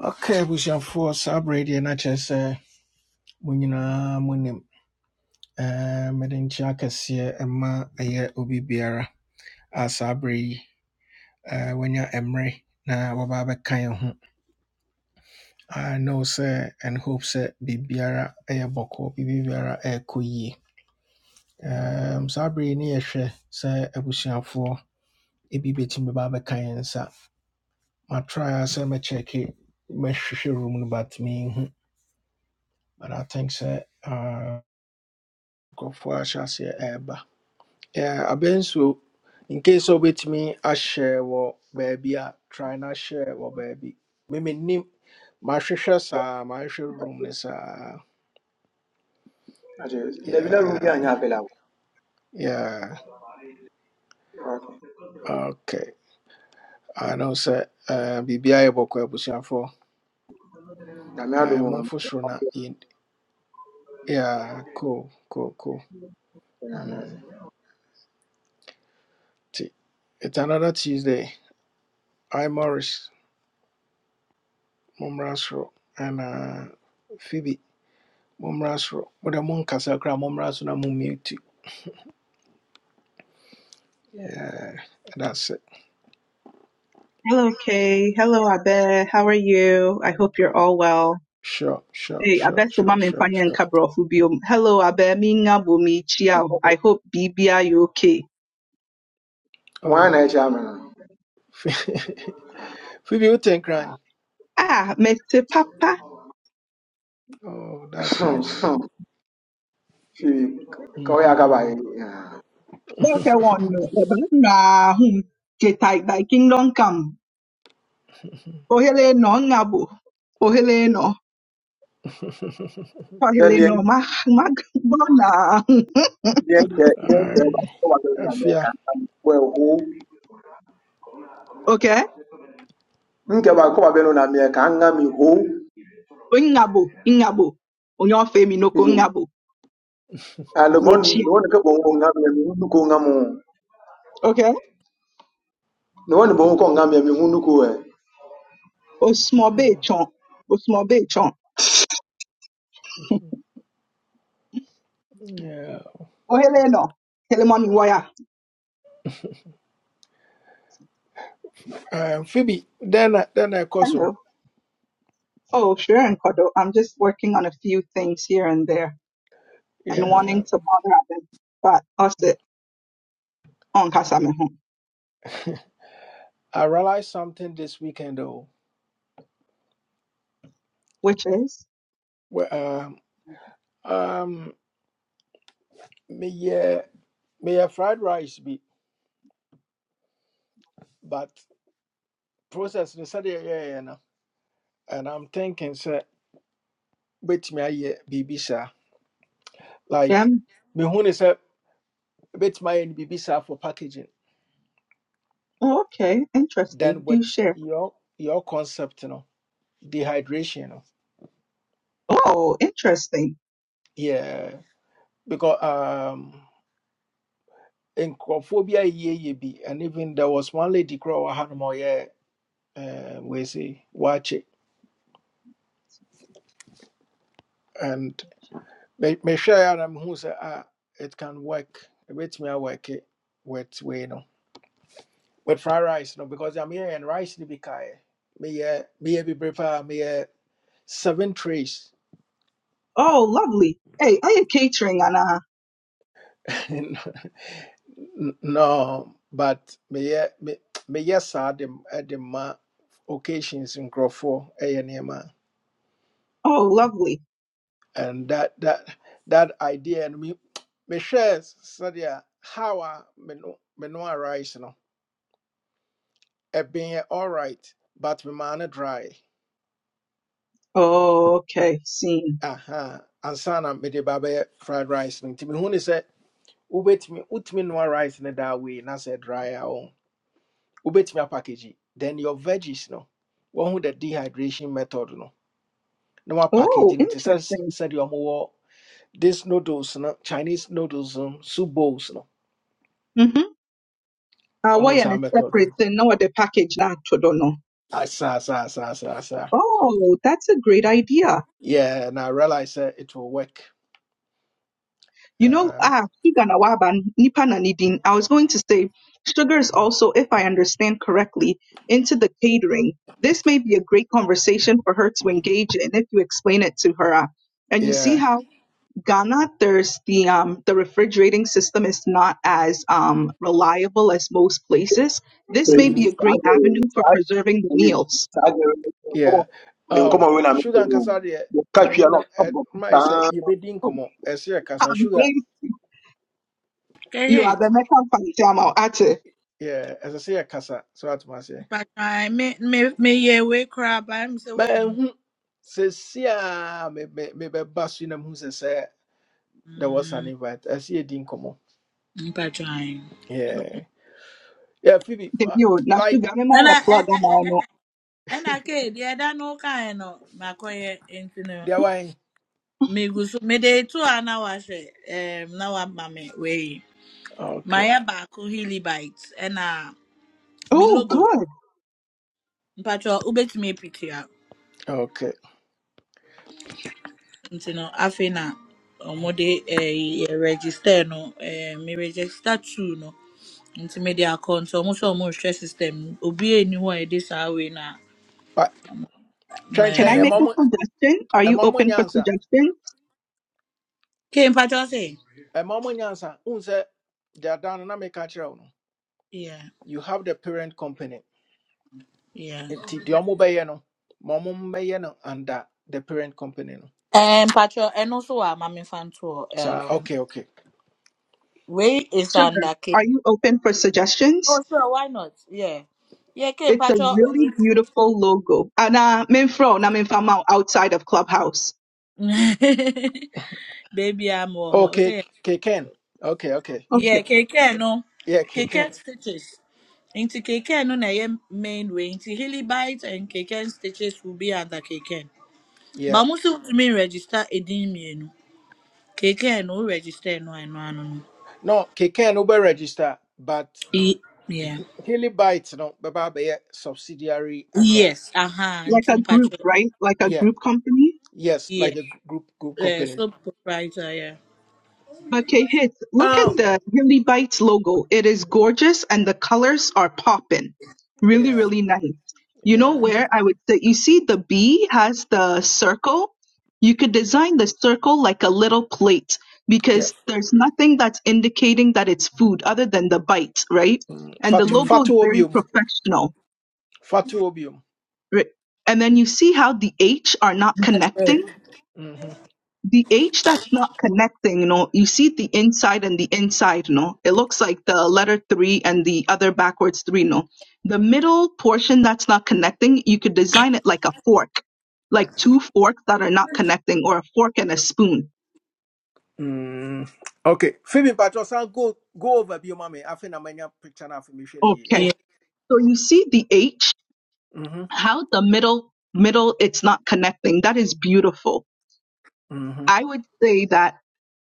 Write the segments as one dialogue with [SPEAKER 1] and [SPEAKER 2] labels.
[SPEAKER 1] Okay, abusuafoɔ saa berɛ yi deɛ na kyerɛ sɛ mo nyinaa monim Eh, mede nkyɛ akɛseɛ ma ɛyɛ obi biara a saa berɛ yi eh, wanya mmerɛ na Baba abɛka yɛn ho I know sɛ and hope sɛ biribiara ɛyɛ bɔkɔ biribiara ɛrekɔ yie Em, saa berɛ yi ne yɛhwɛ sɛ abusuafoɔ ebi bɛtumi bɛba abɛka yɛn nsa matraa sɛ mɛkyɛke mɛhwehwɛ room no but mehu but I think sɛ ah, nkurɔfoɔ ahyɛ aseɛ Yeah, abɛn in case sɛ wobɛtumi ahyɛ wɔ baabi a try na hyɛ wɔ baabi memenim mahwehwɛ saa mahwehwɛ room no saa
[SPEAKER 2] Achilles. Dabi na Ruby anyị
[SPEAKER 1] Yeah,
[SPEAKER 2] apịlakwụ.
[SPEAKER 1] yeah.
[SPEAKER 2] Okay.
[SPEAKER 1] okay i know sɛ uh, biribia yɛ bɔkɔ abusuafoɔ
[SPEAKER 2] Na mị adụ m
[SPEAKER 1] Eh,
[SPEAKER 2] nwa m
[SPEAKER 1] momfo soro na yɛn yeah, cool cool cool
[SPEAKER 2] na nọọsụ.
[SPEAKER 1] mm. nti it's another tuesday i morris mommra soro ɛna phoebe mommra soro mode monkasa koraa mommra so na mommute yeah that's it
[SPEAKER 3] Hello, Kay. Hello, Abe. How are you? I hope you're all well.
[SPEAKER 1] sure sure
[SPEAKER 3] Hey,
[SPEAKER 1] sure
[SPEAKER 3] Abe se
[SPEAKER 1] sure
[SPEAKER 3] mama
[SPEAKER 1] sure
[SPEAKER 3] mfanya
[SPEAKER 1] sure
[SPEAKER 3] nkabro fubio. Hello, Abe. Minga bumi chiao. I hope Bibi are you okay?
[SPEAKER 2] Nwa
[SPEAKER 1] oh
[SPEAKER 2] na-eche amị nọ.
[SPEAKER 1] phoebe woten crying
[SPEAKER 3] Ah, Mr. papa.
[SPEAKER 1] oh that's nice
[SPEAKER 2] Fii ka ọ ya akabaghị.
[SPEAKER 3] Boke wano. Eba na hum. Jetai by kingdom come. Ohele no ngabo. Ohele no.
[SPEAKER 2] Then
[SPEAKER 3] Ohele
[SPEAKER 2] the
[SPEAKER 3] no ma ma bona.
[SPEAKER 2] the nke the nke ba-
[SPEAKER 1] Aye,
[SPEAKER 2] kọbabelụ na mmịa ka
[SPEAKER 1] afia
[SPEAKER 2] nga m wee hụ.
[SPEAKER 3] Okay?
[SPEAKER 2] Nke ba kọbabelụ na mmịa ka nga mi hụ.
[SPEAKER 3] Ngabo. Ngabo. Onyo femi no ko
[SPEAKER 2] Iyo.
[SPEAKER 3] ngabo.
[SPEAKER 2] Ah, lobon
[SPEAKER 3] Nechia.
[SPEAKER 2] lobon ke bongo nga mi mi hundu ko nga mo.
[SPEAKER 3] Okay?
[SPEAKER 2] Lobon bongo ko nga mi mi hundu ko eh.
[SPEAKER 3] Osmo be chon. Osmo
[SPEAKER 1] yeah
[SPEAKER 3] Oh, Helena. Helemon Iwaya.
[SPEAKER 1] um, phoebe then I- then i also
[SPEAKER 3] Hello. Oh, sure, and Kodo. I'm just working on a few things here and there and
[SPEAKER 1] yeah
[SPEAKER 3] wanting to bother them. But also on Kasamehon,
[SPEAKER 1] i realized something this weekend though
[SPEAKER 3] which is
[SPEAKER 1] Well, um um me yeah me yeah fried rice be but process the saturday yeah yeah yeah, yeah, no. and I'm thinking sɛ bɛtumi ayɛ biribi saa like
[SPEAKER 3] them.
[SPEAKER 1] mehu ne sɛ bɛtumi ayɛ no biribi saa for packaging
[SPEAKER 3] Oh, okay,
[SPEAKER 1] then
[SPEAKER 3] interesting. Do
[SPEAKER 1] with
[SPEAKER 3] share.
[SPEAKER 1] your your concept no dehydration no
[SPEAKER 3] Oh, interesting.
[SPEAKER 1] yeah because um nkurɔfoɔ bi ayɛyɛ bi and even there was one lady koraa wɔ ha nom a ɔyɛ um, wei se waakye and me- mehwɛeɛ a na mehu sɛ ah, it can work ɛbɛtumi awɔke with wei no with fried rice no because I'm here and rice ni bikai. Me uh me eh, be prefer me uh seven trays.
[SPEAKER 3] Oh, lovely. Hey, are you catering, Anna?
[SPEAKER 1] no, but me uh, me me yes at the at the ma occasions in Crawford a nema
[SPEAKER 3] Oh, lovely.
[SPEAKER 1] and that that that idea and me me share sadia how I me no me no rice no. It been all right, but me man dry.
[SPEAKER 3] Oh, okay, seen.
[SPEAKER 1] Aha, uh-huh. and sana me de babe fried rice. Nti me hu ni say. wobɛtumi wotumi noa rice no that way na sɛ dry a wo wobɛtumi apackage yi. then your veggies no One who the dehydration method no No na wapackage
[SPEAKER 3] Oh,
[SPEAKER 1] It te sɛ s-
[SPEAKER 3] interesting.
[SPEAKER 1] sɛdeɛ more this noodles no chinese noodles um soup bowls no
[SPEAKER 3] Mm-hmm. Uh, why
[SPEAKER 1] ɔhu
[SPEAKER 3] and
[SPEAKER 1] saa
[SPEAKER 3] it's
[SPEAKER 1] method
[SPEAKER 3] separate?
[SPEAKER 1] no
[SPEAKER 3] Thing. No, the package not to don't know.
[SPEAKER 1] Ah, asaa saa saa saa saa
[SPEAKER 3] Oh, that's a great idea.
[SPEAKER 1] yeah and i realize sɛ it will work
[SPEAKER 3] You know,
[SPEAKER 1] um,
[SPEAKER 3] ah, sugar na waba, nipa na Nidin. I was going to say, sugar is also, if I understand correctly, into the catering. This may be a great conversation for her to engage in if you explain it to her. ah. And you see
[SPEAKER 1] yeah
[SPEAKER 3] how Ghana, there's the um the refrigerating system is not as um reliable as most places. This may be
[SPEAKER 1] mhm,
[SPEAKER 3] a great avenue for preserving the
[SPEAKER 2] Ni
[SPEAKER 3] meals.
[SPEAKER 2] saaje ko
[SPEAKER 1] yeah
[SPEAKER 2] ni nkoma
[SPEAKER 1] oh,
[SPEAKER 2] wewe na mtu
[SPEAKER 1] sugar and
[SPEAKER 2] huyu.
[SPEAKER 1] deɛ me ne
[SPEAKER 2] Ukachia no
[SPEAKER 1] no ɛ-
[SPEAKER 2] kabo.
[SPEAKER 1] mma yɛ sɛ yɛbɛdi nkɔmmɔ ɛsɛ yɛ kasa
[SPEAKER 3] Um, please, you are the
[SPEAKER 4] Correct.
[SPEAKER 3] next one, Fanti Amo, Ate.
[SPEAKER 1] Yeah, as I ɛsɛ sɛ yɛkasa so atoma aseɛ
[SPEAKER 4] Mpa i Me me me yeah we cry by me say we hu.
[SPEAKER 1] mahu sɛsi a mebɛba so yi na mehu sɛ sɛ there was an
[SPEAKER 4] Mm,
[SPEAKER 1] invite I see a ɛsɛ come on.
[SPEAKER 4] mpa trying.
[SPEAKER 1] yeah yeah phoebe uh,
[SPEAKER 3] Debut,
[SPEAKER 1] like
[SPEAKER 3] Nashigami
[SPEAKER 4] And I
[SPEAKER 3] Plaga
[SPEAKER 4] and
[SPEAKER 3] Mano.
[SPEAKER 4] and I kid yeah that no kind no makoye into no.
[SPEAKER 1] deɛ wae
[SPEAKER 4] Me go so me day two and now I say um now I'm mame we.
[SPEAKER 1] okay
[SPEAKER 4] My baako hilly bites and uh me
[SPEAKER 3] Oh,
[SPEAKER 4] logo.
[SPEAKER 3] good.
[SPEAKER 4] Mpa try ubet me picture.
[SPEAKER 1] okay
[SPEAKER 4] Into no afina. Ọmọdé ẹ register no ẹ mi register two no. nti mede akɔ nti ɔmo sɛ ɔmo rehwɛ system no obi eni hɔ a yɛde saa wei na
[SPEAKER 1] but
[SPEAKER 3] Can I
[SPEAKER 4] mɛm
[SPEAKER 1] twɛntwɛn
[SPEAKER 3] make
[SPEAKER 1] ɛma
[SPEAKER 3] a
[SPEAKER 1] mo
[SPEAKER 3] suggestion? Are
[SPEAKER 1] A
[SPEAKER 3] you
[SPEAKER 1] mo
[SPEAKER 3] open for
[SPEAKER 1] nyansa
[SPEAKER 3] suggestions?
[SPEAKER 4] ke mpatsɔ se
[SPEAKER 1] ɛma mo nyansa wohu sɛ deɛ ada no na meka kyerɛ wo no
[SPEAKER 4] yeah
[SPEAKER 1] you have the parent company
[SPEAKER 4] yeah
[SPEAKER 1] nti deɛ ɔmo bɛyɛ no ma ɔmo mmɛyɛ no under the parent company no
[SPEAKER 4] ɛɛ mpatsɔ and also wɔ amame fan nto Um,
[SPEAKER 1] saa
[SPEAKER 4] ɛɛm
[SPEAKER 1] okay okay
[SPEAKER 4] is
[SPEAKER 3] Sugar,
[SPEAKER 4] under k
[SPEAKER 3] are you open for suggestions?
[SPEAKER 4] oh sure why not yeah yeah ke
[SPEAKER 3] It's a
[SPEAKER 4] mpatsɔ
[SPEAKER 3] really beautiful logo. And uh, Minfro, na Minfamao outside of Clubhouse.
[SPEAKER 4] baby a mo wɔ hɔ
[SPEAKER 1] okay
[SPEAKER 4] sɛ
[SPEAKER 1] K Ken. okay okay
[SPEAKER 3] Okay,
[SPEAKER 4] yeah keke no
[SPEAKER 1] Yeah, Keken.
[SPEAKER 4] keke stitches nti keke no na ɛyɛ main way. nti hilly bites and keke stitches will be under keke
[SPEAKER 1] Yeah.
[SPEAKER 4] But most of me register edin mmienu. Keke no wo register no ano ano no.
[SPEAKER 1] No, Keken Uber register, but
[SPEAKER 4] E yeah.
[SPEAKER 1] Hilly Bytes, no, Baba Baya subsidiary and uh,
[SPEAKER 4] Yes, aha,
[SPEAKER 3] like
[SPEAKER 4] nti
[SPEAKER 3] a group,
[SPEAKER 4] mpacho.
[SPEAKER 3] right? Like a
[SPEAKER 1] yeah,
[SPEAKER 3] group company.
[SPEAKER 1] yes, like
[SPEAKER 4] Yeah.
[SPEAKER 1] a group group
[SPEAKER 4] Yeah,
[SPEAKER 1] company.
[SPEAKER 4] so proprietor, yeah.
[SPEAKER 3] Okay, hits. Look at
[SPEAKER 1] Oh,
[SPEAKER 3] the Really Bites logo. It is gorgeous and the colors are popping. Really,
[SPEAKER 1] Yeah,
[SPEAKER 3] really nice. You know
[SPEAKER 1] yeah,
[SPEAKER 3] where I would say, you see the bee has the circle? You could design the circle like a little plate
[SPEAKER 1] yeah.
[SPEAKER 3] because there's nothing that's indicating that it's food other than the bite, right?
[SPEAKER 1] Mm.
[SPEAKER 3] And the
[SPEAKER 1] Fatu
[SPEAKER 3] logo is
[SPEAKER 1] Fatu
[SPEAKER 3] very
[SPEAKER 1] Obium.
[SPEAKER 3] professional.
[SPEAKER 1] Fatu Obium.
[SPEAKER 3] ri- And then you see how the H are not
[SPEAKER 4] Mpacho.
[SPEAKER 3] connecting?
[SPEAKER 1] Mm-hmm.
[SPEAKER 3] the H that's not connecting, no, you see the inside and the inside, no. It looks like the letter three and the other backwards three, no. The middle portion that's not connecting, you could design it like a fork, like two forks that are not connecting, or a fork and a spoon.
[SPEAKER 1] Mm. Okay. Phoebe Patros, I'll go go over Bio Mami. I think I'm in your picture now for me. Shirley, Yeah.
[SPEAKER 3] Okay.
[SPEAKER 4] Yeah,
[SPEAKER 3] So you see the H,
[SPEAKER 1] Mm-hmm.
[SPEAKER 3] how the middle middle it's not connecting. That is beautiful
[SPEAKER 1] Mm-hmm.
[SPEAKER 3] I would say that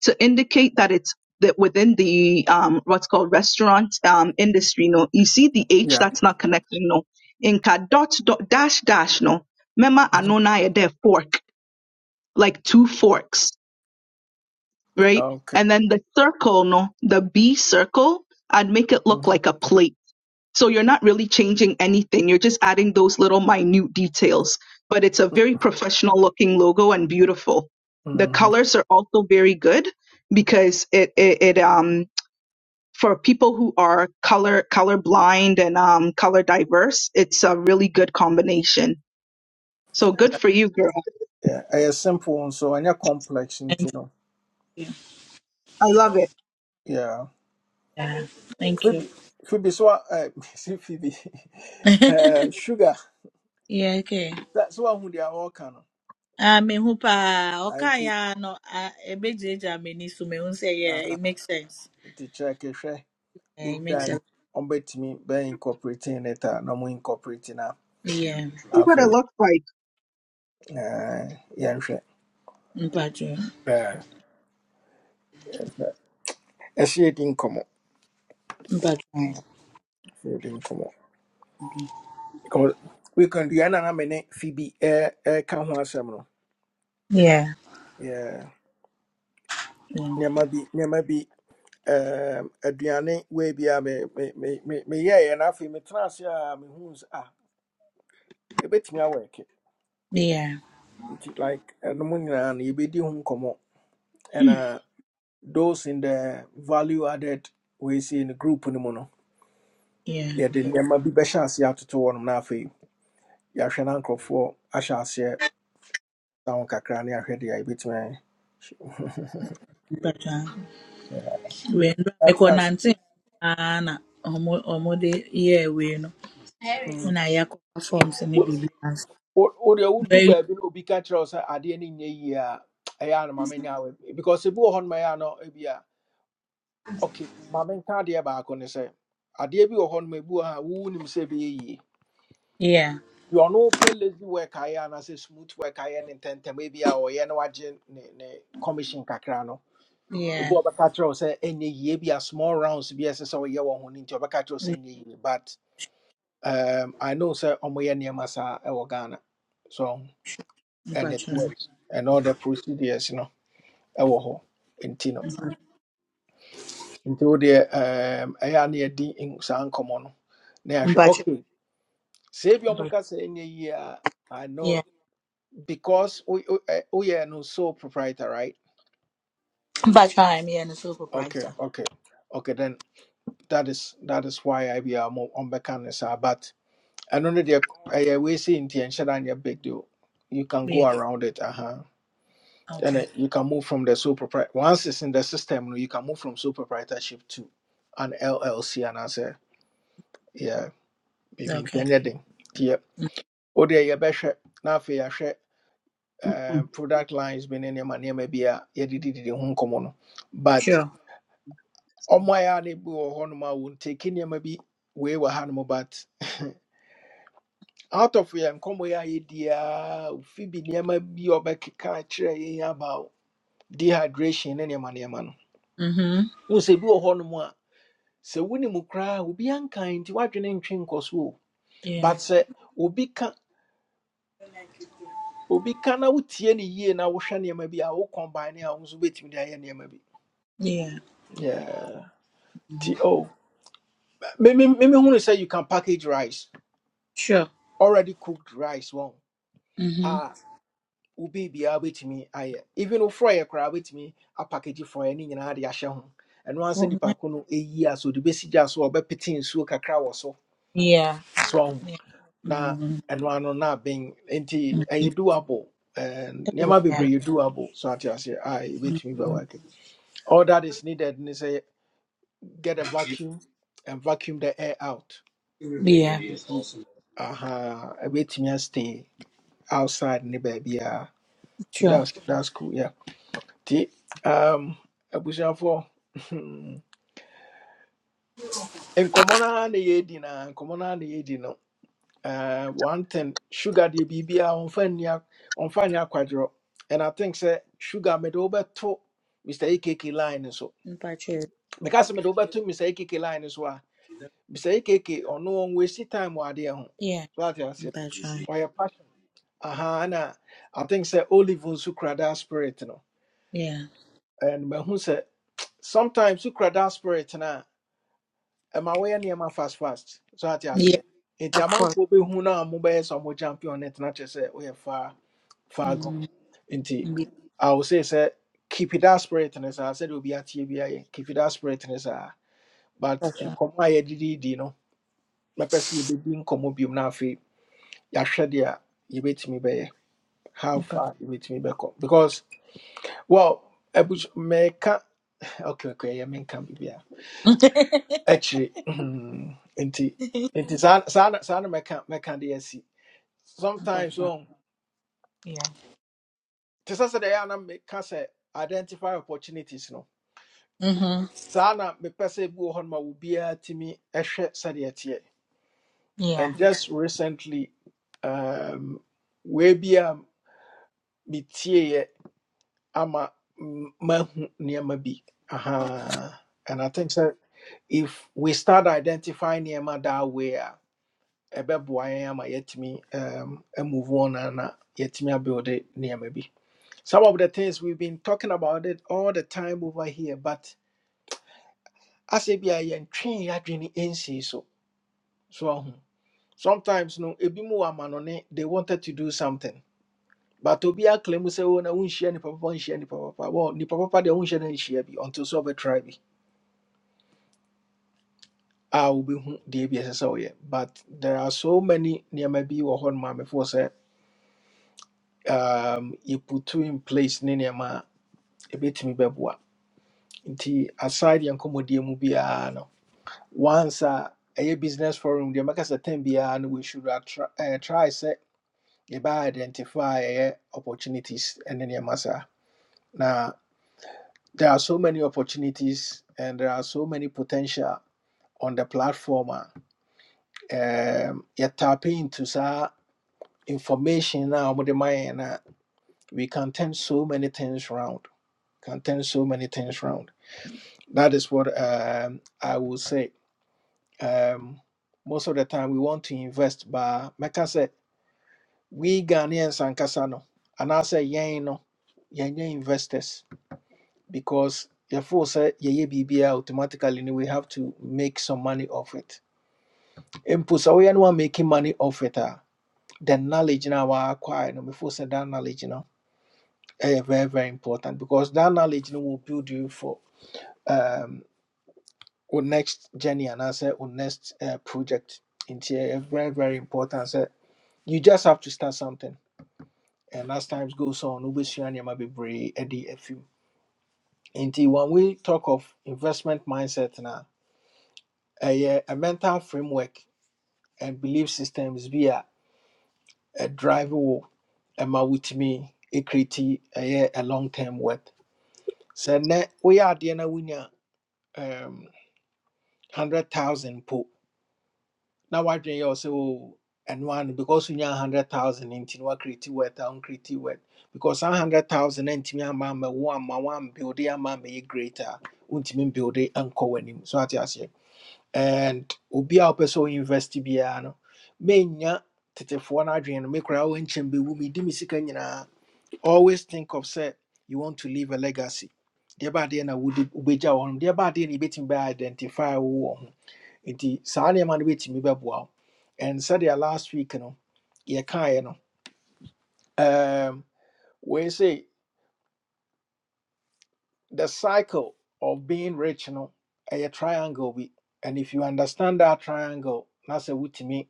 [SPEAKER 3] to indicate that it's that within the um, what's called restaurant um, industry, no, you see the H
[SPEAKER 1] Yeah.
[SPEAKER 3] that's not connecting, no. Inka dot dot dash dash, no. Mema
[SPEAKER 1] Mm-hmm.
[SPEAKER 3] anona ede fork, like two forks, right?
[SPEAKER 1] Okay.
[SPEAKER 3] And then the circle, no, the B circle, I'd make it look
[SPEAKER 1] Mm-hmm.
[SPEAKER 3] like a plate so you're not really changing anything. You're just adding those little minute details, but it's a very professional looking logo and beautiful. The
[SPEAKER 1] Mm-hmm.
[SPEAKER 3] colors are also very good because it, it, it um, for people who are color, color blind and, um, color diverse, it's a really good combination. So good for you, girl.
[SPEAKER 1] Yeah. I simple so I complex, you
[SPEAKER 4] thank
[SPEAKER 1] know.
[SPEAKER 4] you.
[SPEAKER 3] I love it.
[SPEAKER 1] Yeah.
[SPEAKER 4] Yeah, thank you.
[SPEAKER 1] Phoebe, Phoebe, so uh, see Phoebe, uh, sugar.
[SPEAKER 4] yeah, okay.
[SPEAKER 1] That's one who they are all can.
[SPEAKER 4] Ah, me hu pa oka
[SPEAKER 1] Auntie,
[SPEAKER 4] ya no ah, ebe jeja me ni so me hu say yeah,
[SPEAKER 1] uh,
[SPEAKER 4] it makes sense.
[SPEAKER 1] the check eh, sure,
[SPEAKER 4] Yeah,
[SPEAKER 1] if
[SPEAKER 4] it makes
[SPEAKER 1] that
[SPEAKER 4] sense.
[SPEAKER 1] on bet me by incorporating it, uh, no more incorporating a
[SPEAKER 4] Yeah,
[SPEAKER 3] See what it
[SPEAKER 1] afi, uh,
[SPEAKER 3] looks like.
[SPEAKER 1] yeah,
[SPEAKER 4] mpacho.
[SPEAKER 1] yeah, yeah, she did come up,
[SPEAKER 4] Mpacho.
[SPEAKER 1] she come up because we can do an amene Phoebe, uh, uh, can one seminal,
[SPEAKER 4] Yeah.
[SPEAKER 1] yeah,
[SPEAKER 4] Yeah.
[SPEAKER 1] near my be, near my um, aduane wei bi a me me me me meyɛeɛ na afei metena ase a mehuu sɛ ah ɛbɛtumi awɔke
[SPEAKER 4] Yeah.
[SPEAKER 1] nti like ɛnom nyinaa no yɛbɛdi ho nkɔmmɔ ɛna those in the value added wei sei no group no mu Yeah, the nneɛma bi bɛhyɛ aseɛ atoto hɔ nom na afei yɛahwɛ na nkurɔfoɔ ahyɛ aseɛ sa kakra ne yɛahwɛ deɛ a yɛbɛtumi ayɛ.
[SPEAKER 4] Yeah. wee nụ
[SPEAKER 1] That-
[SPEAKER 4] mekwana
[SPEAKER 1] that's
[SPEAKER 4] ntị
[SPEAKER 1] cool.
[SPEAKER 4] na na ọmụ- ọmụdị ihe wee nụ mụ
[SPEAKER 1] Mm.
[SPEAKER 4] na ya kọwa fọms ni bibi ansị
[SPEAKER 1] wo wo deɛ wodu
[SPEAKER 4] very
[SPEAKER 1] baabi no obi ka kyerɛ wo sɛ adeɛ no nyɛ yie a ɛyɛ a no ma menyɛ a wei- because ebi wɔ hɔ nom ɛyɛ a no ebi a okay ma menka adeɛ baako ne sɛ adeɛ bi wɔ hɔ nom ebi wɔ hɔ a wowu nim sɛ ɛbɛyɛ yie
[SPEAKER 4] yeah
[SPEAKER 1] deɛ ɔno pɛ lazy work ayɛ anaasɛ smooth work ayɛ ne ntɛntɛm ebi a ɔyɛ na wagye ne ne commission kakra no ebi
[SPEAKER 4] yeah
[SPEAKER 1] wɔ hɔ bɛka kyerɛ wo sɛ ɛnyɛ yie bi a small rounds bi a ɛsɛ sɛ ɔyɛ wɔ ho no nti ɔbɛka kyerɛ wo sɛ ɛnyɛ yie but um, i know sɛ ɔmoyɛ nneɛma saa ɛwɔ ghana so and it
[SPEAKER 4] mpachọ
[SPEAKER 1] works and all the procedures no ɛwɔ hɔ nti no nti wo deɛ um, ɛyɛ a na yɛdi n- saa nkɔmmɔ no na yɛahwɛ
[SPEAKER 4] mpachọ
[SPEAKER 1] okay sɛ bi ɔmo ka sɛ ɛnyɛ yie a i know
[SPEAKER 4] yeah
[SPEAKER 1] because we wo- ɛ, woyɛ no sole proprietor right
[SPEAKER 4] mpachọ I'm here na
[SPEAKER 1] okay
[SPEAKER 4] supervisor
[SPEAKER 1] okay okay then that is that is why I ibia ɔmo ɔmbɛka no saa but ɛno no deɛ ɛyɛ wei sɛ nti ɛnhyɛ da nyɛ big deal you can go
[SPEAKER 4] yeah
[SPEAKER 1] around it aha. and
[SPEAKER 4] okay
[SPEAKER 1] uh, you can move from the sole proprietor once it's in the system you know, you can move from sole proprietorship to an llc and as a yeah maybe
[SPEAKER 4] okay
[SPEAKER 1] intended yeah
[SPEAKER 4] Mm.
[SPEAKER 1] or there you better now for your share
[SPEAKER 3] mm
[SPEAKER 1] um, product lines been in your money maybe a yeah did it home common but
[SPEAKER 4] sure
[SPEAKER 1] on my able or honor won't take in your maybe we were animal but out of here and come where idea phoebe nema bi ɔbɛkeka akyerɛ yɛn about dehydration ne nneɛma nneɛma no
[SPEAKER 4] mhm
[SPEAKER 1] wohu sɛ bi wɔ hɔnom sɛ wonim koraa obi anka nti woadwene ntwe nkɔ so o but
[SPEAKER 4] yeah
[SPEAKER 1] sɛ obi ka obi ka na wotie ne yie na wohwɛ nneɛma bi a wo combine a wo nso wobɛtumi de ayɛ nneɛma bi
[SPEAKER 4] yeah
[SPEAKER 1] Yeah.
[SPEAKER 4] Mhm.
[SPEAKER 1] nti o memehunu say you can package rice
[SPEAKER 4] sure
[SPEAKER 1] already cooked rice wɔn
[SPEAKER 4] mhm
[SPEAKER 1] a wobi biara wobɛtumi ayɛ even wofrɔyɛ koraa wobɛtumi package frɔyɛ ne nyinaa de ahyɛ ho And once
[SPEAKER 4] Ọmụ-
[SPEAKER 1] nnipa ko no ɛyi a sɛ ɔde bɛsi gya so a ɔbɛpete nsuo kakra wɔ so
[SPEAKER 4] yeah
[SPEAKER 1] so
[SPEAKER 4] yeah
[SPEAKER 1] na
[SPEAKER 4] mhm
[SPEAKER 1] ɛno ano na abɛn nti ɛyɛ doable and
[SPEAKER 4] Oh,
[SPEAKER 1] nneɛma
[SPEAKER 4] yeah
[SPEAKER 1] bebree yɛ doable so ate aseɛ a ɛbɛtumi
[SPEAKER 4] Mhm.
[SPEAKER 1] bɛwake all that is needed ne sɛ get a vacuum and vacuum the air out
[SPEAKER 4] yeah
[SPEAKER 1] nti aha ɛbɛtumi stay outside ne baabiaa nti
[SPEAKER 4] sure
[SPEAKER 1] that's, that's cool yeah nti um, abusuafoɔ nkɔmmɔ no a na yɛdi na nkɔmmɔ no a na yɛdi uh, one thing sugar deɛ biribia on nni on ɔmfa nyɛ akwadworɔ and i think say sugar mede wobɛto mr ekk line no so
[SPEAKER 4] mpachọ
[SPEAKER 1] because sɛ mede wobɛto mr ekk line no Mister a mr no ɔno ɔnwasi time wɔ adeɛ ho
[SPEAKER 4] yeah
[SPEAKER 1] so it.
[SPEAKER 4] mpachọ
[SPEAKER 1] aseɛ your passion aha and i think sɛ olive nso kura that spirit no
[SPEAKER 4] yeah
[SPEAKER 1] and when mahu say sometimes wokura that spirit no a ɛma woyɛ nneɛma fast fast so that's
[SPEAKER 4] Yeah,
[SPEAKER 1] it. nti
[SPEAKER 4] of course.
[SPEAKER 1] amanfoɔ bɛhu no a mobɛyɛ sɛ ɔmo champion no tena kyerɛ sɛ woyɛ faa faa gone.
[SPEAKER 4] Mm,
[SPEAKER 1] nti
[SPEAKER 4] yeah,
[SPEAKER 1] i will say sɛ keep it that spirit ne saa sɛdeɛ obi ateɛ bi ayɛ keep it that spirit ne saa but
[SPEAKER 4] that's right.
[SPEAKER 1] nkɔmmɔ a yɛdedidi no mɛpɛ sɛ yɛbɛdi nkɔmmɔ biom no afei yɛahwɛ deɛ a yɛbɛtumi bɛyɛ how
[SPEAKER 4] Mpacho.
[SPEAKER 1] far yɛbɛtumi bɛkɔ because well abus mɛka okay okay ɛyɛ menka biribiara akyire mhm, nti nti saa saa na saa na mɛka mɛka de asi sometimes
[SPEAKER 4] Mpacho,
[SPEAKER 1] um,
[SPEAKER 4] Yeah.
[SPEAKER 1] te sɛ sɛ deɛ ɛyɛ a na meka sɛ identify opportunities no
[SPEAKER 4] Mm-hmm.
[SPEAKER 1] saa na mepɛ sɛ bi wɔ hɔ noma obiara tumi
[SPEAKER 4] Yeah.
[SPEAKER 1] and just recently um, wei bi a metieeɛ ama m- mahu nneɛma bi aha and i think sɛ if we start identifying nneɛma that way a ɛbɛboa yɛn ama yɛatumi um, e move on ana yɛatumi abuild nneɛma bi some of the things we've been talking about it all the time over here but as asɛ bi a yɛntwee yɛadwene ɛnsii so so ahu. sometimes no ebi mu wɔ amanɔne they wanted to do something but obi aklaim say o na wonhyia nipa papa wonhyia nipa papa well nipa papa deɛ wonhyia no nhyia bi until sɛ ɔbɛtry bi a wobɛhu deɛ bi ɛsɛ sɛ woyɛ but there are so many nneɛma bi wɔ ma no maamefoɔ sɛ um, yɛputu in place ne nneɛma a ɛbɛtumi bɛboa nti aside yɛn nkɔmmɔdeɛ mu biara no once a ɛyɛ business forum deɛ mɛka sɛ tam biara no we should attra- eh, try sɛ yɛbɛa identify ɛyɛ opportunities ne nneɛma saa Now, there are so many opportunities and there are so many potential on the platform. uh, Um, you tap into sa information now, we can turn so many things around. Can turn so many things around. That is what um, I will say. Um, most of the time, we want to invest, but meka say we Ghanaians and kasano, and I say yeah, no, yeah, investors because yɛfoo sɛ yɛyɛ biribiaa automatically no we have to make some money off it mpo sɛ woyɛ no wa making money off it a the knowledge no a waakwae no mefoo say that knowledge no ɛyɛ very very important because that knowledge no will build you for um, wo next journey anaasɛ wo next uh, project nti very very important sɛ you just have to start something and as times goes on wobɛsua be bebree ɛde a few. nti when we talk of investment mindset now. ɛyɛ a mental framework and belief systems bi a ɛdrive wo ɛma wotumi ɛkreti ɛyɛ a long term work sɛ nnɛ woyɛ adeɛ na wonya um, 100000 po na woadwene yɛ wo sɛ o ɛno ano because wonya 100000 nti no woakreti wet a wonkreti wet because saa 100000 no antumi amma ammɛwo amma woambuilde amma ammɛyɛ great a wontumi mbuilde ankɔ w'anim so ate aseɛ and obi a wopɛ sɛ wo university biara no menya tetefoɔ no adwene no me koraa wɔnkyɛm bɛwu medi me sika nyinaa always think of sɛ you want to leave a legacy deɛ baadeɛ na wode wobɛgya wɔ nom deɛ baadeɛ na yɛbɛtumi bɛ identify wo wɔ ho nti saa nneɛma no bɛtumi bɛboa wo and sɛdeɛ last week no yɛkaeɛ no um, wei say the cycle of being rich no ɛyɛ triangle bi and if you understand that triangle na sɛ wotumi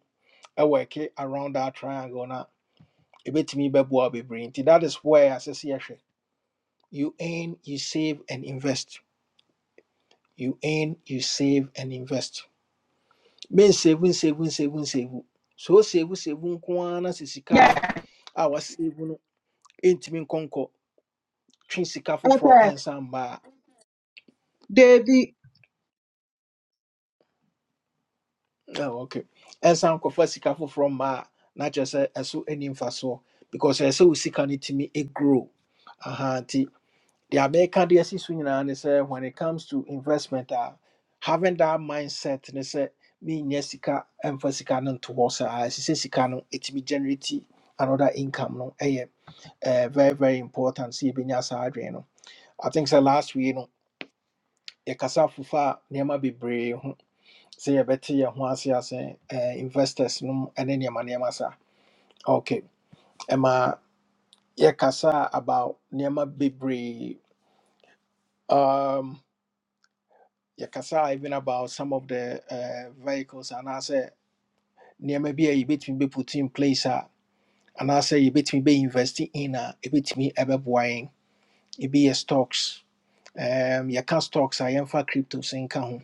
[SPEAKER 1] ɛwɔke around that triangle na ɛbɛtumi bɛboa wo bebree nti that is where asɛ sɛ you earn you save and invest you earn you save and invest mensevu nsevu nsevu nsevu sɛ wosevu sevu save, So save, we save, win, na sɛ sika no
[SPEAKER 3] Yes,
[SPEAKER 1] a wasevu no ɛntumi nkɔnkɔ twe sika foforɔ
[SPEAKER 3] okay,
[SPEAKER 1] ɛnsa mmaa
[SPEAKER 3] David.
[SPEAKER 1] ok ɛnsa nkɔfa sika foforɔ mmaa a na kyerɛ sɛ ɛso ani mfasoɔ because ɛsɛ sɛ wo sika no tumi ɛgrow the American DSC swing and say when it comes to investment, uh, having that mindset and say me nyesika emphasica non towards as it no it be generate another income no eh, uh, very very important see be nyasa no. I think say last week no your casa fufa nema be brave hmm, say you better your one see as investors no and then your money sa. Okay. Emma your kasa about nema be brave. Um. yɛkasa even about some of the uh, vehicles anaasɛ nneɛma bi a yɛbɛtumi bɛ put in place a anaasɛ yɛbɛtumi be investing in a ɛbɛtumi ɛbɛboa yɛn ebi yɛ stocks um, yɛka stocks I am for cryptos nka ho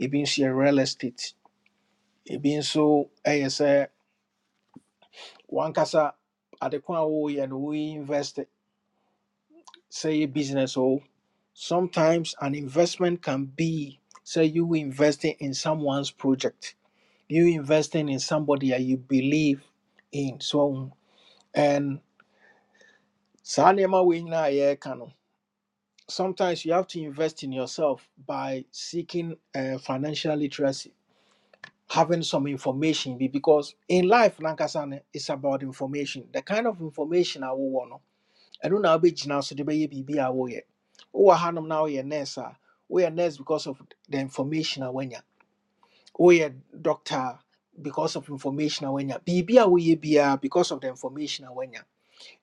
[SPEAKER 1] ebi nso yɛ real estate ebi nso ɛyɛ sɛ at the a we and we invest say business Oh, sometimes an investment can be say you investing in someone's project you investing in somebody that you believe in so and saa nneɛma wei nyinaa a yɛreka no, sometimes you have to invest in yourself by seeking uh, financial literacy having some information bi because in life nankasa no it's about information the kind of information I wowɔ no ɛno na wobɛgyina so de bɛyɛ biribi a woyɛ wowɔ hanom na woyɛ nurse a woyɛ nurse because of the information a woanya woyɛ doctor a, because of information a wanya biribi a woyɛ biara because of the information a wanya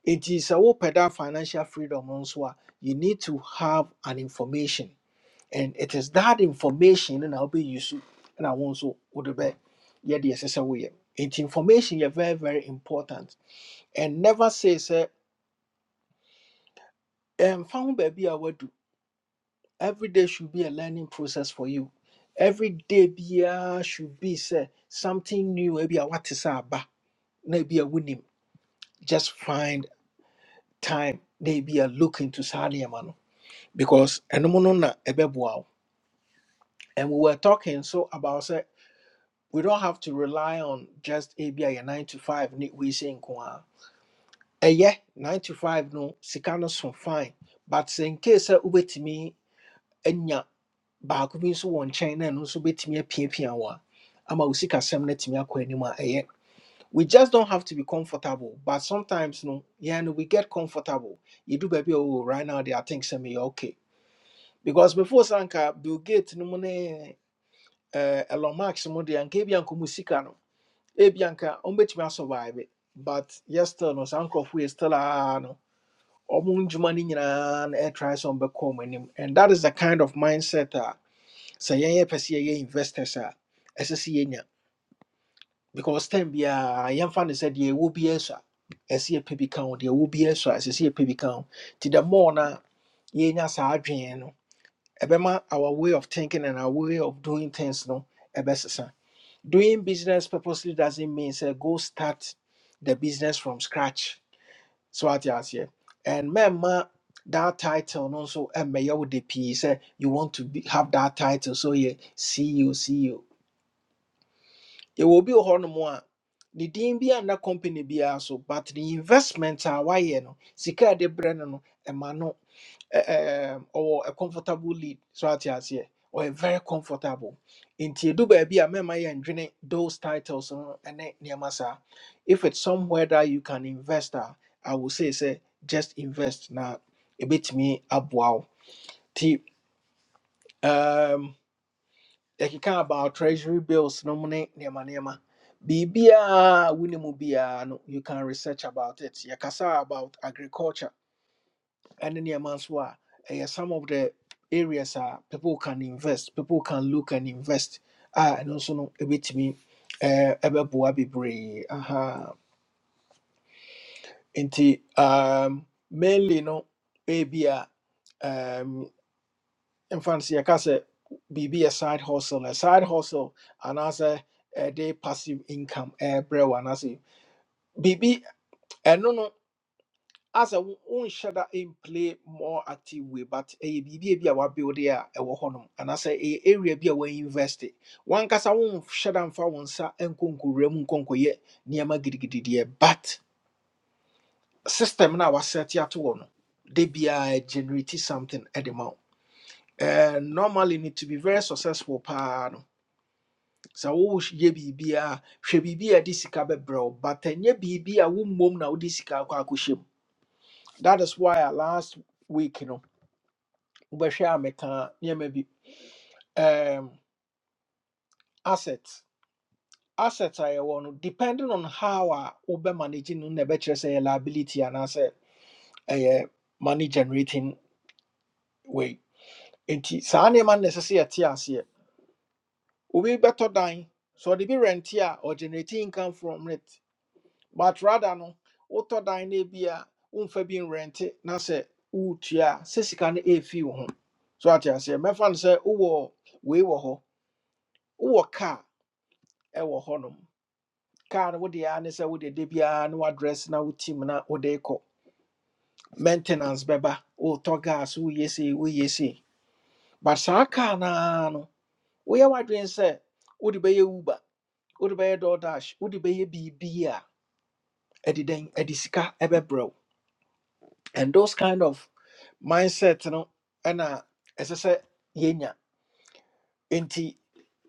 [SPEAKER 1] nti sɛ wopɛ that financial freedom no nso a you need to have an information and it is that information no na wobɛuse na wo nso wode bɛ yɛ deɛ ɛsɛ sɛ woyɛ nti information yɛ very very important and never say sɛ ɛmfa ho baabi a woadu every day should be a learning process for you every day biara should be sɛ something new ebi a wate sɛ aba Maybe ebi a wonim just find time Maybe a look into saa nneɛma no because ɛnom no na ɛbɛboa wo and we were talking so about say we don't have to rely on just ebi a nine to five ni We say nko ara ɛyɛ nine to five no sika no so fine but sɛ in case sɛ wobɛtumi anya baako bi nso wɔ nkyɛn na ɛno nso bɛtumi apiapia wo a ama wo sikasɛm no atumi akɔ anim a ɛyɛ we just don't have to be comfortable. But sometimes, no, yeah, no, we get comfortable. You do baby, oh, right now there are things that me okay. Because before Sanka, Bill Gates, no money, uh, Elon Musk, no money, and Kebian Kumusika, no, Ebianka, umbetumi survive it. But yes, still, no, some crop we still are, no, ɔmo ndwuma no nyinaa na ɛtry sɛ ɔmbɛkɔ ɔmo anim and him. And that is the kind of mindset a sɛ yɛn yɛpɛ sɛ yɛyɛ investors a ɛsɛ sɛ yɛnya because time biara yɛmfa no sɛ deɛ ɛwɔ biara so ɛsɛ yɛpɛ bi ka ho deɛ ɛwɔ biara so a ɛsɛ sɛ yɛpɛ bi ka ho nti the more no a yɛnya saa adwene no ɛbɛma our way of thinking and our way of doing things no ɛbɛsesa doing business purposely doesn't mean say go start the business from scratch so wate aseɛ and mɛmma that title no nso ɛmmɛyɛ wo de pii say you want to be, have that title so yɛ ceo ceo yɛwɔ obi wɔ hɔnom a ne din bi anna company biara so but the investment a wayɛ no sika a ɛde brɛ no no ɛma no ɛ- ɛɛm, ɔwɔ a comfortable lead so ate aseɛ ɔyɛ very comfortable nti edu baabi a mɛma yɛndwene those titles no ɛne nneɛma saa if it's somewhere that you can invest a i will say sɛ just invest na ebetumi aboa wo ti yɛkeka about treasury bills no money, ne nneɛma nneɛma biribiaa wone mu no you can research about it yɛkasa about agriculture ɛne nneɛma nso a ɛyɛ some of the areas are people can invest people can look and invest a ɛno nso no ɛbɛtumi Ebe ɛbɛboa bebree aha nti um, mainly no ebia In no I can say, biribi a side hustle a side hustle and as a day passive income ɛɛbrɛ wo anaasɛ biribi ɛno no no, asɛ wo- wonhyɛ da play more active way but ɛyɛ biribi a bi a wabuilde a ɛwɔ hɔnom anaasɛ ɛyɛ area bi a wainvest wankasa wonhyɛ da mfa wo nsa nkɔ nkɔwura mu nkɔnkɔyɛ nneɛma gidigidideɛ but system no a wasɛte ato wɔ no de biara generate something ɛde ma wo Eh, normally need to be very successful paa no sɛ woyɛ biribiaa hwɛ biribi a ɛde sika bɛbrɛ but ɛnyɛ biribi wo mmom na wode sika akɔ akɔhyɛ that is why a last week no wobɛhwɛ a mekaa nneɛma bi um, assets. Assets a yɛwɔ no depending on how a wobɛmanage no na ɛbɛkyerɛ sɛ ɛyɛ liability anaasɛ ɛyɛ money generating way nti saa nneɛma no na ɛsɛ sɛ yɛte aseɛ obi bɛtɔ dan sɛ ɔde bi rente a ɔgenerate income from it but rather no wotɔ dan no bi a womfa bi nrɛnte na sɛ woretua a sɛ sika no ɛfi wo ho so ate aseɛ mɛfa no sɛ wowɔ wei wɔ hɔ wowɔ kaa car. hɔnom kaa no wode a ne sɛ wode da biara address, now na wotim na wode kɔ maintenance bɛba wotɔ gas woyɛ sei woyɛ sei but saa kaa noa no woyɛ w'adwene sɛ wode bɛyɛ uber wode bɛyɛ DoorDash, wode bɛyɛ biribi a ɛde dɛn ɛde sika ɛbɛbrɛ wo and those kind of mindset no ɛna ɛsɛ sɛ yɛnya nti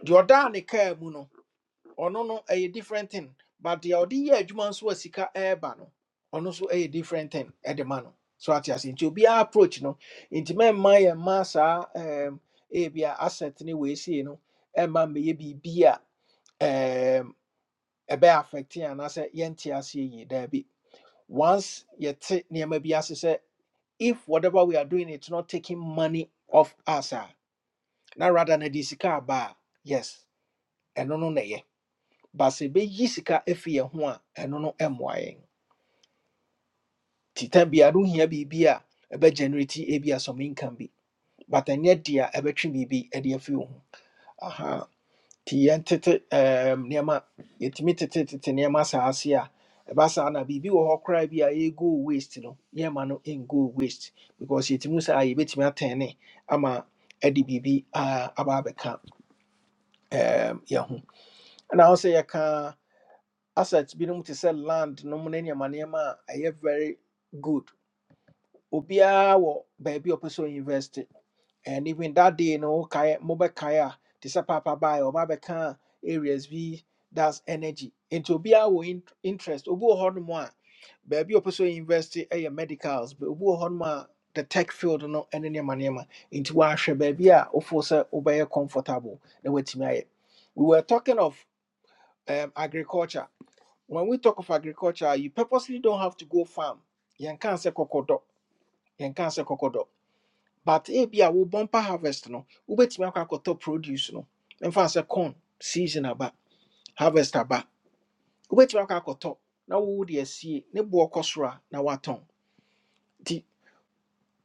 [SPEAKER 1] deɛ ɔdaa ne kaa mu no ɔno no ɛyɛ different thing but deɛ ɔde yɛ adwuma nso a sika ɛɛba no ɔno nso ɛyɛ different thing ɛde ma no so ate ase nti obiara approach no nti mɛmma yɛn mma saa ɛɛm ebia asset ne weesie no ɛmma mmɛyɛ biribi a ɛɛm ɛbɛyɛ affecting anaasɛ yɛnte aseɛ yie daabi once yɛte nneɛma bi ase sɛ if whatever we are doing it's not taking money off us ah, na rather na de sika aba yes ɛno no na ɛyɛ but sɛ ɛbɛyi sika afi yɛn ho a ɛno no mmoa yɛn nti tam biara wohia biribi a ɛbɛgenerate ebi a some income bi but ɛnyɛ de a ɛbɛtwe biribi de afi wo ho Aha, nti yɛntete um, nneɛma yɛtumi tetetete nneɛma saa ase a ɛba saa na biribi wɔ hɔ koraa bi a ɛgo waste no yɛma no ɛngo waste because yɛtumi saa a yɛbɛtumi atɛne ama ɛde biribi a- aba abɛka um, yɛn ho ɛna wo sɛ yɛka asset binom te sɛ land nom ne nneɛma nneɛma a ɛyɛ very good obiara wɔ baabi a ɔpɛ sɛ ɔinvest and even that day no kaya mobile kaya te sɛ papa by or bɛka areas bi that's energy nti obi a wɔ interest obi wɔ hɔ nom a baabi a ɔpɛ sɛ invest yɛ medicals but obi wɔ the tech field no any manema. Into nti wahwɛ baabi a wofo sɛ wobɛyɛ comfortable na watumi ayɛ we were talking of um, agriculture when we talk of agriculture you purposely don't have to go farm yɛnka sɛ kɔkɔdɔ yɛnka sɛ kɔkɔdɔ but ebi a wo bumper harvest no wobɛtumi akɔ akɔtɔ produce no mfa sɛ corn season aba harvest aba wobɛtumi akɔ akɔtɔ na wowo de asie ne boɔ kɔ soro a na woatɔn nti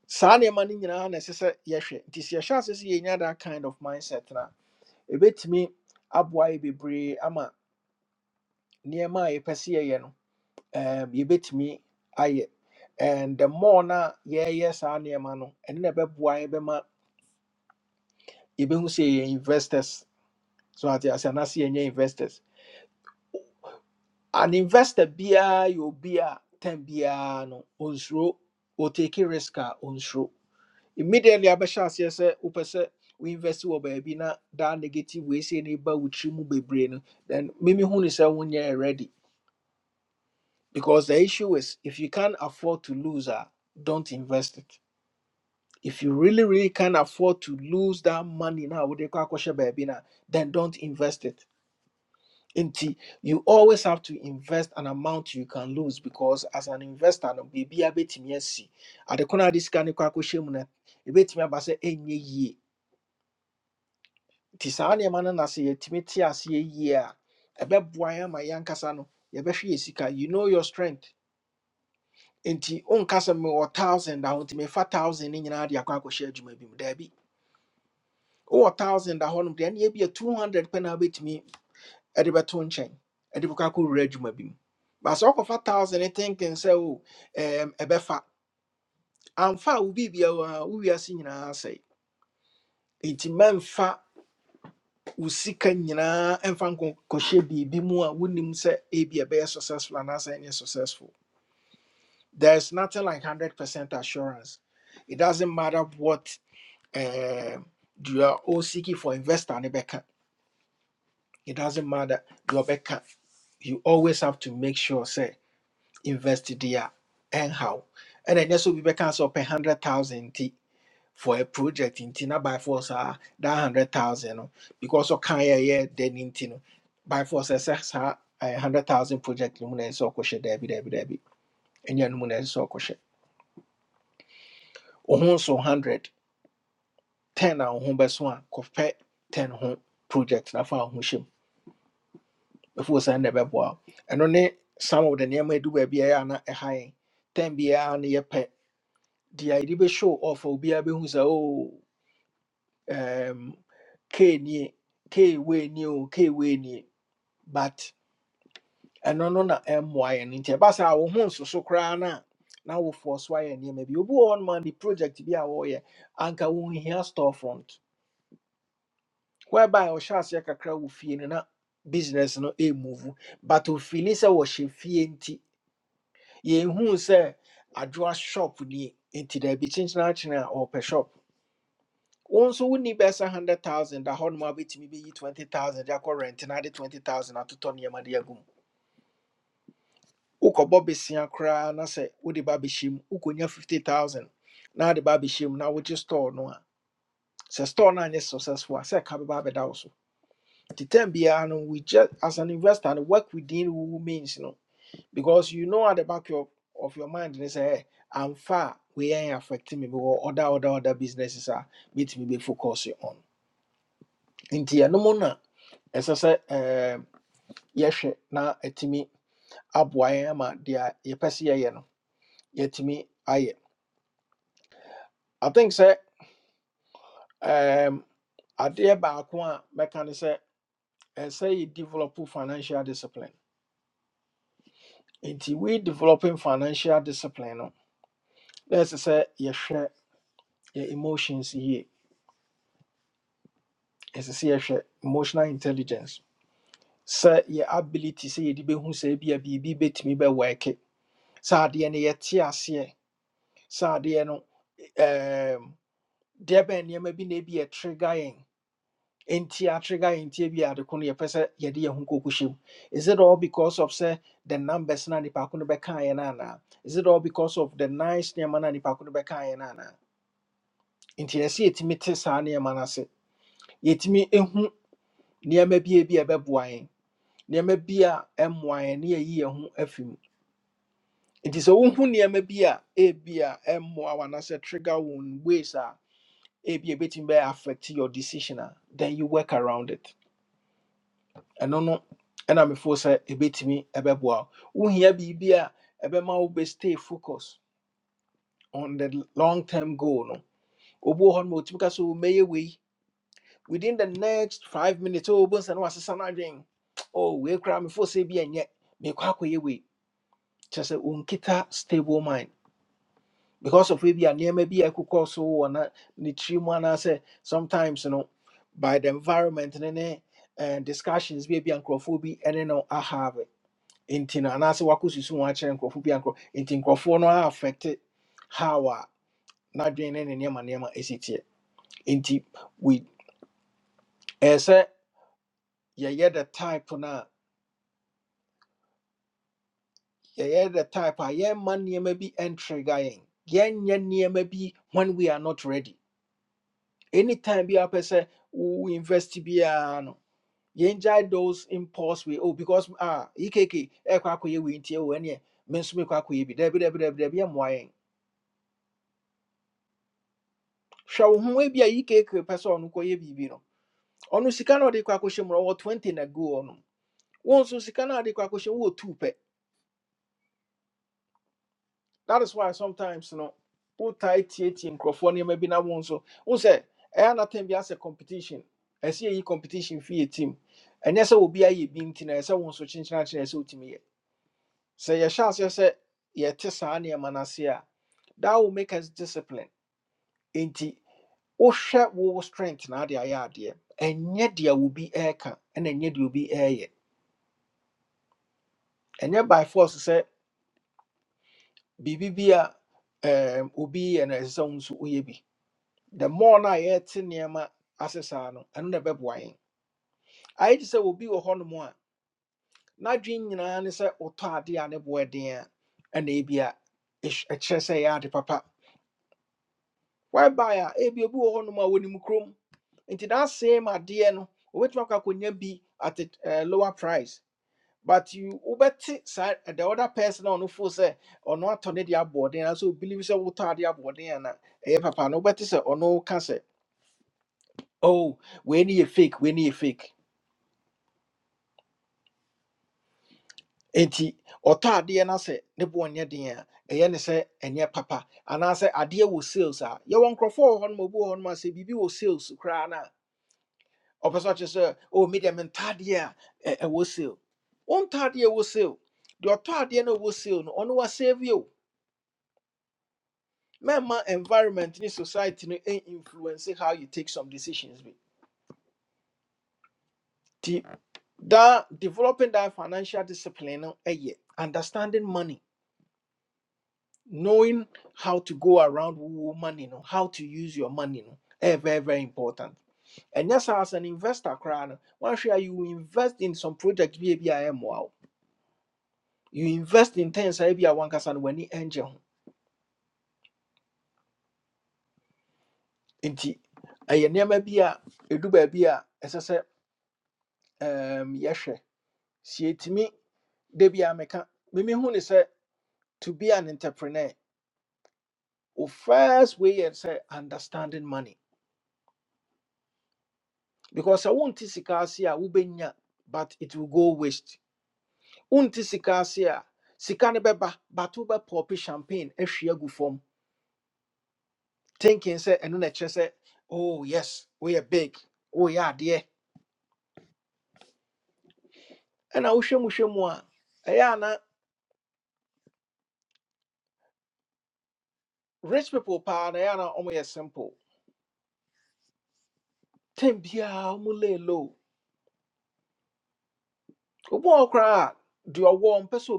[SPEAKER 1] saa nneɛma no nyinaa na ɛsɛ sɛ yɛhwɛ nti sɛ yɛhyɛ ase sɛ yɛnya that kind of mindset na. a ɛbɛtumi aboa yɛ bebree ama nneɛma a yɛpɛ sɛ yɛyɛ no um, yɛbɛtumi ayɛ and the more na yɛyɛ saa nneɛma no ɛno na ɛbɛboa yɛ bɛma yɛbɛhu sɛ yɛyɛ investors so ate ase anase yɛnyɛ investors an investor biara you obi a ten biara no onsuro otake risk a onsuro immediately abɛhyɛ aseɛ sɛ wopɛ sɛ woinvest wɔ baabi na daa negative we sei no ba wo tiri mu bebree no then mimi hu ni se wonye ready because the issue is if you can't afford to lose a don't invest it if you really really can't afford to lose that money now with the kwakwa baby na wode kɔ akɔhyɛ baabi no then don't invest it nti you always have to invest an amount you can lose because as an investor no biribi abɛtumi asi ade ko no ade sika no kɔ akɔhyɛ mu no ɛbɛtumi aba sɛ ɛnyɛ yie nti saa nneɛma no nase yɛtumi te aseɛ yie a ɛbɛboa yɛn ama yɛankasa no yɛbɛhwɛ yɛ sika you know your strength nti wonka sɛ mewɔ thousand a nti fa thousand no nyinaa de akɔ akɔhyɛ adwuma bi mu daabi wowɔ thousand a hɔnom deɛ ɛneɛ bi 200 pɛ na wobɛtumi ɛde bɛto nkyɛn ɛde bɛkɔ akɔwura adwuma bi mu baasa ɔkɔfa thousand thinking sɛ o ɛɛm ɛbɛfa amfa a wo biribia wo a wo wiase nyinaa asɛe nti mɛmfa wo sika nyinaa ɛmfa nkɔ kɔhyɛ biribi mu a wonim sɛ ebi ɛbɛyɛ successful anaasɛ ɛnyɛ successful there is nothing like hundred percent assurance it doesn't matter what um, you are all seeking for investor ne it doesn't matter deɛ ɔbɛka you always have to make sure Say. invest there anyhow. And then yes, we can so pay hundred thousand t for a project in Tina by force uh, that hundred thousand no. because of can yeah then in Tino by force SS a hundred thousand project luminous so kosher debi debi debi and yan luminous so kosher. Oh so hundred ten and home best one compare ten home project na found hushim before send the bebo and only some of the near may do a na a high ten be an yep The idea deɛ yɛde bɛhyɛ ɔfa obiara bɛhu say, "Oh, um, k nie k wei nie o k wei nie but ɛno no na ɛmmoa yɛn nti ɛba saa wo ho nsoso koraa no a na wofoɔ so ayɛ nneɛma bi obi wɔ hɔ noma ne project bi a wɔreyɛ anka wɔnhia store front whereby ɔhyɛ aseɛ kakra wɔ fie no na business no ɛmmuvu but ofili sɛ wɔhyɛ fie nti yɛnhuu sɛ adwoa shop nie nti daabi kyenkyena akyene a ɔpɛ shop Wo nso wonni a hundred thousand a hɔnom abɛtumi bɛyi twenty thousand de akɔ rent na de twenty thousand atotɔ nneɛma de agum wokɔbɔ besia koraa na sɛ wode ba bɛhyɛ mu wokɔnya fifty thousand Now wode ba bɛhyɛ Now we just store no a store no anyɛ successful a sɛ ka bɛba abɛda wo so nti tam no we just as an investor no work within wo means you know, because you know at the back of, of your mind they say, hey, I'm far. We weyɛ affecting me mewɔ other other other businesses are. a mɛtumi focus on nti ɛnom no ɛsɛ sɛ ɛɛm, yɛhwɛ na ɛtumi aboa yɛn ama deɛ yɛpɛ sɛ yɛyɛ no yɛtumi ayɛ i think sɛ ɛɛm, adeɛ baako a mɛka ne sɛ ɛsɛ yɛ develop financial discipline nti we developing financial discipline no na ɛsɛ sɛ yɛhwɛ yɛ emotions yie ɛsɛ sɛ yɛhwɛ emotional intelligence sɛ yɛ ability sɛ yɛde bɛhu sɛ ebia biribi bɛtumi bɛwɔɛke sɛ adeɛ no yɛte aseɛ sɛ adeɛ no ɛɛ deɛ bɛn nneɛma bi na ebi yɛ trigger yɛn nti a trigger yɛn nti ebi yɛ ade ko no yɛpɛ sɛ yɛde yɛn ho koko hyɛm is it all because of sɛ the numbers na nipa ko no bɛka yɛn no anaa is it all because of the nice nneɛma na nipa ko no bɛka yɛn no anaa nti yɛsɛ yɛtumi te saa nneɛma no ase yɛtumi ehu nneɛma bi a ebi a ɛbɛboa yɛn nneɛma bi a ɛmmoa yɛn ne yɛyi yɛn ho afi mu nti sɛ wohu nneɛma bi a ebi a ɛmmoa wɔn anaasɛ trigger wɔn ways a ebi a ebetumi bɛyɛ affect your decision a then you work around it ɛno no ɛna mefo sɛ ɛbɛtumi ɛbɛboa wo wohia biribi a ɛbɛma wo be stay focus on the long term goal no obuo hɔ no ma ɔtumi ka sɛ "Oh, mɛyɛ wei within the next five minutes o bohu sɛ ne wasesa no asesa na adwen oh, wei koraa mefo sɛ bi ɛnyɛ mekɔ akɔyɛ wei kyerɛ sɛ unkita stable mind because of ebi a nneɛma bi a ɛkokɔ so wɔ na ne tiri mu anaasɛ sometimes no by the environment ne ne eh, discussions bi a bi a nkurɔfoɔ bi ɛne no ahave nti na anaasɛ wakɔsusu wɔn akyerɛ nkurɔfoɔ bi ankorɔ nti nkurɔfoɔ no a affect how a n'adwene ne ne nneɛma nneɛma ɛsi teɛ nti we ɛyɛ sɛ yɛyɛ the type na a yɛyɛ the type a yɛmma nneɛma bi ɛntrigger yɛn yɛnyɛ nneɛma bi when we are not ready anytime bi a wopɛ sɛ wo invest biara no yɛngyae those impulse we oh because ah ekk ɛkɔ akɔyɛ wei nti ɛwɔ ɛneɛ me nso mekɔ akɔyɛ bi dabi dabi dabi dabi ɛmmoa yɛn hwɛ wo ho ebi a yi keekee pɛ sɛ ɔno kɔyɛ biribi no ɔno sika na ɔde kɔ akɔhyɛ mu no 20 na go ɔno wo nso sika na ɔde kɔ akɔhyɛ mu 2 pe. that is why sometimes no wotae tietie nkurɔfoɔ nneɛma bi na wo nso wo sɛ ɛyɛ anatam bi asɛ competition ɛsɛ yɛyi competition fi yɛ team ɛnyɛ sɛ obi ayɛ bi nti na ɛsɛ wo nso kyenkyena kyerɛ ɛsɛ wotumi yɛ sɛ yɛhyɛ aseɛ sɛ yɛte saa nneɛma no ase a that will make us disciplined discipline wohwɛ wo strength na ade ayɛ adeɛ ɛnyɛ deɛ obi ɛɛka ɛna ɛnyɛ deɛ obi ɛɛyɛ ɛnyɛ by force sɛ biribi bi a ɛɛm, obi yɛ na ɛsɛ sɛ wo nso woyɛ bi the more na a yɛte nneɛma ase saa no ɛno na ɛbɛboa Aye ayɛ te sɛ obi wɔ hɔnom a n'adwene nyinaa ne sɛ wotɔ adeɛ a ne bo den a ɛna ebi a ɛkyerɛ say ɛyɛ ade papa Why whereby a ebi obi wɔ hɔnom a wɔnim kurom nti that same adeɛ no obɛtumi akɔ akɔnya bi at a eh, lower price but you wobɛte saa eh, the other person a ɔno fo sɛ ɔno atɔ ne de aboɔden believe obili sɛ wotɔ ade aboɔden ana Eh, papa no bet say sɛ ɔno can say. oh we ne yɛ fake we ne yɛ fake enti ɔtɔ adeɛ no sɛ ne boɔ nyɛ den a ɛyɛ ne sɛ ɛnyɛ papa anaasɛ adeɛ wɔ sales a yɛwɔ nkurɔfoɔ wɔ hɔ nom obi wɔ hɔ nom a sɛ biribi wɔ sales koraa no a ɔpɛ sɛ ɔkyerɛ sɛ oh media menta adeɛ a ɛ- ɛwɔ sale wontɔ adeɛ a ɛwɔ sale deɛ ɔtɔ adeɛ no a ɛwɔ sale no ɔno wasave you mɛma environment ne society no influence how you take some decisions bi nti that developing that financial discipline no ɛyɛ understanding money knowing how to go around wo money no how to use your money no ɛyɛ very very important And yes, as an investor koraa no woahwɛ you invest in some project bi a bi you invest in things a bi a wankasa no w'ani ɛngye ho nti ɛyɛ nneɛma bi a ɛdu baabi a ɛsɛ sɛ um, yɛhwɛ sɛ yɛtumi Debbie Ameka, Mimi Hun is a, to be an entrepreneur. Your first way is a, understanding money. Because I won't sika ase a wobenya, but it will go waste. Won't sika a sika ne beba, but wobɛ pɔpi champagne a agu form Thinking say, ɛno na ɛkyerɛ oh yes, we are big, we are dear. And I wish, mu hwɛ mu a, ɛyɛ a rich people paa na ɛyɛ a na simple. Ten biara ɔmo lay low. Obi wɔ hɔ koraa a, deɛ ɔwɔ ɔmpɛ sɛ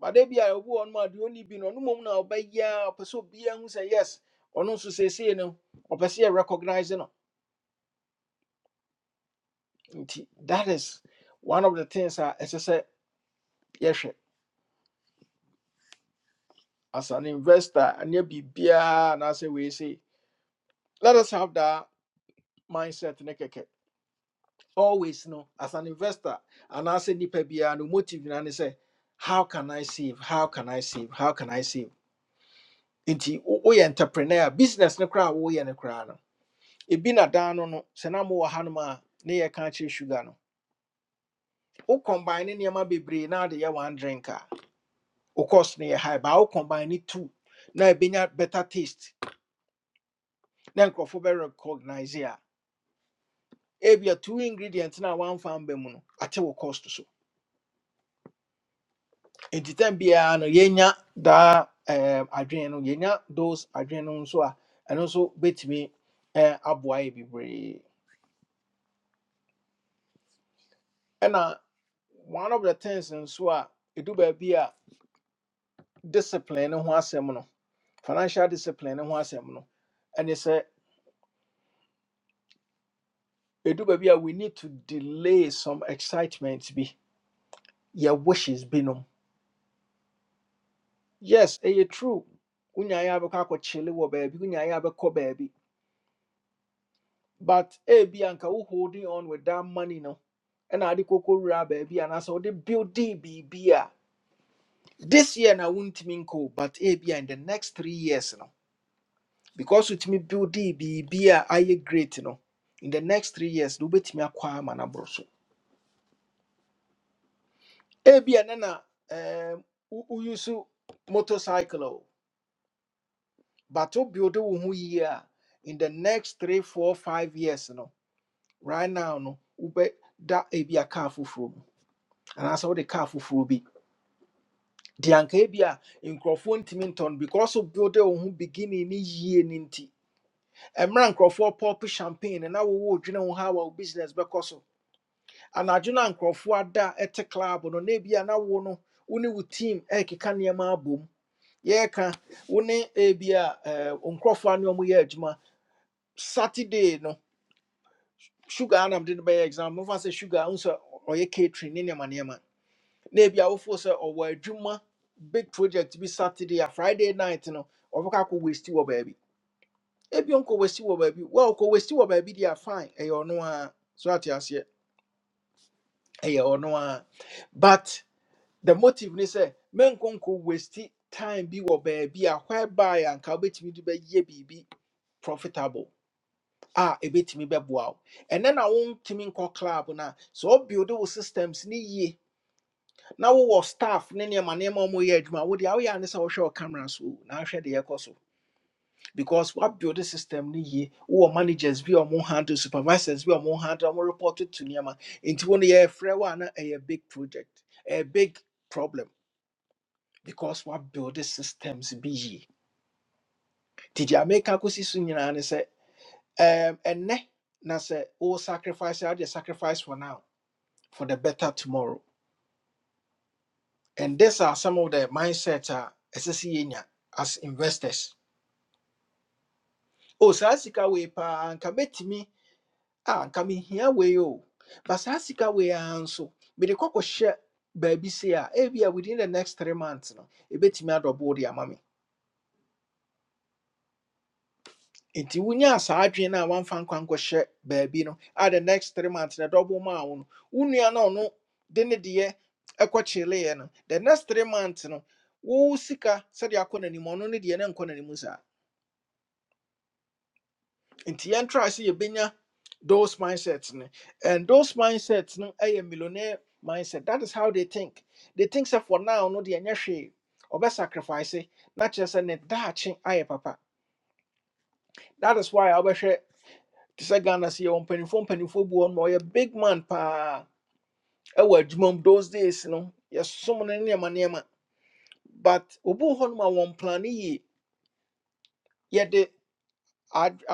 [SPEAKER 1] bade bi a ɛwɔ hɔ no a deɛ ɔnni bi no ɔno mmom na ɔbɛyɛ ya. ɔpɛ sɛ obiara hu sɛ yes ɔno nso seesei no ɔpɛ sɛ yɛrecognize no nti that is one of the things I as I said. Yes, as an investor and you be beer, and I say we say let us have that mindset Nekeke always no as an investor and I anaasɛ nnipa biara no motive and I say how can i save how can i save how can i save nti we entrepreneur business ne koraa a woyɛ no koraa no ebi na dan no no sɛ na mowɔ hanom a ne yɛka akyerɛ sugar no wo combine ne nneɛma bebree na ade yɛ one drink a wo cost no yɛ high baa wo combine ne two na ebenya better taste na nkurɔfoɔ bɛ recognize ya ebi a ebia two ingredients na wamfa mba mu no ate wo cost so nti time biara no yɛnya daa um, adwene no yɛnya those adwene no nso a ɛno nso bɛtumi eh, aboa yɛ bebree ɛna one of the things nso a ɛdu baabi a discipline no ho asɛm no financial discipline and asɛm no ɛne sɛ ɛdu baabi a do baby we need to delay some excitement be your wishes be no. yes ɛyɛ true wonyaeɛ abɛkɔ akɔkyele wɔ baabi wonyaeɛ abɛkɔ baabi but ebi anka wo holding on with that money no ɛna ade kɔkɔ wura baabi anaasɛ wode building biribi a this year na wontumi nkɔ but ebi in the next three years no because with me biribi a ayɛ great no in the next three years do wobɛtumi akɔ ama no aboro so ebi ɛne na um, woyusu motorcycle o but wo build wo ho yie a in the next three four five years no right now no wobɛda ebi a car foforɔ mu anaasɛ wode car foforɔ bi de anka ebi a nkurɔfoɔ ntumi ntɔn because wo build wo ho beginning ne yie ne nti ɛmmerɛ nkurɔfoɔ pɔp champagne na wowɔ odwene wo dwene ho ha a wo business bɛkɔ so anadwo no a nkurɔfoɔ ada ɛte club no na ebi a na wo no wo ne wo team ɛrekeka nneɛma abom Yeah, can. ne a eh, wo nkurɔfoɔ a ne ɔmo yɛ adwuma saturday no sugar anam de no bɛyɛ exam mofa sɛ sugar wo sɛ ɔyɛ catering ne nneɛma nneɛma na ebi a force sɛ ɔwɔ juma big project be saturday a friday night no ɔbɛka akɔ wasti wɔ baabi ebi ɔnkɔ wasti wɔ baabi wo a ɔkɔ wasti wɔ baabi deɛ a fine ɛyɛ ɔno a or no, so ate aseɛ ɛyɛ ɔno a or no, but the motive ne sɛ menkonko waste time bi wɔ baabi a whereby anka wobɛtumi de bɛyɛ biribi profitable ah a ɛbɛtumi bɛboa wo ɛnɛ na wontumi nkɔ club no a sɛ wobuild wo systems ni ye na wo wo staff ne nneɛma nneɛma a ɔmɔyɛ adwuma wode awoyɛ a ne sɛ wohwɛ wo camera so o, na wohwɛ deɛ ɛkɔ so because woabuild system no yie wowɔ managers bi a mo handle supervisors bi a mo handle ɔmo report to nneɛma nti wo no yɛfrɛ wo a na ɛyɛ big project a big problem because wabuild systems bi yie nti deɛ ameka kɔsi so nyinaa ne sɛ um, ɛnɛ na sɛ wo sacrifice a just sacrifice for now for the better tomorrow and these are some of the mindset a ɛsɛ sɛ yɛnya as investors o saa sika wei paa anka mɛtumi a anka mehia wei o but saa sika wei ara nso mede kɔkɔhyɛ baabi se a ebia within the next three months no ɛbɛtumi adɔbo de ama me out of body, nti wonya saa adwene no a woamfa nkwa nkɔhyɛ baabi no a the next three months na double maa wo no wo nua no a ɔno de ne deɛ no the next three months no wo sika sɛdeɛ akɔ n'anim ɔno ne deɛ ne nkɔ n'anim saa nti yɛntra sɛ yɛbɛnya those mindsets no and those mindsets no ɛyɛ millionaire mindset that is how they think they think sɛ for now no deɛ nyɛ hwee ɔbɛ sacrifice, na kyerɛ sɛ ne daakye ayɛ papa that is why a wobɛhwɛ te sɛ ghana sɛ yɛwɔ mpanimfoɔ mpanimfoɔ bi wɔ no ɔyɛ big man pa. ɛwɔ adwuma mu those days no yɛsom no ne nneɛma but obi wɔ hɔ nom a wɔn plane yie yɛde ad-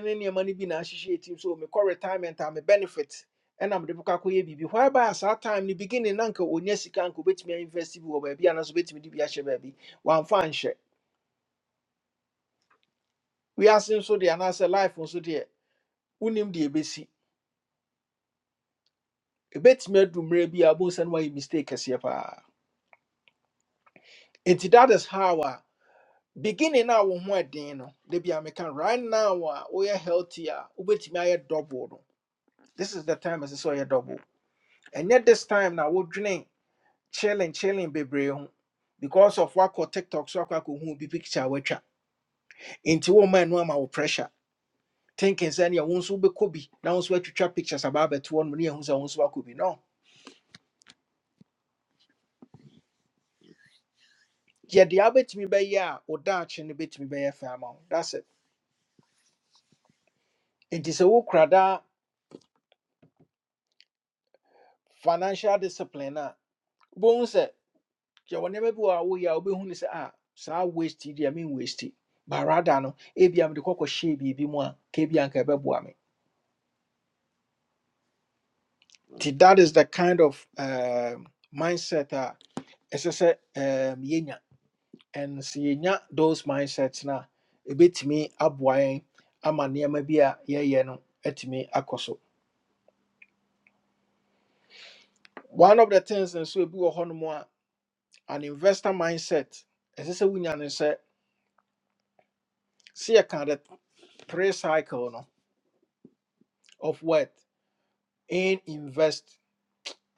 [SPEAKER 1] no ne nneɛma no bi na ahyehyɛ tim so mekɔ retirement a me benefit ɛna mede bɛkɔ akɔyɛ biribi hɔaba a saa time ni beginning na anka ɔnya sika anka obɛtumi ainvest bi wɔ baabi anaasɛ obɛtumi de bi ahyɛ baabi wamfa anhyɛ wiase nso deɛ anaasɛ life nso deɛ wonim deɛ ɛbɛsi ɛbɛtumi adu mmerɛ bi a wobɛhu sɛ no wayɛ mistake kɛseɛ paa Nti that is how a beginning a wo ho ɛden no da bi a meka no, right now a woyɛ healthy a wobɛtumi ayɛ double no this is the time ɛsɛ sɛ ɔyɛ double And yet, this time na wodwene chilling chilling bebree ho because of wakɔ tiktok so akɔ akɔhu bi picture a watwa nti woma ɛno ama wo pressure thinking sɛ neɛ wo nso wobɛkɔ bi na wo nso woatwitwa pictures aba abɛto hɔ nom ne yɛhu sɛ wo nso wakɔ bi no yɛde a wobɛtumi bɛyɛ a wo daakye no bɛtumi bɛyɛ fɛ ama wo that's it nti sɛ wokura daa financial discipline a wobɛhu sɛ deɛ wɔ nneɛma bi wɔ a woyɛ a wobɛhu ne sɛ a saa waste yi deɛ menwaste barada no ebia mede kɔkɔhyɛɛ biribi mu that is the kind of um, mindset a ɛsɛ sɛ um, yɛnya and sɛ those mindsets no a ɛbɛtumi aboa yɛn ama nneɛma bi a yɛyɛ no atumi akɔ so one of the things nso ebi wɔ hɔnom a an investor mindset ɛsɛ sɛ wonya ne sɛ sɛ yɛka the pre cycle no of what. and invest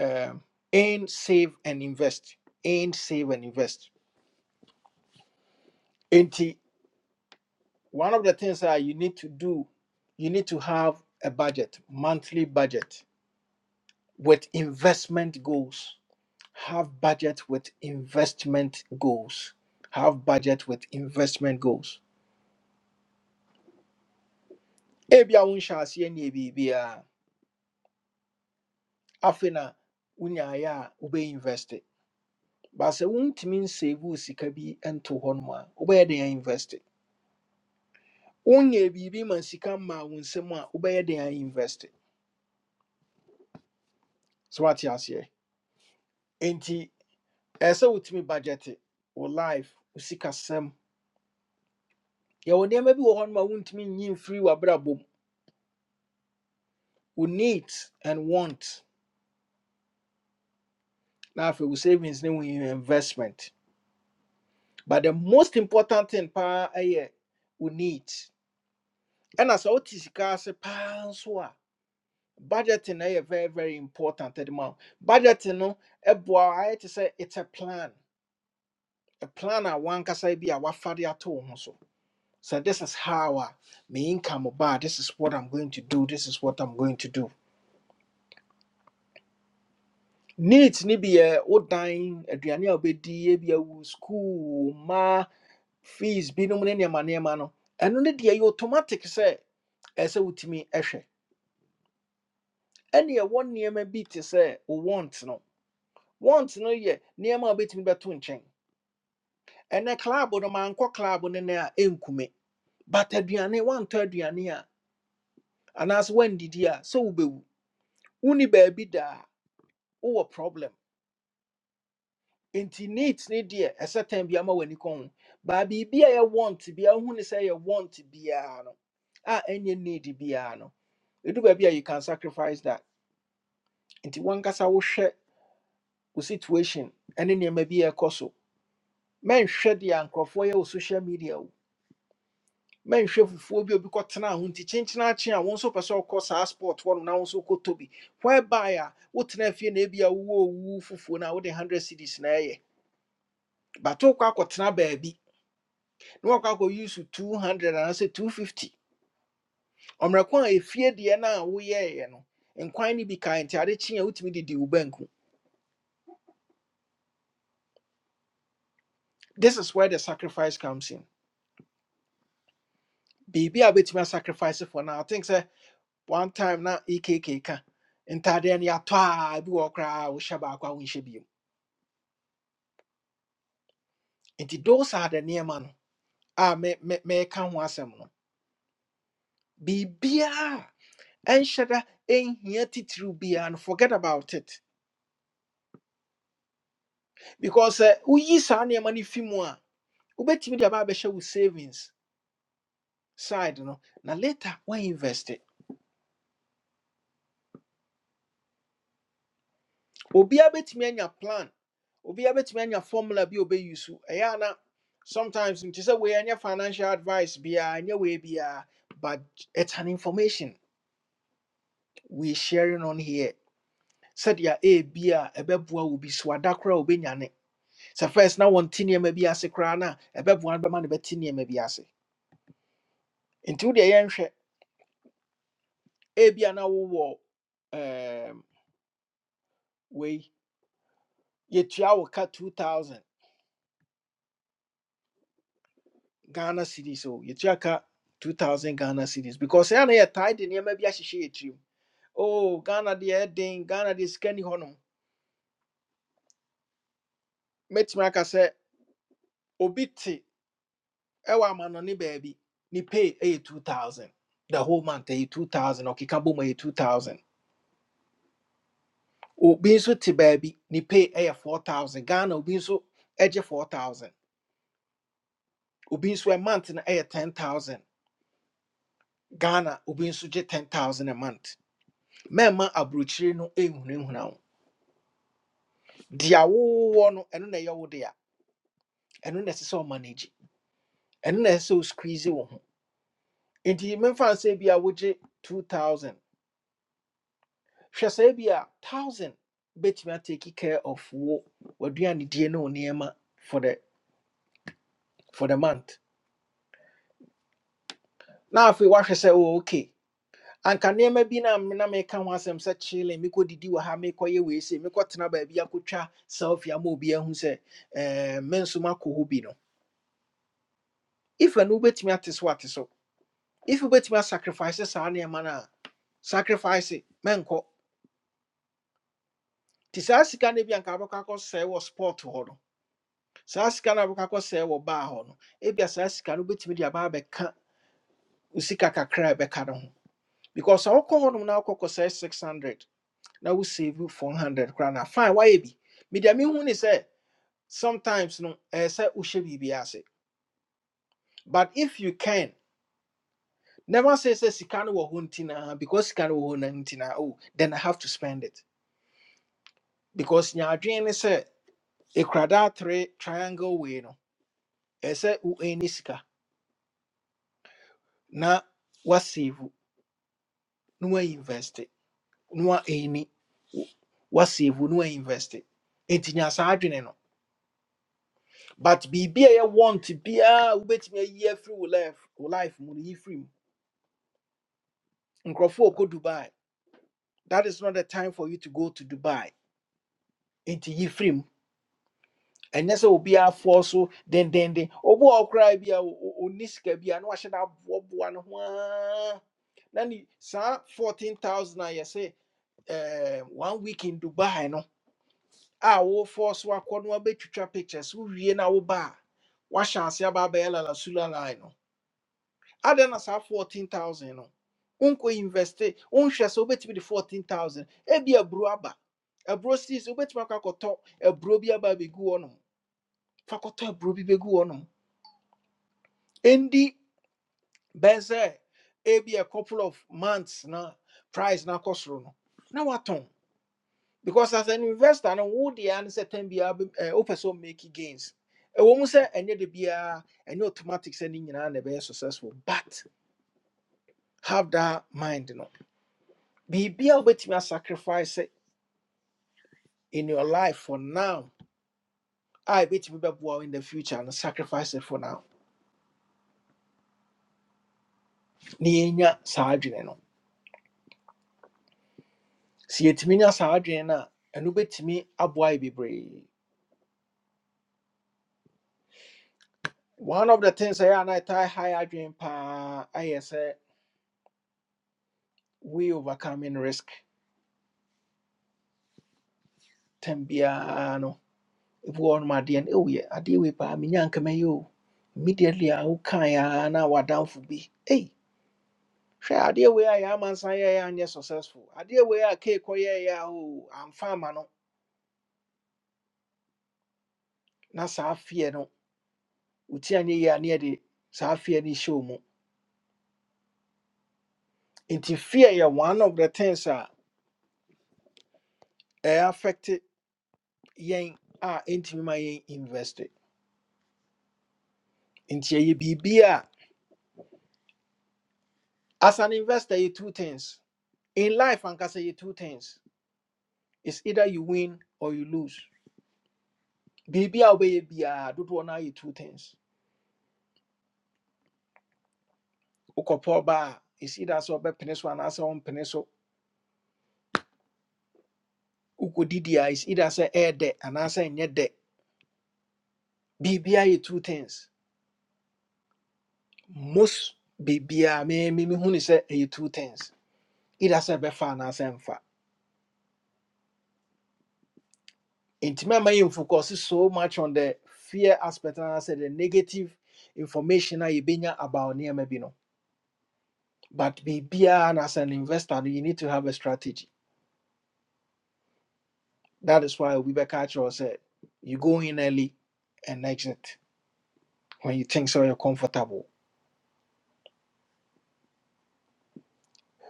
[SPEAKER 1] um and save and invest and save and invest and one of the things that you need to do you need to have a budget monthly budget with investment goals have budget with investment goals have budget with investment goals ebia wonhyɛ aseɛ ne biribiaa afei na wonyaeɛ a wobɛinvest but sɛ wontumi nsave wo sika bi nto hɔ nom a wobɛyɛ dɛn invest wonyɛ biribi ma sika mmaa wo nsam a wobɛyɛ den ainvest so wate aseɛ nti ɛɛ sɛ wotumi budget wo life usika sem. Ya woni maybe wo sikasɛm yɛwɔ nneɛma bi wɔ hɔ no ma wontumi nyi mfiri w'abrabɔ mu wo needs and want na afei wo savings ne wo investment but the most important thing pa ɛyɛ wo needs ɛna sɛ wote sika ase paa nso a budgeting ɛyɛ very very important ɛde ma wo budgeting no ɛboa wo to say it's a plan a plan a wankasa bi a wafade ato wo ho so so this is how a me income ba this is what i'm going to do this is what i'm going to do needs ni bi yɛ wo dan aduane a wobɛdi ebi awu school ma fees binom ne nneɛma nneɛma no ɛno ne deɛ yɛ automatic sɛ ɛsɛ sɛ wotumi ɛhwɛ ɛne ɛwɔ nneɛma bi te sɛ wo want no want no yɛ nneɛma a wobɛtumi bɛto nkyɛn ɛnɛ club no mankɔ club no nɛ a ɛnkume but aduane wantɔ aduane a And as anaasɛ woandidi a sɛ wobɛwu woni baabi da a wowɔ problem nti neat ne deɛ ɛsɛ tan bi ama w'ani kɔn ho baa biribi a yɛwɔnt bia wohu want to yɛwɔnt biara no a ɛnyɛ need biara no ɛdu baabi a you can sacrifice that nti wankasa wohwɛ wo hwe wo situation ɛne nneɛma bi a ɛkɔ so mɛnhwɛ deɛ a nkurɔfoɔ yɛ wɔ social media o mɛnhwɛ fufuo bi a obi kɔtenaa ho nti kyenkyena akye a wo nso pɛ sɛ wokɔ saa sport hɔ no na wo nso wokɔtɔ bi whereby a wotena fie na ebi a wowɔ owu fufuo no wode 100 cities na ɛyɛ but wokɔ akɔtena baabi na wakɔ akɔ use 200 anaasɛ 250 ɔmmerɛko a ɛfie deɛ no a woyɛeɛ no nkwan no bi kae nti ade kye a wotumi de di wo banku this is where the sacrifice comes in biribi a wobɛtumi a sacrifice for no I think sɛ one time na ekk ka ntadeɛ no yɛatɔ a bi wɔ hɔ koraa wohyɛ baako a wonhyɛ bio nti those are the nneɛma no a me me meka ho asɛm no biribiaa ɛnhyɛ da ɛnhia titiriw biara no forget about it because sɛ woyi saa nneɛma no fi mu a wobɛtumi de aba abɛhyɛ savings side no na later we invest it obiaa bɛtumi anya plan obiaa bɛtumi anya formula bi a ɔbɛyi so ɛyɛ a na sometimes nti sɛ wei ɛnyɛ financial advice biara ɛnyɛ wei biara but it's an information we sharing on here Said ya a ɛbɛboa wo bi so ada koraa a wobɛnya ne sɛ first na wɔnte nneɛma bi ase koraa na a ɛbɛboa no bɛma no bɛte bi ase nti wodeɛ yɛnhwɛ ebi a na wo wo um we yɛtua wo ka 2000 ghana cities o yɛtua ka 2000 ghana cities because ɛa na yɛtae de nneɛma bi ahyehyɛ yɛtirim o ghana deɛ ɛden ghana deɛ sika ni hɔnom mɛtumi aka sɛ obi te ɛwɔ ama no ne baabi pay A 2000 the whole month ɛyɛ 2000 ɔkeka bom ɛyɛ 2000 obi nso te baabi ne pay A 4000 ghana obi nso ɛgye 4000 obi nso a month no ɛyɛ 10000 ghana obi nso gye 10000 a month mɛma aburokyire no ɛhunahuna wo dea wowɔ no ɛno na ɛyɛ wo dea ɛno na ɛsɛ sɛ ɔmanage ɛno na ɛsɛ sɛ ɔsqueeze wo ho nti memfa nsɛ bi a wogye 2000 hwɛ saa bi a thousand bɛtumi atake care of wo w'aduanedie ne wo nneɛma for the for the month na afei woahwɛ sɛ oh, okay anka niema bi na me- na meka ho asem se chile, sɛ kyele mekɔdidi wɔ ha mekɔyɛ wei se mekɔtena baabi akɔtwa selfie ama obi ahu sɛ eh, me nso makɔ bi no if anu wobɛtumi ate so so if wobɛtumi asacrifice saa nneɛma no a sacrifice menkɔ nti ka sika no bi anka wobɛkɔ akɔsɛe wɔ sport hɔ no saa sika no a wokakɔ sɛ wɔ baa hɔ no ebia saa sika no wobɛtumi de aba abɛka wo sika kakra ɛbɛka no ho because sɛ wokɔ hɔnom na wokɔkɔ sɛ 600 na wo save 400 koraa na fine wayɛ bi medeɛ mehu ne sɛ sometimes no ɛɛ sɛ wohyɛ biribi ase but if you can never say sɛ sika no wɔ hɔ nti naa because sika no wɔ hɔ no nti naa oh then i have to spend it because nyaadwene ne sɛ ekuradaa three triangle wei no ɛɛ sɛ wo ani sika na wasave na wainvest No any na ɛni wasevu na wainvest nti nya saa adwene no but biribi a ɛyɛ want biara a wobɛtumi ayi afiri wo life wo life mu no yi firi mu nkurɔfoɔ a ɔkɔ dubai that is not the time for you to go to dubai nti yi firi mu ɛnyɛ sɛ obiara foɔ so dendenden obi a ɔkoraa bi a o- o- ɔnni sika bi a na wahyɛ no aboaboa no ho ara na ne saa 14000 a yɛsɛ eh, one week in dubai no, a wofoɔ so akɔ no abɛtwitwa pictures wowie na woba a woahyɛ ase aba abɛyɛ lalasula line no adɛn na saa 14000 no wonkɔ investe wonhwɛ sɛ wobɛtumi de 14000 ebi aburo aba aburo sis wobɛtumi akɔ akɔtɔ aburo bi aba abɛgu hɔ nom fa kɔtɔ aburo bi bɛgu hɔ nom ɛndi bɛn ebi a couple of months na price na akɔ no na watɔn because as an investor no wo deɛ ano sɛ tɛn biara bɛ- eh, gains ɛwɔ mu say any da biara ɛnyɛ automatic sɛ ne nyinaa na successful but have that mind no biribia wobɛtumi asacrifice it in your life for now a ɛbɛtumi bɛboa wo in the future and sacrifice it for now Ni yɛnya saa no Si etimi nya saa adwene no a ɛno bɛtumi aboa yɛ bebree one of the things ɛyɛ a na ɛtae high adwene pa ayɛ sɛ we overcoming risk tɛm biara no ebi wɔ nom adeɛ no ɛwɔ i adeɛ wei paa menya nkɛmɛyɛ o immediately a wokae a na wadamfo bi ei hwɛ adeɛ wei I yɛama nsa yɛyɛ anyɛ successful adeɛ wei a kei kɔyɛɛ a o amfa ama no na saa feɛ no wotu anyɛ yie a ne yɛde saa feɛ no hyɛ wo mu nti fear yɛ one of the things a ɛyɛ affect yɛn a ɛntumi ma yɛn invest nti ɛyɛ biribi a as an investor yɛ two things in life ankasa yɛ two things It's either you win or you lose biribi a wobɛyɛ biara dodoɔ no ayɛ two things Ukopoba is either so it's either sɛ ɔbɛpene so anaasɛ ɔmpene so wokɔdidi a it's either say air de and ɛɛdɛ anaasɛ ɛnyɛ dɛ biribi ayɛ two things most biribiaa mememehu ne sɛ ɛyɛ two things either sɛ ɛbɛfa anaasɛ ɛmfa ntimi ama yɛ mfocus so much on the fear aspect and anaasɛ the negative information a yɛbɛnya about nneɛma Maybe no but biribiaa and as an investor no you need to have a strategy That is why Obi Bekachio said, you go in early and exit when you think so you're comfortable.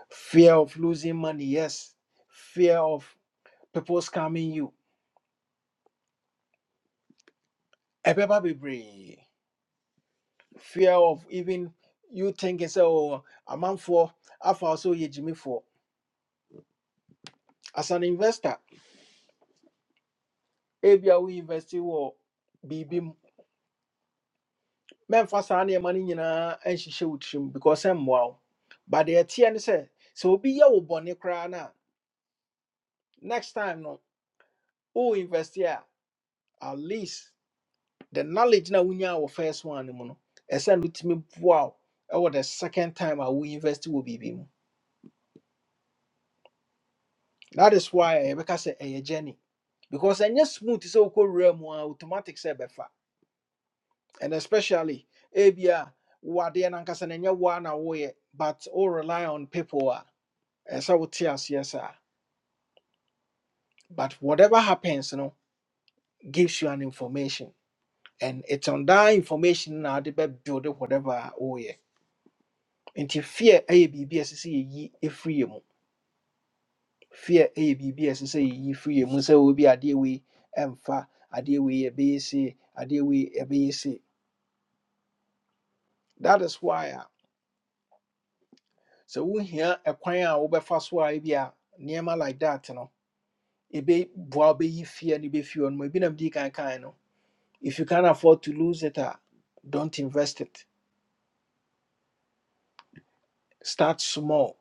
[SPEAKER 1] Fear of losing money, yes. Fear of people scamming you. Ebeba bebree. Fear of even you thinking so oh, a man for I also ye Jimmy for. As an investor, if you are investing or BB men for any money nyinaa and she should because I'm wow. But the TN say so be your bonnet cry now. Next time no wo invest here? at least the knowledge na wonya wɔ first one no mu no ɛsɛ no wotumi boa ɛwɔ the second time a wo invest wɔ biribi mu that is why yɛbɛka sɛ a journey because ɛnyɛ smooth sɛ wokɔ wura mu a automatic sɛ ɛbɛfa and especially ebia wo adeɛ no ankasa no ɛnyɛ wo a na woyɛ but all rely on people a ɛsɛ sɛ wote aseɛ saa but whatever happens no gives you an information and it's on that information na wode build whatever a nti fear ɛyɛ biribi a ɛsɛ sɛ yɛyi ɛfiri yɛ mu fear ɛyɛ biribi a ɛsɛ sɛ yɛyi firi yɛ mu sɛ obi adeɛ wei ɛmfa adeɛ wei ɛbɛyɛ se adeɛ wei ɛbɛyɛ se that is why a sɛ wohia ɛkwan a wobɛfa so a ebi a nneɛma like that no ɛbɛboa wobɛyi fear no bɛfi hɔ no ebi nam dii kan kan no if you can afford to lose it a don't invest it start small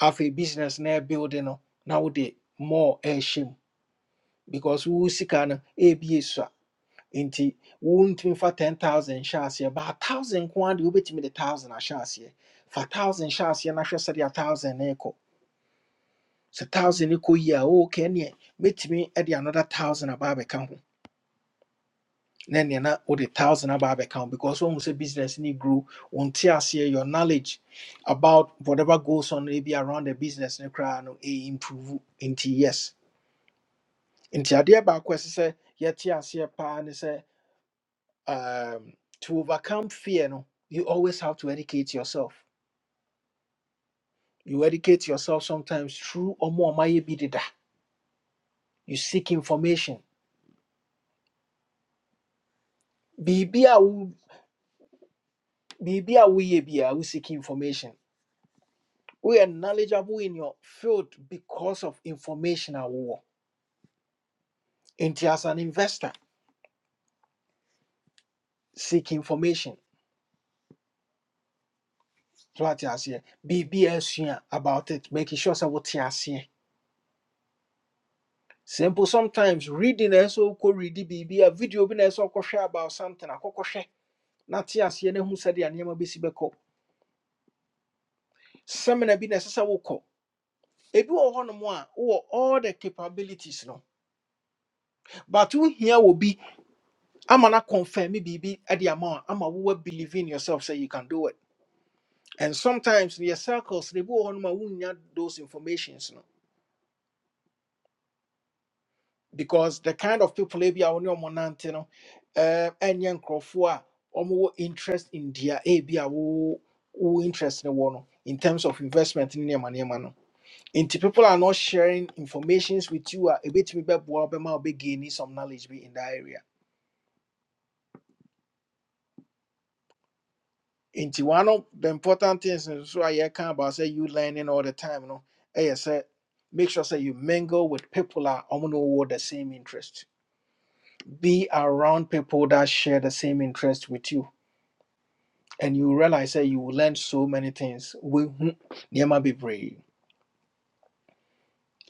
[SPEAKER 1] afei business na ɛbuild no na wode more ɛɛhyɛ mu because wo sika no ɛɛbie nti wontumi fa 10000 hyɛ aseɛ baa 1000 ko ara de wobɛtumi de 1000 ahyɛ aseɛ fa 1000 hyɛ aseɛ na hwɛ sɛdeɛ 1000 no rekɔ sɛ 1000 no kɔ yi a wookɛ neɛ mɛtumi de another 1000 aba abɛka ho na neɛ na wode 1000 aba abɛka ho because wohu sɛ business ne grow wonte aseɛ your knowledge about whatever goes on maybe around the business no koraa no ɛimprove nti yes nti adeɛ baako a ɛsɛ sɛ yɛte aseɛ paa ne sɛ um, to overcome fear, no, you always have to educate yourself. You educate yourself sometimes through omo amaye bi deda. You seek information. Biribi a wo- biribi a woyɛ biara, wo seek information. We are knowledgeable in your field because of information a wowɔ. Nti as an investor, seek information. So ate aseɛ. Biribi a asua about it, making sure sɛ wote aseɛ. Simple sometimes reading na ɛsɛ sɛ wokɔ read biribi a video bi na ɛsɛ sɛ wokɔhwɛ about something akɔkɔhwɛ na te aseɛ na hu sɛdeɛ nneɛma bɛsi bɛkɔ seminar bi na ɛsɛ sɛ wokɔ ebi wɔ hɔnom a wowɔ all the capabilities no but wohia wɔ bi ama no confirm biribi de ama wo a ama wowa believe in yourself sɛ you can do it and sometimes in your circles they ebi wɔ hɔnom a wonnya those informations no because the kind of people ebi a wo ne ɔmo nante no eh, ɛnyɛ nkurɔfoɔ a ɔmowɔ interest in their ebi a wo wo interest no wɔ no in terms of investment ne nneɛma nneɛma no Nti people are not sharing informations with you a ɛbɛtumi bɛboa wo bɛma wobɛgaini some knowledge bi in that area. Nti one of the important things nso a yɛka about sɛ you learning all the time no ɛyɛ sɛ make sure sɛ you mingle with people a ɔmo ne wowɔ the same interest. Be around people that share the same interest with you and you realize that you will learn so many things. Wohu nneɛma bebree.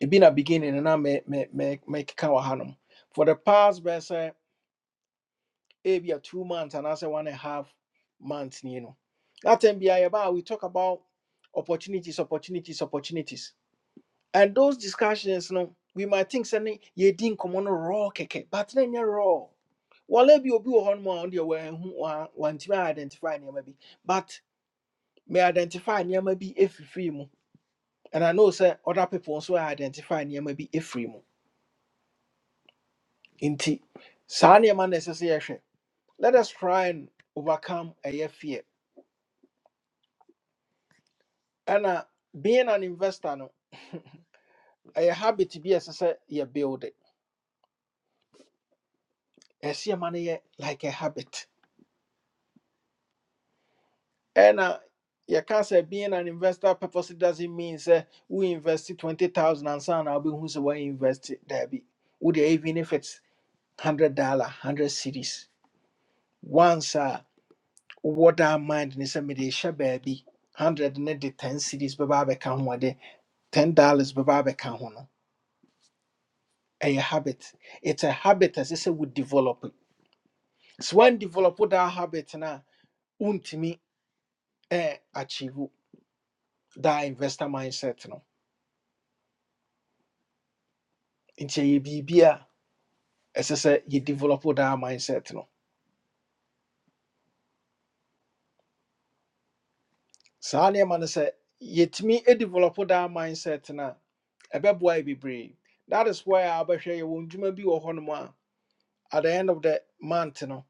[SPEAKER 1] Ebi na beginning no na me me me mekeka wɔ hanom. For the past bɛsɛ Maybe a two months and as a one and a half months ni no that time bi we talk about opportunities opportunities opportunities and those discussions no we might think sɛ ne yɛdi nkɔmmɔ no raw keke," but ne nyɛ raw wɔlɛ bi obi wɔ hɔ nom a ɔno deɛ wanhu wa- wantumi identify nneɛma maybe, but may identify near maybe bi free mu and i know sɛ other people also identify near maybe bi free mu Inti, saa nneɛma na ɛsɛ sɛ yɛhwɛ let us try and overcome ɛyɛ fear And ɛna being an investor no ɛyɛ habit bi a I say, you build it. yɛ ma money, like a habit And uh, you can't say being an investor purposely doesn't mean say we invested twenty thousand and I na wobɛhu sɛ woayɛ invest daabi wode even if it's hundred dollar hundred series once a wowɔ daa mind ne sɛ mede hyɛ baabi hundred and the ten series bɛba can ho ɔde ten dollars bɛba can ho no ɛyɛ habit it's a habit As I say, we develop So when develop that habit na untimi eh achieve that investor mindset no. Nti ye bibia ɛsɛ sɛ ye develop that mindset no. Saa nneɛma no sɛ yɛtumi e develop that mindset na ɛbɛboa yɛ bebree. That is why abɛhwɛ yɛ wɔn dwuma bi wɔ hɔnom a at the end of the month no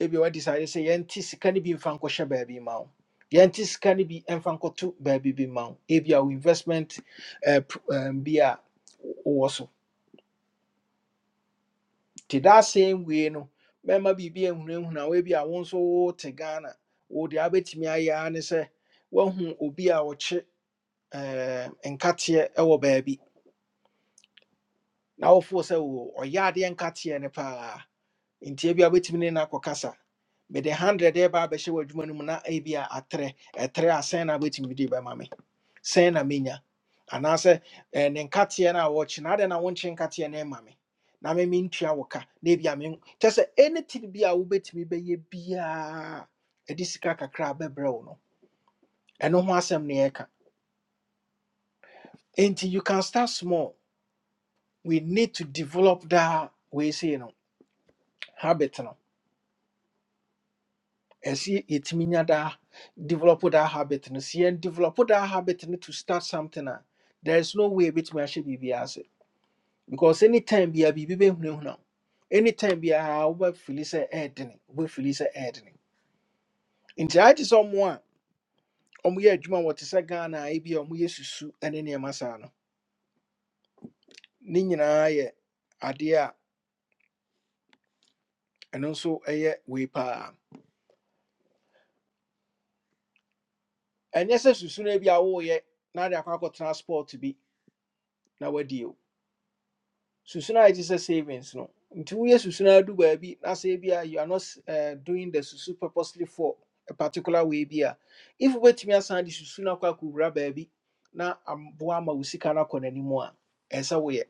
[SPEAKER 1] ebi wɔ decide say yɛnti sika no bi mfa nkɔhyɛ baabi ma wo. Yɛnti sika no bi mfa nkɔto baabi bi ma wo. Ebi a wo investment eh, pr- eh, bi a wɔ so nti that same way no mɛma biribi ahunahuna wɔabi a won so wo nso wote ghana wode abɛtumi ayɛ a ne sɛ woahu obi a wɔkye ɛɛm, nkateɛ wɔ baabi na wofoɔ sɛ wo ɔyɛ adeɛ nkateɛ ne paa nti ebi wobɛtumi ne no akɔkasa mede 100 ɛba abɛhyɛ w'adwuma no mu na ebi a atrɛ ɛtrɛ asɛn na wobɛtumi de bɛma me sɛn na menya anaasɛ eh, ne nkateɛ no a wɔkye na adɛn na wonkye nkateɛ no ɛma me na me mentua wo ka na ebia me kyɛ sɛ anything bi a wobɛtumi bɛyɛ biaa ɛde sika kakra bɛbrɛ wo no ɛno ho asɛm ne yɛka enti you can start small we need to develop that. daa say no habit no ɛsi yɛtumi nya da develop that habit no si yɛn develop that habit no to start something a there is no way ebɛtumi ahyɛ biribiara ase because anytime bia biribi bɛhunahuna wo anytime bia wobɛfili sɛ ɛɛdene wobɛfili sɛ ɛɛdene nti ayɛ te sɛ ɔmo a ɔmoyɛ adwuma a wɔte sɛ ghana a ebi a ɔmoyɛ susu ne nneɛma saa no ne nyinaa yɛ adeɛ a ɛno nso ɛyɛ wei paa ɛnyɛ sɛ susu be bi a woyɛ na de akɔ akɔtena sport bi na woadie o. susu no a ɛte savings no nti woyɛ susu no adu baabi na sɛ ebia you are not uh, doing the susu purposely for a particular way bi a if wait me asan de susu no akɔ akɔwura baabi na aboa ama wo sika no akɔ n'anim a ɛsɛ sɛ woyɛ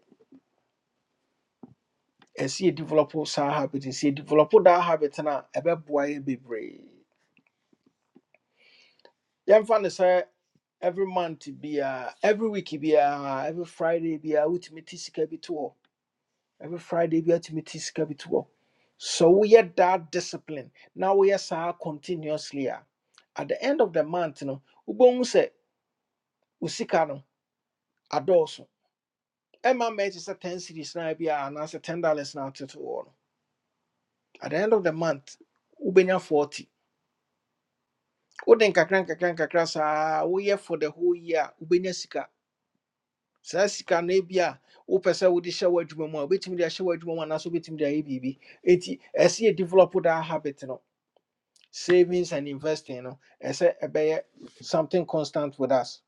[SPEAKER 1] ɛsɛ develop saa habit sɛ yɛ develop that habit no a ɛbɛboa yɛ bebree yɛmfa no sɛ every month biara every week biara every friday biara wotumi te sika bi to every friday bi atumi ti sika bi to hɔ so we had that discipline Now na woyɛ saa continuously a at the end of the month no wobɛhu sɛ wo sika no adɔɔso ɛma mma ɛte sɛ 10 series na bi a anaasɛ 10 dollars na atete wɔ no at the end of the month wobɛnya 40 wode nkakra nkakra nkakra saa woyɛ for the whole year a wobɛnya sika saa sika no bi a wopɛ sɛ wode hyɛ w'adwuma mu a wobɛtumi de ahyɛ w'adwuma mu anaasɛ wobɛtumi de ayɛ biribi enti ɛsɛ yɛ develop that habit no savings and investing no ɛsɛ ɛbɛyɛ something constant with us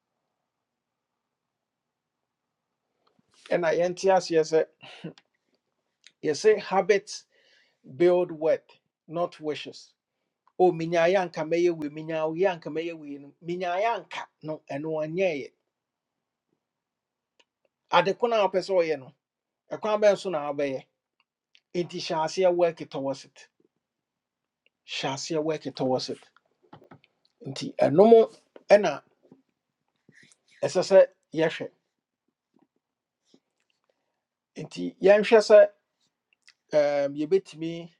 [SPEAKER 1] ɛna yɛnte aseɛ sɛ yɛsɛ habits build wealth not wishes Oh, menyaeɛ anka mɛyɛ wei menyaeɛ anka mɛyɛ wei no menyaeɛ anka no ɛno ɔnyɛeɛ ade ko no a wopɛ sɛ ɔyɛ no ɛkwan bɛn so na wabɛyɛ nti hyɛ aseɛ work towards it hyɛ aseɛ work towards it nti ɛnom ɛna ɛsɛ sɛ yɛhwɛ nti yɛnhwɛ sɛ ɛɛm, yɛbɛtumi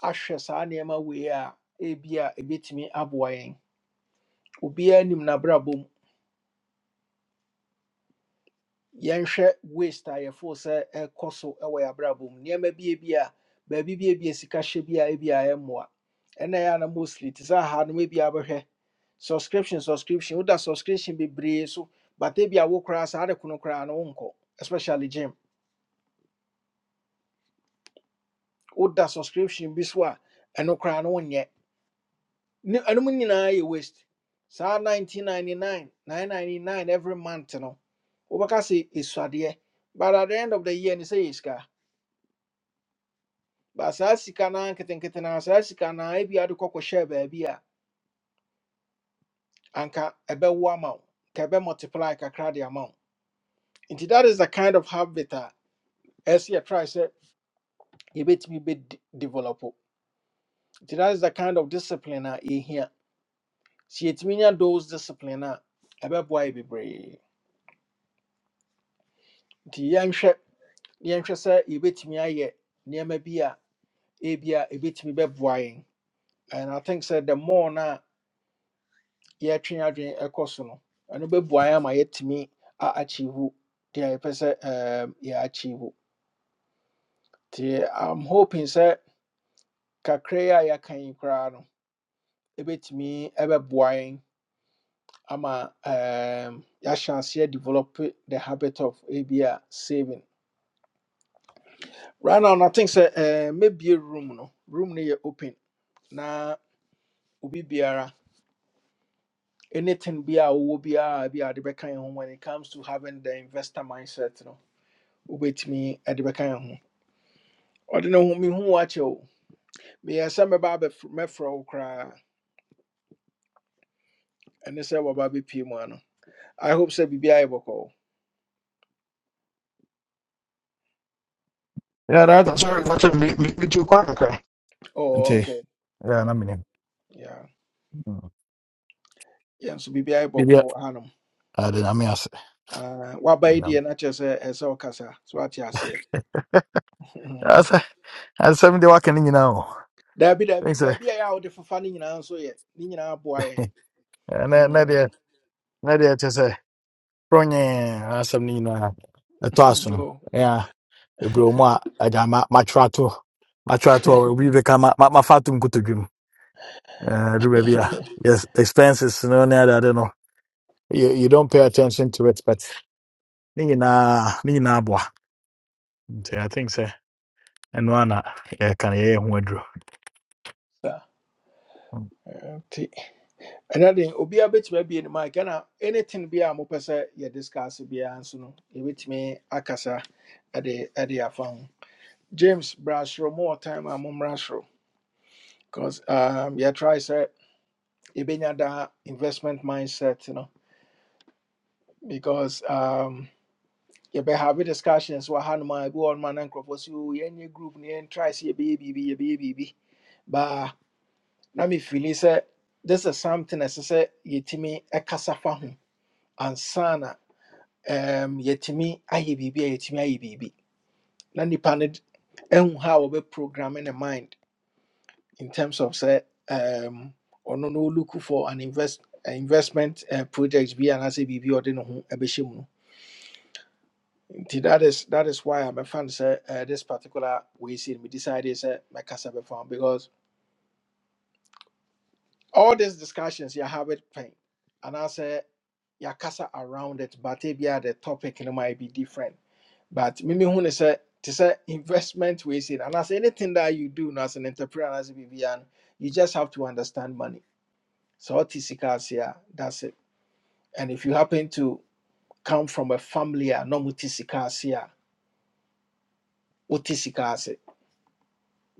[SPEAKER 1] ahwɛ saa nneɛma wei a ebi a ebetumi aboa yɛn obiara nim n'abrabɔ mu yɛnhwɛ waste a yɛfo sɛ ɛkɔ so ɛwɔ yɛn abrabɔ mu nneɛma bie bi ebi a baabi bie bi ebi a sika hyɛ bi a ebi a ɛmmoa ɛna ɛyɛ a na mostly te sɛ aha no ebi abɛhwɛ subscription subscription woda subscription bebree so but ebi a wo koraa saa de kono koraa no nkɔ especially gym woda subscription bi so a ɛno koraa no nyɛ Ne- ɛnom nyinaa yɛ waste saa 1999 999 every month no wobɛka sɛ ɛsuadeɛ but at the end of the year no sɛ yɛ sika but saa sika no nketenkete no saa sika no ebi ade kɔkɔhyɛɛ baabi a anka ɛbɛwo ama wo ka ɛbɛ multiply kakra de ama wo nti that is the kind of habit a ɛsɛ yɛtrae sɛ yɛbɛtumi bɛ develop nti that is the kind of discipline a yɛhia sɛ yɛtumi nya those discipline a ɛbɛboa yɛ bebree nti yɛnhwɛ yɛnhwɛ sɛ yɛbɛtumi ayɛ nneɛma bi a ebi a ɛbɛtumi bɛboa yɛn and i think sɛ the more no a yɛatwe yɛn adwene ɛkɔ so no ɛno bɛboa yɛn ama yɛatumi a achieve deɛ yɛpɛ sɛ um, yɛ achieve nti i'm hoping sɛ kakra yi a yɛaka yi koraa no ɛbɛtumi ɛbɛboa yɛn ama um, yɛahyɛ aseɛ develop the habit of ebi a saving right now no, i think sɛ um, maybe room no room no yɛ open na obi biara anything be a wo be a be a de bɛka yɛn ho when it comes to having the investor mindset no wobɛtumi de bɛka yɛn ho ɔde ne ho mehu wakyɛ o meyɛ sɛ mɛba abɛf- mɛfrɛ wo koraa ɛne sɛ wɔba bɛpie mu ano i hope say biribiaa yɛ bɔkɔɔ
[SPEAKER 5] Yeah, that, that's right. That's right. Me, me, me too, quite okay.
[SPEAKER 1] oh,
[SPEAKER 5] Ante,
[SPEAKER 1] okay
[SPEAKER 5] yeah, na
[SPEAKER 1] okay
[SPEAKER 5] mini.
[SPEAKER 1] yeah yɛn nso biribiaa yɛ
[SPEAKER 5] Bibia,
[SPEAKER 1] bɔkɔɔ hanom
[SPEAKER 5] ade na me ase.
[SPEAKER 1] Ah, woaba yi deɛ na kyerɛ sɛ ɛsɛ sɛ wokasa so wate aseɛ Mm.
[SPEAKER 5] Asa, asa mi de waka ni nyina o.
[SPEAKER 1] daabi daabi
[SPEAKER 5] Thanks. eh.
[SPEAKER 1] baabi a ɛyɛ a wode fofa no nyinaa nso yɛ ne nyinaa boa yɛn
[SPEAKER 5] Na na
[SPEAKER 1] Mm.
[SPEAKER 5] de, na de te se. Pronye, asa mi nyina. Eto asum.
[SPEAKER 1] Oh.
[SPEAKER 5] Yeah, ebi o mu a ada ma ma trato. Ma trato obi be ka ma ma ma fatum kutudwum. Eh, do baby a. Yes, expenses no na ada de no. You, you don't pay attention to it, but ni nyina, ni nyina aboa. Nti, I think so. ɛno ana yɛka no yɛyɛ ho aduro
[SPEAKER 1] Saa,
[SPEAKER 5] Mm.
[SPEAKER 1] ɛnti. ɛna de obi a bɛtumi abie ne mic ɛna anything bi a mopɛ sɛ yɛ discuss biara nso no yɛbɛtumi akasa ɛde ɛde the ho james bra soro mowɔ time a mommra soro because um, yɛtry sɛ yɛbɛnya daa investment mindset you know. because um, yɛbɛhave discussions wɔ hanom a ebi wɔ nom a na nkurɔfoɔ sɛ o yɛnyɛ group no yɛntry be yɛbɛyɛ biribi yɛbɛyɛ biribi baa na mefili say, this is something a ɛsɛ sɛ yɛtumi ɛkasa fa ho ansana um, yɛtumi ayɛ biribi a yɛtumi ayɛ biribi na nipa no d- ɛhu how wɔbɛ programming the mind in terms of sɛ um, ɔno no ɔluku for an invest an investment uh, project bi anaasɛ biribi a ɔde ne ho ɛbɛhyɛ mu no nti that is that is why mɛfa no sɛ uh, this particular way sei no medecide sɛ mɛkasa bɛfa ho because all these discussions yɛha it pɛn anaasɛ yɛakasa around it but ebia the topic no might be different But Mimi Hun is a to say investment we see and as anything that you do as an entrepreneur as a BBN, you just have to understand money. So what is that's it. And if you happen to come from a family a no mutisicasia, utisikasi,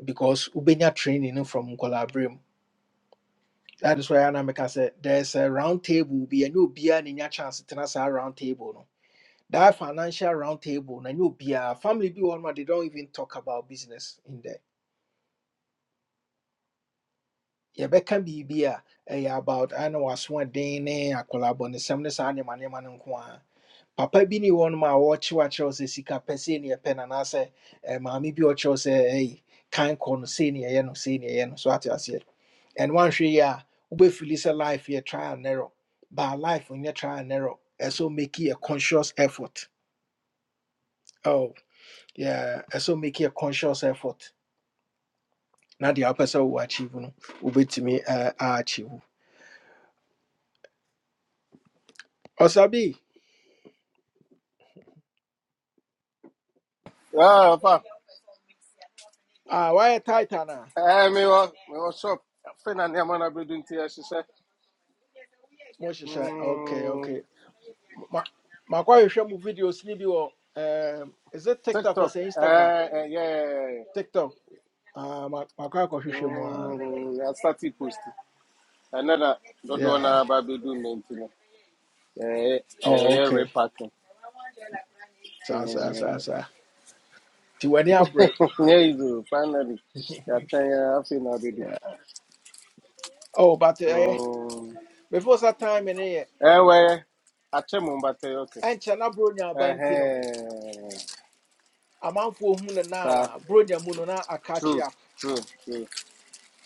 [SPEAKER 1] because ubenya training from Nkolabrim. That is why Anamika said there's a round table be a new beer and your chance to us a round table. No. That financial round table, na new beer, family be one they don't even talk about business in there yɛbɛka biribi a ɛyɛ about ɛne wasoɔden ne akwalabɔ ne sɛm ne saa nneɛma nneɛma no nko a papa bi ne wɔnom a wɔrekyewakyerɛw sɛ sika pɛ sei ne yɛpɛ no anaasɛ eh, maame bi a ɔkyerɛw sɛ ɛyi kan kɔ no sei ne yɛyɛ no sei ne yɛyɛ no so ate aseɛ ɛno wanhwɛ yi a wobɛfili sɛ life yɛ trial and error but life nyɛ trial and error ɛsɛ make a conscious effort oh yeah ɛsɛ make a conscious effort na deɛ wopɛ sɛ wo achieve no wobɛtumi eh, a achieve ɔsabi
[SPEAKER 6] Ah, pa.
[SPEAKER 1] Ah, why Titan? Ah,
[SPEAKER 6] Eh, me wa, me wa shop. Fena ni amana be dun ti asise.
[SPEAKER 1] Moshe. Shai. Okay,
[SPEAKER 6] Mm,
[SPEAKER 1] okay. Ma, ma hwehwɛ mu videos ni bi wɔ um, is it TikTok or
[SPEAKER 6] TikTok.
[SPEAKER 1] say Instagram?
[SPEAKER 6] Eh, eh, yeah.
[SPEAKER 1] TikTok. Ah, ma ma kwa akɔhwehwɛ mu ah.
[SPEAKER 6] Mm, I started post. Another do do
[SPEAKER 1] Yeah.
[SPEAKER 6] na ba be dun me nti no. Eh, eh,
[SPEAKER 1] Oh,
[SPEAKER 6] yeah,
[SPEAKER 1] okay.
[SPEAKER 6] repacking.
[SPEAKER 1] Sa sa sa
[SPEAKER 6] Mm.
[SPEAKER 1] sa. Ti wani break.
[SPEAKER 6] yeah, you do. Finally. Ya tan ya fena be
[SPEAKER 1] yeah. Oh, but eh
[SPEAKER 6] Mm.
[SPEAKER 1] before that time in here,
[SPEAKER 6] Ewe, achemu mbate yoke.
[SPEAKER 1] ɛnkyɛ na bronya bantino. no.
[SPEAKER 6] Ehe,
[SPEAKER 1] Amanfo hu ne now
[SPEAKER 6] sa,
[SPEAKER 1] ah. Bronya mu a catch
[SPEAKER 6] true,
[SPEAKER 1] up.
[SPEAKER 6] true, true.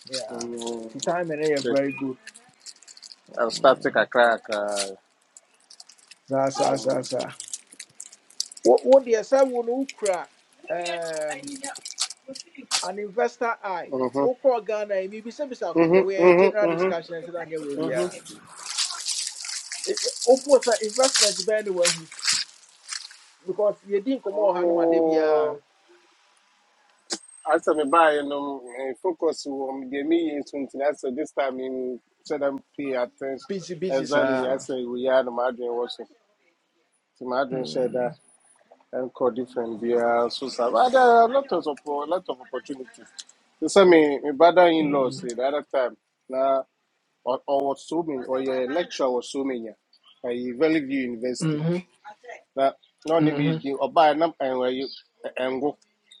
[SPEAKER 1] Yeah.
[SPEAKER 6] Mm.
[SPEAKER 1] The time in here
[SPEAKER 6] Okay.
[SPEAKER 1] very good.
[SPEAKER 6] I'll start take
[SPEAKER 1] Mm.
[SPEAKER 6] a crack. Uh,
[SPEAKER 1] Sa sa sa
[SPEAKER 6] mm.
[SPEAKER 1] sa. What? wo deɛ sɛ wo no um, an investor eye wokɔɔ ghana yi mebisabisa wo kɛkɛ
[SPEAKER 6] Mm-hmm,
[SPEAKER 1] woyɛ
[SPEAKER 6] mm-hmm,
[SPEAKER 1] general discussion I said, "I nyɛ we
[SPEAKER 6] mm-hmm, mm-hmm,
[SPEAKER 1] biara
[SPEAKER 6] mm-hmm.
[SPEAKER 1] wofoɔ sɛ investment bɛn ne wahu because yɛdi didn't come no ma da
[SPEAKER 6] Oh, after me buy, you know, eh, focus on the me something. I said this time in should I pay attention.
[SPEAKER 1] busy busy
[SPEAKER 6] Exactly, I
[SPEAKER 1] Sir.
[SPEAKER 6] say we are the Madrid worship. The Madrid share
[SPEAKER 1] Mm,
[SPEAKER 6] Encore different biara so sa but there are a lot of oppo- a lot of opportunities. They say me my brother in law say
[SPEAKER 1] Mm.
[SPEAKER 6] the other time na or was so many or your lecture was so many at Valley View University.
[SPEAKER 1] mm, mhm,
[SPEAKER 6] Na na only be
[SPEAKER 1] mhm,
[SPEAKER 6] the oba na and where you engo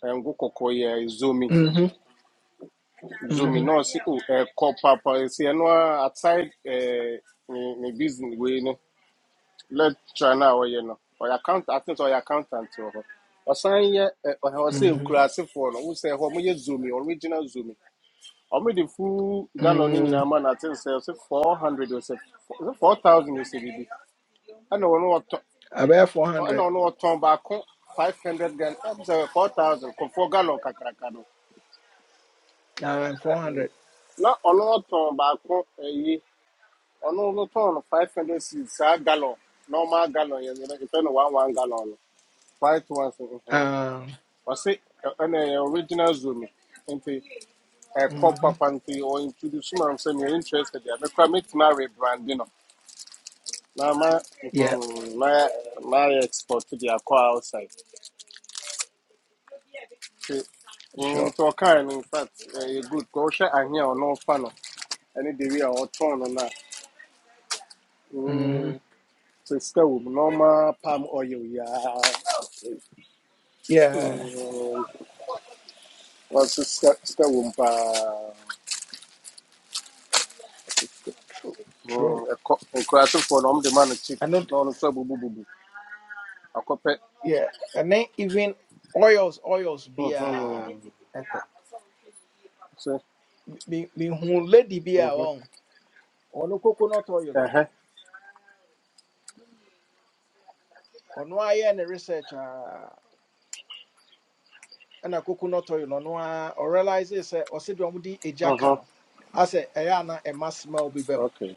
[SPEAKER 6] engo koko ye zoomi
[SPEAKER 1] mhm,
[SPEAKER 6] zoomi
[SPEAKER 1] mhm,
[SPEAKER 6] no see oh eh, call papa say no outside eh me business way lecturer no a ɔyɛ no ɔyɛ account atene sɛ ɔyɛ accountant wɔ hɔ ɔsan yɛ ɛ, ɔhɛ- ɔsɛ
[SPEAKER 1] mhm,
[SPEAKER 6] nkurasefoɔ no wosɛ hɔ moyɛ zomi original zomi ɔmode full gallon no nyinaa
[SPEAKER 1] mm.
[SPEAKER 6] ma no atene sɛ ɔsɛ 400 ɔsɛ 4000 ɔsɛ biribi ɛna ɔno wɔtɔ
[SPEAKER 1] abɛyɛ
[SPEAKER 6] ɛna
[SPEAKER 1] 400
[SPEAKER 6] ɔno wɔtɔn baako five hundred gan ɛbisɛ four thousand kɔfoɔ galɔn kakraka do
[SPEAKER 1] ah, 400
[SPEAKER 6] na ɔno wɔtɔn baako ɛyi ɔno wɔtɔn no five hundred cedis saa galɔn normal galɔn yɛ yɛfɛ no one one galɔn no white ones
[SPEAKER 1] Ah,
[SPEAKER 6] ɔse ɛ- ɛna ɛyɛ original zoom nti ɛkɔ
[SPEAKER 1] Mhm.
[SPEAKER 6] papa nti ɔ introduce ma m sɛ meyɛ interested a mekora mɛtumi arebrande no na ma
[SPEAKER 1] yeah
[SPEAKER 6] hmm, na na ayɛ export de akɔ outside nti mm,
[SPEAKER 1] Sure.
[SPEAKER 6] nti ɔkae no infact ɛyɛ good ka wohwɛ ahe a ɔno ɔfa no ɛne de wi a ɔtɔn no no a mm,
[SPEAKER 1] Mhm.
[SPEAKER 6] sista wɔ mu normal palm oil yi ara.
[SPEAKER 1] yeah
[SPEAKER 6] Mm, ɔse sista sista wɔ mu paa
[SPEAKER 1] true
[SPEAKER 6] Mm,
[SPEAKER 1] true
[SPEAKER 6] ɛkɔ nkurasefoɔ na ɔmo de ma no kyip
[SPEAKER 1] I know.
[SPEAKER 6] na ɔno nso abubububu akɔpɛ
[SPEAKER 1] yeah, and then even oils, oils be a
[SPEAKER 6] mhm
[SPEAKER 1] echo.
[SPEAKER 6] so
[SPEAKER 1] Me me who lady be a
[SPEAKER 6] mhm
[SPEAKER 1] on or no coconut oil
[SPEAKER 6] ɛhɛ
[SPEAKER 1] or no I any research uh and a coconut oil or no or realize is or said you mudi a
[SPEAKER 6] mhm
[SPEAKER 1] jacano. I say Ayana a mass smell be bem.
[SPEAKER 6] okay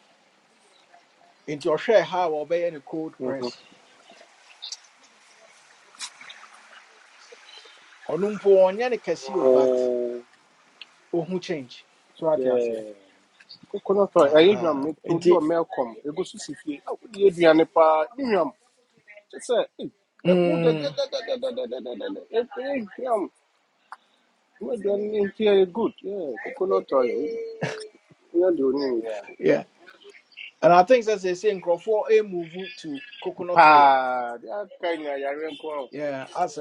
[SPEAKER 1] Into your share how or any cold
[SPEAKER 6] mhm
[SPEAKER 1] press. Or numpo on any casio but
[SPEAKER 6] Mm,
[SPEAKER 1] oh who change. So what yes yeah.
[SPEAKER 6] yeah. coconut oil ɛyɛ nnuam
[SPEAKER 1] Uh-huh.
[SPEAKER 6] meto bi wɔ melcom egu so si fie awo de yɛ aduane paa ne nnuam te sɛ ee mu
[SPEAKER 1] mm
[SPEAKER 6] dɛdɛdɛdɛdɛdɛdɛdɛdɛ ɛyɛ nnuam mu aduane ne nti ɛyɛ good yeah coconut oil ɛyɛ deɛ onii yɛ.
[SPEAKER 1] yeah. And I think that's the same Crawford a move to coconut oil.
[SPEAKER 6] paa de aka nyinaa yare nko a
[SPEAKER 1] Yeah, as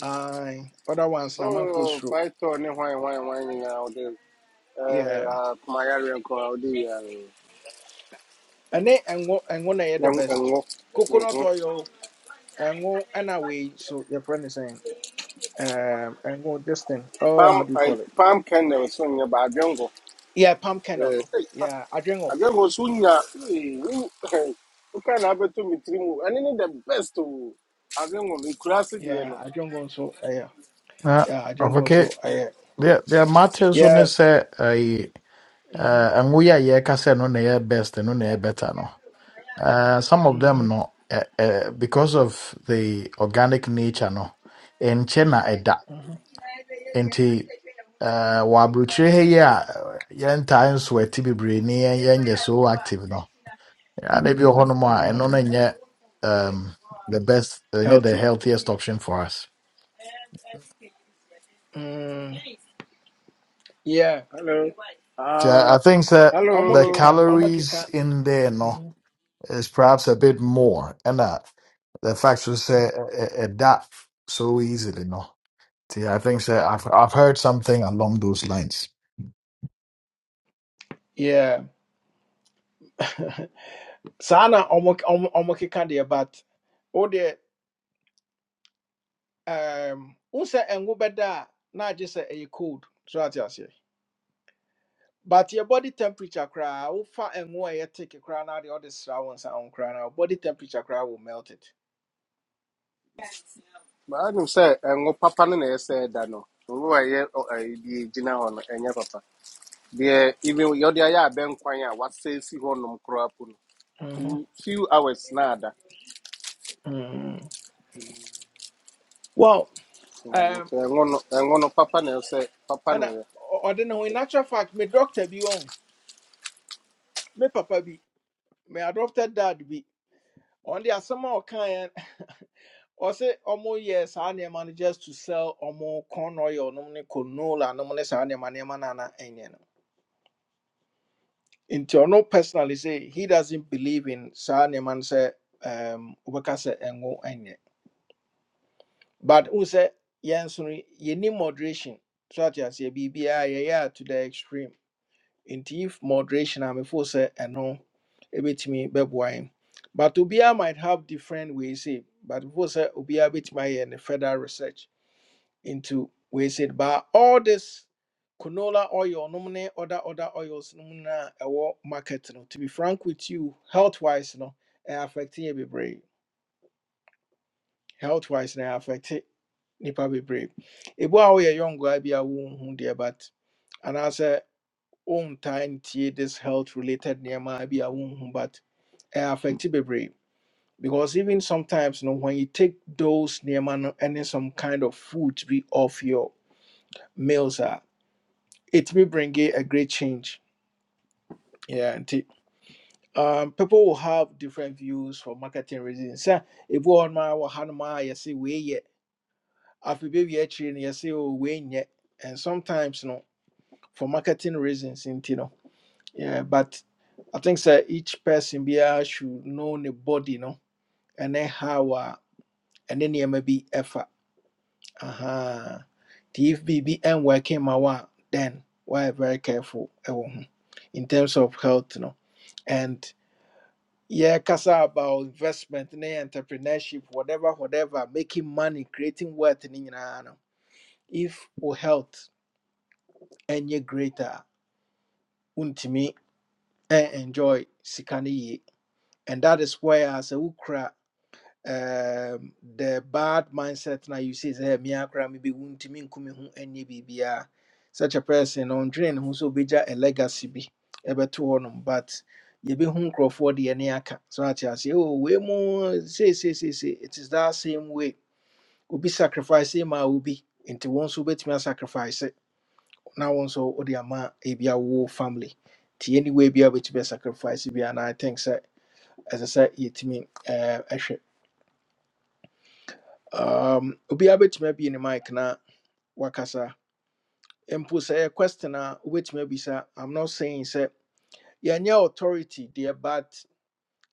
[SPEAKER 1] I other ones na man for
[SPEAKER 6] oh
[SPEAKER 1] sure.
[SPEAKER 6] paitɔ ne hwan hwan hwan nyinaa wɔde ɛɛ
[SPEAKER 1] Yeah.
[SPEAKER 6] akoma yare nko a wɔde yɛ
[SPEAKER 1] And then and what and one the
[SPEAKER 6] ɛnwo
[SPEAKER 1] best.
[SPEAKER 6] nho
[SPEAKER 1] Coconut oil and go and away. So your friend is saying um and go this thing. Oh,
[SPEAKER 6] palm
[SPEAKER 1] how do you
[SPEAKER 6] ɛɛ
[SPEAKER 1] call it?
[SPEAKER 6] palm kernel so nyɛ ba adwenko
[SPEAKER 1] Yeah, palm kernel
[SPEAKER 6] ɛɛ
[SPEAKER 1] no.
[SPEAKER 6] ɛy
[SPEAKER 1] Yeah, I drink one.
[SPEAKER 6] adwenko so nya ee ɛɛ nka na abɛto mi tiri mu ɛne ne the best o adwenko ekura ase deɛ
[SPEAKER 1] Yeah,
[SPEAKER 6] no.
[SPEAKER 1] I drink one so uh, yeah.
[SPEAKER 5] na
[SPEAKER 1] Yeah, I drink one
[SPEAKER 5] ɔkɔke
[SPEAKER 1] so uh, yeah.
[SPEAKER 6] Hmm.
[SPEAKER 5] deɛ deɛ mate so ne
[SPEAKER 1] Yes.
[SPEAKER 5] sɛ ɛyi
[SPEAKER 1] Mhm.
[SPEAKER 5] eh, ɛngo yi a yɛka sɛ no na ɛyɛ best no na ɛyɛ better no Eh, some of them
[SPEAKER 1] Mhm.
[SPEAKER 5] no eh, eh, because of the organic nature no ɛnkyɛ na ɛda
[SPEAKER 1] Mhm.
[SPEAKER 5] nti eh, wɔ aburokyire ha yi a eh, yɛntaa nsweati bebree ne yɛn- yɛnyɛ so active no ana bi wɔ hɔnom a ɛno no
[SPEAKER 1] Mm.
[SPEAKER 5] nyɛ um, the best ɛnyɛ the
[SPEAKER 1] Healthy.
[SPEAKER 5] healthiest option for us
[SPEAKER 1] Mm. Yeah.
[SPEAKER 6] Hello.
[SPEAKER 5] nti
[SPEAKER 6] Uh,
[SPEAKER 5] I, I think that
[SPEAKER 6] hello.
[SPEAKER 1] Omo
[SPEAKER 5] the
[SPEAKER 1] keka, omo
[SPEAKER 5] calories
[SPEAKER 1] keka.
[SPEAKER 5] in there no
[SPEAKER 1] Mhm.
[SPEAKER 5] is perhaps a bit more and ɛna the fact was sɛ ɛ- ɛ- ɛda so easily no See, I think so. I've I've heard something along those lines.
[SPEAKER 1] Yeah. saa na ɔmo ɔmo ɔmo keka deɛ but o deɛ um n sɛ ɛngo bɛda a na agye sɛ ɛyɛ cold so ate aseɛ but your body temperature koraa wofa ɛngo a ɛyɛ thick koraa na deɛ ɔde sra wo nsa ho koraa na wo body temperature koraa will melt it
[SPEAKER 6] Maanum sɛ ɛngo papa no na ɛsɛ ɛda no. Obi wa yɛ deɛ gyina hɔ no ɛnyɛ papa. Deɛ even yɛde ayɛ abɛnkwan a wasɛesi hɔ nom koraa po no. Few
[SPEAKER 1] Mhm.
[SPEAKER 6] few hours na ada.
[SPEAKER 1] Mm. well
[SPEAKER 6] Mm,
[SPEAKER 1] um
[SPEAKER 6] Nti ɛngo no ɛngo no papa na ɛsɛ papa na
[SPEAKER 1] ɛna ɔ- ɔde ne ho in natural fact my doctor bi wɔn me papa bi my adopted dad bi ɔn de asɛm a ɔkaeɛ ɔse ɔmo yɛ saa nneɛma no just to sell ɔmo corn oil no money canola nom ne saa nneɛma nneɛma no ana ɛnyɛ no nti ɔno personally say he doesn't believe in saa nneɛma no sɛ um, wobɛka sɛ ɛngo ɛnyɛ but wo sɛ yɛn so no yɛni moderation so ate aseɛ biribiaa yɛyɛ to the extreme nti if moderation I'm a mefo sɛ ɛno ɛbɛtumi bɛboa yɛn but obiara might have different ways say but before sɛ obiara bɛtumi ayɛ ne further research into ways it but all this canola oil nom ne other other oils nom na ɛwɔ market no to be frank with you health wise no ɛyɛ affect you be brave. health wise na ɛyɛ affect nipa bebree ebu a woyɛ young guy be a wound here, but and I say wontaa ntie this health related nneɛma bi a wonhu but ɛyɛ affecti bebree because even sometimes no when you take those nneɛma no ɛne some kind of food be off your meals a ɛtumi bring it a great change yeah nti um, people will have different views for marketing reasons sɛ ebi wɔ hɔnom a wɔ hanom a yɛse wei yɛ afei baabi akyire no yɛse o wei nyɛ and sometimes no for marketing reasons nti no Yeah, but I think sir, each person be a should know the body, no, and then how uh, and then you may be effort. Uh-huh. The if BB and working my one, then we're very careful ɛwɔ ho in terms of health, no. And yeah, kasa about investment, ne entrepreneurship, whatever, whatever, making money, creating wealth, ne nyinaa no. If your health any greater, untimi and enjoy sikani ye. And that is where I say, um, the bad mindset now you see say "Eh, me akra me be wunti me nkumi ho anye bibia such a person on drain who so be a legacy bi ebeto honum but ye be hun crofo de ne aka so ati ase oh we mu say say say say it is that same way obi sacrifice ma obi Into one, so betimi sacrifice na one so odi ama ebia wo family ti anyway bia betimi sacrifice bia and i think say as i said yetimi eh ehwɛ um obiara bɛtumi abie ne mic na wakasa mpo sɛ ɛyɛ question a wobɛtumi abisa i'm not saying sɛ yɛnyɛ authority there, but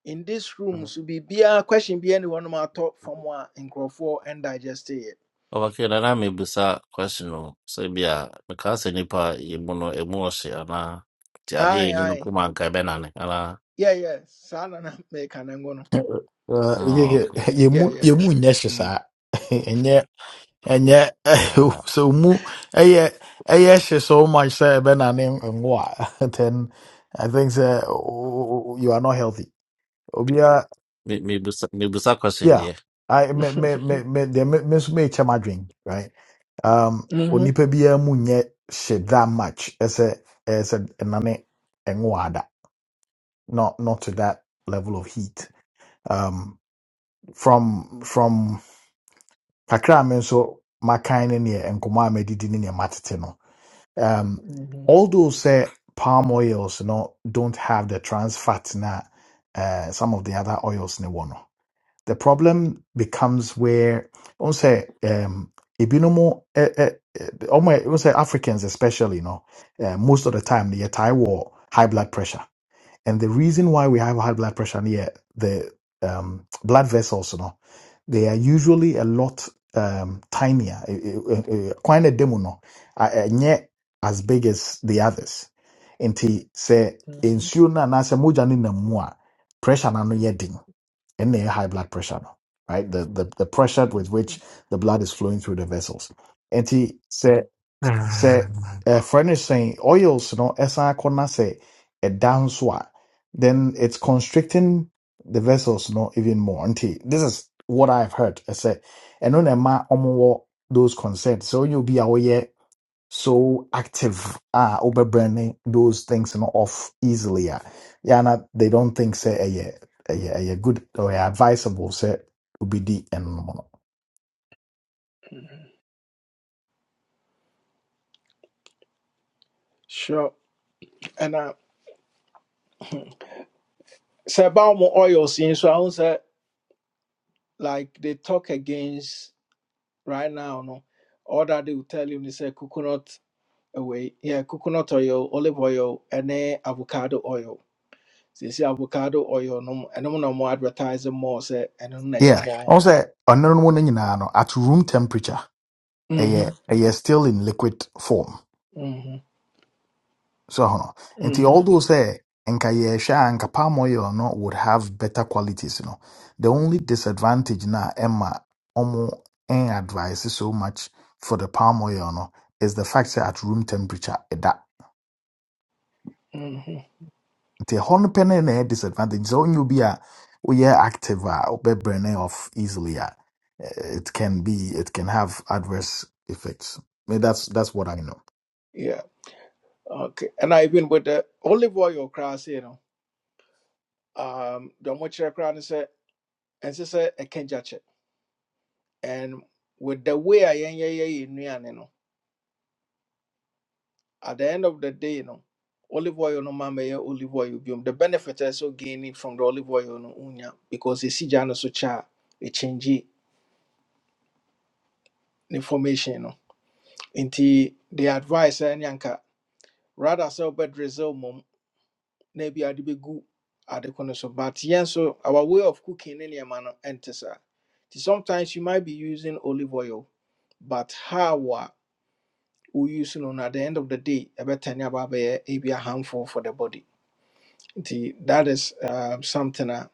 [SPEAKER 1] in this room
[SPEAKER 7] Well,
[SPEAKER 1] should be be a question be biara ne hɔnom atɔ fam a nkurɔfoɔ ndigest yɛ
[SPEAKER 7] Okay, na na mebisa question o sɛ bia mekaa sɛ nipa yi mu no emu ɔhye anaa nti ade a
[SPEAKER 1] Aye,
[SPEAKER 7] ɛni no
[SPEAKER 1] ae
[SPEAKER 7] kuma anka ɛbɛnane anaa
[SPEAKER 1] Yeah, yeah. saa na na meka no ngo no
[SPEAKER 5] Uh, yeah,
[SPEAKER 7] ah
[SPEAKER 5] yeah.
[SPEAKER 7] okay
[SPEAKER 5] You mu you mu
[SPEAKER 1] yɛyɛ
[SPEAKER 5] nyesha
[SPEAKER 7] Mm.
[SPEAKER 5] sa. And yet,
[SPEAKER 7] ah
[SPEAKER 5] so mu, eh, yeah, eh, yeah, she so much say ben and him and what? Then I think say oh, you are not healthy. Obia,
[SPEAKER 7] me mebisa mebisa question
[SPEAKER 5] yeah.
[SPEAKER 7] deɛ
[SPEAKER 5] I me me me me the me me so me chama drink right. Um, onipa biya mu nye shit that much. As a as a nane engwada. Not not to that level of heat. Um, from from kakra me so my kind in here and kuma me di di ni matete no Um, although say palm oils no don't have the trans fat na uh, some of the other oils ne one. The problem becomes where on say um ebinomo eh, eh, eh, almost say Africans especially you know uh, most of the time they are high war high blood pressure and the reason why we have high blood pressure near the um, blood vessels, you know, they are usually a lot um, tinier, eh, eh, eh, eh, quite a demo, no, and yet as big as the others. And he say, nsuo no anaasɛ mogya no nam mu a mujani na mua, pressure na no ano and den high blood pressure no right the, the, the pressure with which the blood is flowing through the vessels And he say sɛ ɛfrɛ no hyɛn oils no ɛsan akɔ na sɛ ɛda nso a then it's constricting the vessels no even more nti this is what i've heard ɛsɛ ɛno na ɛma ɔmowɔ those concerns So you obi a woyɛ so active a wobɛbrɛne those things no off easily ah. Yeah, yana they don't think say ɛyɛ ɛyɛ ɛyɛ good or ɛyɛ advisable sɛ obidi ɛnom no
[SPEAKER 1] sure ɛna sɛ ɛba wo mo oils yi nso ahu sɛ like they talk against right now no all that they will tell you is a coconut away yeah coconut oil olive oil and avocado oil so you see avocado oil no and no more advertising more say and no na
[SPEAKER 5] yeah
[SPEAKER 1] more
[SPEAKER 5] ɔno sɛ ɔno no mu no nyinaa no at room temperature
[SPEAKER 1] mhm
[SPEAKER 5] ɛyɛ ɛyɛ still in liquid form
[SPEAKER 1] mhm
[SPEAKER 5] so ho nti
[SPEAKER 1] mhm
[SPEAKER 5] although sɛ nka yɛhwɛ a nka palm oil no would have better qualities no the only disadvantage na Emma Omo en advice so much for the palm oil no is the fact that at room temperature ɛda
[SPEAKER 1] mhm
[SPEAKER 5] nti ɛhɔ no pɛ no na ɛyɛ disadvantage so wonyɛ be a woyɛ active a wobɛbrɛne off easily a eh, it can be it can have adverse effects Eh, that's that's what i know
[SPEAKER 1] yeah okay and i even with the olive oil cross you know um the much crown is a and this a kenjache and with the way i am, yeah yeah yeah at the end of the day you know, olive oil no ma mɛyɛ olive oil biom the benefit also gaining from the olive oil no unya because esi gya no so kyɛ a ɛkyɛngye ne formation no nti the advice ɛne anka rather sɛ wobɛd resel mmom na ebia de bɛgu ade ko no so but yɛn nso our way of cooking ne man no ɛnte sometimes you might be using olive oil but how we wo use no no at the end of the day ɛbɛtane aba abɛyɛ ebi harmful for the body The that is um, something a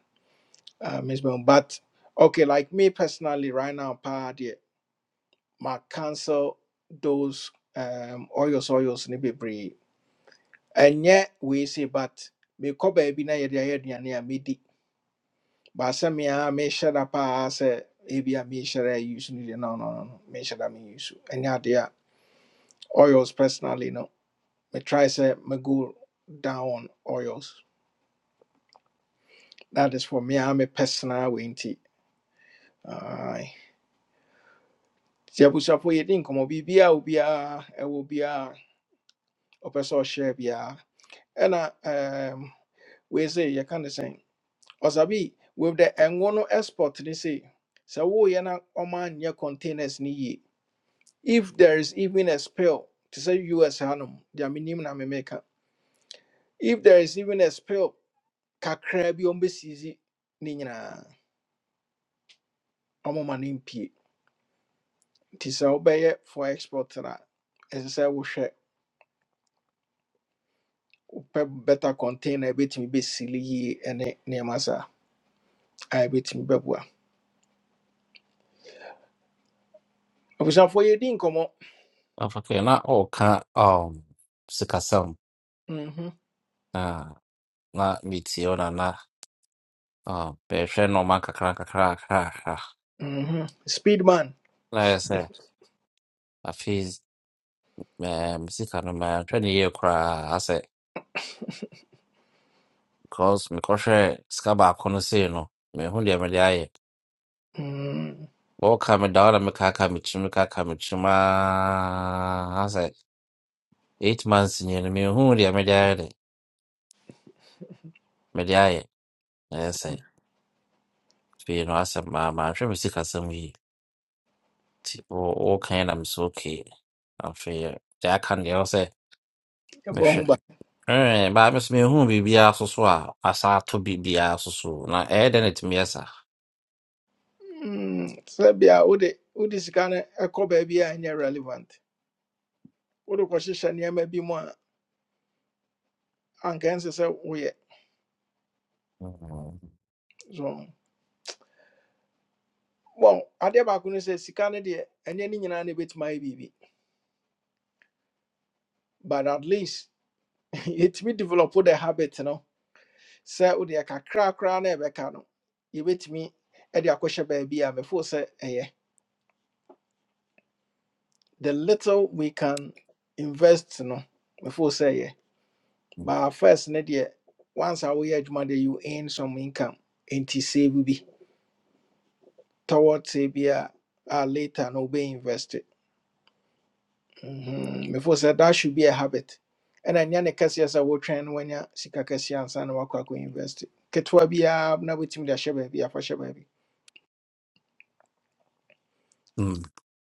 [SPEAKER 1] uh, Miss Brown. But okay, like me personally, right now, pa, deɛ, ma cancel those um, oils, oils, ni bebree. And yet we say, but me ko baby na yedi ayedi ane amidi. But say me a me share da pa say ebi a me share use ni deɛ, no no no no me share da me use. And yet idea oils personally no. Me try say me go down on oils. That is for me. I'm a personal way nti abusuafo yɛdi nkɔmmɔ bibia obiaa ɛwɔ biaa ɔpɛ sɛ ɔhyɛ biaa ɛna um, wei se yɛka ne sɛn ɔsabi with the ɛngo no export ne se sɛ woyɛ na ɔma nyɛ containers ne yie if there is even a spill te sɛ us hanom deɛ menim na memeka if there is even a spill kakraa bi ɔmbɛsiisi ne nyinaa ɔmoma no mpie nti sɛ wobɛyɛ for export na a ɛsɛ sɛ wohwɛ wopɛ better container ɛbɛtumi bɛsili yie ɛne nneɛma saa a ɛbɛtumi bɛboa abusuafoɔ yɛdi nkɔmmɔ
[SPEAKER 7] afakɛ na ɔka um sikasɛm
[SPEAKER 1] Mhm,
[SPEAKER 7] ah na metie ɔ na na um bɛhwɛ nɔɔma kakra kakra kakra kakra.
[SPEAKER 1] mhm. speed man
[SPEAKER 7] na ayɛ sɛ afei um sika no mahwɛ ne yie koraa asɛ Because mekɔhwɛ sika baako no sei no, mehu deɛ mede ayɛ.
[SPEAKER 1] Mm,
[SPEAKER 7] Wɔka me da wo na mekaka me kyim kaka me kyim aa sɛ eight months nie no mehu deɛ mede ayɛ de mede ayɛ na ɛyɛ sɛ afei no asɛm maa manhwɛ me sikasɛm yi nti wo- woka yi na mesɛ okay afei deɛ aka no deɛ ɛwɔ sɛ
[SPEAKER 1] yɛbɔ
[SPEAKER 7] mehwɛ
[SPEAKER 1] ho ba
[SPEAKER 7] Ɛɛ, baa me so mehu biribiara so so a asa ato biribiara so so na ɛyɛ dɛn na ɛtumi yɛ saa?
[SPEAKER 1] Mm, sɛ bia wode wode sika no ɛkɔ baabi a ɛnyɛ relevant wode kɔhyehyɛ nneɛma bi mu a anka ɛnsɛ sɛ woyɛ so bɔn adeɛ baako no sɛ sika no deɛ ɛnyɛ ne nyinaa na ɛbɛtumi ayɛ biribi but at least yɛtumi develop the habit no sɛ wode kakra koraa na ɛbɛka no yɛbɛtumi de akɔhyɛ baabi a mefoo sɛ ɛyɛ the little we can invest no mefoo sɛ ɛyɛ but first ne deɛ once a woyɛ adwuma deɛ you earn some income enti save bi towards a bi a a later no wobɛinvest it. Mhm. mefoo sɛ that should be a habit ɛna ɛnyɛ ne kɛseɛ sɛ wotwɛn no wanya sika kɛseɛ ansa na woakɔ akɔ invest it. ketewa biara na wobɛtumi de ahyɛ baabi afa hyɛ baabi
[SPEAKER 7] Mhm.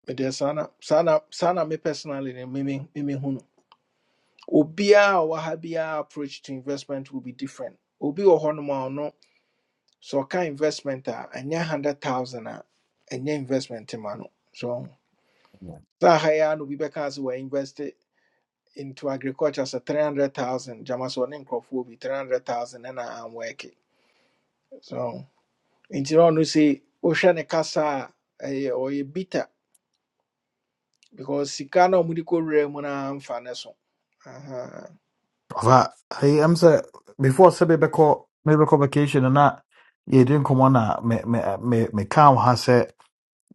[SPEAKER 1] Mede saa sana, sana, na me personally ne me me me me hu Obia Obiara a ha biara approach to investment will be different. Obi wɔ hɔnom a ɔno sɛ ɔka investment a ɛnyɛ hundred thousand a ɛnyɛ investment ma no. So
[SPEAKER 7] Mm.
[SPEAKER 1] saa ha yi ara na obi bɛka sɛ invest into agriculture sɛ three hundred thousand gyama sɛ ɔne nkurɔfoɔ bi three hundred thousand ɛna anwɔɛke. So nti na ɔno sɛ wohwɛ ne kasa a ɛyɛ ɔyɛ bitter because sika na ɔmode kɔwura mu no amfa ne so. Aha.
[SPEAKER 5] Ɔfa, I am say before I say maybe sɛ mebɛkɔ call vacation and that Yeah, didn't come on that me me me me wo ha sɛ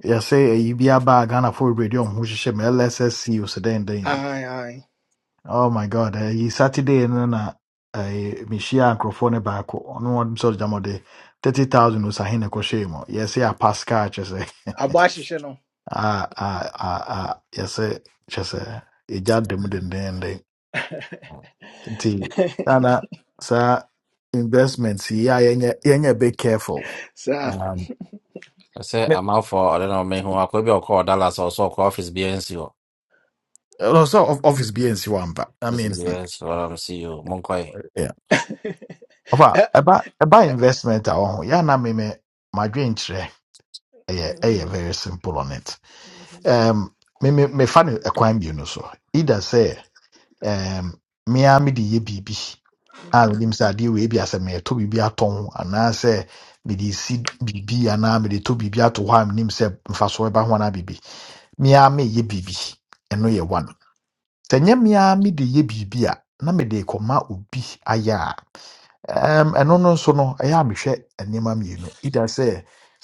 [SPEAKER 5] yɛsɛ ayi bi aba a bag and a full radio ho should say lssc o sɛ dɛn dɛn bi
[SPEAKER 1] Aye, aye.
[SPEAKER 5] oh my god ayi saturday and then no na ayi mehyia nkurɔfoɔ no baako ɔno wɔn sɛ ɔgyama ɔde thirty thousand osahin na ɛkɔhyɛɛ yes say a pascal just say
[SPEAKER 1] Abashi Shino.
[SPEAKER 5] ah sɛ a yes say a yɛsɛ kyerɛ sɛ ɛgya dɛm dendenden nti ana saa investments, yi a yɛnyɛ yɛnyɛ big careful
[SPEAKER 1] Sir.
[SPEAKER 5] um,
[SPEAKER 7] I say I'm
[SPEAKER 5] ne-
[SPEAKER 7] sɛ amanfoɔ ɔde na ɔmɛ hu akɔ bi a ɔkɔɔ dallas a ɔsɛ ɔkɔ office BNC. bi nsi hɔ
[SPEAKER 5] ɛno of- office bi nsi hɔ ampa that
[SPEAKER 7] office bi
[SPEAKER 5] means n-
[SPEAKER 7] nsi hɔ ɔm si o monkɔe
[SPEAKER 5] yeah. ɔfa ɛba ɛba investment a ɔho yɛana meme madwen kyerɛ ɛyɛ ɛyɛ very simple on it um, me me mefa no ɛkwan mmienu so either sɛ um, mea mede yɛ biribi a menim sɛ adeɛ wei bi asɛ meɛtɔ biribi atɔn anaasɛ mede si biribi anaa mede tɔ biribi ato hɔ a menim sɛ mfasoɔ ɛba ho anaa biribi Mia me ara meyɛ eno ɛno yɛ one sɛ nyɛ me ara mede yɛ a na me de koma ubi a ɛm, ɛno no nso no ɛyɛ a mehwɛ nneɛma mmienu ida se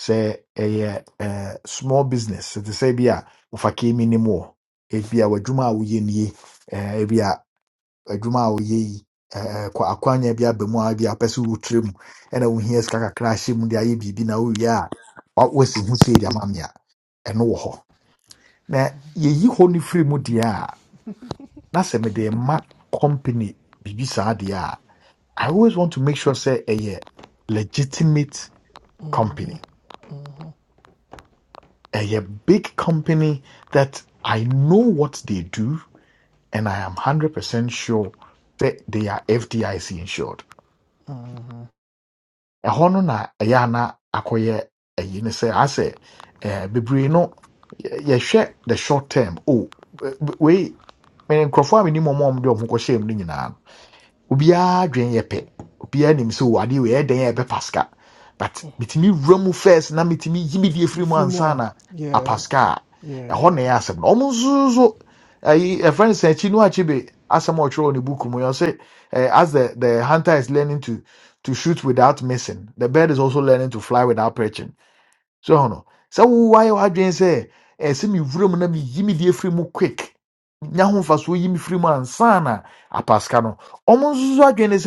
[SPEAKER 5] se ɛyɛ ɛɛ, small business se te se bi a wofa kemi nim wɔ ebi a w'adwuma a woyɛ nie ɛɛ, ebi a adwuma a woyɛ yi ɛɛ, kwa- akwanya bi aba mu a bi apɛ sɛ wotire mu ɛna wohia sika kakra ahyɛ mu de ayɛ biribi na wowie a wa- woasi ho sei de ama me a hɔ na yɛyi hɔ no firi mu deɛ a na sɛ mede ma company Bibi saa deɛ a i always want to make sure sɛ ɛyɛ legitimate company ɛyɛ big company that i know what they do and i am 100% sure that they are fdic insured ɛhɔ no na ɛyɛ ana akɔyɛ ɛyi ne sɛ asɛ eh, bebree no yɛ- yɛhwɛ the short term oh, wei me nkurɔfoɔ a menim ɔma ɔmde ɔmo de ɔmo kɔhyɛɛ mu no nyinaa no obiara dwen yɛ pɛ obiara nim sɛ o adeɛ wei ɛyɛ dɛn a ɛbɛfa sika but metumi wura mu first na metumi yi me deɛ firi mu
[SPEAKER 1] If you
[SPEAKER 5] ansa
[SPEAKER 1] want,
[SPEAKER 5] na
[SPEAKER 1] yeah,
[SPEAKER 5] apa sika a
[SPEAKER 1] yeah.
[SPEAKER 5] ɛhɔ na ɛyɛ asɛm no ɔmo nso so ayi ɛfrɛ no sɛ akyi no akyi be asɛm a ɔtwerɛ wɔ ne book mu yɛ sɛ eh, as the the hunter is learning to to shoot without missing the bird is also learning to fly without perching so no sɛ wowaayɛ w'adwene sɛ ɛɛ sɛ mewura mu na meyi me deɛ firi mu quick nya ho yimi yi mu ansa na apaska no ɔmo nso so adwene ne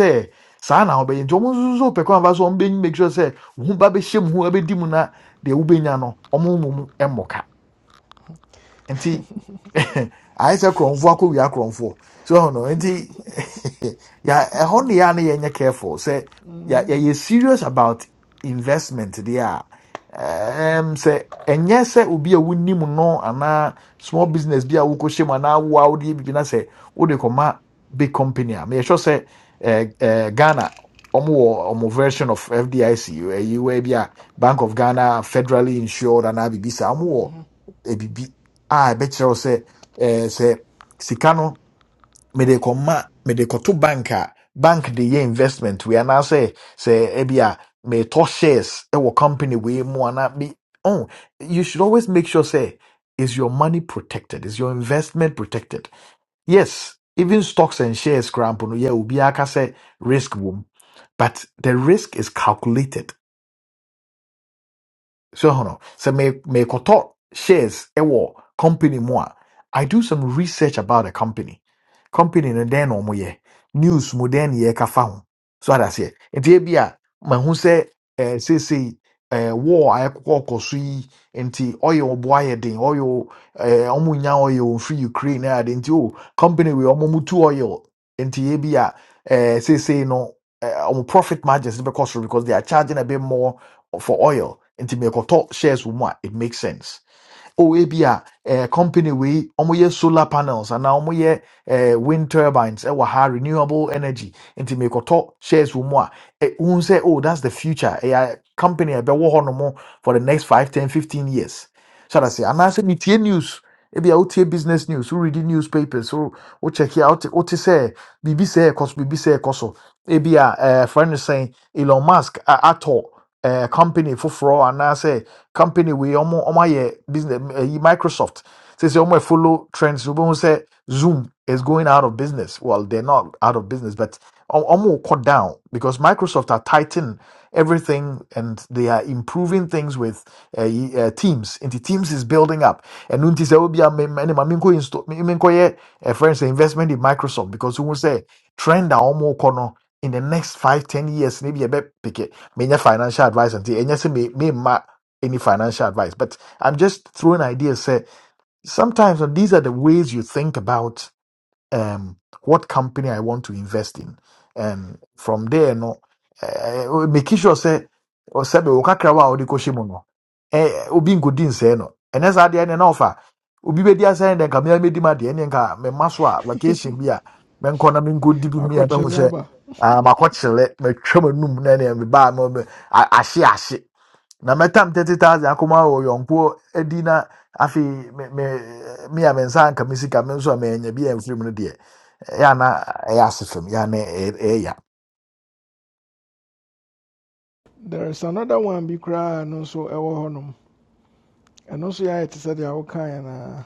[SPEAKER 5] saa na wobɛyɛ nti ɔmo nso so pɛ kwan fa so ɔmo bɛyi make sure sɛ wo ba bɛhyɛ mu ho ɛbɛdi mu na deɛ wobɛnya no ɔmo mmom nti ayɛ sɛ korɔmfoɔ akɔ wia korɔmfoɔ so no nti ya e no yɛ a no yɛnyɛ careful Say ya ya ye serious about investment there. a ɛɛm, sɛ se sɛ obi a wonim no anaa small business bi a wokɔhyɛ mu anaa woa wodeɛ biribi na sɛ wode kɔma big company a meyɛhwɛ sɛ ɛɛ, ɛɛ, ghana ɔmowɔ ɔmo version of fdic ɛyiwa bi a bank of ghana federally insured anaa biribi saa ɔmowɔ a ɛbɛkyerɛ wo sɛ eh, sɛ sika no mede kɔma mede kɔto bank a bank de yɛ investment wei anaasɛ sɛ ebia metɔ shares ɛwɔ company wei mu anaa bi oh, you should always make sure sɛ is your money protected is your investment protected yes even stocks and shares koraa mpo no yɛ obiara ka sɛ risk wom but the risk is calculated so hold on. So me me koto shares ewo company moa. I do some research about a company. Company no den omo ye. News mo den ye ka fa ho. So that's it. Nti e bia se eh say say eh war aye kokoko so yi nti oyo obo aye oyo eh omo nya oyo free Ukraine na ade nti o company we omo mutu oil. Nti e eh say say no eh, omo profit margins because because they are charging a bit more for oil nti mekɔtɔ shares wɔ mu a it makes sense o ebi eh, company we wɔyɛ solar panels and now wɔyɛ eh, wind turbines ɛwɔ ha renewable energy nti mekɔtɔ shares wɔ mu a eh, wohu sɛ oh that's the future ɛyɛ company a ɛbɛwɔ hɔ for the next five ten fifteen years so that's it anaasɛ metie news ebi a wotie business news woredi newspapers wo wo check a wote wote sɛ biribi sɛ ɛkɔ so biribi sɛ ɛkɔ so ebi a ɛɛ frɛ no sɛn elon musk a atɔ ɛɛ company foforɔ anaasɛ company wei ɔmo ɔmo ayɛ business ɛyi microsoft sɛsɛ ɔmo ɛ follow trends wobɛhu sɛ zoom is going out of business well they're not out of business but ɔ- ɔmo kɔ down because microsoft are tighten everything and they are improving things with uh, y- uh, teams into teams is building up and nti sɛ obi a me ne ma menkɔ insto- me- menkɔyɛ uh, for instance investment in microsoft because who say trend a wɔn kɔ no in the next five ten years maybe ɛbɛ pick menya financial advice nti ɛnyɛ sɛ me memma any financial advice but i'm just throwing ideas say sometimes uh, these are the ways you think about um, what company I want to invest in, and from there no, uh, making sure say or say be okakra wa odi koshi mu no, eh eh, obi nkodi nsɛ no, ɛnɛ saa deɛ na ɔfa obi bedi asɛn deɛ nka mmea medi ma deɛ ne nka me ma so a vacation bi a menkɔ na menkɔdi bi mmea bɛho
[SPEAKER 1] Akɔkyele
[SPEAKER 5] sɛ
[SPEAKER 1] aba.
[SPEAKER 5] ah makɔkyerɛ matwa m'anum na ne mebaa me a- ahye na metam 30000 akɔma wɔ yɔnko adi na me me me a me nsa me sika me nso a bi amfiri no deɛ yana ɛyɛ asefam yana ɛ- ɛyɛ
[SPEAKER 1] There is another one bi koraa a ɛno nso ɛwɔ hɔnom. Ɛno nso yɛayɛ te sɛ deɛ wokaeɛ na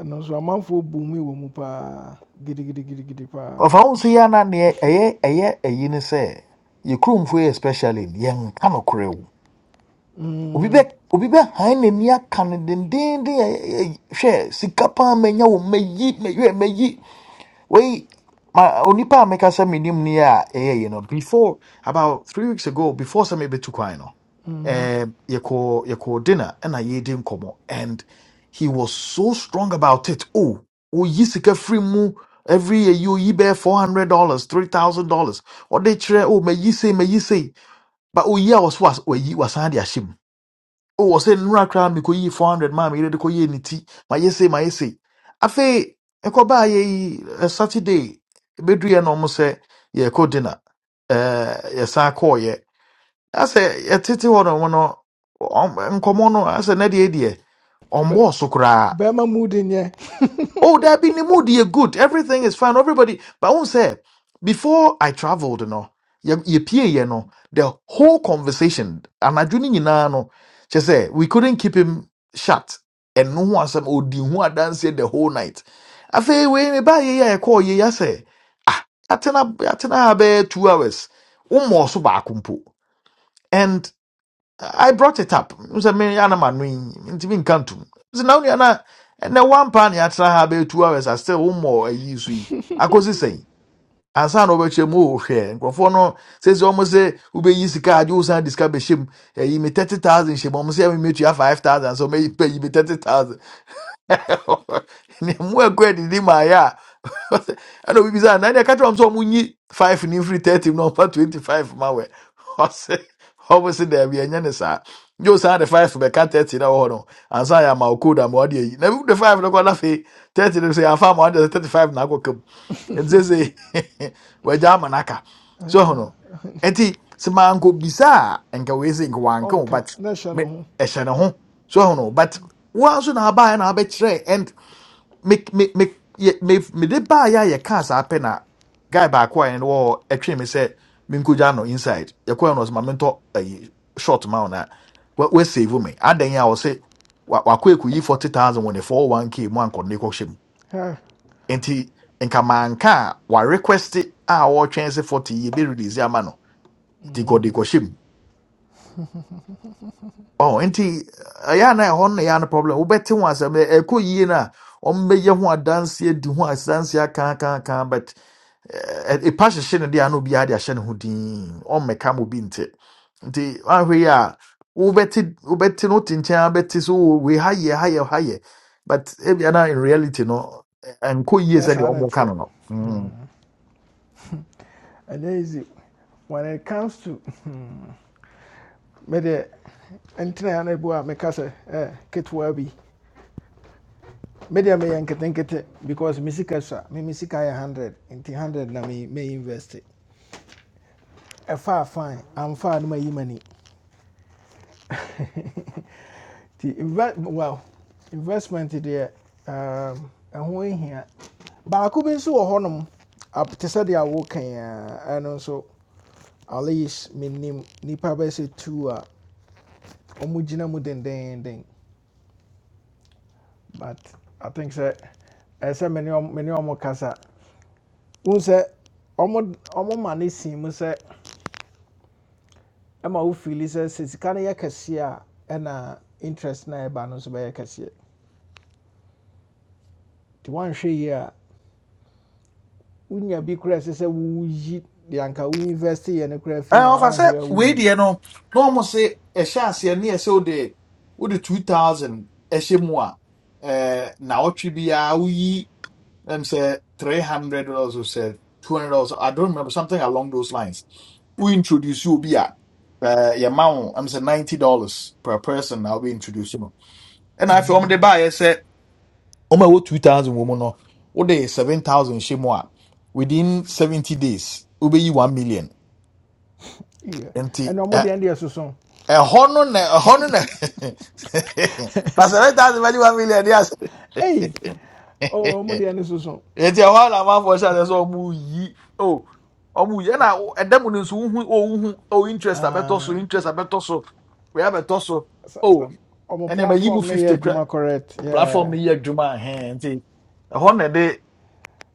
[SPEAKER 1] ɛno nso amanfoɔ bu mu wɔ mu paa gidigidigidi paa.
[SPEAKER 5] ɔfa ho nso yana neɛ ɛyɛ ɛyɛ ɛyi ne sɛ yɛ kuromfoɔ yi especially yɛnka no korɛ wo obi bɛ
[SPEAKER 1] Mm,
[SPEAKER 5] obi bɛ han n'ani aka no dendenden ɛ- ɛ- ɛ- hwɛ sika paa manya wo mayi mayi mayi Wait, my onipa meka sɛ menim ni a ɛyɛ yi no before about three weeks ago before sɛ mebɛtu kwan no
[SPEAKER 1] mhm.
[SPEAKER 5] um, yɛkɔ yɛkɔ dinner ɛna yɛdi nkɔmmɔ and he was so strong about it oh oyi sika free mu every year you oyi bɛyɛ four hundred dollars three thousand dollars Or they kyerɛ oh may ye say, may mayi say, but oh, yeah, was was- Oh, wasan was ahyɛ mu Oh, ɔsɛ nnura koraa mekɔyii 400 maa meyere de kɔyɛɛ ne ti My sei mayɛ sei afei ɛkɔbaayɛ yi ɛ, saturday bɛduiɛ no ɔmo sɛ yɛkɔ dinner ɛɛ, yɛsan i asɛ yɛtete hɔ no mo no ɔm- nkɔmmɔ i asɛ na deɛ deɛ
[SPEAKER 1] Bɛ-
[SPEAKER 5] ɔmbɔɔ so koraa
[SPEAKER 1] Bɛrima mu de nyɛ
[SPEAKER 5] Oh, there be the mood. You're good. Everything is fine. Everybody. But I won't say, before I traveled, you know, you you peer, you know, the whole conversation, and I no, she said, we couldn't keep him shut. And no one said, oh, the one dance the whole night. I say, wait, me buy yeah, yeah, I call yeah, say. Atena, atena, about two hours. One more so back, umpo. I brought it up. Sɛ me anama no yi ntumi nka ntom. Sɛ na onua na ɛnɛ wampa ne atra ha bɛyɛ two hours I still one wommɔ ayi so yi. Akɔsi sɛn? Ansa na wobɛkyerɛ mu ohwɛ. Nkurɔfoɔ no sɛ sɛ ɔmo sɛ wobɛyi sika agye wo san de sika bɛhyɛ mu. Ɛyi me thirty thousand hyɛ mu. Ɔmo sɛ ɛmi metua five thousand So ɔmo pay me thirty thousand. ne mu ɛkɔ adidi maayɛ a ɛna obi bisa na deɛ katra wɔn sɛ wɔn nyi five ne mfiri thirty mu na ɔmfa twenty five ma wɛ ɔsɛ ɔmo si dɛbi ne saa yóò san de five bɛka thirty na wɔ hɔ no ansa yɛ ama ɔkó da ma ɔde ayi na ebi de five no kɔ na afei thirty no say yɛ afa ama ɔde sɛ thirty five na akɔ kam we sɛ wɔagya n'aka so ɛho no ɛti sɛ maa nko bisa a nka wei sɛ nka wanka o
[SPEAKER 1] ɔnka
[SPEAKER 5] but
[SPEAKER 1] na ɛhyɛ ne
[SPEAKER 5] me-
[SPEAKER 1] ho.
[SPEAKER 5] ɛhyɛ ne ho so ɛho no but wɔn nso na aba yɛ na abɛkyerɛ me me me ye- me me de baa yɛ a yɛkaa saa pɛ na guy baako a ɛne wɔ ɛtwe me sɛ menkogya no inside yɛkɔɛ no ɔsɛ ma mentɔ ayi short ma wo na wɔasave me adɛn a wɔse wa- wakɔ ɛkɔyi 40000 wɔ ne 401k mu ankɔne kɔhyɛ mu
[SPEAKER 1] Ha,
[SPEAKER 5] enti nka manka a warequest a wɔtwɛn sɛ 40 yɛbɛrelease ama no nti
[SPEAKER 1] mm,
[SPEAKER 5] kɔde kɔhyɛ mu ɔ nti ɛyɛ a na ɛhɔ no na ɛyɛ a no problem wobɛte ho asɛm ɛ- ɛkɔ yie no a ɔmbɛyɛ ho adanseɛ di ho adanseɛ akaakaakaa but Ɛ- ɛ- ɛpa hyehyɛ no deɛ ana obiara de ahyɛ ne ho din ɔmmɛka ma obi nte nti wahwɛ yi a wobɛte wobɛte no wote nkyɛn a so "Oh, wei ha yɛ ha yɛ ha yɛ but ebia na in reality no ɛ- ɛnkɔ yie
[SPEAKER 1] ɛnyɛ
[SPEAKER 5] sɛdeɛ
[SPEAKER 1] saa na
[SPEAKER 5] ɔmoka no
[SPEAKER 1] ɛteɛ.
[SPEAKER 5] no Mm.
[SPEAKER 1] ɛnyɛ easy when it comes to mede ntena na ebu a meka sɛ eh, ketewa bi mede meyɛ nketenkete because me me me sika yɛ 100 nti 100 na me me invest ɛfa fine amfa a no mayi money. The invest, well investment deɛ um, ɛho hia baako bi nso wɔ hɔnom ap- te sɛ deɛ awokan a ɛno nso at least menim nnipa bɛsɛ two a ɔmo gyina mu dendenden but I think that ɛsɛ me ne ɔm- me ne ɔmo kasa wohu sɛ ɔmo ɔmo ma ne sin mu sɛ ɛma wo feel sɛ sɛ no a interest na ɛba no nso bɛyɛ kɛseɛ nti woanhwɛ yie a wonya bi koraa a ɛsɛ sɛ woyi de anka wo invest yɛ no koraa fi
[SPEAKER 5] Ɛ,
[SPEAKER 1] mu a
[SPEAKER 5] ɔfa
[SPEAKER 1] woanhwɛ
[SPEAKER 5] sɛ
[SPEAKER 1] yie a
[SPEAKER 5] wei
[SPEAKER 1] woyi
[SPEAKER 5] deɛ no na ɔmo se ɛhyɛ aseɛ ne ɛsɛ wode wode 2000 ɛhyɛ mu a ɛɛ, naawɔtwe biara woyi them say three hundred dollars or say two hundred dollars. I don't remember something along those lines. We introduce you be at uh your mount, I'm say ninety dollars per person I'll be introducing. them. And I feel the buyer said, Oh my what two thousand woman or what day seven thousand shimwa within seventy days, ube you one million.
[SPEAKER 1] Yie.
[SPEAKER 5] And
[SPEAKER 1] ɛna ɔmo
[SPEAKER 5] a
[SPEAKER 1] deɛ no deɛ soso
[SPEAKER 5] a honor a honor that's a thousand one million, yes.
[SPEAKER 1] ei oh, ɔmo deɛ no
[SPEAKER 5] yɛti ɛhɔ ara na amanfoɔ hyɛ adeɛ sɛ oh! yi o ɔmo yi ɛna wo- ɛda mu no nso wohu owuhu o interest I bet also,
[SPEAKER 1] Ah,
[SPEAKER 5] interest I bet also. We have wei abɛtɔ
[SPEAKER 1] sɛ
[SPEAKER 5] Oh,
[SPEAKER 1] ɔmo
[SPEAKER 5] and then my yi
[SPEAKER 1] platform no yɛ
[SPEAKER 5] fifty kura
[SPEAKER 1] adwuma correct
[SPEAKER 5] platform no
[SPEAKER 1] yeah.
[SPEAKER 5] yɛ adwuma ahɛn nti ɛhɔ na ɛde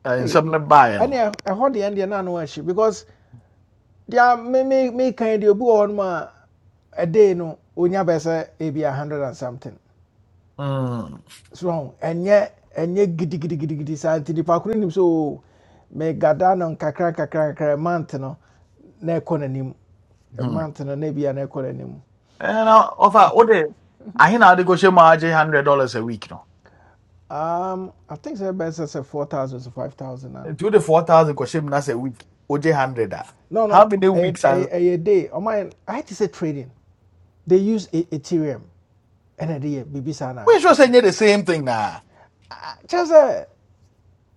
[SPEAKER 5] ɛ,
[SPEAKER 1] Hey,
[SPEAKER 5] nsɛm no baeɛ no
[SPEAKER 1] ɛne ɛhɔ deɛ no deɛ no ano ahyi because deɛ me me me kan deɛ obi wɔ hɔ a day no onya bɛ sɛ ebi a hundred and something
[SPEAKER 5] Mm,
[SPEAKER 1] so ɔn ɛnyɛ ɛnyɛ gidigidigidi saa nti nipa koro nim sɛ so me gada no nkakra nkakra nkakra month no na ɛkɔ n'anim
[SPEAKER 5] mhm.
[SPEAKER 1] month no na ebi a na ɛkɔ n'anim
[SPEAKER 5] ɛna ɔfa wode ahe na wode kɔhyɛ mu a agye hundred dollars a week no
[SPEAKER 1] um i think sɛ ɛbɛyɛ sɛ four thousand to five thousand na
[SPEAKER 5] two wode four thousand go mu that's a week wogye hundred
[SPEAKER 1] no
[SPEAKER 5] how
[SPEAKER 1] no
[SPEAKER 5] many
[SPEAKER 1] a a a
[SPEAKER 5] weeks
[SPEAKER 1] day.
[SPEAKER 5] are-
[SPEAKER 1] ɛyɛ day I had to say trading they use E- ethereum And a day, biribi saa na
[SPEAKER 5] woensure sɛ
[SPEAKER 1] Just a.
[SPEAKER 5] nyɛ the same thing naa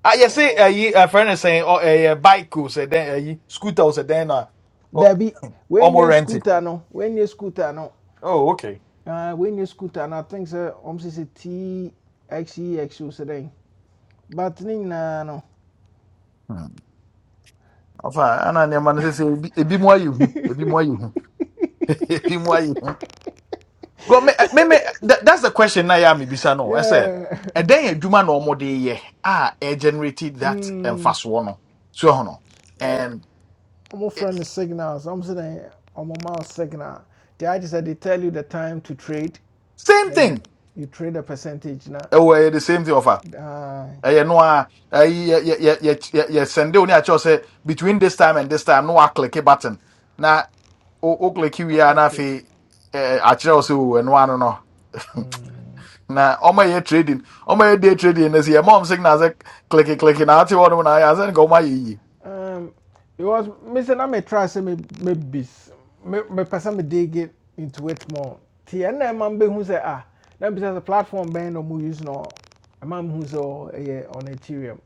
[SPEAKER 5] Ah, yes, say uh, ye, a friend is saying, oh, a uh, bike was say then, uh, ye, scooter say then, uh, oh,
[SPEAKER 1] dabi
[SPEAKER 5] almost
[SPEAKER 1] you
[SPEAKER 5] rented.
[SPEAKER 1] scooter no When you scooter no
[SPEAKER 5] Oh, okay.
[SPEAKER 1] uh, when you scooter no i think sɛ ɔm sɛ sɛ txex o sɛ dɛn but ne no
[SPEAKER 5] Hmm. Afa, ana ne man say say ebi ebi mu ayi hu, ebi mu ayi hu, ebi mu ayi hu. Go me eh, me me that, that's the question na ya me bisa no. I say,
[SPEAKER 1] yeah
[SPEAKER 5] and then adwuma na omo de ye ah e generated that
[SPEAKER 1] mm,
[SPEAKER 5] emfaso no. So ho no. And
[SPEAKER 1] am a
[SPEAKER 5] it,
[SPEAKER 1] friend of signals I'm saying, I'm a mouse signal they I just said they tell you the time to trade
[SPEAKER 5] same
[SPEAKER 1] then you
[SPEAKER 5] thing.
[SPEAKER 1] you trade a percentage na
[SPEAKER 5] Eh, well, the same thing offer.
[SPEAKER 1] uh,
[SPEAKER 5] ɛyɛ no a ɛyi yɛ yɛ yɛ yɛ yɛ yɛ sɛnde o akyɛw sɛ between this time and this time no wa click a button na o o click wie
[SPEAKER 1] what,
[SPEAKER 5] a
[SPEAKER 1] what
[SPEAKER 5] na
[SPEAKER 1] trade
[SPEAKER 5] afei ɛɛ akyerɛw sɛ o ɛno ano no na ɔmo yɛ trading ɔmo yɛ day trading na si ɛmo ɔmo signal sɛ click click na ate hɔ na ayɛ asɛn nka ɔmo ayɛ yie
[SPEAKER 1] Um, because me say na me try say me me bis me me person me dig it into it more. Ti and na man be who say ah na be say platform ben no mu use no. A man who say oh eh on Ethereum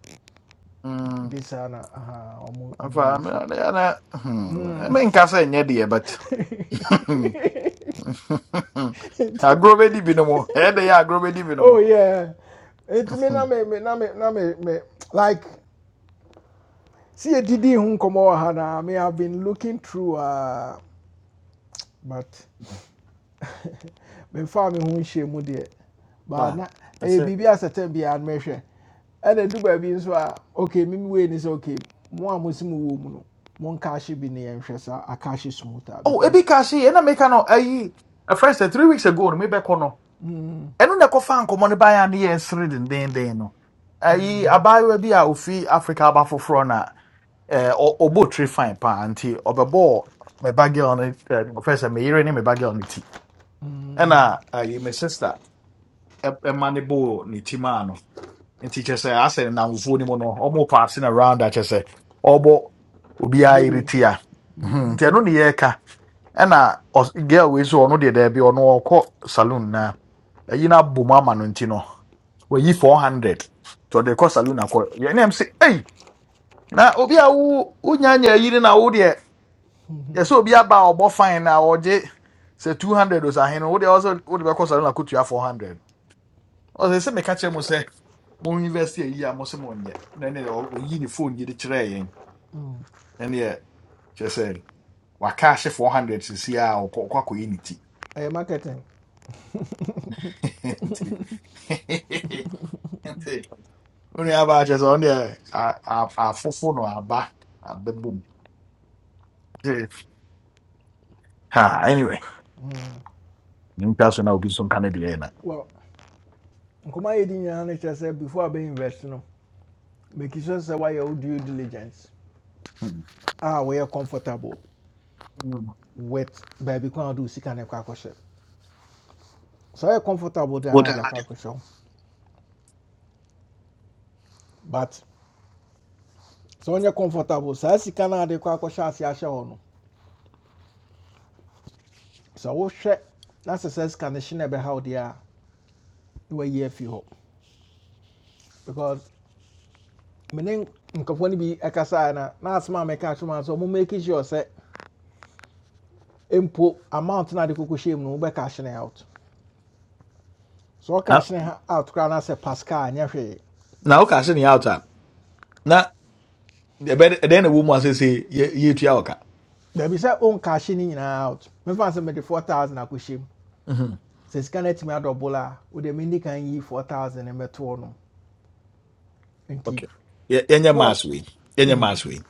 [SPEAKER 5] Mm.
[SPEAKER 1] this na aha omu omu
[SPEAKER 5] Afa me
[SPEAKER 1] use.
[SPEAKER 5] ade ana hmm
[SPEAKER 1] Mm.
[SPEAKER 5] me nka sɛ nyɛ deɛ but agorɔ bɛdi bi no mo ɛde yɛ agorɔ bɛdi bi no
[SPEAKER 1] oh
[SPEAKER 5] mo
[SPEAKER 1] yeah. It me na me me na me na me me like see a didi hun komo ha na me I've been looking through uh but memfaa me ho nhyia mu deɛ but
[SPEAKER 5] pa
[SPEAKER 1] na
[SPEAKER 5] I
[SPEAKER 1] ɛyɛ
[SPEAKER 5] say.
[SPEAKER 1] biribi a sɛtɛn biara no mɛhwɛ ɛna du baabi nso a ok mimi wei ni sɛ ok mo a mo si mu no mo nkaahye bi ne yɛnhwɛ saa akaahye smooth a
[SPEAKER 5] oh ebi
[SPEAKER 1] because
[SPEAKER 5] ka se ɛna meka no ayi a friend said three weeks ago no me bɛkɔ no
[SPEAKER 1] mm,
[SPEAKER 5] ɛno na ɛkɔfa nkɔmmɔ no baeɛ a ne yɛ sere dendenden no ayi
[SPEAKER 1] mm,
[SPEAKER 5] abaayewa bi a ofi africa aba foforɔ na eh, ɔ- ɔbɔ tiri fine paa nti ɔbɛbɔɔ me bagel no eh, first me yere ne me bagel no ti
[SPEAKER 1] mm,
[SPEAKER 5] Ena, ayi me sister ɛma ne bɔɔ ne tim a no nti kyerɛ sɛ asɛ nnamfoɔ no mu no ɔmo paase no round a kyerɛ sɛ ɔbɔ
[SPEAKER 1] bɔ wei
[SPEAKER 5] Mhm, nti ɛno ne yɛreka ɛna ɔs- girl wei so de deɛ daabi ɔno ɔkɔ saloon na ayi no abom ama no nti no 400 nti ɔde kɔ saloon akɔ yɛne m sɛ ei na obi a wo wonyanya ayiri na wo deɛ yɛ sɛ obi aba a ɔbɔ fine na ɔgye sɛ 200 o sɛ ahene wode ɔsɛ wode bɛkɔ saloon akɔtua 400 ɔsɛ sɛ meka kyerɛ mu sɛ mo university yi a mo se mo nyɛ na ne o yi ne phone yi de kyerɛ yɛn na ne yɛ kyerɛ sɛ waka 400 sisi a ɔkɔ ɔkɔ akɔyi ne ti
[SPEAKER 1] ɛyɛ marketing
[SPEAKER 5] nti nti wo nua baa kyerɛ sɛ ɔno a- a- fufu no aba abɛbom ha anyway
[SPEAKER 1] mm
[SPEAKER 5] ne ntwa so na obi so nka ne deɛ na
[SPEAKER 1] well nkɔmɔ yɛ di nyinaa no kyerɛ sɛ before abɛ invest no make sure sɛ wayɛ wo do diligence
[SPEAKER 5] Mm.
[SPEAKER 1] Ah, we are comfortable
[SPEAKER 5] Mm.
[SPEAKER 1] with baby. kwan a wɔde wo sika no So we are comfortable de
[SPEAKER 5] What
[SPEAKER 1] anaa
[SPEAKER 5] the
[SPEAKER 1] de akɔ
[SPEAKER 5] hell?
[SPEAKER 1] akɔhyɛ but sɛ ɔnyɛ comfortable saa sika no ade kɔ akɔhyɛ ase ahyɛ hɔ no sɛ wohwɛ na sɛ sɛ sika no hye na ɛbɛha wo deɛ a na wayi afi hɔ because meaning nkurɔfoɔ no bi ekasa na na asma a mɛka atwom a sɛ ɔmo make sure sɛ mpo amount na ade kɔkɔhyɛ mu no wobɛka out So
[SPEAKER 5] na
[SPEAKER 1] ɔka out koraa na sɛ pascal nyɛ hwee
[SPEAKER 5] na woka ahye ne yɛ out a na ɛbɛ- ɛdɛn na ɛwɔ mu a sɛ sɛ yɛtua wo ka
[SPEAKER 1] daabi sɛ wonka hye no nyinaa out mefa me mede 4000 akɔhyɛ mu
[SPEAKER 5] Mhm.
[SPEAKER 1] sɛ sika no adobola adɔbol a wode mendi yi 4000 no mɛtoɔ no nti
[SPEAKER 5] Okay. Yɛ- yɛnyɛ
[SPEAKER 1] four-
[SPEAKER 5] mass wei yɛnyɛ mass wei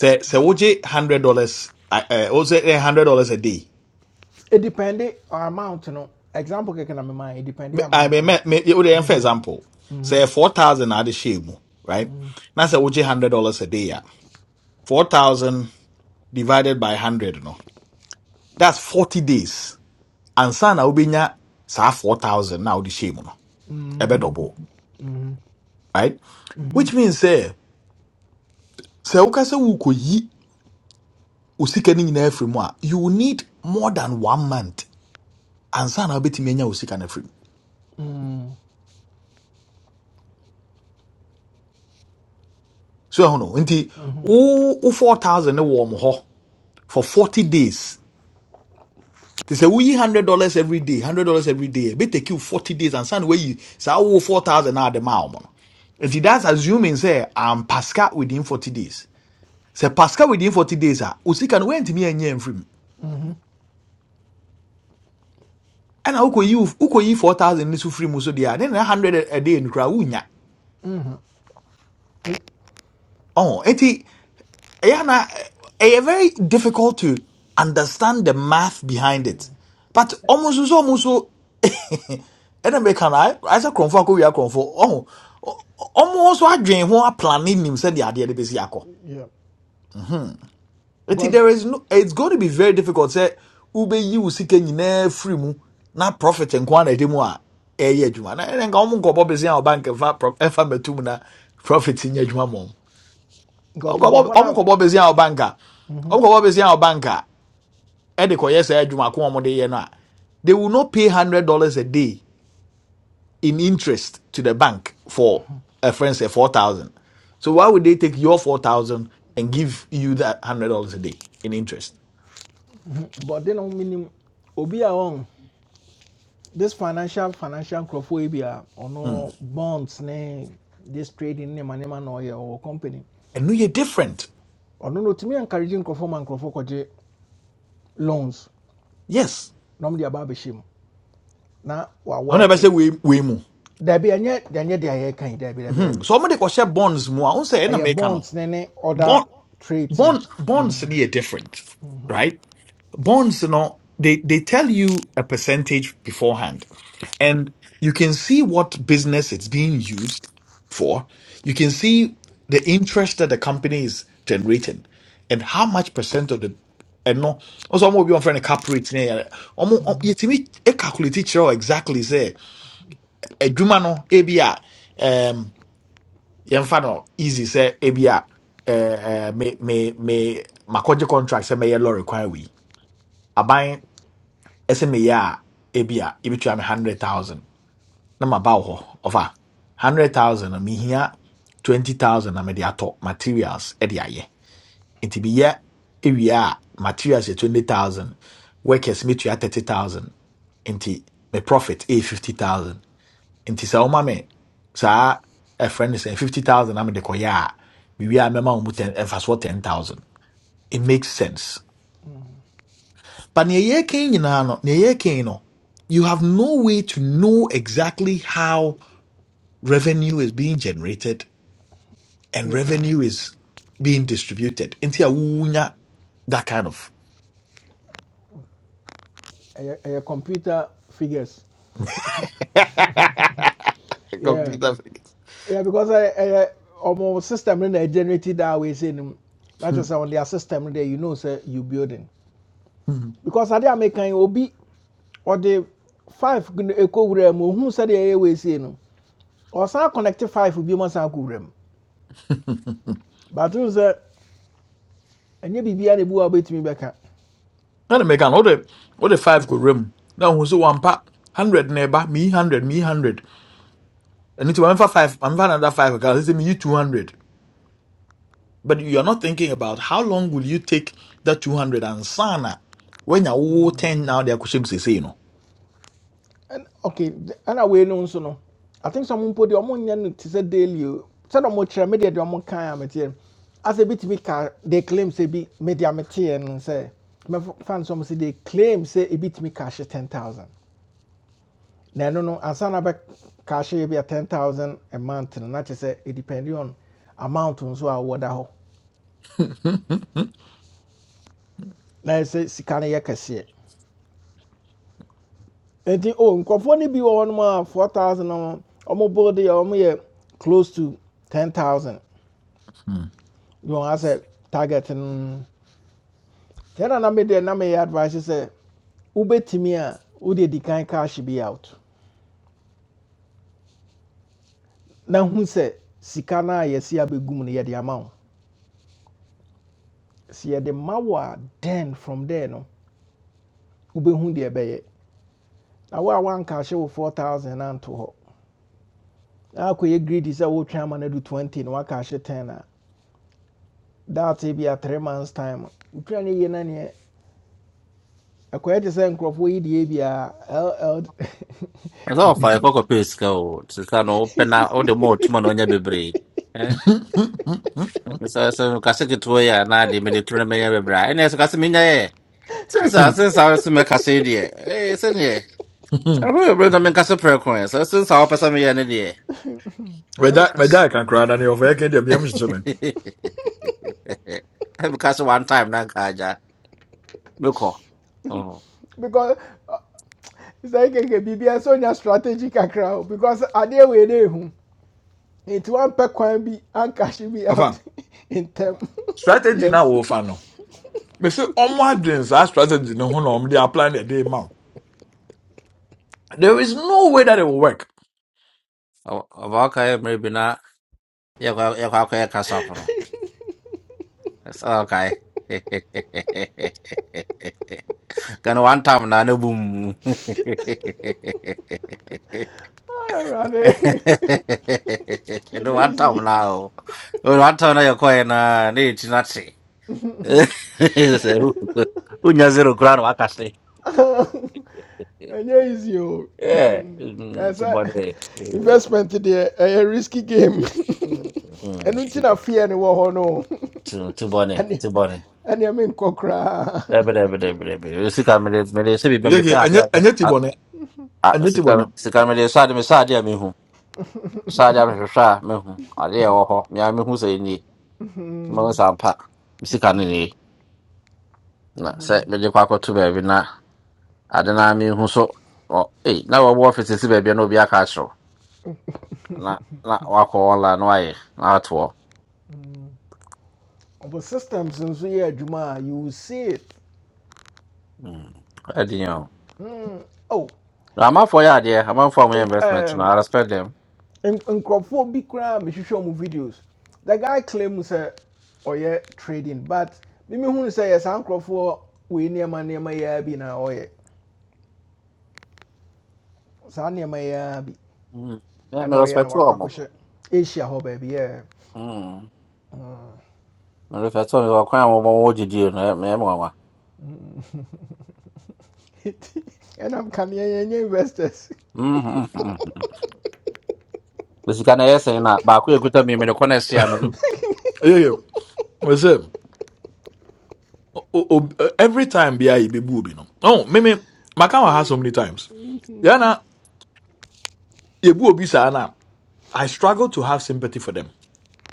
[SPEAKER 5] sɛ sɛ wogye hundred dollars wosɛ ɛyɛ hundred dollars a day
[SPEAKER 1] It depende on amount no. Example keke na mema it depende
[SPEAKER 5] Me- I
[SPEAKER 1] amount
[SPEAKER 5] mean, me
[SPEAKER 1] no.
[SPEAKER 5] me wode yɛn for example
[SPEAKER 1] Mhm.
[SPEAKER 5] Say, four thousand are the hyɛ right Now, say, wogye hundred dollars a day Yeah, four thousand divided by hundred no that's forty days ansa na ubinya sa four thousand na wode hyɛ mu no
[SPEAKER 1] Mhm.
[SPEAKER 5] ɛbɛdɔbo
[SPEAKER 1] Mhm.
[SPEAKER 5] right
[SPEAKER 1] Mhm.
[SPEAKER 5] which means sɛ sɛ woka wuko wokɔyi wo sika no afiri mu a you will need more than one month ansa na wobɛtumi anya wo sika no
[SPEAKER 1] Mhm.
[SPEAKER 5] so ɛho no nti wo four thousand ne wɔ mo for forty days They say woyi hundred dollars every day hundred dollars every day Be take you forty days and send wɔyi saa wo four thousand na ade maa ɔmo no nti that's assuming sɛ am pasca within forty days sɛ pasca within forty days ah. osika no wɛntumi ɛnyɛ nfiri mu ɛna wokɔyi wo- wokɔyi four thousand ne so firi mu so deɛ a ne na hundred a day no kora
[SPEAKER 1] Mhm.
[SPEAKER 5] Oh, ɔho ayana ɛyɛ very difficult to understand the math behind it but almost so almost. ɛna mɛka na ayɛ sɛ kurɔmfoɔ akɔwia kurɔmfoɔ ɔho ɔmo nso adwene ho aplane nim sɛdeɛ adeɛ de bɛsi akɔ
[SPEAKER 1] Yeah.
[SPEAKER 5] Mhm. nti
[SPEAKER 1] Because
[SPEAKER 5] there is no it's going to be very difficult sɛ wobɛyi wo sika nyinaa firi mu na profit nko ana ɛde mu a ɛyɛ adwuma na ɛnɛ nka ɔmo nkɔbɔ bɛsi a ɔbank ɛfa pro- ɛfa mmɛto mu na profit nyɛ adwuma mɔ
[SPEAKER 1] because
[SPEAKER 5] ɔkɔbɔ ɔmo
[SPEAKER 1] nkurɔfoɔ
[SPEAKER 5] nkɔbɔ bɛsi a ɔbank a ɔmo nkɔbɔ bɛsi a ɔbank a ɛde kɔyɛ saa adwuma ko a ɔmo de yɛ no a they will not pay hundred dollars a day in interest to the bank for a friend say four thousand. So why would they take your four thousand and give you that hundred dollars a day in interest?
[SPEAKER 1] but bɔde no minimum. obi a on. this financial financial nkurɔfoɔ yi bi a
[SPEAKER 5] Mm.
[SPEAKER 1] ɔno bonds ne this trading ne manema no ma na company
[SPEAKER 5] And no, you're different.
[SPEAKER 1] Ono no timi encouraging nkurɔfoɔ man nkurɔfoɔ kɔgye loans
[SPEAKER 5] Yes.
[SPEAKER 1] na ɔmo de aba abɛhyɛ mu na wa
[SPEAKER 5] I
[SPEAKER 1] work
[SPEAKER 5] never say
[SPEAKER 1] it.
[SPEAKER 5] we we mu.
[SPEAKER 1] Dabi ɛnyɛ ɛnyɛ deɛ yɛka yi dabi dabi
[SPEAKER 5] Mm-hmm.
[SPEAKER 1] dabi.
[SPEAKER 5] So I'm gonna share bonds more. I won't say any
[SPEAKER 1] ɛyɛ
[SPEAKER 5] make no.
[SPEAKER 1] bonds ne ne other
[SPEAKER 5] Bond
[SPEAKER 1] traits no
[SPEAKER 5] bond bonds
[SPEAKER 1] Mm-hmm.
[SPEAKER 5] are different, right? Bonds, you know, they they tell you a percentage beforehand and you can see what business it's being used for. You can see the interest that the company is generating and how much percent of the and no also ọmọ obi wọn fẹ ne cap rate ne yẹrẹ ọmọ yẹtìmí ẹ calculate kyerɛ wo exactly sɛ adwuma no ebi a ɛm yɛmfa no easy say ebi a ɛɛ ɛɛ me me me makɔgye contract sɛ mɛyɛ lɔre kwan wei aban ɛsɛ meyɛ a ebi a ebi tua me hundred thousand na maba wɔ hɔ ɔfa hundred thousand na mihia twenty thousand na mede atɔ materials e de ayɛ nti meyɛ ewie a materials yɛ twenty thousand workers metua thirty thousand nti me profit e fifty thousand nti sɛ woma me saa ɛfrɛ no sɛ fifty thousand na mede kɔyɛ a mewie a mɛma wo mu ten ɛmfasoɔ ten thousand it makes sense but nea ɛyɛ kan nyinaa no nea ɛyɛ kan no you have no way to know exactly how revenue is being generated and
[SPEAKER 1] yeah
[SPEAKER 5] revenue is being distributed. Into a wunya, that kind of.
[SPEAKER 1] ɛyɛ ɛyɛ computer figures
[SPEAKER 5] don't
[SPEAKER 1] yeah yeah because ɛyɛ ɛyɛ system no na generated that way saying, not just on their system no there you know say you building because adeɛ a meka yi obi or the five gu- ɛkɔ wura mu ohun sɛdeɛ ɛyɛ way say no ɔsan connect five bi mo san kɔ wura mu but n sɛ ɛnyɛ biribiara na ebi wɔ a obetumi
[SPEAKER 5] make an order. What de 5 go room. Now hu so one pack, 100 na me 100 me 100. And into one for 5, I'm for another 5 because say me 200. But you're not thinking about how long will you take that 200 and sana when you're 10 now, they're say, you know.
[SPEAKER 1] And okay, th- and away no nso no. I think some people the omo nya no te say daily. o. Said omo kire me dey the omo kan amete. As a bit me ka they claim say bi media mete no say. Me fans some say they claim say a bit me cash 10,000. Now, no no ansa na be cash e be 10,000 a month no na te say it depends on amount nso a wo da ho. Na say sika na ye kese. Enti o nkrofo ni bi wo no ma 4,000 or omo bold dey omo yɛ close to 10,000. You want sɛ target no sɛ na na medeɛ na advice Say, wobɛtumi a wode di kan cash be out Now, who say? sika no a yɛsi abɛgu mu no yɛde ama wo sɛ yɛde ma wo a then from there no wobɛhu deɛ ɛbɛyɛ na wo a woankahye wo 4000 no anto hɔ na akɔyɛ greedy sɛ wotwe ama no do 20 na cash 10 ah." That will be a 3 months time wotwa no yie na neɛ ɛkɔyɛ te sɛ nkurɔfoɔ yi deɛ biaa
[SPEAKER 7] ɛsɛ ɔfa ɛkɔ kɔpɛ sika o sika no wopɛ na wode ma Man, na ɔnyɛ bebree Eh, sɛ sɛ kase ketewa yi a na ade mede toro no mɛnyɛ bebree a ɛnɛ sɛ kase menya yɛ sensa sensa wo so mɛkasa yi deɛ ee sɛneɛ ɛho yɛ berɛ na so, prɛ ko ɛ sɛ sensa wopɛ sɛ meyɛ ne deɛ
[SPEAKER 5] Whether whether I
[SPEAKER 7] ɛmekase
[SPEAKER 5] can cry, and you're working the
[SPEAKER 7] one time na nka agya mekɔ
[SPEAKER 1] because sɛ kɛkɛ biribiara sɛ ɔnya your strategic crowd because I didn't adeɛ wei It ehu nti wampɛ kwan bi ankahye me
[SPEAKER 5] Afan
[SPEAKER 1] out in ntɛm
[SPEAKER 5] strategy na
[SPEAKER 1] yes
[SPEAKER 5] wofa no mese ɔmo adwen saa strategy no ho na ɔmo de apply na ɛde ma wo. there is no way that it will work
[SPEAKER 7] Wa- wa Okay, maybe not. Yeah, well, yeah, well, okay, kasapano. It's okay. Can one time na na bum. no boom.
[SPEAKER 1] I ran it.
[SPEAKER 7] Can
[SPEAKER 1] ɛnyɛ
[SPEAKER 7] one time
[SPEAKER 1] easy
[SPEAKER 7] now. Oh, One time na yako na ni chinatsi. Unya zero crown wakasi.
[SPEAKER 1] ɛnyɛ easy o
[SPEAKER 7] Yeah,
[SPEAKER 1] ɛsɛ
[SPEAKER 7] tibone.
[SPEAKER 1] investment deɛ a risky game ɛno nti I fear no wɔ hɔ no
[SPEAKER 7] Tibone.
[SPEAKER 1] ɛne
[SPEAKER 7] Tibone.
[SPEAKER 1] ɛneɛ menkɔ
[SPEAKER 7] Ebe de,
[SPEAKER 1] koraa
[SPEAKER 7] ebe de, ebe de, ebe de. Sika me de, me de, se bi me
[SPEAKER 5] Yeah,
[SPEAKER 7] me
[SPEAKER 5] yeah,
[SPEAKER 7] sa ade ade.
[SPEAKER 5] ɛnyɛ ti bɔ
[SPEAKER 7] A-
[SPEAKER 5] ne
[SPEAKER 7] a-
[SPEAKER 5] ɛnyɛ ti bɔ
[SPEAKER 7] Sika,
[SPEAKER 5] ne
[SPEAKER 7] sika me de, sa ade me sa ade a me hu. Sa ade a me hwehwɛ a me hu. Ade a ɛwɔ hɔ, me a me hu sɛ nie. Me hu sɛ ampa, me sika no nie. Na sɛ mede kɔ akɔto baabi na ade no a me hu so, ɔ- ei, na wɔwɔ ɔfise si baabi a na obi aka akyerɛw. Na- na wakɔ online na wayɛ, na ato hɔ.
[SPEAKER 1] but systems nso yɛ adwuma a you will see it
[SPEAKER 7] Mm. Ɛyɛ
[SPEAKER 1] nti
[SPEAKER 7] den yɛn o.
[SPEAKER 1] hmm, oh
[SPEAKER 7] Na amanfoɔ yɛ adeɛ, amanfoɔ a wɔyɛ
[SPEAKER 1] nk-
[SPEAKER 7] investment no,
[SPEAKER 1] um,
[SPEAKER 7] I respect them.
[SPEAKER 1] nk- nkurɔfoɔ bi koraa a mehwehwɛ ɔmo videos the guy claims claim sɛ ɔyɛ trading but mimi hu sɛ yɛ saa nkurɔfoɔ wei nneɛma nneɛma yɛa bi na ɔyɛ saa nneɛma yɛa bi
[SPEAKER 7] Mm. Me a
[SPEAKER 1] ɛna
[SPEAKER 7] me
[SPEAKER 1] ɔyɛ na
[SPEAKER 7] respect
[SPEAKER 1] wakɔ
[SPEAKER 7] wɔn.
[SPEAKER 1] akɔhyɛ asia hɔ baabi yɛ
[SPEAKER 7] Mm. Mmerɛ fɛ sɛ ɔkwan a wɔma wɔ gyidie no ɛmɛ nwanwa.
[SPEAKER 1] ɛnam kaneɛ yɛnyɛ investors
[SPEAKER 7] Osika na ɛyɛ sɛn na baako a ekuta mi mene kɔ na ɛsi ama mi.
[SPEAKER 5] yeye mese o- o- ob- eh, every time bia yɛ bɛ bu obi no oh mimi maka wɔ ha so many times yana yɛ bu obi saa na i struggle to have sympathy for them.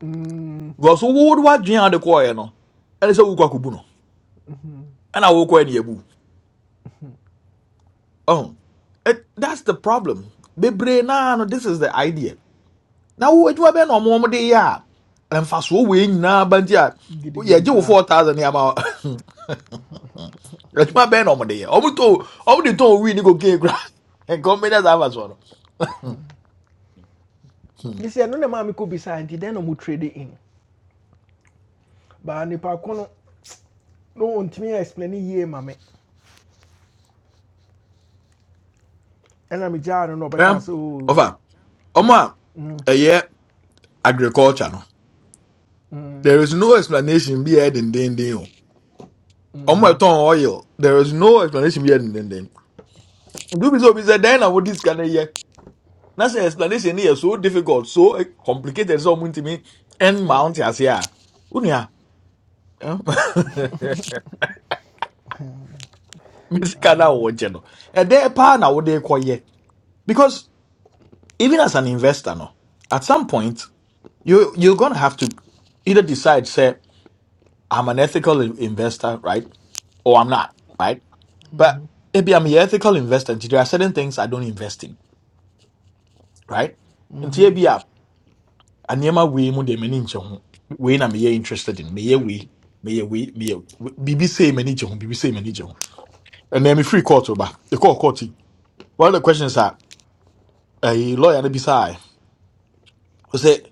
[SPEAKER 1] Mm,
[SPEAKER 5] because wo wo- woadwene ade kɔɔɛ no ɛne sɛ wokɔ akɔbu no ɛna wokɔɛ ne yɛbu ɔho It- that's the problem bebree naa no this is the idea Now, wo you bɛɛ na ɔmo ɔmo de yɛ a mfasoɔ wei nyinaa ba nti a
[SPEAKER 1] gidigidi
[SPEAKER 5] yɛgye wo
[SPEAKER 1] saa
[SPEAKER 5] 4000 ne ama wo. adwuma bɛɛ na ɔmo de yɛ ɔmo tɔ ɔmo de tɔn wii ne kokee kora nkɔmbɛnyɛ saa afasoɔ no Hmm.
[SPEAKER 1] mesɛ ɛno na maa mekɔ bisaa nti dɛn na ɔmo trade in baa nipa ko no no ntumi yɛ explain yie ma me ɛna no na ɔbɛka
[SPEAKER 5] Over.
[SPEAKER 1] sɛ o
[SPEAKER 5] ɔfa ɔmo a
[SPEAKER 1] mm,
[SPEAKER 5] ɛyɛ agriculture no
[SPEAKER 1] mm,
[SPEAKER 5] there is no explanation bi a ɛyɛ dendenden on my
[SPEAKER 1] mhm,
[SPEAKER 5] tongue oil. There is no explanation here. Then, then, do be so be said. Then I would this kind of year. That's the explanation here. So difficult, so eh, complicated. So much to me and
[SPEAKER 1] eh,
[SPEAKER 5] mount as here. Unia, eh? Miss Kana Wojeno. And there pan I would call ye because even as an investor, no, at some point you you're gonna have to either decide say I'm an ethical in- investor, right, or I'm not, right. But if I'm an ethical investor, there are certain things I don't invest in right? Nti
[SPEAKER 1] mhm,
[SPEAKER 5] ebi a nneɛma wei mu deɛ m'ani nkyɛ ho. Wei na meyɛ interested in. Meyɛ wei, meyɛ wei, meyɛ wei. biribi sei m'ani gye ho, biribi sei m'ani gye ho. Ɛnna mi free court ba. Ekɔ court court. yi. One of the questions are: a ɛyi lawyer no bisa ayɛ. say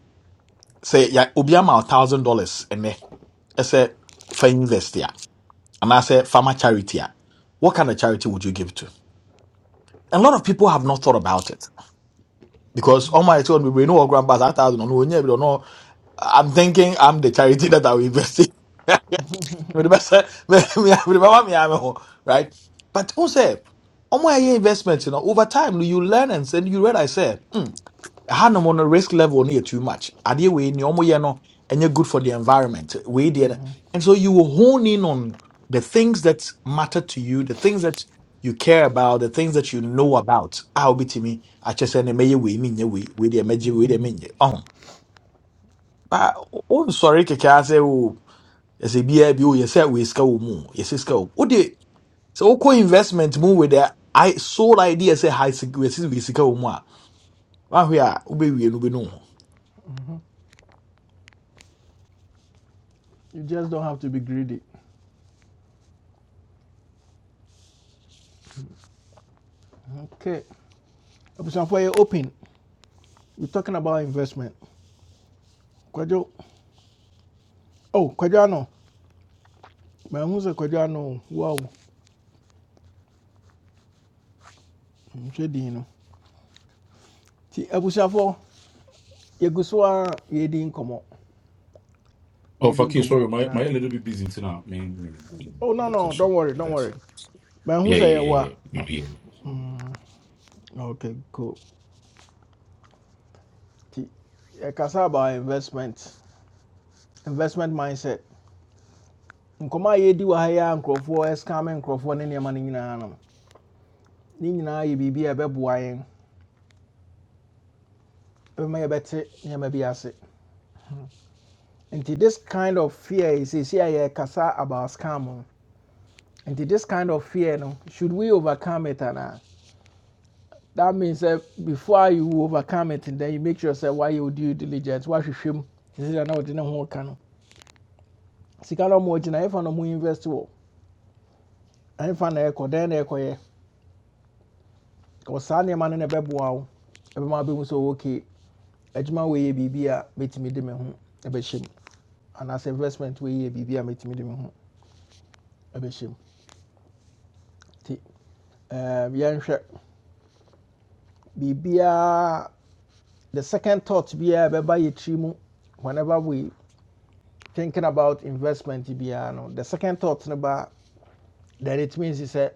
[SPEAKER 5] sɛ ya obi ama one thousand dollars and ɛnɛ ɛsɛ fa invest a anaasɛ farmer charity a. What kind of charity would you give to? A lot of people have not thought about it because all my children we know our grandpas a thousand. on no no, no, no, I'm thinking I'm the charity that I will invest in. Remember, sir, me- me- remember me, am ho- right? But also, on my investments, you know, over time you learn and then you realize, say, hmm, I no on the risk level near too much. Are did we you know, and you're good for the environment. We did, and so you will hone in on the things that matter to you, the things that you care about, the things that you know about. I'll be to me. I just say, may you we mean we we the we the ba wonsɔre kɛkɛ sɛ say, oh, biaa bi o yɛ sɛ wei sika wɔ mu o, yɛsɛ sika wɔ mu wode investment mu with the i sole idea say high security yɛsɛ wei sika wɔ mu a wahwe a wobɛwie no wobɛnu
[SPEAKER 1] mhm. you just don't have to be greedy okay abusuafoɔ yɛ open we talking about investment kwadwo oh kwadwo ano maahu sɛ kwadwo ano wow nhwɛ din no nti abusuafoɔ yɛgu so a yɛdi nkɔmmɔ
[SPEAKER 8] Oh,
[SPEAKER 1] yɛdi
[SPEAKER 8] Fakir,
[SPEAKER 1] nkɔmmɔ
[SPEAKER 8] sorry, my, my
[SPEAKER 1] na
[SPEAKER 8] a little bit busy tonight. I
[SPEAKER 1] oh no
[SPEAKER 8] you can
[SPEAKER 1] no
[SPEAKER 8] shop
[SPEAKER 1] don't worry
[SPEAKER 8] with
[SPEAKER 1] don't
[SPEAKER 8] that.
[SPEAKER 1] worry maahu
[SPEAKER 8] Yeah,
[SPEAKER 1] sɛ
[SPEAKER 8] yeah, yeah,
[SPEAKER 1] a
[SPEAKER 8] yeah. No, yeah.
[SPEAKER 1] Mm, okay cool nti yɛkasa about investment investment mindset nkɔmɔ a yɛdi wɔ ha yi a nkurɔfoɔ ɛskame nkurɔfoɔ ne nneɛma no nyinaa no ne nyinaa yɛ biribi a ɛbɛboa yɛn bɛma yɛbɛte nneɛma bi ase nti this kind of fear yi seesei a yɛkasa about scam no nti this kind of fear no should we overcome it anaa that means sɛ before you overcome it then you make sure sɛ wayɛ wo due diligence wahwehwɛ mu sisi na ɔde ne ho ka no sika no a ɔmo gyina ɛfa na ɔmo invest wɔ ɛfa na ɛkɔ dɛn na ɛkɔyɛ Because saa nneɛma no na ɛbɛboa wo ɛbɛma wobɛhu sɛ ok adwuma wei yɛ biribi a mɛtumi de me ho ɛbɛhyɛ mu anaasɛ investment wei yɛ biribi a mɛtumi de me ho ɛbɛhyɛ mu nti ɛɛm, yɛnhwɛ biribiaa the second thought biaa ɛbɛba yɛ tiri whenever we thinking about investment biara no the second thought no that then it means sɛ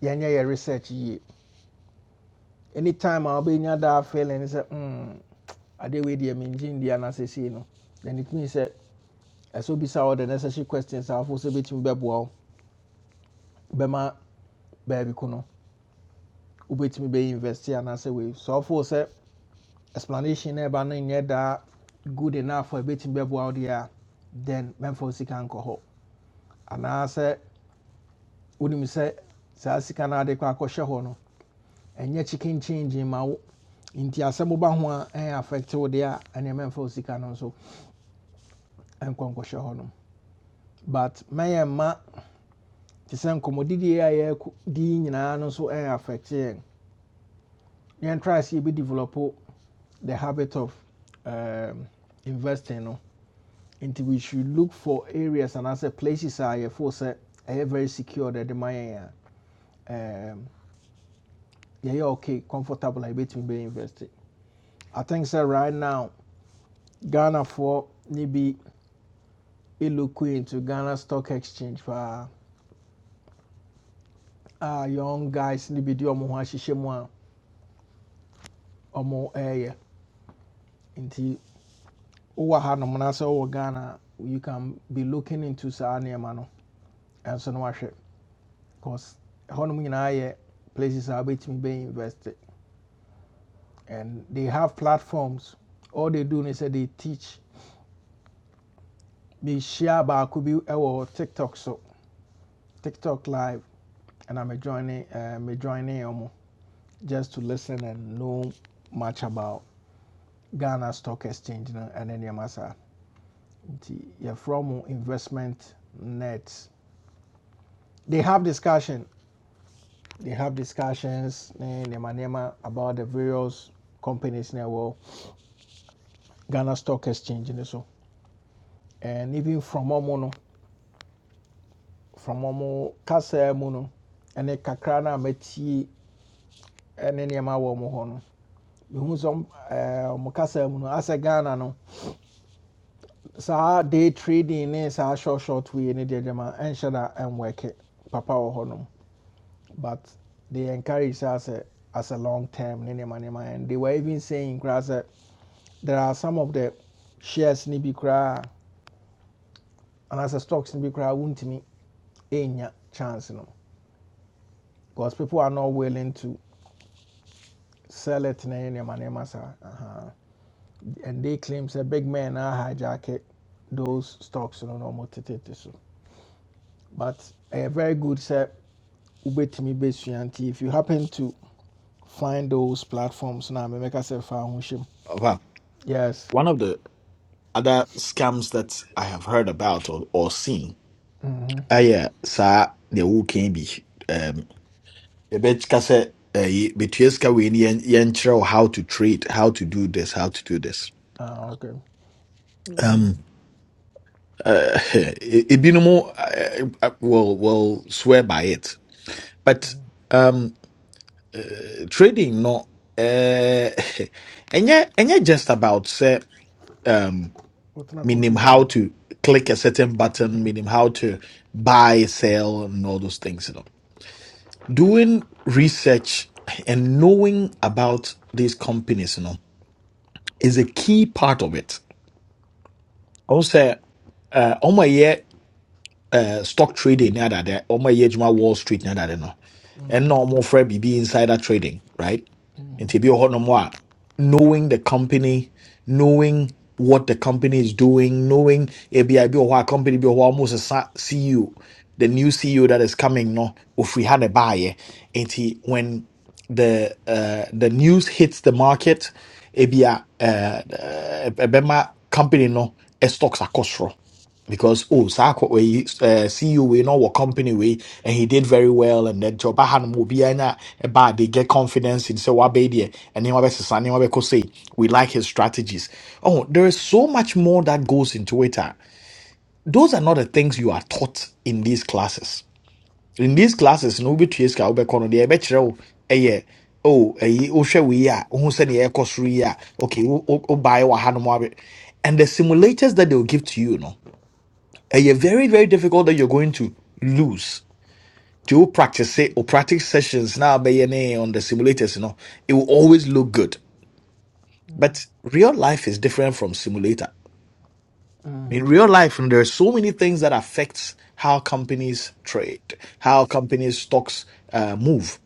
[SPEAKER 1] yɛnyɛ yɛ research yie anytime I'll be near that failing, is a wobɛnya daa feeling sɛ mm, adeɛ wei deɛ mengye nni anaasɛ sei no then it means that. ɛsɛ obisa all the necessary questions a afo sɛ bɛtumi bɛboa wo bɛma baabi ko no wobɛtumi bɛyɛ invest anaasɛ wei so afo sɛ explanation na ɛba no nyɛ daa good enough a ɛbɛtumi bɛboa wo deɛ a then mɛmfa wo sika nkɔ hɔ anaasɛ wonim sɛ saa sika no ade kɔ akɔhyɛ hɔ no ɛnyɛ chicken change ma wo nti asɛm woba ho a ɛyɛ affect wo deɛ a ɛneɛ sika no nso ɛnkɔ nkɔhyɛ hɔ nom but mɛyɛ ma te sɛ nkɔmmɔdidie a yɛdi nyinaa no nso ɛyɛ affect yɛn and try sɛ yɛbi develop the habit of um, investing no, into nti we should look for areas and anaasɛ places a yɛfo sɛ ɛyɛ very secure that the money yɛn a um, yɛyɛ okay comfortable a yɛbɛtumi bɛ invested. i think sɛ right now Ghana for maybe look into ghana stock exchange for a young guys maybe do de ɔmo ho ahyehyɛ mu a ɔmo ɛɛyɛ nti wowɔ hanom na sɛ wowɔ ghana you can be looking into saa nneɛma no And so na wahwɛ because hɔnom nyinaa yɛ places are between being invested, and they have platforms all they do is sɛ they teach They share mehyia could be our tiktok so tiktok live and I'm joining uh, me joining ɔmo just to listen and know much about Ghana Stock Exchange no ɛne nneɛma saa nti yɛfrɛ mo investment nets. they have discussion they have discussions ne nneɛma nneɛma about the various companies na world. Ghana Stock Exchange ne so and even from ɔmo no from ɔmo kasa mu no ɛne kakra no a matie ɛne nneɛma wɔ ɔmo hɔ no mehu sɛ ɔm- ɛɛ, ɔmo kasa mu no asɛ Ghana no sa day trading ne sa short short wei ne deɛ gyama ɛnhyɛ da ɛnwɛke papa wɔ hɔ nom but they encourage sɛ as a as a long term ne nneɛma nneɛma and they were even saying koraa there are some of the shares ne bi kra, and as a, stocks ne bi koraa a wontumi ɛnya chance no because people are not willing to sell it in any manner. Uh-huh. And they claim say big men are uh, hijack those stocks no normal tete so. But a uh, very good say ubetimi besuanti if you happen to find those platforms now make yourself foundation. Yes.
[SPEAKER 5] one of the other scams that i have heard about or, or seen ɛyɛ yeah, sir, the bi can be. sɛ ɛyi, betua sika wei ni yɛn- yɛnkyerɛ wo how to trade how to do this how to do this
[SPEAKER 1] Ah okay.
[SPEAKER 5] uh, ebinom uh, I I will will swear by it but um uh, trading no uh and yeah and yeah just about say um
[SPEAKER 1] What's na
[SPEAKER 5] meaning
[SPEAKER 1] computer?
[SPEAKER 5] how to click a certain button meaning how to buy sell and all those things you know doing research and knowing about these companies you know is a key part of it also uh uh, stock trading ne adade ɔmo ɛyɛ adwuma wall street ne adade no ɛnna ɔmo frɛ biribi insider trading right nti ebi wɔ no more knowing the company knowing what the company is doing knowing ebi a ebi wɔ hɔ company be wɔ hɔ a ɔmo sesa ceo the new ceo that is coming no If ofiri ha na baayɛ nti when the uh, the news hits the market ebi a ɛbɛma company no eh, stocks are soro because oh Sako we uh, CEO we know what company we and he did very well and that job han will be in a bad, they get confidence in say "What wabedia and then say we like his strategies. Oh, there is so much more that goes into it. ah. Those are not the things you are taught in these classes. In these classes, no be trace ka obekono de ebekyerɛ eh yeah. oh eh wohwɛ we a who said the air cost okay wo buy wa hanom abe and the simulators that they'll give to you no ɛyɛ very very difficult that you're going to lose to wo practice it or practice sessions now bɛyɛ ne on the simulators you know it will always look good but real life is different from simulator in
[SPEAKER 1] Mhm.
[SPEAKER 5] real life and there are so many things that affects how companies trade how companies stocks uh, move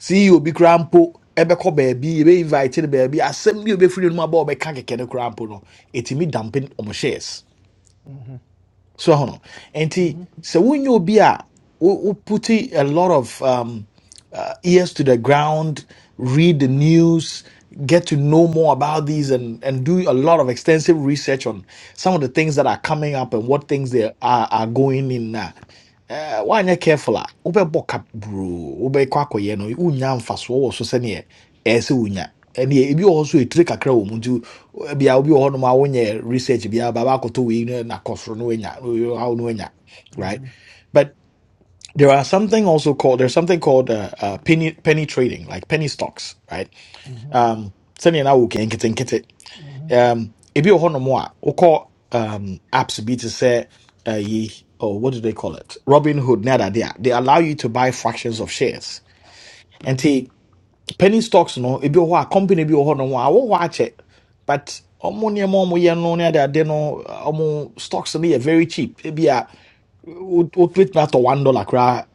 [SPEAKER 5] See, you be crampo, ebeko baabi be invite no baabi asɛm bi a obɛfiri no mu aba a ɔbɛka kɛkɛ no koraa dumping no shares so hold enti
[SPEAKER 1] Mhm.
[SPEAKER 5] and so when you be a we put a lot of um uh, ears to the ground read the news get to know more about these and and do a lot of extensive research on some of the things that are coming up and what things they are, are going in now uh, wanyɛ careful a wobɛbɔ cap bro wobɛkɔ akɔyɛ no wonya mfasoɔ wɔ so sɛneɛ ɛɛ sɛ wonya ɛneɛ ebi wɔ hɔ so ɛtire bia obi wɔ hɔnom a wonyɛ research bia baba akɔtɔ wei no na kɔ soro no wanya no, no, how no wanya right but there are something also called there's something called uh, uh, penny penny trading like penny stocks right um sɛnea na wokɛ nketenkete um ebi wɔ hɔnom a wo call um apps bi to say, uh, yi oh what do they call it robin hood ne adade they allow you to buy fractions of shares And penny stocks no ebi wɔ hɔ a company bi wɔ hɔ nom a wɔwɔ hɔ akyɛ but ɔmo nneɛma a ɔmo yɛ no ne ade ade no uh, ɔmo stocks no yɛ very cheap ebi a wotumi atɔ one dollar koraa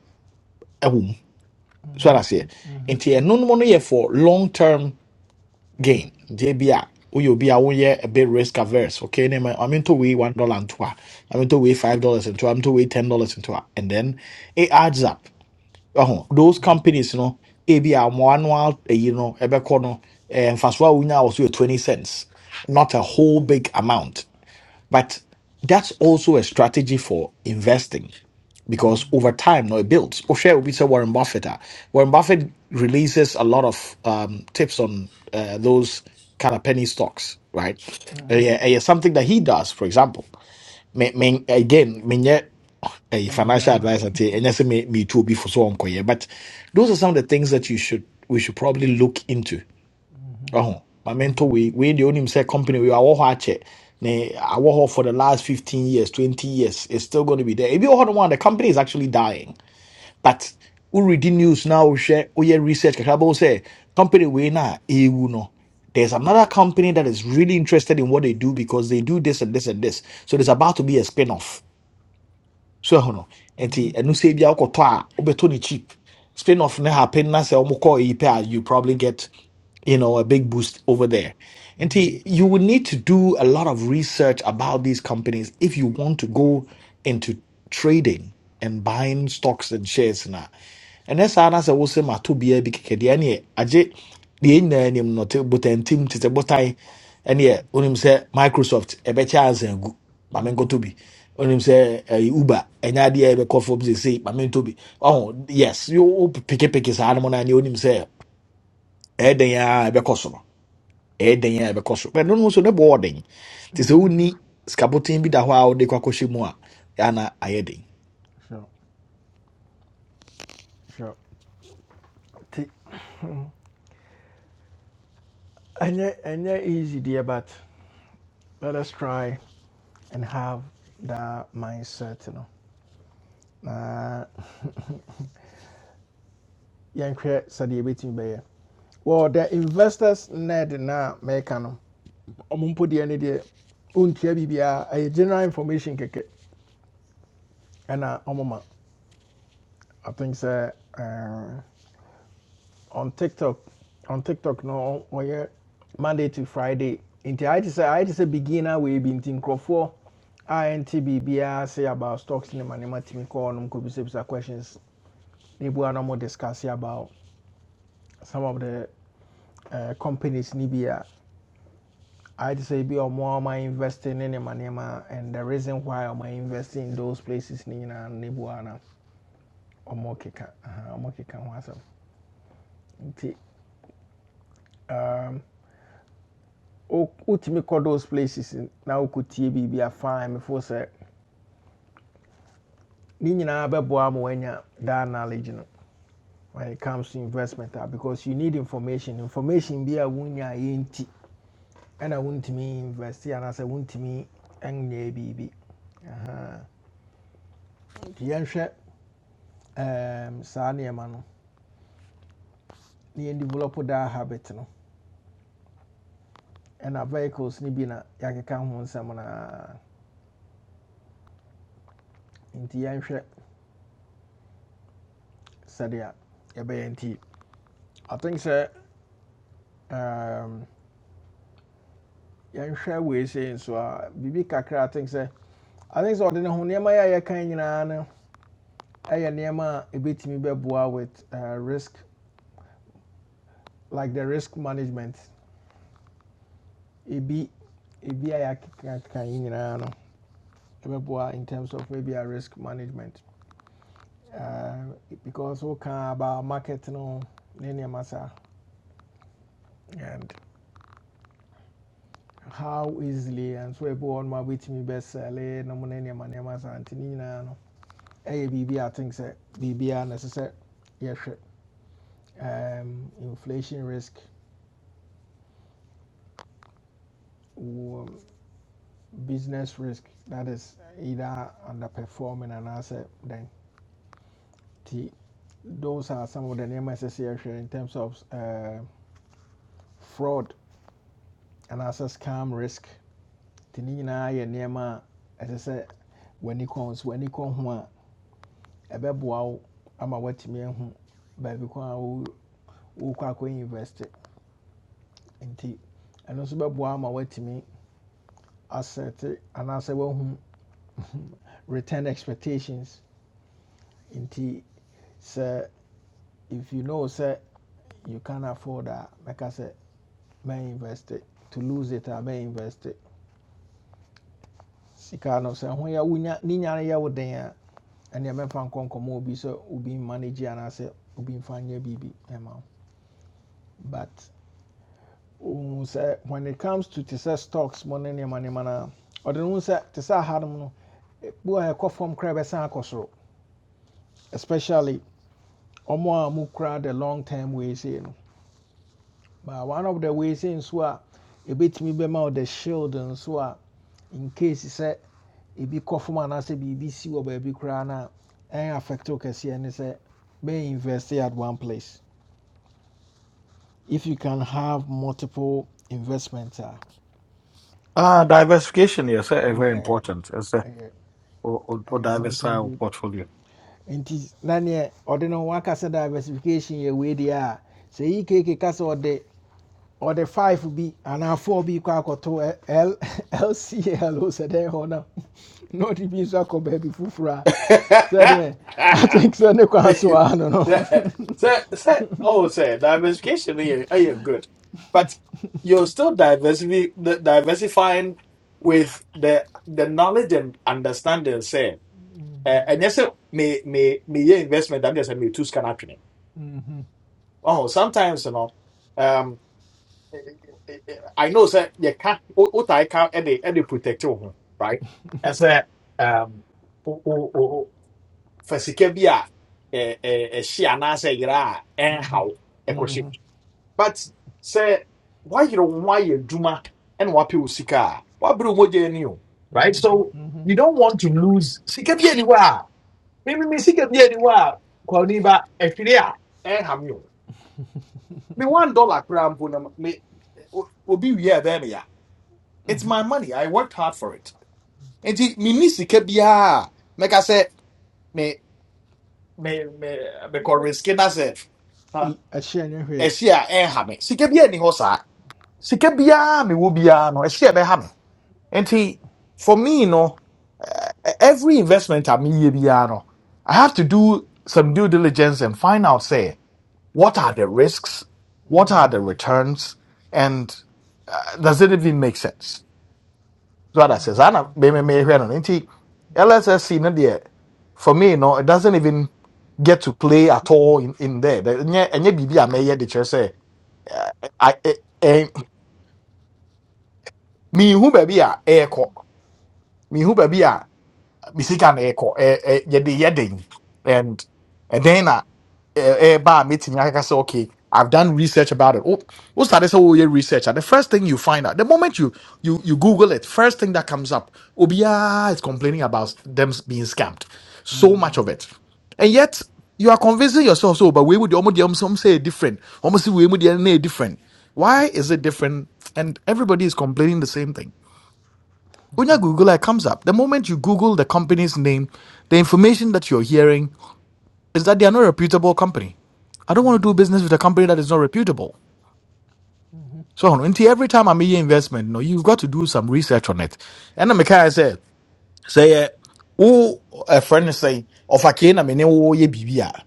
[SPEAKER 5] ɛwɔ so ara seɛ nti ɛno nom no yɛ for long term gain deɛ bi a woyɛ obi a woyɛ a bit risk averse okay ne ma am into wei one dollar into. a am into wei five dollars into. a am into wei ten dollars into. a and then it adds up ɔho those companies you know, ebi a mo annual eh, you know, ɛbɛkɔ no and mfasoɔ a wonya wɔ so 20 cents not a whole big amount but that's also a strategy for investing because over time no it builds wohwɛ obi sɛ warren buffett a warren buffett releases a lot of um, tips on uh, those kind of penny stocks right ɛyɛ ɛyɛ something that he does for example me, me, again a
[SPEAKER 1] Financial.
[SPEAKER 5] financial
[SPEAKER 1] adwa.
[SPEAKER 5] advisor, and say, and yes, me, me too, before for so on. koye." But those are some of the things that you should we should probably look into. Oh, my mentor, we we the only say company we are all hard check. Ne, I work hard for the last 15 years, 20 years. It's still going to be there. If you hold one, the company is actually dying. But who read the news now? We share, we hear research. Kakabo say, company we na, eh, we no. There's another company that is really interested in what they do because they do this and this and this. So there's about to be a spin off so ɛho no nti ɛno sɛ bia wokɔtɔ a wobɛtɔ no cheap spin off ne happen na sɛ ɔmo kɔ eyi pɛ a you probably get you know a big boost over there nti you will need to do a lot of research about these companies if you want to go into trading and buying stocks and shares ɛnɛ saa na sɛ wo se mato biara bi kɛkɛ deɛ ɛneɛ agye deɛ nyinaa nim no te botantim te sɛ botan ɛneɛ wonim sɛ microsoft ɛbɛkyɛ ansa agu ma menkɔtɔ
[SPEAKER 1] Mm.
[SPEAKER 5] bi wonim sɛ ɛyɛ uber ɛnyɛ adeɛ a ɛbɛkɔ fam sesei ma mentɔ bi ɔho yes you peke peke saa no na no a, neɛ wonim sɛ ɛyɛ dɛn ara ɛbɛkɔ so no ɛɛdɛn a ɛbɛkɔ so bɛn no nso ne bɔ ɔden te sɛ wonni sikaboten bi da hɔ a wode kɔ akɔhyɛ mu a ɛana ayɛ den
[SPEAKER 1] Sure. Sure. Ti- ɛnyɛ ɛnyɛ easy deɛ but let us try. and have that mindset, you know. Uh, yɛnhwɛ sɛdeɛ ɛbɛtumi bɛyɛ well the investors ned na mɛka no ɔmo mpo deɛ ne deɛ ɔntua biribiaa ɛyɛ general information kɛkɛ And ɔmo ma i think sɛ uh, on tiktok on tiktok no ɔ- monday to friday nti I just say I just say beginner we bi nti nkurɔfoɔ a ɛnte say about stocks In the ma nneɛma call kɔɔ nom kɔbisabisa questions ne bua na ɔmo discuss about some of the uh, companies in Libya, I I'd say be ɔmo more my investing in nneɛma and the reason why I'm investing in those places ni nyinaa ne bu ana ɔmo keka um, wo- wotumi those places n- na wokɔtie a fine mefo sɛ ne nyinaa bɛboa ma that knowledge no when it comes to investment ah, because you need information information bi a wonya yɛnti ɛna wontumi invest and I anaasɛ wontumi nyɛ biribi Aha. nti yɛnhwɛ em, saa nneɛma no na yɛn develop daa habit no ɛna vehicles no bi na yɛakeka ho nsɛm naa nti yɛnhwɛ sɛdeɛ yɛbɛyɛ nti i think sɛ em, yɛnhwɛ wei sei nso a kakra i think sɛ i think sɛ ɔde ne ho nneɛma yɛ a yɛkan nyinaa no ɛyɛ nneɛma a ɛbɛtumi bɛboa with eh, risk like the risk management ebi ebi a yɛakeka yi nyinaa no ɛbɛboa in terms of maybe a risk management uh, because we can about market no any massa and how easily and so everyone ma with me best sell it no money money massa antinina no eh bibi I think say bibi necessary yes um inflation risk wo- business risk that is either underperforming and asset then t those are some of the names association in terms of uh, fraud and asset scam risk tini as I nneɛma When w'ani kɔn so w'ani kɔ ho a bebo, I'm a wet man. ɛbɛboa wo ama woatumi ahu baabi and also wo- wokɔ akɔ a nti ɛno nso bɛboa ama and asɛte anaasɛ woahu return expectations nti sɛ if you know sɛ you can not afford a mɛka sɛ invest it to lose it a invest it sika no when you are, wonya ne nya no and wo den a ɛneɛ So nkɔ nkɔmmɔ obi sɛ obi mmanage anaasɛ obi mfa nyɛ baby, ɛma wo but ohun sɛ when it comes to te stocks money, ne money. nneɛma no a, ɔde no hu sɛ te sɛ aha nom no bu a ɛkɔ fam especially ɔmo a mo kura the long term ways in. but one of the ways in nso a bit ebetumi bɛma wo the shield nso a in case sɛ ebi kɔ fam anaasɛ biribi si wɔ baabi koraa no a ɛn affect wo kɛseɛ ne sɛ bɛyɛ invest at one place if you can have multiple investments a
[SPEAKER 5] Ah, diversification, yes, eh, very
[SPEAKER 1] yeah
[SPEAKER 5] important. Yes, eh,
[SPEAKER 1] ɛyɛ
[SPEAKER 5] or, or, or
[SPEAKER 1] ɛyɛ
[SPEAKER 5] diversify
[SPEAKER 1] something
[SPEAKER 5] our
[SPEAKER 1] good
[SPEAKER 5] portfolio.
[SPEAKER 1] nti na neɛ ɔde ne ho akasa diversification yɛ wei deɛ a sɛ yi keke ka sɛ ɔde ɔde five B and anaa four bi kɔ akɔto Ɛ- L- lcl o sɛ dɛn no na ɔde so, nso akɔ baabi foforɔ a so atink sɛ ne kwan so a no no
[SPEAKER 5] sɛ Oh, yeah, good. But you're still diversify, the- diversifying with the the knowledge and understanding, say. Uh, and yes, eh, me me me yeah, investment. I'm just me too scan training.
[SPEAKER 1] Mhm,
[SPEAKER 5] Oh, sometimes you know. Um, eh, eh, eh, eh, I know, sir. You can't. What I can, any any protect your home, right? As a um, o- o- o- o- for secure be a a a she and I yeah, and how?
[SPEAKER 1] mhm,
[SPEAKER 5] but say why you ho ayɛ adwuma ɛna woapɛ wo sika a woabere wo mogya right
[SPEAKER 1] mhm,
[SPEAKER 5] so
[SPEAKER 1] mhm.
[SPEAKER 5] you don't want to lose sika bi ani hɔ a mememe sika bi ani hɔ a kwani ba ahwere a me one dollar koraa mpo no me o- obi wie a me ya it's my money i worked hard for it nti menni sika biaa a mɛka sɛ me me me mekɔ riske na sɛ ha,
[SPEAKER 1] L- ɛhyeɛ
[SPEAKER 5] ɛhye a ɛnha me call risk it myself. Huh? Esia and ham. sika bi ani hɔ saa sika biaa mewɔ biaa no ɛhye a ɛbɛha And he, for me, you know, e- every investment I mean, you know, I have to do some due diligence and find out, say, what are the risks? What are the returns? And uh, does it even make sense? So what I says. I don't, me- me- me- hwɛ no. Nti, LSSC, no deɛ, for me, you know, it doesn't even get to play at all in, in there. And yet, BB, I may yet the chair say, I, I, eh, eh, me who baby, air cock, me who misika na ɛkɔ ɛ- ɛ- yɛde yɛ den and and then, na ɛ- ɛɛba a metumi akeka sɛ okay i've done research about it wo wo sade sɛ woyɛ research a the first thing you find out the moment you you you google it first thing that comes up obiaa is complaining about them being scammed so much
[SPEAKER 1] Mhm.
[SPEAKER 5] of it and yet you are convincing yourself so but we would almost um, some say different almost we would different why is it different and everybody is complaining the same thing when you Google, it comes up. The moment you Google the company's name, the information that you're hearing is that they are not a reputable company. I don't want to do business with a company that is not reputable. So on until every time I make an investment, no, you've got to do some research on it. And the guy said, say, oh, a friend is saying, of a cane, I mean, oh, ye bibia.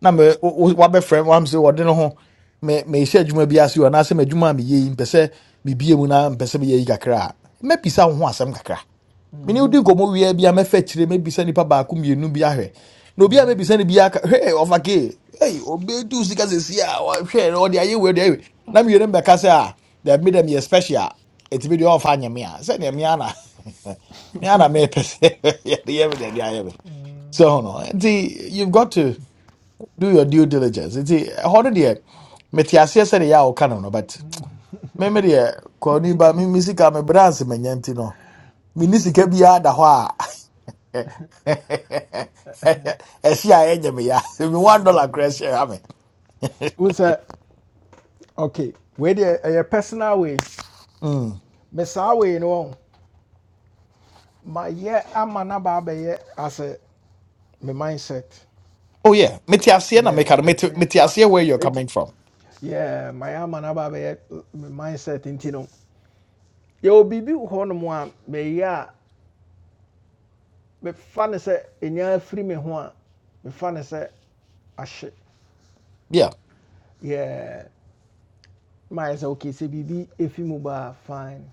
[SPEAKER 5] Na me, what my friend, I'm saying, what do you know? Me, me, share juma bi asu, and I say, me juma mi ye, mpese, mi biye muna, mpese mi ye kakra. Me pisa ho asem kakra. mene wodi
[SPEAKER 1] Mhm.
[SPEAKER 5] nkɔmmɔ wie bia mɛfa kyire mɛbisa nnipa baako mmienu bi ahwɛ na obi a mɛbisa no bia ka hwɛ ɔfake hey, obɛtu sika sɛsi a hwɛ na ɔde ayɛ wei ɔde ayɛ wei." na mmienu no bɛka sɛ a da me dɛ meyɛ special a ɛtumi deɛ ɔmfa nyɛ me a sɛneɛ me ana me ana mɛpɛ sɛ yɛde yɛ me deɛ de me so no nti you've got to do your due diligence nti ɛhɔ no deɛ mete aseɛ sɛdeɛ yɛ a woka no no but me me deɛ kɔni ba me me sika me brɛ ase manya nti no menni sika biara ɛsi a ɛnyɛ me ya me one dollar kura I mean. me
[SPEAKER 1] wohu sɛ okay where deɛ ɛyɛ personal wei
[SPEAKER 5] Mm.
[SPEAKER 1] mesaa wei no wɔn ma yɛ ama na ba abɛyɛ asɛ me mindset
[SPEAKER 5] oh yeah Metiasia na
[SPEAKER 1] yeah
[SPEAKER 5] meka no
[SPEAKER 1] me,
[SPEAKER 5] mete
[SPEAKER 1] me ma
[SPEAKER 5] where you're coming from
[SPEAKER 1] yeah ma am an na ba uh, mindset nti no Yo, biribi wɔ hɔ nom a meyɛ a mefa ne sɛ ɛnya afiri me ho a mefa ne sɛ ahye
[SPEAKER 5] yeah
[SPEAKER 1] yeah ma yɛ okay say biribi ɛfi mu baa fine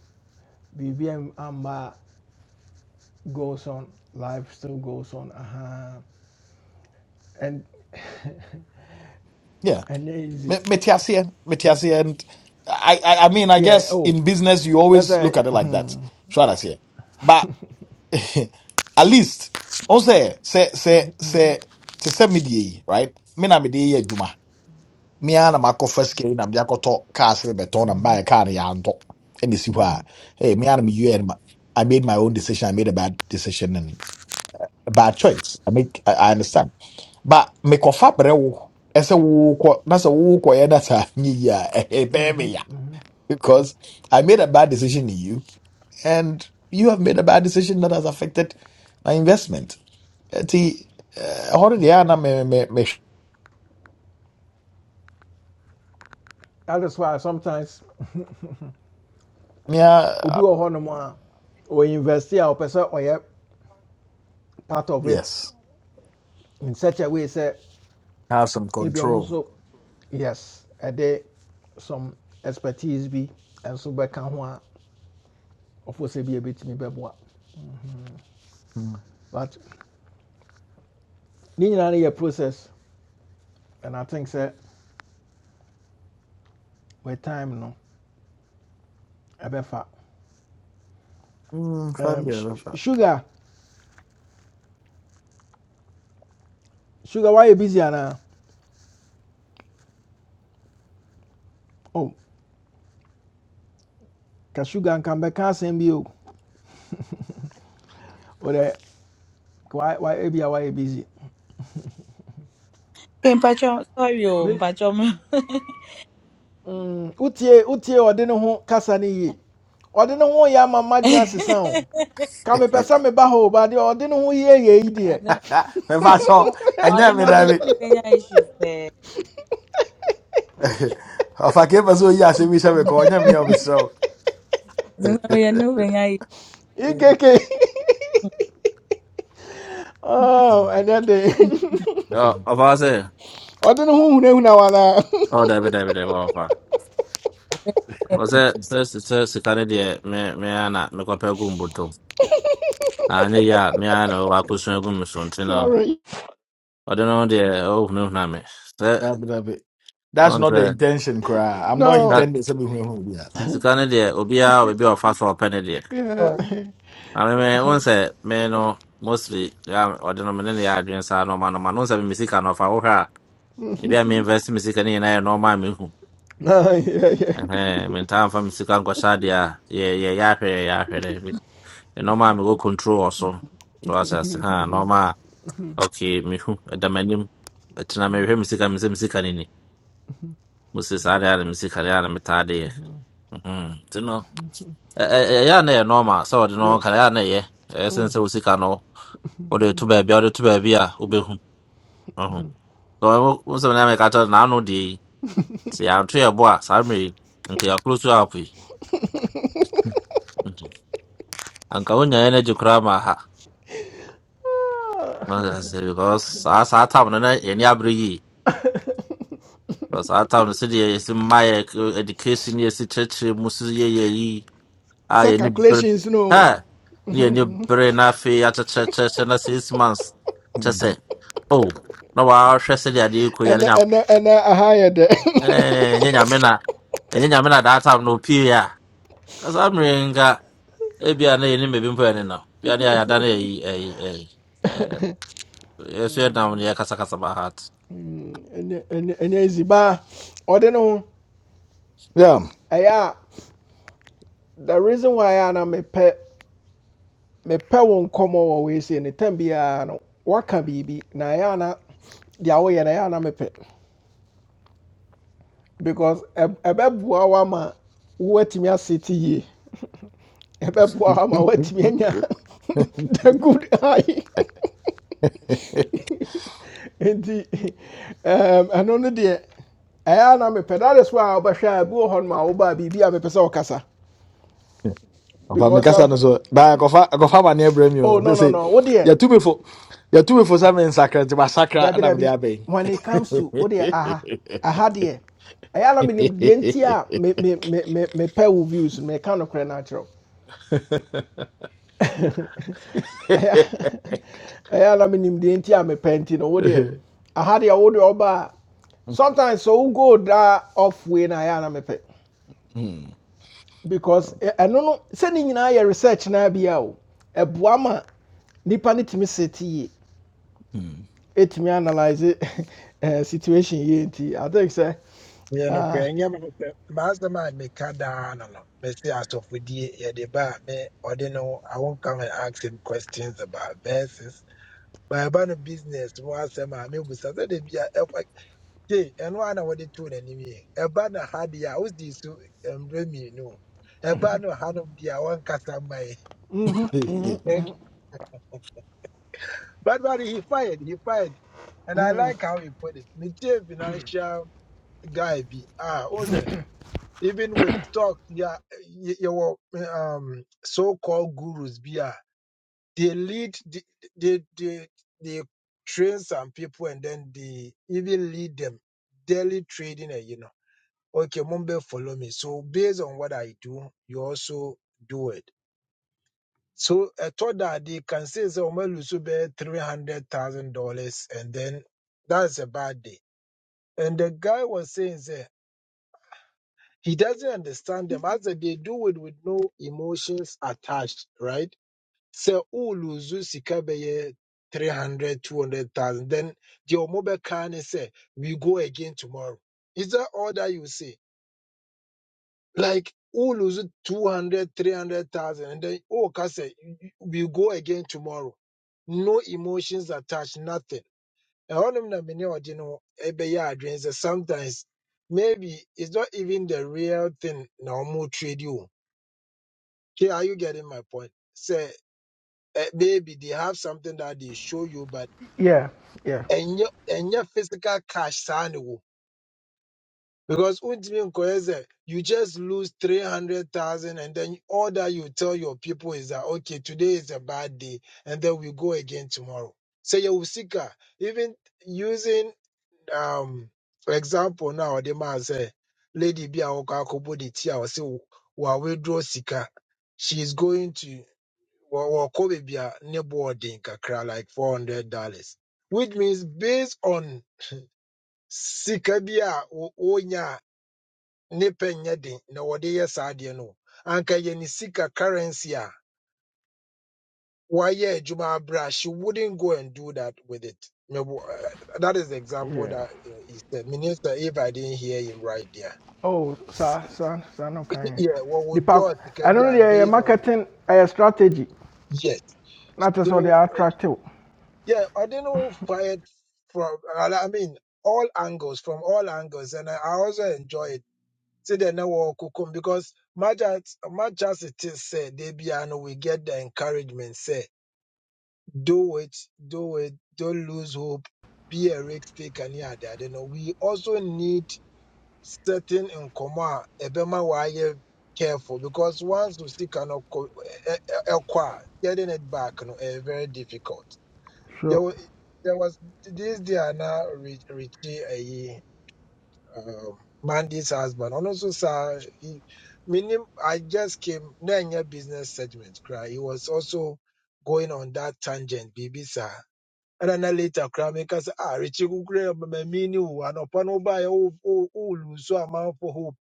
[SPEAKER 1] biribi am- amba goes on life still goes on aha and
[SPEAKER 5] yeah
[SPEAKER 1] and
[SPEAKER 5] Me-
[SPEAKER 1] easy
[SPEAKER 5] Metiasia, aseɛ and I, I i mean i
[SPEAKER 1] yeah
[SPEAKER 5] guess
[SPEAKER 1] oh
[SPEAKER 5] in business you
[SPEAKER 1] that's
[SPEAKER 5] always
[SPEAKER 1] a
[SPEAKER 5] look at it like
[SPEAKER 1] Hmm.
[SPEAKER 5] that so I say but at least on say say say say to sɛ me die right me na me die yɛ me ara na first sika yi na mede akɔtɔ kaa sere bɛtɔn na mbaɛ kaa no yɛantɔ ɛna ɛsi hɔ a hey, me ara na meyɛ no ma- I made my own decision. I made a bad decision and a bad choice. I make I, I understand. But me kofa brewo. Ese wo ko na se wo ko na sa ni a e e be me ya because I made a bad decision in you and you have made a bad decision that has affected my investment. Eti eh, hore de ya na me me me
[SPEAKER 1] that is why sometimes
[SPEAKER 5] me
[SPEAKER 1] obi
[SPEAKER 5] a-
[SPEAKER 1] wɔ hɔnom a ɔyɛ investi a part of it
[SPEAKER 5] yes.
[SPEAKER 1] in such a way sɛ
[SPEAKER 5] Have some
[SPEAKER 1] ebi ɔno
[SPEAKER 5] control.
[SPEAKER 1] also yes ɛde some expertise be bi nso bɛka ho a ɔfo sɛ bi ebetumi bɛboa
[SPEAKER 5] Hmm.
[SPEAKER 1] but ne nyinaa no yɛ process and i think sɛ with time no ɛbɛfa
[SPEAKER 5] Mm,
[SPEAKER 1] um, sh-
[SPEAKER 5] fabio,
[SPEAKER 1] sh- sugar sugar why you busy anaa oh ka sugar nka mbɛka asɛm bi o ɔdɛ why bi a wayɛ busy.
[SPEAKER 4] Okay, Mpacho, sorry, oh, Mpacho.
[SPEAKER 1] Mm, wotie wotie ɔde ne ho kasa ne yie ɔde ne ho yɛ ama mmadwe asesa o ka mepɛ sɛ meba hɔ o baade ɔde ne ho yie yɛ yi deɛ
[SPEAKER 4] Ade-
[SPEAKER 5] me maso
[SPEAKER 4] ọdịna-
[SPEAKER 5] enya me
[SPEAKER 4] ọdịna
[SPEAKER 5] david
[SPEAKER 4] omenala Kenya issues there.
[SPEAKER 5] ɔfake pa so yi asɛm yi hyɛ me kɔ ɔnyɛ me a ɔmeserɛ wo
[SPEAKER 4] Zina we no Kenya issues.
[SPEAKER 1] ikeke
[SPEAKER 4] Okay,
[SPEAKER 1] oh, ɛnɛ de
[SPEAKER 7] Ɔ- Ɔfa hɔ sɛ
[SPEAKER 1] ɔde ne ho hunahuna wanaa
[SPEAKER 7] ɔ dabi dabi dabi ɔfa.
[SPEAKER 4] of
[SPEAKER 7] Ɔ sɛ sɛ sɛ sika no deɛ me me ara na mekɔpɛ gu mbotom. Na anyɛ yie a me ara na ɔwɔ akosua gu me so nti no
[SPEAKER 1] sorry
[SPEAKER 7] ɔde no ho deɛ ɔhunahuna me. Sɛ
[SPEAKER 5] that's
[SPEAKER 7] ɔn
[SPEAKER 5] not
[SPEAKER 7] sɛ
[SPEAKER 5] the intention koraa i'm not
[SPEAKER 7] sika
[SPEAKER 1] no
[SPEAKER 5] intended sɛ mehuahu bia
[SPEAKER 7] sika no deɛ obiara wɔ baabi a ɔfa so a ɔpɛ ne deɛ.
[SPEAKER 1] yeah.
[SPEAKER 4] course.
[SPEAKER 7] Na me me ɔn sɛ me no mostly ya ɔde no me ne ne yɛ adwene saa na ɔma no ma no ɔn sɛ me me sika no ɔfa ebia meinvest me sika no nyinaa yɛ nɔɔma a mehu
[SPEAKER 1] no yeah, yeah.
[SPEAKER 7] mentaa mfa ya sika nkɔhyɛ adeɛ a yɛ- yɛyɛ ahwɛ yɛyɛ ahwɛ control also. so so ha nɔɔma ok mihu. ɛda m'anim ɛtena mehwɛ me sika me sɛ me sika no ni mose saa deɛ a na me sika Mhm. nti no ɛ- ɛ- ɛyɛ a na ɛyɛ nɔɔma sɛ wɔde
[SPEAKER 1] Yeah.
[SPEAKER 7] no ka ɛyɛ a na ɛyɛ ɛyɛ sen
[SPEAKER 1] Mm.
[SPEAKER 7] no Ode tu baabi a wode to baabi a wobɛhu Mhm. Nti wo- wo sɛ me ka to na meka kyerɛ wo, n'ano deɛ yi sɛ yɛanto yɛ bo a saa mmerɛ yi nka yɛakoro so Mhm. An ka wunya yana ha. Wanda sai Because a sa ta mu na yani abri Because a ta mu su da su ma education ya su cece musu ya yayi. A
[SPEAKER 1] Some
[SPEAKER 7] yani bir.
[SPEAKER 1] calculations no
[SPEAKER 7] Ha. Ni yani bir na fe ya ta cece ce na six months. Ta say Oh. Na wa hwɛ sɛ de ade ko ya
[SPEAKER 1] And
[SPEAKER 7] nya.
[SPEAKER 1] and and I hired. dɛ
[SPEAKER 7] Eh, nya nya me na. Nya no pie ya. Because am renga e bia na yani me bi mpo ya ne na. Bia ne ya da na yayi. Eh, eh. yɛsɛ nam ne yɛkasakasa bahat
[SPEAKER 1] And and ɛnyɛ easy baa ɔde ne ho
[SPEAKER 5] yeah
[SPEAKER 1] ɛyɛ the reason why a na mepɛ mepɛ wo nkɔmmɔ wɔ wei sei ne tam biara no waka biribi na ɛyɛ na deɛ woyɛ no ɛyɛ a na mepɛ because ɛb- ɛbɛboa wo ama woatumi asete yie ɛbɛboa wo ama woatumi anya the good eye nti um ɛno no deɛ ɛyɛ a na mepɛ that is why a wobɛhwɛ a ebi wɔ hɔ nom a wobaa biribi a mepɛ sɛ ɔkasa
[SPEAKER 5] ɔfa
[SPEAKER 1] because
[SPEAKER 5] mekasa
[SPEAKER 1] of
[SPEAKER 5] no so baa akɔfa akɔfa amaneɛ brɛ mi o
[SPEAKER 1] Oh
[SPEAKER 5] sɛ
[SPEAKER 1] no no
[SPEAKER 5] sɛ
[SPEAKER 1] no. What dear?
[SPEAKER 5] yɛtumi fo yɛtumi fo sɛ mensakra nti masakra
[SPEAKER 1] Debbie
[SPEAKER 5] na mede
[SPEAKER 1] Debbie.
[SPEAKER 5] abɛn
[SPEAKER 1] When it comes to what dear aha aha dear. I am not in the entire me me me me me pair of views me kind of natural. I am in the entire me painting over there. I had the old oba. Sometimes so go that off when I am me pay
[SPEAKER 5] Hmm,
[SPEAKER 1] because eh, I no no sending in our research na be out. A buama nipa ni timi seti
[SPEAKER 5] hmm.
[SPEAKER 1] me analyse eh, situation yie i think so.
[SPEAKER 9] Meyɛ nokorɛ
[SPEAKER 1] uh,
[SPEAKER 9] ɛnyɛ mepɛ mastermind meka daa no no mɛse asɔfodie yɛde ba a me ɔde no I won't come and ask him questions about verses but ɛba no business mu asɛm a mebusa sɛde bia ɛfa gye ɛno a na wɔde too n'anim yɛ ɛba no ha deɛ a wosii so mmerɛ mmienu o. ɛba no hanom deɛ a wɔnkasa mmae but but he fired he fired and I like how he put it metie financial guy bi a ah, even with talk yeah y- your um so-called gurus yeah, they lead the- they they they train some people and then they even lead them daily trading eh, you know okay mumbe follow me so based on what i do you also do it so i thought that they can say so lose about three hundred thousand dollars and then that's a bad day and the guy was saying say, He doesn't understand them. As they do it with no emotions attached, right? So, uluzu sika beye 300, 200,000. Then the omobe can say, we go again tomorrow. Is that all that you say? Like, uluzu 200, 300,000. And then, oh, kase, we go again tomorrow. No emotions attached, nothing. Ɛhɔ nom na me ne no ɛbɛyɛ adwene sɛ Sometimes, maybe it's not even the real thing na ɔmo trade you. Okay, are you getting my point? Say, eh, maybe they have something that they show you, but
[SPEAKER 1] yeah yeah
[SPEAKER 9] and your and your physical cash sign wo. because ultimately, Nkoyeze, you just lose three hundred thousand, and then all that you tell your people is that okay, today is a bad day, and then we go again tomorrow. Say you usika, even using um example now, the man say, lady be a wakakobo the tea, I will say, wa withdraw sika. She is going to wɔ wɔkɔ baabi a ne boɔ den kakra like four hundred dollars which means based on sika bi a wo- wonya a ne pɛ nyɛ den na wɔde yɛ saa adeɛ no anka yɛ ne sika currency a wayɛ adwuma abrɛ she wouldn't go and do that with it Me bo- uh, that is the example
[SPEAKER 1] yeah
[SPEAKER 9] that uh, he said minister if i didn't hear him right there
[SPEAKER 1] oh sir, sir, sir, no kan
[SPEAKER 9] yeah wɔwɔ
[SPEAKER 1] nipa
[SPEAKER 9] draw sika
[SPEAKER 1] ɛno no
[SPEAKER 9] bi a
[SPEAKER 1] know the
[SPEAKER 9] based on
[SPEAKER 1] marketing ɛyɛ strategy
[SPEAKER 9] yes
[SPEAKER 1] not te sɛ
[SPEAKER 9] so
[SPEAKER 1] ɔde
[SPEAKER 9] uh,
[SPEAKER 1] attract wo
[SPEAKER 9] Yeah, Ordino fired from, I mean, all angles, from all angles, and I I also enjoy it. See the network kukum because much as much as it is said, Debiano, we get the encouragement, say, do it, do it, don't lose hope, be a risk taker near that. You know, we also need certain in coma, ebema wire careful because once we see kind of getting it back, you know, eh, very difficult. There
[SPEAKER 1] sure
[SPEAKER 9] was, there was this Diana Rich- Richie, a um, Mandy's husband. And also, sir, he, minim, I just came, nine year business segment, cry. He was also going on that tangent, baby, sir. And then later, cry, because, ah, Richie, who grew up, my mini, and upon over, oh, oh, oh, so amount for hope.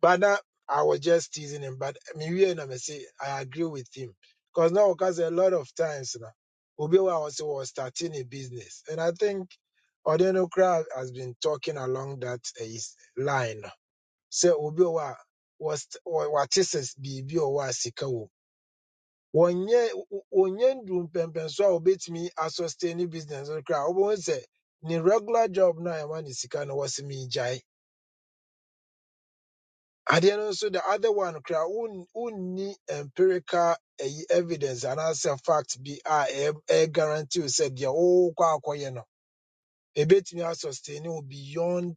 [SPEAKER 9] But now I was just teasing him. But me we and I say I agree with him because now because a lot of times now Obiwa was was starting a business, and I think Odeno Crowd has been talking along that eh, line. Say Obiwa wa was what is BB or was sikawo. Onye onye ndum pempem so obetimi a obetumi asustain business no kra obon say ni regular job na ɛma ne sika no wɔse me jai. adeɛ no nso the other one koraa won- wonni empirical ɛyi evidence anaasɛ fact bi a ɛyɛ ɛyɛ guarantee wo sɛ deɛ wokɔ akɔyɛ no ɛbɛtumi asustain wo beyond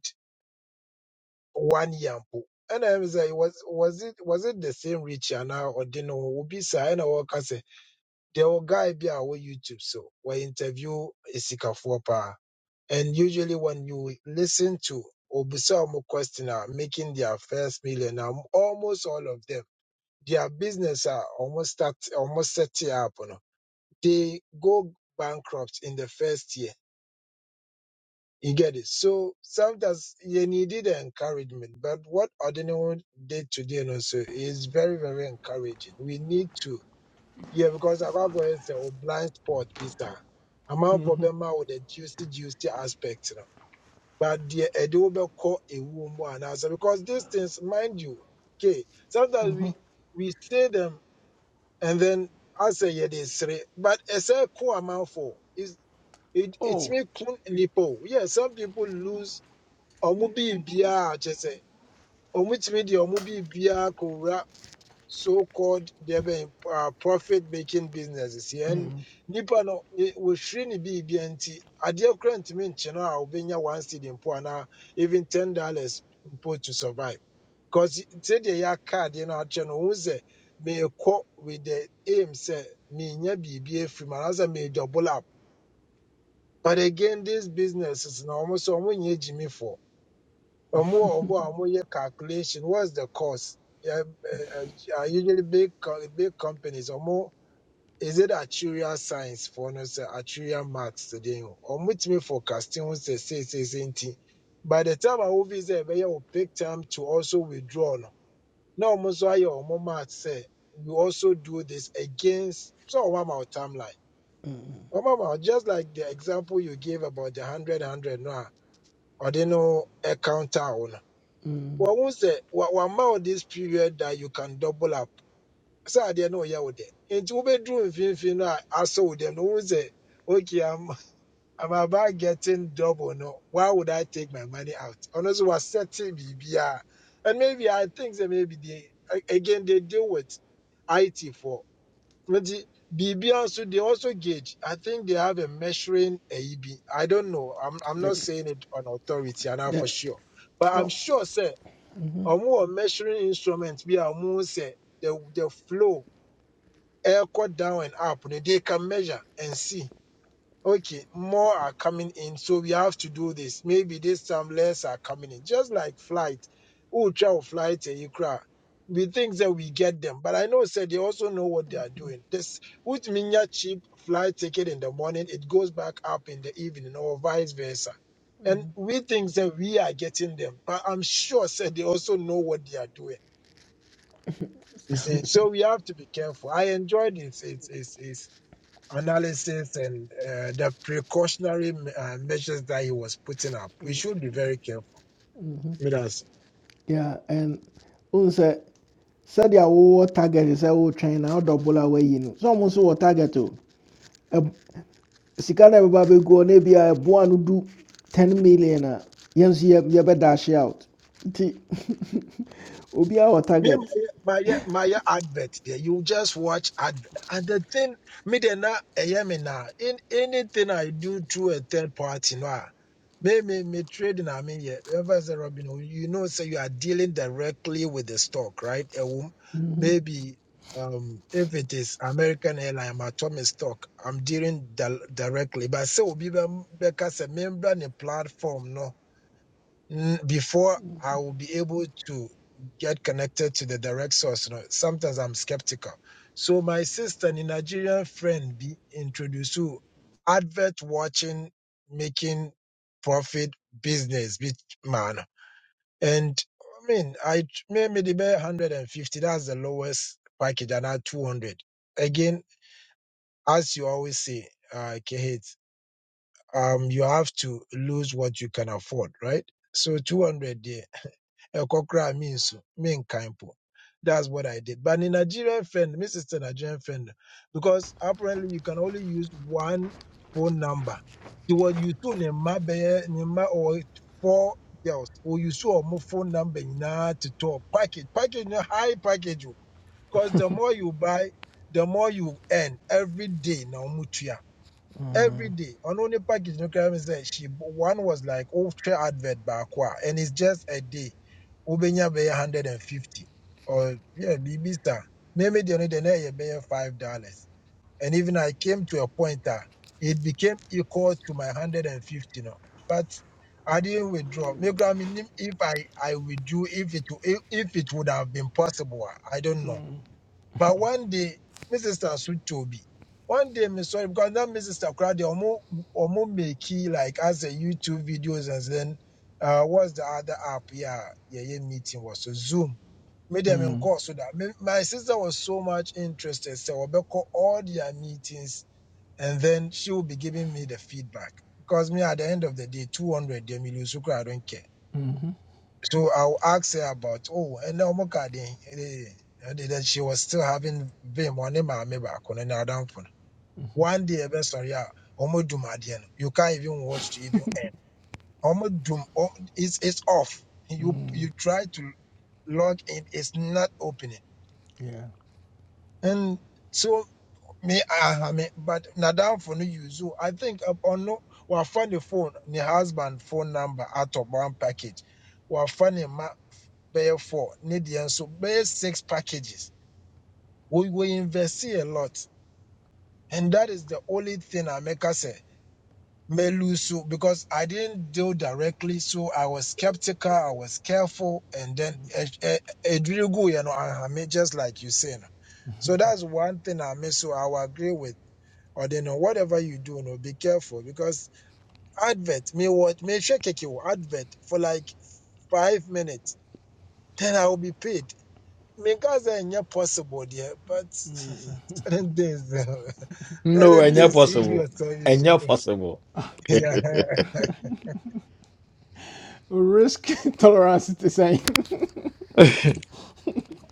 [SPEAKER 9] one year mpo ɛna ɛm sɛ was was it was it the same rich anaa ɔde no ho obi saa ɛna wɔka sɛ deɛ wɔ guy be a youtube so we interview sikafoɔ paa and usually when you listen to obisa ɔmo question a making their first million na almost all of them their business are almost start almost set it up you know, they go bankrupt in the first year you get it so sometimes you needed encouragement but what ordinary did today you know, so is very very encouraging we need to yeah because Agwagwa is a blind spot visa amount for them with the juicy juicy aspect you know. but the edo call a woman answer because these things mind you okay sometimes we we say them and then I asɛ yɛde is three, but ɛsɛ ko for? Is it
[SPEAKER 1] oh
[SPEAKER 9] ɛtumi ko nnipa o yeah some people lose ɔmo biribiaa kyɛ say. ɔmo tumi de ɔmo biribiaa kɔwura so-called debe uh, profit-making businesses yɛn nipa no ne- wɔhwiri ne biribia nti adeɛ kora ntumi nkyene a wobɛnya one cedi mpo anaa even ten dollars mpo to survive because sɛdeɛ yɛaka adeɛ no akyɛ no wohu sɛ meekɔ with the aim sɛ menya biribi afiri mu anaasɛ meedouble up but again these businesses na ɔmo sɛ ɔmo nyɛ gyimifoɔ or more or more, Omo omo omo calculation. What's the cost? Yeah, uh, uh, usually big co- big companies. Or more. is it actuarial science for no say actuarial maths today? Or it me forecasting who say say say say nti. By the time I will visit, we will pick time to also withdraw. No, now omo so aye omo maths say we also do this against so omo our timeline. Omo ma just like the example you gave about the hundred hundred no, or they know a counter owner wɔn sɛ wa wama wo this period that you can double up sɛ adeɛ no you wo dɛ nti wobɛduru mfimfini no a asɔ wo dɛm no wohu sɛ okay I'm, I'm about getting double no why would I take my money out ɔno nso setting BBR? and maybe I think sɛ maybe they a- again they deal with IT for nti BBR, so they also gauge I think they have a measuring ayi I don't know I'm, I'm
[SPEAKER 1] the,
[SPEAKER 9] not saying it on authority and I'm for
[SPEAKER 1] the,
[SPEAKER 9] sure but I'm
[SPEAKER 1] no
[SPEAKER 9] sure sir ɔmo measuring instruments, bi a ɔmo sɛ the the flow air ɛrekɔ down and up no they can measure and see okay more are coming in so we have to do this maybe this time less are coming in just like flight wotwa wo flight eh, you cry. we think that we get them but i know said they also know what they are doing this with minya cheap flight ticket in the morning it goes back up in the evening or vice versa and we think that we are getting them but i'm sure said they also know what they are doing you see, so we have to be careful. I enjoyed his his his, his analysis and uh, the precautionary uh, measures that he was putting up. We should be very careful.
[SPEAKER 1] yeah and wohu sɛ sɛdeɛ wowɔ target is wotwɛn na wodɔbolo double away no sɛ ɔmo nso wɔ target to. Sikana no go ɛbɛba abɛguɔ no bia no du 10 million a yɛn nso dash out nti obiara wɔ
[SPEAKER 9] Me
[SPEAKER 1] target
[SPEAKER 9] my my my advert there. You just watch ad and the thing me de na ɛyɛ me na in anything I do through a third party no a, me me me trading I mean yeah. Ever say Robin, oh, you know say you are dealing directly with the stock, right? A wom- maybe um if it is American airline I'm atomic stock, I'm dealing di- directly. But say obi be be kasa member ni platform no mm, before I will be able to get connected to the direct source. You know, sometimes I'm skeptical. So my sister, a Nigerian friend, be introduced to advert watching, making profit business, bit man. And I mean, I t- may- maybe the 150. That's the lowest package, and I 200. Again, as you always say, uh, Kehit, um, you have to lose what you can afford, right? So 200 there. Ekokra means mean po. That's what I did. But in Nigerian friend, my sister Nigerian friend, because apparently you can only use one phone number. The what you two nema be nema or four girls or you saw more phone number na to talk package package na high package because the more you buy, the more you earn every day na omutua every day on only package no crime say she one was like oh share advert back and it's just a day ubenya bay 150 or yeah bb star maybe the only day bay five dollars and even i came to a point that it became equal to my 150 no but i didn't withdraw Maybe I mean, if i i withdrew if it if if it would have been possible i don't know but one day, my sister switched to be. One day, me sorry because now my sister cried. Omo omo make it like as a YouTube videos and then uh what's the other app? Yeah, yeah, yeah. Meeting was so Zoom. Made them in course so that me- my sister was so much interested. So we call all their meetings and then she will be giving me the feedback because me at the end of the day, two hundred. They me lose. so I don't care. So I'll ask her about, oh, and now my card, eh, eh, and then she was still having vim on him, maybe I couldn't now down for one day. I'm sorry, yeah, almost do my dear. You can't even watch to even end. Almost do oh, it's it's off. You you try to log in, it's not opening.
[SPEAKER 1] Yeah.
[SPEAKER 9] And so me, I, I mean, but now down for no use. So I think uh, on no, well, find the phone, the husband phone number out of one package. Well, funny, bɛyɛ four ne so nso six packages we, we invest a lot and that is the only thing i make us say may lose so because i didn't deal directly so i was skeptical i was careful and then eh, eh, it really go you know I mean, just like you say no. so that's one thing i miss so i will agree with or they know whatever you do, no, be careful because advert me what may shake you advert for like five minutes, then I will be paid Mingaza ain't yet possible there, but certain things, uh,
[SPEAKER 5] no,
[SPEAKER 9] certain
[SPEAKER 5] ɛnyɛ
[SPEAKER 9] things you
[SPEAKER 5] possible.
[SPEAKER 9] yourself you
[SPEAKER 5] Ɛnyɛ
[SPEAKER 9] should do.
[SPEAKER 5] possible.
[SPEAKER 9] Yeah, yeah.
[SPEAKER 1] Risk tolerance is the same.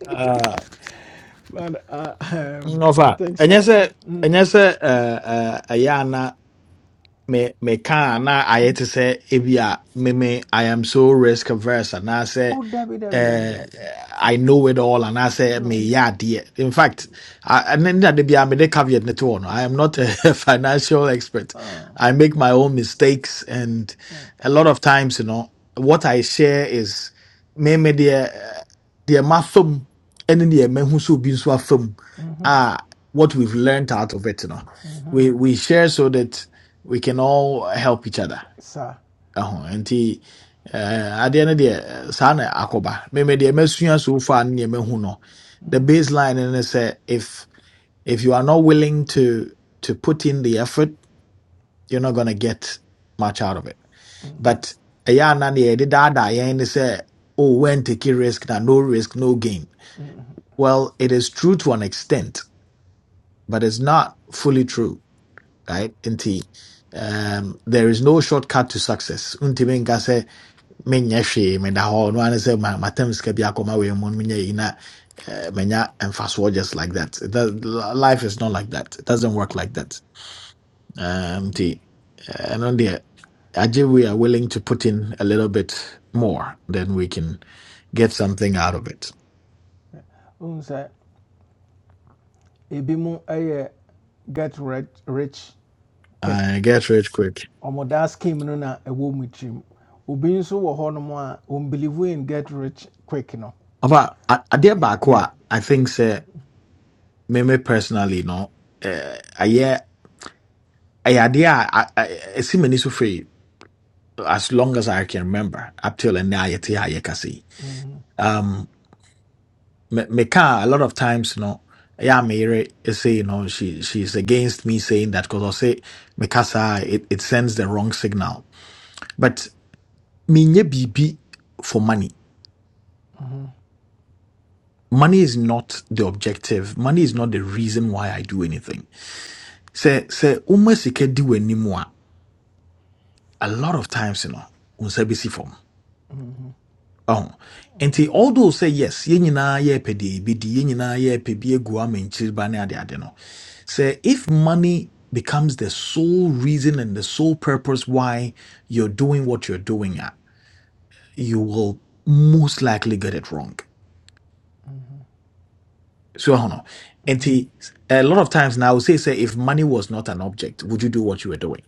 [SPEAKER 5] Ah,
[SPEAKER 1] but uh, um,
[SPEAKER 5] no
[SPEAKER 1] I
[SPEAKER 5] fa.
[SPEAKER 1] think
[SPEAKER 5] Ɛnyɛ
[SPEAKER 1] so.
[SPEAKER 5] sɛ ɛnyɛ sɛ ɛɛ ɛyɛ me me can na ayɛ te sɛ ebi a me me I am so risk averse anaasɛ
[SPEAKER 1] Oh, Debbie, Debbie, Debbie,
[SPEAKER 5] uh,
[SPEAKER 1] Debbie.
[SPEAKER 5] I know it all and I say
[SPEAKER 1] No,
[SPEAKER 5] me meyɛ adeɛ in fact I- ɛne ne ade biara mede caveat ne to hɔ no I am not a financial expert
[SPEAKER 1] uh,
[SPEAKER 5] I make my own mistakes and
[SPEAKER 1] mm,
[SPEAKER 5] a lot of times you know what I share is me me the the deɛ and then the mahu sɛ obi nso afam a what we've learned out of it you know we we share so that we can all help each other
[SPEAKER 1] sir.
[SPEAKER 5] ɛho nti eh, adeɛ no deɛ eh, saa akoba. akɔba meme deɛ masua so far ne deɛ mahu no the baseline no ne say, if if you are not willing to to put in the effort you're not going to get much out of it but ɛyɛ ana deɛ yɛde da, yɛn ne say, oh when taking risk na no risk no gain well it is true to an extent but it's not fully true right nti um, there is no shortcut to success Unti menyɛ hwee meda hɔ no ane sɛ ma- matam sika bi akɔma wei mu no menyɛ yei na eh, manya mfasoɔ just like that. that life is not like that it doesn't work like that um, nti eh, ɛno deɛ agye we are willing to put in a little bit more then we can get something out of it
[SPEAKER 1] Um, sir. Ebi mu ɛyɛ get rich, rich quick.
[SPEAKER 5] uh, get rich quick
[SPEAKER 1] Ɔmo that scheme no na ɛwɔ mu tirim. Obi nso wɔ hɔ nom believe in get rich quick no.
[SPEAKER 5] aba a- adeɛ baako
[SPEAKER 1] Yeah.
[SPEAKER 5] a i think sɛ me me personally no eh, ɛyɛ ɛyɛ adeɛ a a- a- ɛsi m'ani so as long as I can remember, up till and now, yet I can see.
[SPEAKER 1] Mhm.
[SPEAKER 5] Um, me me car a lot of times, you know, yeah, Mary is say, you know, she she's against me saying that because I say me kasa, it it sends the wrong signal. But me nye bibi for money. Money is not the objective. Money is not the reason why I do anything. Say say umasike do anymore. A lot of times, you know, unse unsabisi ɔho nti although say yes yɛn nyinaa yɛrepɛ deɛ yɛbɛdi ye nyinaa yɛrepɛ bi egu amankyiriba ne ade ade no sɛ if money becomes the sole reason and the sole purpose why you're doing what you're doing a you will most likely get it wrong so ɛho no nti a lot of times now I would say say if money was not an object would you do what you were doing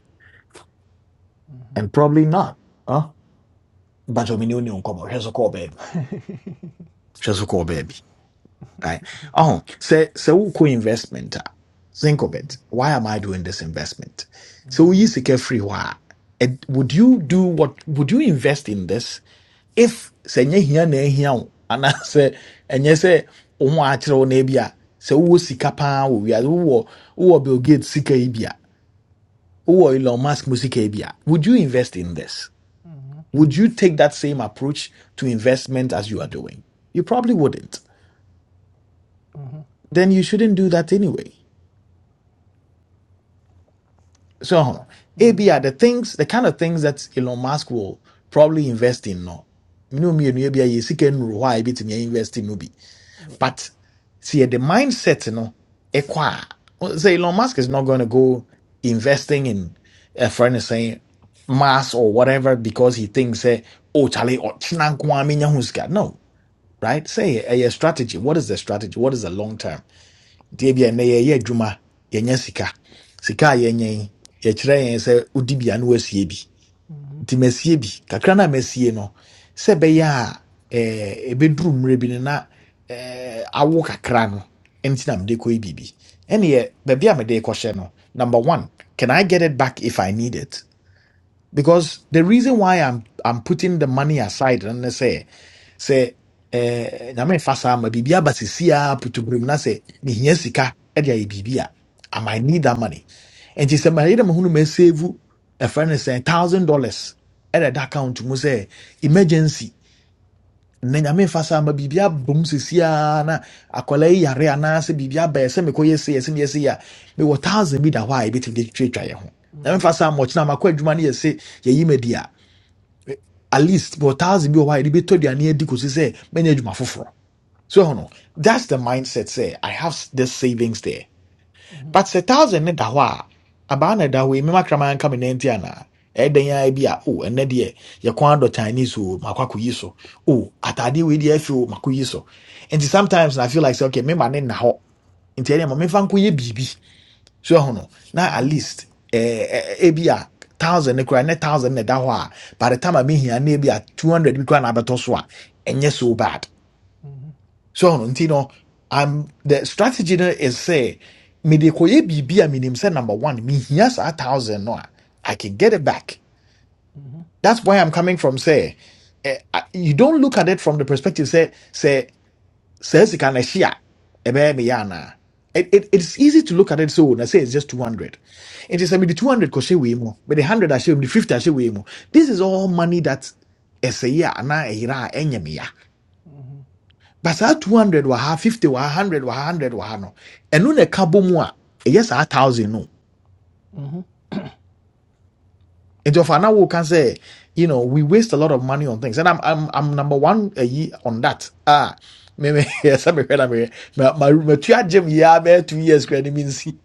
[SPEAKER 5] and probably not huh? but omi ni o ni nkɔmɔ hwɛ so kɔɔ baabi hwɛ so right? Oh, say say we co-investment. a, Think of it. Why am I doing this investment? So we use the free why. And would you do what would you invest in this if say nye hia na ehia wo ana say enye say omo achiro kire wo na ebia say we sika pa wo wi wo wo Bill Gates sika ebia wo Elon Musk mu sika would you invest in this would you take that same approach to investment as you are doing you probably wouldn't then you shouldn't do that anyway So hold on. ABR, the things, the kind of things that Elon Musk will probably invest in no. You know me and ABR you see can why bit me invest in no be.
[SPEAKER 1] yeah.
[SPEAKER 5] But see the mindset no equa. Say Elon Musk is not gonna go investing in a friend is saying mass or whatever because he thinks eh, oh Charlie or No, right? Say a strategy. What is the strategy? What is the long term? deɛ bia nnɛ yɛyɛ juma yɛnya sika sika a yɛnyɛ yi yɛkyerɛ yɛn sɛ wodi bia na wasie kakrana
[SPEAKER 1] Mhm.
[SPEAKER 5] nti masie no a masie no sɛ ɛbɛyɛ eh, ɛbɛduru mmerɛ no na eh, awo kakrano enti ɛnti na mede kɔyɛ biribi ɛneɛ baabi a mede no number one can i get it back if i need it because the reason why i'm, I'm putting the money aside and ne sɛ sɛ eh, na me fa saa ma biribi aba sisi a putuburim na sɛ mehia sika e de ayɛ biribi a I might need that money nti sɛ mayɛ dɛ mahunu masevu ɛfrɛ no sɛ thousand dollars ɛda da account mu sɛ emergency na nyame mfa saa ma biribi abom sisi a na akwadaa yi yare anaasɛ biribi aba yɛ sɛ mekɔyɛ sei ɛsɛ meyɛ sei a mewɔ thousand bi da hɔ a yɛbɛtumi de twitwa yɛ ho nyame mfa saa ma ɔkyena makɔ adwuma no yɛ se yɛyi madi a at least mewɔ thousand bi wɔ hɔ a yɛde bɛtɔ aduane adi kɔsi sɛ mɛnyɛ adwuma foforɔ so you know, that's the mindset. Say I have s- this savings there, but say thousand ne da hɔ a abaa na da hɔ yi mema kraman ka me nanti ana ɛdan ya bi a oh ɛnɛ deɛ yɛ kwan dɔ Chinese o makɔ akɔyi so oh atade wei deɛ afi o makɔyi so And sometimes I feel like say okay mema ne na hɔ nti ɛdeɛ ma mefa nkɔyɛ biribi so you know, na at least eh, eh, ebi a thousand ne kura ne thousand ne da hɔ a by the time i a here, ne ebi a two hundred bi kura na abɛtɔ so a ɛnyɛ so bad so ɔno nti no I'm, the strategy no is say, sɛ mede kɔyɛ biribi a menim sɛ number one mehia saa thousand no a i can get it back that's why i'm coming from say, eh, I- you don't look at it from the perspective say, say, sɛ sika no ahye a ɛbɛyɛ meyɛ anaa It, it, it's easy to look at it so na say it's just 200 it is I mean, the 200 we mo, but the 100 I wei the 50 I ahyɛ we mo. this is all money that ɛsɛ yie a anaa ɛyera a ɛnyɛ but saa 200 wɔ ha, 50 wɔ ha, 100 wɔ ha, 100 wɔ ha no, and na ɛka bɔ mu a, ɛyɛ saa 1000 no.
[SPEAKER 1] Mhm.
[SPEAKER 5] And Nti now we can say, you know, we waste a lot of money on things. And I'm, I'm, I'm number one a ye on that. Ah, me, me, sɛ mehwɛ na mehwɛ. Ma, My my agyem yi ara bɛyɛ two years koraa ni mensi.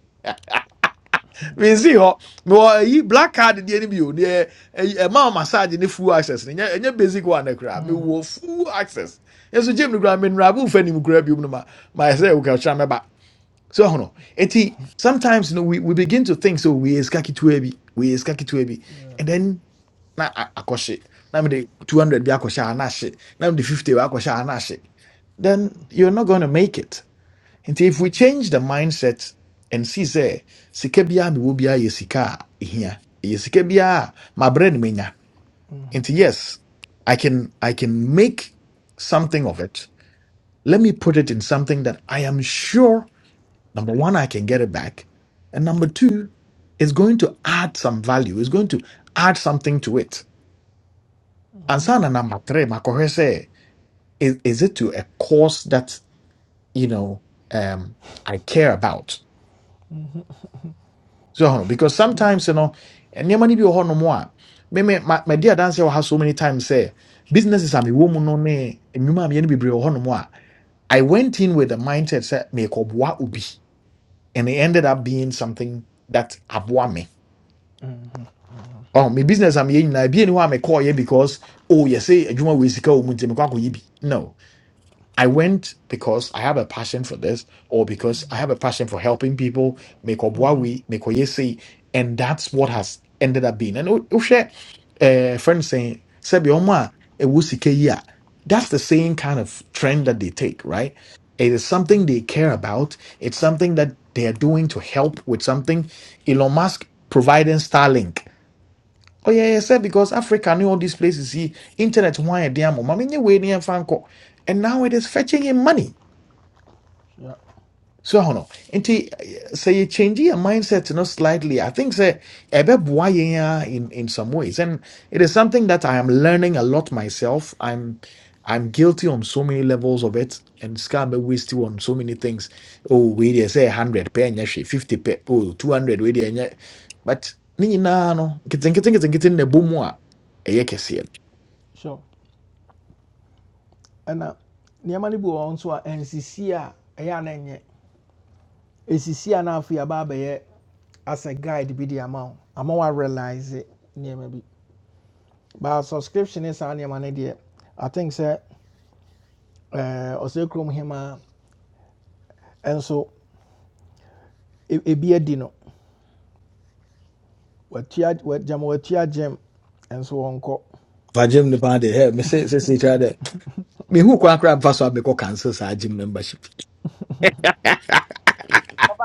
[SPEAKER 5] Mensi hɔ. Mewɔ ayi black card deɛ no bio. Deɛ a ɛma massage ni full access ni. Ɛnyɛ ɛnyɛ basic one no koraa. wo full access. Ɛso gyem no koraa, mennura bo mfa anim koraa biom no ma, ma ɛsɛ sɛ wokakyerɛ mɛba. So I don't know. And sometimes you know we, we begin to think so we eskaki to we eskaki to
[SPEAKER 1] Yeah.
[SPEAKER 5] and then na akoshi. Now the two hundred be akosha anashi. Now the fifty bi akoshe anashi. Then you're not going to make it. And if we change the mindset and see say sika biya mi wo biya yesika here yesika biya my brain menya. And yes, I can I can make something of it. Let me put it in something that I am sure Number one, I can get it back. And number two, it's going to add some value. It's going to add something to it. And sana number three, makohe say, is, is it to a cause that, you know, um, I care about? So, you know, because sometimes, you know, and your money be no more. Me, me, my, my dear dancer will have so many times say, businesses are me woman no me, and you ma me be no more. I went in with the mindset, say, make up ubi. And it ended up being something that aboa me. Oh, my business a mi yɛ nyinaa be yɛ ni call here because oh you say adwuma wo esika wɔ mu nti mi kɔ akɔ yɛ no I went because I have a passion for this or because I have a passion for helping people Make kɔ boa wi mi kɔ yɛ and that's what has ended up being and o share hwɛ eh, friend saying sɛbi ɔmo a ɛwɔ sika yi a that's the same kind of trend that they take right it is something they care about it's something that they are doing to help with something Elon Musk providing Starlink Oh yeah, yeah, sir, because Africa knew all these places. See, internet why a damn mom. I mean, you And now it is fetching him money
[SPEAKER 1] Yeah.
[SPEAKER 5] so ho no nti eh, say you change your mindset no slightly i think sɛ ɛbɛboa yɛn ara in in some ways and it is something that i am learning a lot myself i'm I'm guilty on so many levels of it, and scam waste on so many things. Oh, we there say hundred pay and fifty pay. Oh, two hundred we there But ni nyinaa no kitin kitin kitin kitin na boom a ɛyɛ kɛseɛ.
[SPEAKER 1] Sure. and nneɛma no bi wɔ hɔ nso a nsisi a ɛyɛ a na ɛnyɛ. Esisi as a guide bi de ama wo ama wa realize nneɛma bi. But subscription ne saa nneɛma no deɛ I think sɛ ɛɛ ɔsɛ kurom hema nso e- ebi adi no watua gyama watua gyem nso wɔnkɔ.
[SPEAKER 5] fa gym no paa de hɛ me se sɛ sɛ kyerɛ dɛ mehu kwan koraa mfa so a cancel saa gym membership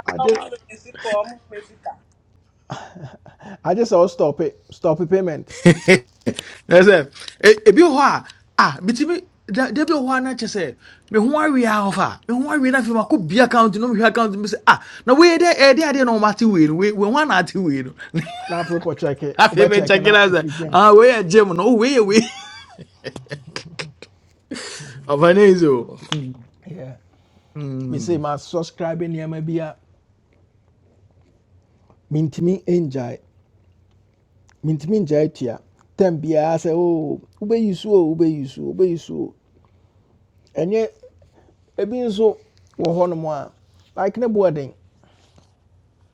[SPEAKER 1] I
[SPEAKER 10] ọmọ
[SPEAKER 1] just
[SPEAKER 10] mi ti pọ̀ ọmọ mi
[SPEAKER 1] I just all stop it stop the payment.
[SPEAKER 5] ẹ sẹ ẹ ebi wɔ hɔ a a bitimi da da bi wɔ hɔ a na kyerɛ sɛ me ho awie ahofa me ho awie na afei ma bi account no mi hwɛ account mi sɛ ah na wei dɛ ɛyɛ dɛ adeɛ na wɔn ate wei no wei wei ho ana ate wei no
[SPEAKER 1] na check it kyɛke
[SPEAKER 5] afei mi
[SPEAKER 1] wobɛkyɛke
[SPEAKER 5] kyɛ
[SPEAKER 1] na
[SPEAKER 5] kila sɛ
[SPEAKER 1] ɛfiri
[SPEAKER 5] ah wei yɛ gym no oh, wei yɛ wei ɔfa ne yi sɛ o
[SPEAKER 1] say, "My subscribing, subscribe may be a mentumi ngyae mentumi ngyae tua tam biara sɛ o wobɛyi so o Ube so wobɛyi so o ɛnyɛ ebi nso wɔ hɔnom a like ne boɔden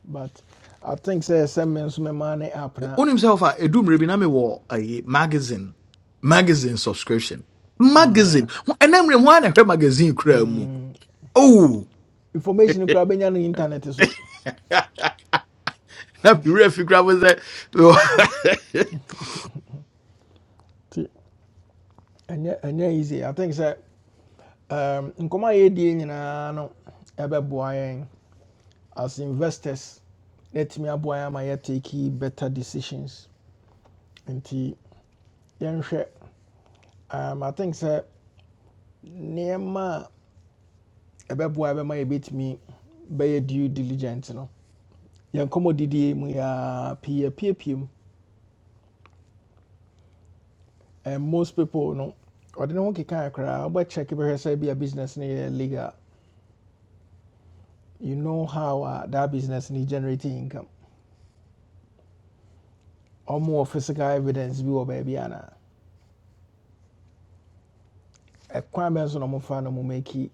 [SPEAKER 1] but i think sɛ some me nso mɛma ne app na
[SPEAKER 5] onim sɛ ɔfa edu mmerɛ bi na mi wɔ magazine magazine subscription
[SPEAKER 1] ah,
[SPEAKER 5] magazine Ho- ɛnɛ mmerɛ mu a na hwɛ magazine kura mu
[SPEAKER 1] mm,
[SPEAKER 5] oh
[SPEAKER 1] information koraa bɛnya no internet so
[SPEAKER 5] na fi wura fi kura mo sɛ.
[SPEAKER 1] nti ɛnyɛ ɛnyɛ easy i think sɛ um, nkɔmɔ a yɛdie nyinaa no ɛbɛboa yɛn as investors yɛtumi aboa yɛn ama yɛtake better decisions And the, um, i think sɛ nneɛma a ɛbɛboa bɛma yɛbɛtumi bɛyɛ due diligence. no yɛn kɔmmɔdidie mu yɛa pii apiepie mu and most people no ɔde ne ho keka koraa wobɛkyɛke bɛhwɛ sɛ bi a business in legal you know how uh, that business need generating income Or more physical evidence bi wɔ baabi anaa ɛkwan bɛn so na ɔmofa no mo make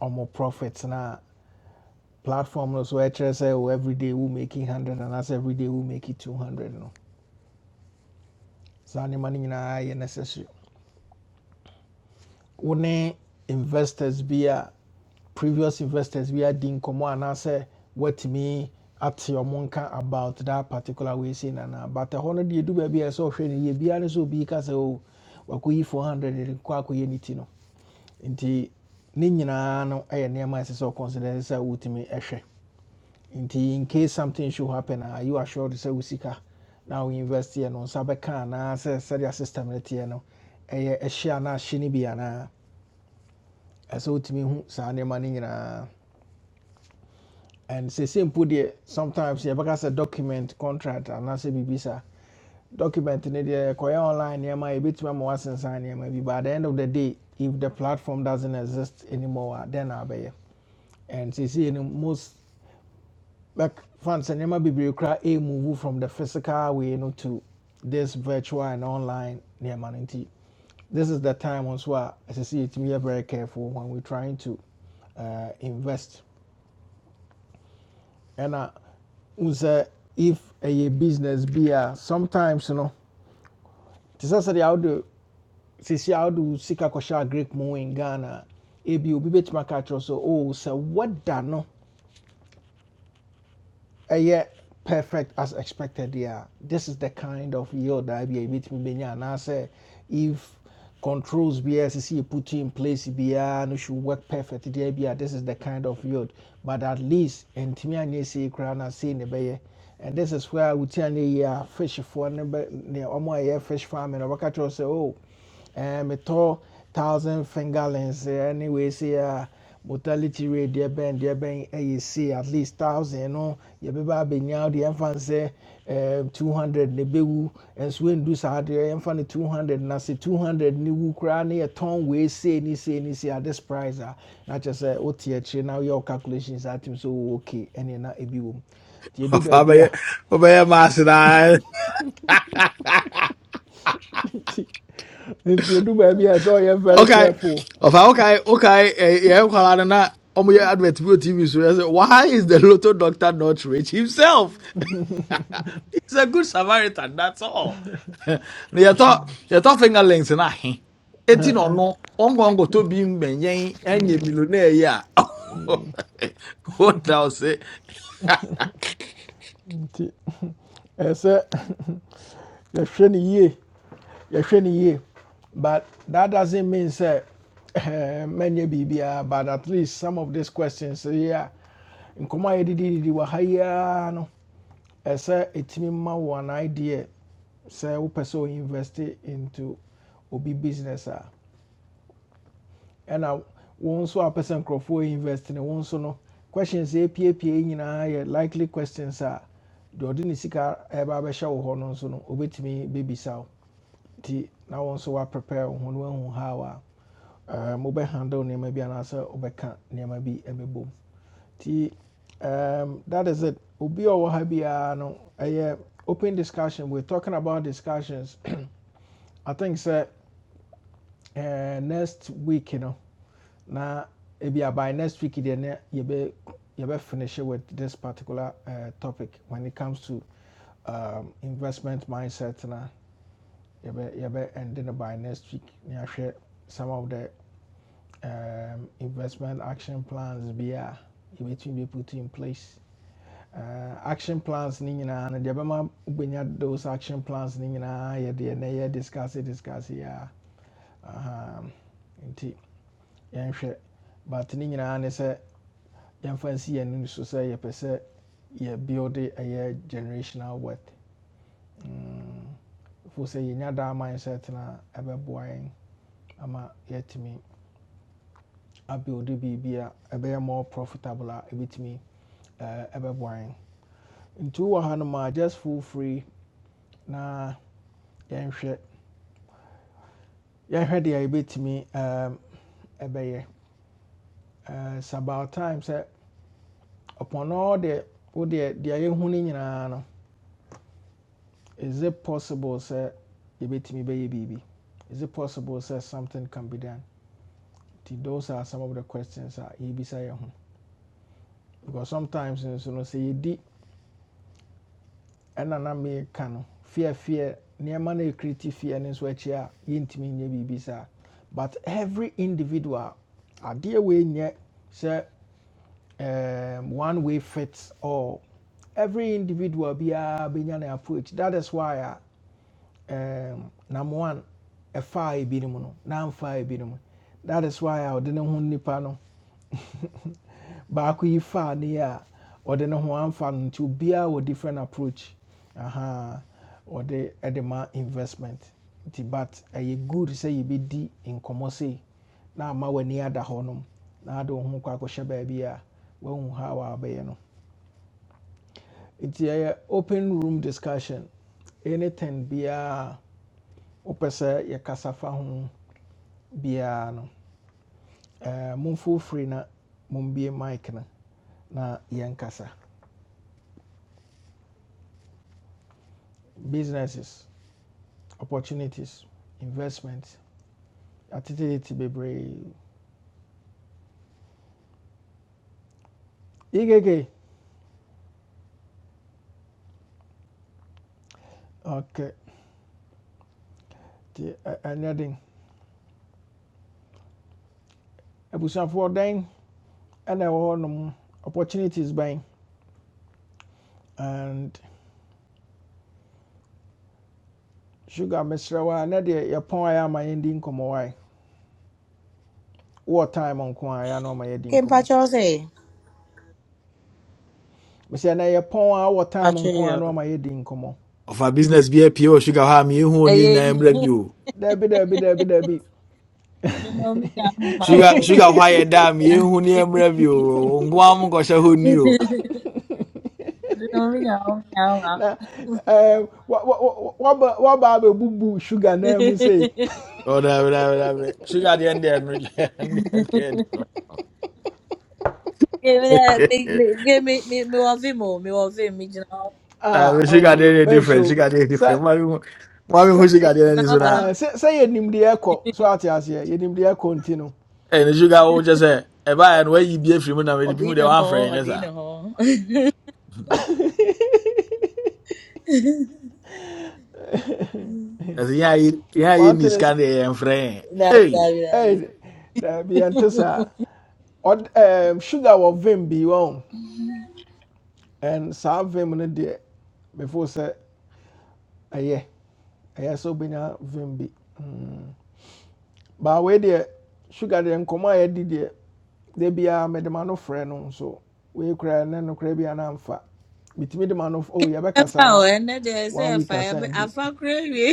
[SPEAKER 1] ɔmo profit na platform no so I sɛ wo every day wo making 100 and anaasɛ every day we make it 200 no saa nneɛma no na, yɛ necessary wo ne investors be, a previous investors bi I say, what me at your nka about that particular way sei nanaa but ɛhɔ hundred deɛ do baabi a ɛsɛ sɛ ɔhwɛ no so be, because uh, oh, obi ka 400 de kɔ akɔyɛ ne no nti ni nyinaa no aye, nneɛma a so sɛ ɔconsider sɛ wotumi ɛhwɛ in case something should happen are you assured to say usika? Now we invest here, no nsa bɛka anaa sɛ sɛdeɛ system no teɛ no ɛyɛ ɛhye anaa hye no bi anaa ɛsɛ wotumi hu saa nneɛma no and sɛsɛ mpo deɛ sometimes yɛbɛka a document contract anaasɛ biribi saa document no deɛ kɔyɛ online nneɛma a yɛbɛtumi ama woasensan nneɛma bi but at the end of the day if the platform doesn't exist anymore then a then abɛyɛ and see, see most like fans and nema bebree kora a move from the physical way no to this virtual and online nema no this is the time also a ɛsɛ sɛ yɛtumi yɛ very careful when we're trying to uh, invest and uh, sɛ if a business be a sometimes you know, te sɛ how do, sisi how do sika kɔhyɛ a greek mu in ghana a, ebi obi bɛtumi aka so oh so what da no ɛyɛ perfect as expected yeah. this is the kind of yield that be a bit me and I say if controls BSC you put in place be no should work perfect there be this is the kind of yield but at least and me and you see crown and see the and this is where we tell you yeah fish for number near omo yeah fish farming or what say oh um, metɔ thousand finger lens eh, anyway say a mortality rate deɛ bɛn deɛ bɛn ɛyɛ say at least thousand no yɛbɛba abɛnya wo deɛ ɛmfa n sɛ um, two hundred na ɛbɛwu nso ɛndu saa deɛ yɛmfa no two hundred na sɛ two hundred ne wu koraa ne yɛtɔn wei sei ne sei ne sei at this price a na kyerɛ sɛ wote akyire na woyɛ wo calculations atim sɛ wowɔ okay ɛne na ɛbi wɔ mu nti yɛdu baby, a
[SPEAKER 5] Waarbij, waarbij je
[SPEAKER 1] nti baby, yɛdu baabi a ɛsɛ sɛ ɔyɛ very
[SPEAKER 5] Okay.
[SPEAKER 1] careful
[SPEAKER 5] Of okay, okay. Eh, yeah, well, I know. Oh my God, with TV so I said, why is the lotto doctor not rich himself? He's a good Samaritan, that's all. you thought you thought fingerlings and I ain't no no ongo ongo to be mbenyen enye millionaire ya. What else?
[SPEAKER 1] nti ɛsɛ yɛhwɛ no yie yɛhwɛ no yie but that doesn't mean say many biribiara but at least some of these questions yi in koma a yɛdedididi wɔ ha yi ara no ɛsɛ ɛtumi ma wo an idea sɛ wopɛ sɛ invest into obi business a ɛna wo nso a person sɛ invest no wo nso no questions a ɛpiepie yi nyinaa likely questions a deɛ ɔde ne sika ɛba abɛhyɛ wo hɔ no nso no obɛtumi bɛbisa wo nti na wɔn nso wɔaprepare wɔn ho no wɔahu how a ɛɛ mobɛhandle nneɛma bi anaasɛ wɔbɛka nneɛma bi ɛbɛbɔ mu nti um, that is it obi a ɔwɔ ha biara no ɛyɛ open discussion we're talking about discussions i think sɛ eh, next week no na ebi by next week deɛ be yɛbɛ be finish with this particular uh, topic when it comes to um, investment mindset na you be yɛbɛ be ending by next week na yɛahwɛ some of the um, investment action plans be a between be put in place uh, action plans ne nyinaa no deɛ bɛma wobɛnya those action plans ne nyinaa yɛdeɛ na yɛ discuss it discuss yi a aha, nti yɛnhwɛ but ne nyinaa ne say yɛmfa nsi yɛn ani so sɛ yɛpɛ sɛ yɛbuilde generational wealth mm. fo sɛ yɛnya daa mindset no a ɛbɛboa yɛn ama yɛatumi abuilde biribi a ɛbɛyɛ more profitable a ɛbɛtumi ɛɛ, ɛbɛboa yɛn nti wowɔ ha no ma just feel free na yɛnhwɛ yɛnhwɛ deɛ yɛbɛtumi ɛɛm, ɛbɛyɛ Eh, it's about time sɛ upon all the wo deɛ deɛ yɛhu no nyinaa no is it possible sɛ yɛbɛtumi bɛyɛ biribi is it possible sɛ something can be done those are some of the questions a yɛbisa yɛn ho because sometimes nso no sɛ yɛdi ɛna na meka no fear. fear nneɛma no ɛkriti feɛ no nso akyi a yɛntumi nyɛ biribi saa but every individual adeɛ wei nyɛ sɛ um, one way fits all every individual biara bɛnya ne approach that is why um, number one a ebinom no na amfaa ebinom that is why I didn't want nipa no baako yi faa ne yɛ a ɔde ne ho amfa no nti obiara wɔ different approach aha Or the ma investment but a good sɛ yɛbɛdi nkɔmmɔ sei na ama w'ani ada hɔnom na ade wo ho kɔ akɔhyɛ baabi a woahu how a no nti ɛyɛ open room discussion anything be a wopɛ sɛ yɛkasa fa ho biara no eh, momfo firi na mombie mic no na yɛnkasa businesses opportunities investment atetete bebree yikeke ok nti ɛ- ɛnyɛ den abusuafoɔ dɛn ɛna opportunities bɛn and sugar mesrɛ na a nɛ deɛ yɛpɔn ayɛ ama yɛndi nkɔmmɔ wae wowɔ time nko a yɛ ana ɔma yɛdi
[SPEAKER 4] Okay,
[SPEAKER 1] nkɔmmɔ
[SPEAKER 4] Mpacho say.
[SPEAKER 1] mesɛ ɛnɛ yɛpɔn a wowɔ time
[SPEAKER 4] Mpacho,
[SPEAKER 1] nko a na
[SPEAKER 4] yo.
[SPEAKER 1] ɔma yɛdi nkɔmmɔ
[SPEAKER 5] Of a business be a pure sugar ham you who need
[SPEAKER 4] Aye,
[SPEAKER 5] name review.
[SPEAKER 1] Debbie, Debbie, Debbie, Debbie.
[SPEAKER 4] ọdịna omenala ahụ ma
[SPEAKER 5] Sugar,
[SPEAKER 4] o,
[SPEAKER 5] sugar,
[SPEAKER 4] ọdịna-
[SPEAKER 5] why you damn you who near brave you? Guam Gosha who knew.
[SPEAKER 4] ọdịna omenala ahụ ma o.
[SPEAKER 1] na um, waba abɛbubu sugar na mu sei
[SPEAKER 5] Oh, da da da da. Sugar, the end there, no, the end there, the end.
[SPEAKER 4] Give me that. Me, me, give me, me, me wa vim o, me wa vim, me jina o,
[SPEAKER 1] ah
[SPEAKER 5] Uh, Sugar,
[SPEAKER 1] oh
[SPEAKER 5] the end different.
[SPEAKER 1] ɛnsoro
[SPEAKER 5] Sugar, the end
[SPEAKER 1] sɛ
[SPEAKER 5] different. Mommy, mommy,
[SPEAKER 1] sɛ
[SPEAKER 5] who
[SPEAKER 4] me
[SPEAKER 5] sugar, the end
[SPEAKER 4] jina
[SPEAKER 5] is
[SPEAKER 4] o
[SPEAKER 5] that.
[SPEAKER 1] ah,
[SPEAKER 4] pampe.
[SPEAKER 1] sɛ sɛ yɛ nimdeɛ kɔ so ate aseɛ yɛ nimdeɛ kɔ nti no
[SPEAKER 5] And sugar, oh, just say, a buy and where you be a free money with the
[SPEAKER 4] Odi
[SPEAKER 5] people they
[SPEAKER 4] na
[SPEAKER 5] want
[SPEAKER 4] ho,
[SPEAKER 5] friend, yes,
[SPEAKER 4] odi na
[SPEAKER 5] sir.
[SPEAKER 4] ho.
[SPEAKER 5] As yeah, you- yeah,
[SPEAKER 1] one
[SPEAKER 5] in
[SPEAKER 1] thing
[SPEAKER 5] this
[SPEAKER 1] is
[SPEAKER 5] kind of friend.
[SPEAKER 4] Dabi,
[SPEAKER 5] Hey,
[SPEAKER 4] dabi, dabi.
[SPEAKER 1] ɛy daabi ɛnte saa Ɔd- ɛm, sugar wɔ vim bi wɔn and saa vim no deɛ before sɛ ɛyɛ ɛyɛ sɛ wobɛnya vim bi Hmm. But baa wei deɛ sugar deɛ nkɔmmɔ a yɛdi deɛ da biara mede ma no frɛ no nso wei koraa ne no koraa biara na amfa metumi de ma no oh
[SPEAKER 4] Ẹfa
[SPEAKER 1] yɛbɛkasa na
[SPEAKER 4] o, ẹnẹ de ẹsẹ
[SPEAKER 1] one week
[SPEAKER 4] ẹfa,
[SPEAKER 1] asan
[SPEAKER 4] ẹbẹ-
[SPEAKER 1] adu
[SPEAKER 4] afa kura ewie.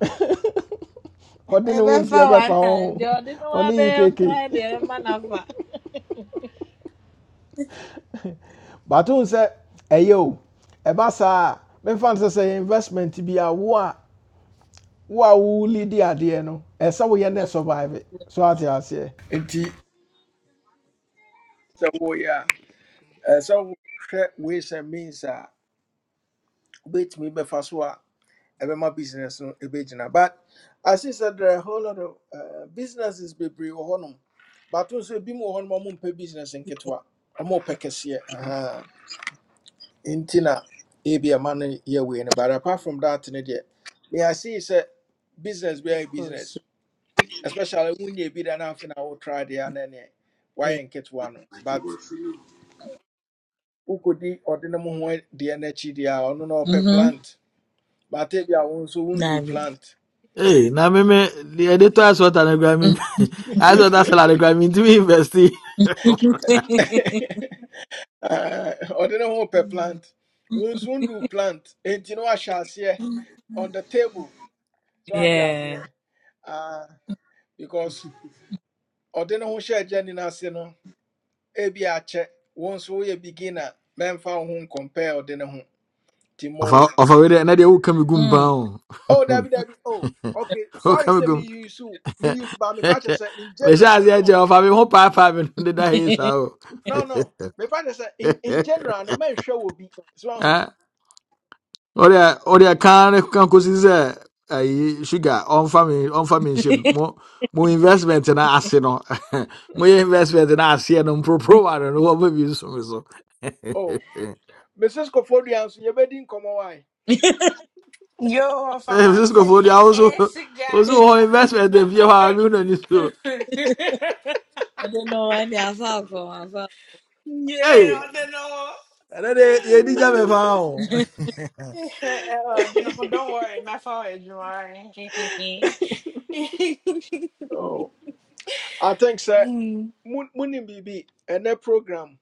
[SPEAKER 1] ɔde ne
[SPEAKER 4] Ẹbẹ
[SPEAKER 1] ho nti
[SPEAKER 4] fa
[SPEAKER 1] ɛbɛfa
[SPEAKER 4] one time, de
[SPEAKER 1] ho
[SPEAKER 4] ọdi ni wa
[SPEAKER 1] ɔne
[SPEAKER 4] bẹ nkọ ẹ de
[SPEAKER 1] yi
[SPEAKER 4] ẹ ma na fa.
[SPEAKER 1] But bato sɛ ɛyɛ o ɛba saa a memfa no sɛ sɛ investment bi a wo a wo a woli di adeɛ no ɛsɛ woyɛ ne
[SPEAKER 4] Of course,
[SPEAKER 1] survive it.
[SPEAKER 4] yeah,
[SPEAKER 1] so ate aseɛ nti sɛ woyɛ a ɛsɛ wohwɛ ways and means a wobɛtumi bɛfa so a ɛbɛma business no ɛbɛgyina but as I see sɛ there are a whole lot of uh, businesses bebree wɔ hɔnom but nso ebi mu business hɔnom a ɔmompɛ business nketewa ɔmopɛ kɛseɛ Aha. nti na ebi ama no yɛ wei no but apart from that ne deɛ me I see it's a business
[SPEAKER 4] of
[SPEAKER 1] biara yɛ business
[SPEAKER 4] course.
[SPEAKER 1] especially when you be done after now try the anene why
[SPEAKER 4] Yeah.
[SPEAKER 1] and get one but who could the ordinary one the energy they are on no per
[SPEAKER 4] Mm-hmm.
[SPEAKER 1] plant but if you are also won't do
[SPEAKER 4] Dabi.
[SPEAKER 1] plant
[SPEAKER 5] hey, now me me the editor has what an agreement. I thought that's what an agreement to me investing.
[SPEAKER 1] uh, ordinary one per plant won't soon do plant and you know I shall see on the table so I tell you
[SPEAKER 4] yeah.
[SPEAKER 1] uh, because ordinary one share journey na se no ebi a once we a beginner men found home compare ordinary
[SPEAKER 5] Ɔfa
[SPEAKER 1] home
[SPEAKER 5] ɔfa wei dɛ na deɛ woka me gum
[SPEAKER 4] Mm.
[SPEAKER 5] paa o.
[SPEAKER 1] Oh, Debbie, Debbie. Oh, okay.
[SPEAKER 5] Woka
[SPEAKER 1] Sorry,
[SPEAKER 5] me
[SPEAKER 1] say me
[SPEAKER 5] gum.
[SPEAKER 1] use me use but me partner say in
[SPEAKER 5] Mehyɛ
[SPEAKER 1] general no
[SPEAKER 5] aseɛ
[SPEAKER 1] so.
[SPEAKER 5] kyɛ
[SPEAKER 1] on.
[SPEAKER 5] ɔfa me ho paapaa me no deda hei
[SPEAKER 4] I
[SPEAKER 5] saa o.
[SPEAKER 1] No, no. Me partner say in in general no man sure will be so. on.
[SPEAKER 5] Ah, Ɔde a- ɔde a kan no kan kɔsi sɛ sugar on me on me nhyɛ mu. Mo mo investment na ase no. Moyɛ investment na aseɛ no mporoporowa no no wɔma bi nso me so. so.
[SPEAKER 1] Oh, Mrs. Kofodia so you be din komo why?
[SPEAKER 11] Yo, if
[SPEAKER 5] Eh,
[SPEAKER 11] I'm ass
[SPEAKER 5] Francisco Fodio, I also also all
[SPEAKER 11] guy.
[SPEAKER 5] investment dem fie hɔ a me na ni so.
[SPEAKER 4] don't know why they are far from afar.
[SPEAKER 5] Hey!
[SPEAKER 11] Yeah, I don't
[SPEAKER 5] And then You didn't ɛnɛ de yɛdi gya me
[SPEAKER 11] know.
[SPEAKER 5] paa o
[SPEAKER 11] Uh, don't know- don't worry, my phone is dry.
[SPEAKER 1] Oh, I think sir Munim BB and that program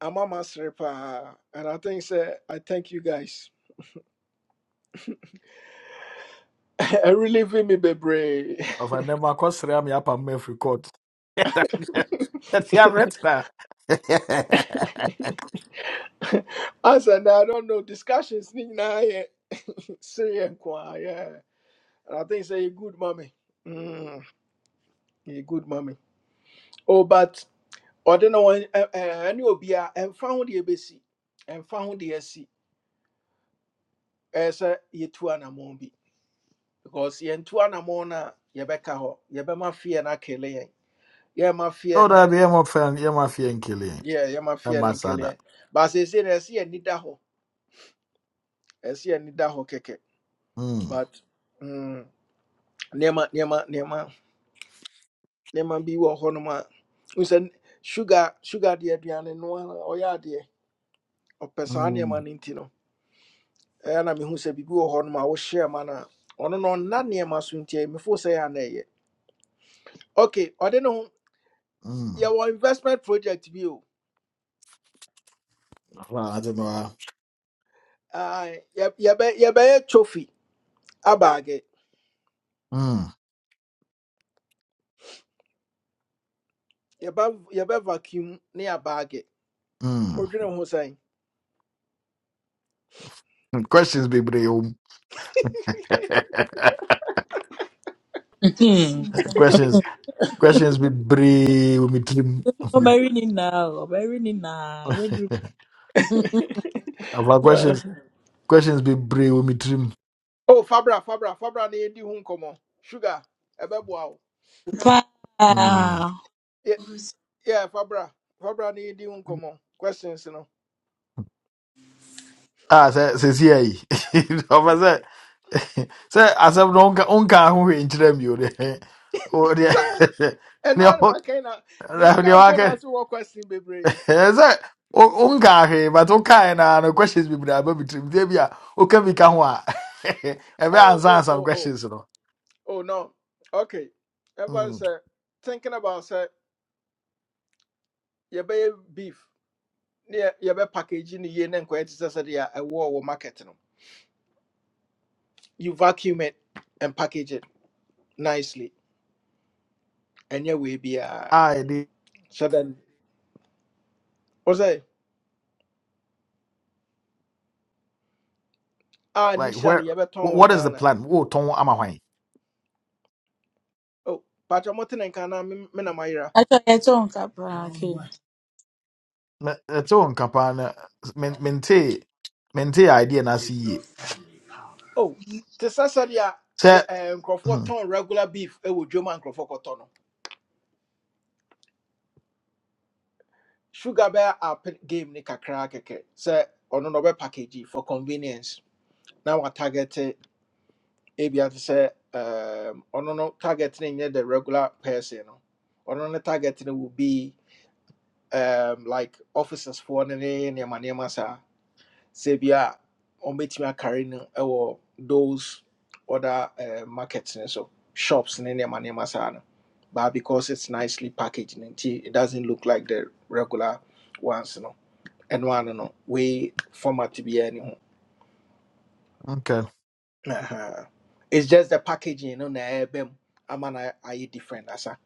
[SPEAKER 1] I'm a master pa and I think sir I thank you guys. I really feel me, baby.
[SPEAKER 5] afa nnɛ makɔsrɛ a meyapa mma afiri court ɛtia metra
[SPEAKER 1] As and I don't know discussions. Ni na yɛ serious, kwa, yeah. And I think say a good mommy. Mm, a good mommy. Oh, but I don't know when any obia and found the ABC and found the SC as a ye two anamon bi because ye two anamon na ye beka ho ye be ma fear na kele ye ye ma fear no
[SPEAKER 5] yɛwoda bi yɛma fa yɛma feɛ nkele
[SPEAKER 1] yeah ye ma fear na
[SPEAKER 5] ɛma saa
[SPEAKER 1] kele
[SPEAKER 5] da
[SPEAKER 1] but say say na see any da ho as a any ho keke
[SPEAKER 5] Mm,
[SPEAKER 1] but mm nema nema nema nema be wo ho We said sugar sugar the aduane no ara ɔyɛ adeɛ ɔpɛ saa nneɛma
[SPEAKER 5] mm,
[SPEAKER 1] no nti no ɛyɛ na mehu sɛ biribi wɔ hɔ nom a wohyɛɛ ma no a ɔno no ɔnna nneɛma so nti a mefoo sɛ yɛ a na ɛyɛ ok ɔde ne ho
[SPEAKER 5] mm.
[SPEAKER 1] yɛwɔ investment project bi o
[SPEAKER 5] Well, i ate no a.
[SPEAKER 1] Ah, yɛ- yɛbɛ- yɛbɛyɛ trophy abaage
[SPEAKER 5] Mm,
[SPEAKER 1] yɛbɛ yɛbɛ vacuum ne abaage
[SPEAKER 5] mm.
[SPEAKER 1] odwene ho sɛn
[SPEAKER 5] questions bebree wom
[SPEAKER 4] Hmm.
[SPEAKER 5] questions questions bebree wɔ me tirim afa
[SPEAKER 4] Ọbẹ̀rì ni nà ọ́, ọbẹ̀rì ni nà ìwédùn.
[SPEAKER 5] questions questions bebree wɔ me tirim
[SPEAKER 1] o fabra fabra fabra ne yɛdi ho nkɔmmɔ sugar ɛbɛboa wo
[SPEAKER 4] Paa,
[SPEAKER 5] Hmm.
[SPEAKER 1] yɛ yɛ, fabra fabra ne yɛdi ho nkɔmmɔ questions no
[SPEAKER 5] Ah, sɛ sɛsi ayi ɔfɛ sɛ sɛ asɛm no wonka wonka ho hwee nkyerɛ mi o deɛ o deɛ
[SPEAKER 1] Sa- ɛno
[SPEAKER 5] deɛ
[SPEAKER 1] a ne
[SPEAKER 5] wo-
[SPEAKER 1] makai na
[SPEAKER 5] deɛ
[SPEAKER 1] menka mpo
[SPEAKER 5] waka
[SPEAKER 1] na ase wɔ question bebree
[SPEAKER 5] ɛɛ sɛ wo- wonka hwee but wokaeɛ na no questions bebree aba mi tirim deɛ bi a woka bi ka ho a ɛbɛ
[SPEAKER 1] Oh,
[SPEAKER 5] ansa
[SPEAKER 1] oh,
[SPEAKER 5] ansam
[SPEAKER 1] oh, oh,
[SPEAKER 5] questions no
[SPEAKER 1] oh, no. Okay. Everyone
[SPEAKER 5] Mm.
[SPEAKER 1] say thinking about say you buy beef, yeah, you buy packaging the and quite says that yeah, a war or market no. You vacuum it and package it nicely, and you will be a
[SPEAKER 5] ah ɛde
[SPEAKER 1] so then. What's that? Ah,
[SPEAKER 5] like where
[SPEAKER 1] initially you buy
[SPEAKER 5] wh-
[SPEAKER 1] ton of
[SPEAKER 5] what is the
[SPEAKER 1] Ghana.
[SPEAKER 5] plan wo tɔn ama hwan
[SPEAKER 1] Oh, but I'm not in Ghana. Me me na mayra.
[SPEAKER 4] àjọ yẹ tó nǹkan paa kì.
[SPEAKER 5] Na- ɛte wo nka paa na men- mentee mentee idea no ase yie
[SPEAKER 1] Oh, this says that yeah,
[SPEAKER 5] sɛ
[SPEAKER 1] yeah, um, Crawford
[SPEAKER 5] hmm,
[SPEAKER 1] ton regular beef. It would German Crawford cotton. sugar bear up game ni kakra keke sɛ ɔno na ɔbɛ package for convenience now we target ebia te sɛ um, ɔno no target ne nyɛ the regular person no ɔno ne target no will be um, like officers foɔ ne ne nneɛma nneɛma saa sɛ bia ɔmbɛtumi akare no ɛwɔ those other uh, markets ne so shops ne nneɛma nneɛma saa no but because it's nicely packaged and nti it doesn't look like the regular ones no and one no wei format biara ne ho
[SPEAKER 5] okay.
[SPEAKER 1] Aha. it's just the packaging you no na ɛbɛm ama na you different asa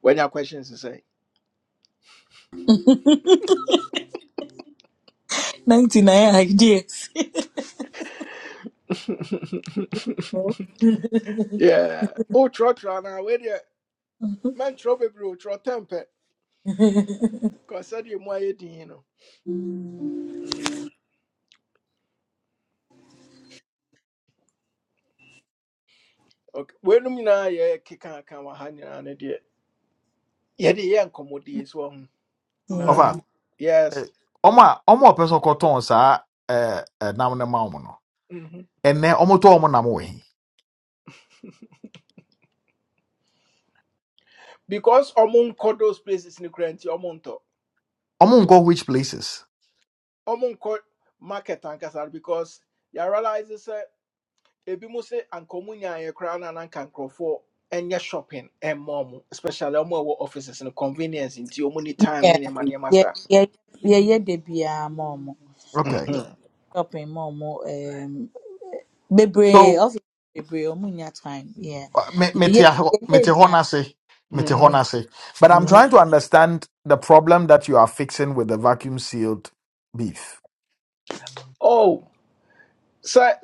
[SPEAKER 1] When your questions is say.
[SPEAKER 4] Ninety nine ideas. Oh.
[SPEAKER 1] yeah Oh, wotwerɛtwerɛ anaa wei deɛ mɛntwerɛ bebree bro, tɛm pɛ Cause sɛdeɛ mu ayɛ din no Mm, ok. When weinom nyinaa yɛ kekaaka wɔ ha nyinaa no deɛ yɛde yɛ nkɔmmɔdie so wɔ ho na
[SPEAKER 4] Yeah.
[SPEAKER 5] eh,
[SPEAKER 1] yes
[SPEAKER 5] ɔmo a ɔmo a ɔpɛ sɛ ɔkɔtɔn saa ɛɛ ɛnam no ma ɔmo no
[SPEAKER 1] Mhm.
[SPEAKER 5] ɛnɛ ɔmo tɔ ɔmo nam wɔ he
[SPEAKER 1] because among those places no kora nti ɔmo ntɔ
[SPEAKER 5] ɔmo nkɔ which places
[SPEAKER 1] ɔmonkɔ market ankasa no because ya realize sɛ ebi mu se anka ɔmo nyaeɛ koraa na na anka nkurɔfoɔ ɛnyɛ shopping and mom, especially ɔmo a offices no convenience nti ɔmo ni time ne
[SPEAKER 4] Yeah.
[SPEAKER 1] nneɛma nneɛma
[SPEAKER 4] Yeah.
[SPEAKER 1] saa
[SPEAKER 4] Yeah. Yeah. Yeah. de biara ma Yeah.
[SPEAKER 5] okay
[SPEAKER 4] Yẹ
[SPEAKER 1] Mhm,
[SPEAKER 4] shopping ma ọmọ. um, Bebree,
[SPEAKER 5] so
[SPEAKER 4] ọfiisi bebree, ọmụ nya time. Yeah.
[SPEAKER 5] uh, me
[SPEAKER 4] Yeah.
[SPEAKER 5] mete
[SPEAKER 4] Yeah.
[SPEAKER 5] hɔ
[SPEAKER 4] Yeah.
[SPEAKER 5] mete
[SPEAKER 4] Yeah.
[SPEAKER 5] hɔ
[SPEAKER 4] Yeah.
[SPEAKER 5] n'ase mete hɔ
[SPEAKER 4] shopping.
[SPEAKER 1] mhm,
[SPEAKER 5] n'ase but i'm trying
[SPEAKER 1] mhm.
[SPEAKER 5] to understand the problem that you are fixing with the vacuum sealed beef
[SPEAKER 1] oh so n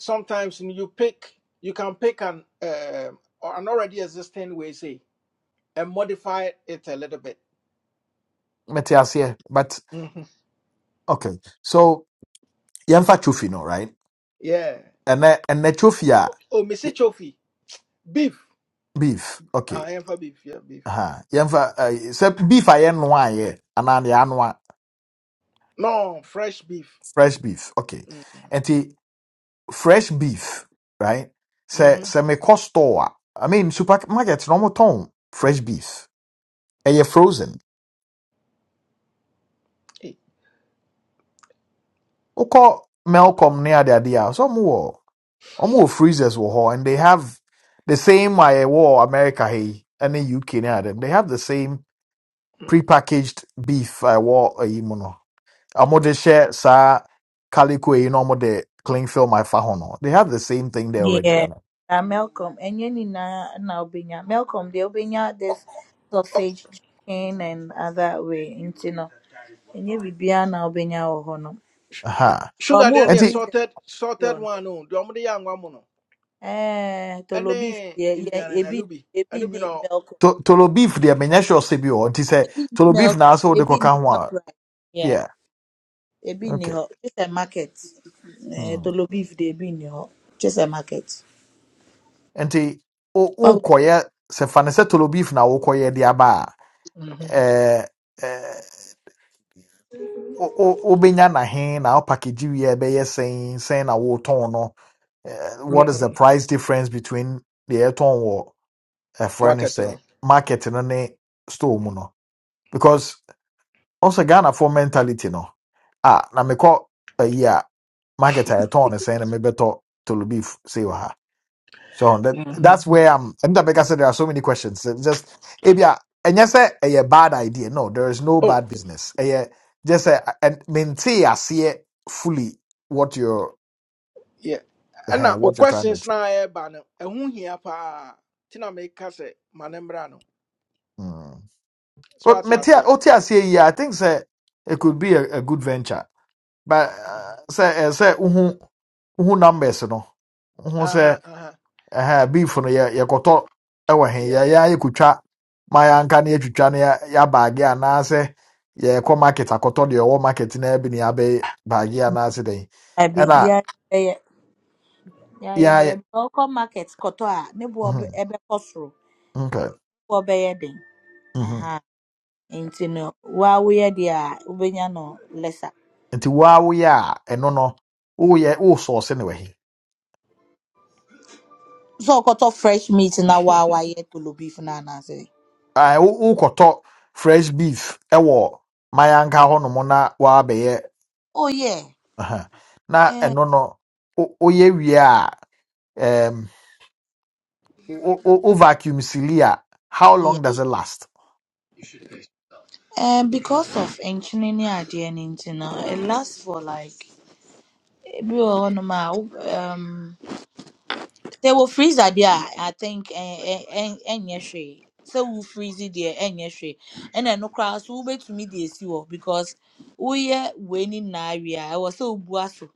[SPEAKER 1] sometimes no, you pick you can pick an um, or an already existing way say and modify it a little bit
[SPEAKER 5] mete aseɛ but
[SPEAKER 1] Mhm.
[SPEAKER 5] okay so yɛmfa trophy no right
[SPEAKER 1] yeah
[SPEAKER 5] ɛnɛ ɛnɛ trophy a
[SPEAKER 1] oh missy chofi beef
[SPEAKER 5] Beef. Okay.
[SPEAKER 1] ah ɛmfa beef yeah beef
[SPEAKER 5] Uh-huh. Yɛmfa uh, sɛ beef a yɛnoa yɛ anaa deɛ anoa
[SPEAKER 1] no fresh beef
[SPEAKER 5] fresh beef. Okay. Nti fresh beef, right? Sɛ
[SPEAKER 1] Mm-hmm.
[SPEAKER 5] sɛ mekɔ store a, I mean supermarket na ɔmotɔn fresh beef. Ɛyɛ frozen. Wokɔ Melcom ne adeade a, so ɔmowɔ ɔmowɔ freezers wɔ hɔ and they have the same a ɛwɔ America ha yi ɛne UK ne adem. They have the same prepackaged beef a ɛwɔ ayi mu no. I'm de share sa calico in normal de cling film I fahono. They have the same thing there already. You
[SPEAKER 4] Yeah,
[SPEAKER 5] know?
[SPEAKER 4] uh, Malcolm. And you na na obenya. Malcolm, they obenya this sausage chicken and other way. Into no. And you bibia na obenya oho no.
[SPEAKER 5] Uh-huh.
[SPEAKER 4] But
[SPEAKER 1] Sugar
[SPEAKER 4] more
[SPEAKER 1] then
[SPEAKER 5] And
[SPEAKER 1] the
[SPEAKER 5] see
[SPEAKER 4] freezer
[SPEAKER 1] sorted sorted
[SPEAKER 4] yo no.
[SPEAKER 1] one no. The only young one mono.
[SPEAKER 4] Eh,
[SPEAKER 1] And
[SPEAKER 4] tolo beef.
[SPEAKER 1] then
[SPEAKER 4] Yeah,
[SPEAKER 1] in the
[SPEAKER 4] yeah. Ebi,
[SPEAKER 1] anubi
[SPEAKER 4] ebi
[SPEAKER 1] anubi
[SPEAKER 4] ni
[SPEAKER 1] no.
[SPEAKER 4] Malcolm.
[SPEAKER 5] to tolo beef they menya sure sebi or and say
[SPEAKER 4] Ebi ni
[SPEAKER 5] tolo beef na
[SPEAKER 4] Malcolm.
[SPEAKER 5] so the
[SPEAKER 4] Ebi ni
[SPEAKER 5] coca one.
[SPEAKER 4] Shoprite. Yeah.
[SPEAKER 5] Yeah.
[SPEAKER 4] Ebi ni
[SPEAKER 5] Okay.
[SPEAKER 4] ho. Just a market. Eh,
[SPEAKER 5] Hmm.
[SPEAKER 4] tolo beef de ebi ni ho. Just a market.
[SPEAKER 5] And see o o
[SPEAKER 4] Wa-
[SPEAKER 5] koye se fane se tolo beef na o koye dia ba
[SPEAKER 1] Mm-hmm.
[SPEAKER 5] eh eh o o o benya na hen na o package we e be saying saying na wo ton no. Eh, what is the
[SPEAKER 1] Mm-hmm.
[SPEAKER 5] price difference between the airton ɛfrɛ no
[SPEAKER 1] Market
[SPEAKER 5] sɛ
[SPEAKER 1] no.
[SPEAKER 5] market no ne store mu no because also Ghana for mentality no ah na me ayi a year market a yɛtɔn no sɛn na mebɛtɔ tolo beef sei wɔ ha so that,
[SPEAKER 1] Mm-hmm.
[SPEAKER 5] that's where i'm ɛno da bɛka sɛ there are so many questions It's just ebia And yes, a bad idea no there is no
[SPEAKER 1] Oh
[SPEAKER 5] bad business ɛyɛ just sɛ and mentee aseɛ fully what you're
[SPEAKER 1] yeah. And
[SPEAKER 5] eh,
[SPEAKER 1] now o
[SPEAKER 5] what you're trying to
[SPEAKER 1] questions
[SPEAKER 5] achieve
[SPEAKER 1] na e ba no. E hu hia pa. Tina make kase manembra no.
[SPEAKER 5] mm.
[SPEAKER 1] So
[SPEAKER 5] But
[SPEAKER 1] what you
[SPEAKER 5] mete a-
[SPEAKER 1] say?
[SPEAKER 5] ɔte aseɛ yi think say it could be a, a good venture but
[SPEAKER 1] Uh
[SPEAKER 5] uh, sɛ uhu uhu wohu wohu numbers no uhu sɛ
[SPEAKER 1] huh. Uh huh.
[SPEAKER 5] ɛha beef no yɛ yɛkɔtɔ ɛwɔ he
[SPEAKER 1] Yeah.
[SPEAKER 5] ya a yɛkɔtwa ma yɛanka na yɛtwitwa no yɛ- yɛabaage anaasɛ yɛkɔ market akɔtɔ deɛ ɔwɔ market na abi ne abe baage anaasɛ dɛn
[SPEAKER 4] I be
[SPEAKER 5] ɛna
[SPEAKER 1] Mm.
[SPEAKER 4] yeah yeah yeah
[SPEAKER 5] ya
[SPEAKER 4] yeah. Malcolm market kotoa. Nebo
[SPEAKER 5] mhm,
[SPEAKER 4] ebe koso.
[SPEAKER 5] okay,
[SPEAKER 4] wɔbɛyɛ den
[SPEAKER 5] mhm.
[SPEAKER 4] aha nti no waa woyɛ deɛ a wobɛnya no lesa
[SPEAKER 5] nti wa woyɛ a ɛno no woyɛ wosɔɔse ne wɔ he
[SPEAKER 4] sɛ ɔkɔtɔ fresh meat na waa wayɛ tolo beef no anaasɛ
[SPEAKER 5] Ah, wo- wokɔtɔ fresh beef ɛwɔ ma yɛanka hɔ nom na waabɛyɛ
[SPEAKER 4] oh yeah
[SPEAKER 5] Aha. na
[SPEAKER 4] eh,
[SPEAKER 5] ɛno no wo- woyɛ wie a um, wo wo- wo vacuum sili a how
[SPEAKER 4] yeah.
[SPEAKER 5] long does it last
[SPEAKER 4] Eh, because of nkyene ne adeɛ no nti no it lasts for like ebi wɔ hɔnom a wo um, sɛ wɔ freezer deɛ a i think ɛn- ɛn- ɛn- ɛnyɛ hwee sɛ wo freeze deɛ ɛnyɛ hwee ɛna ɛno koraa so wobɛtumi de esi hɔ because woyɛ wei ne nyinaa wie a ɛwɔ sɛ wobua so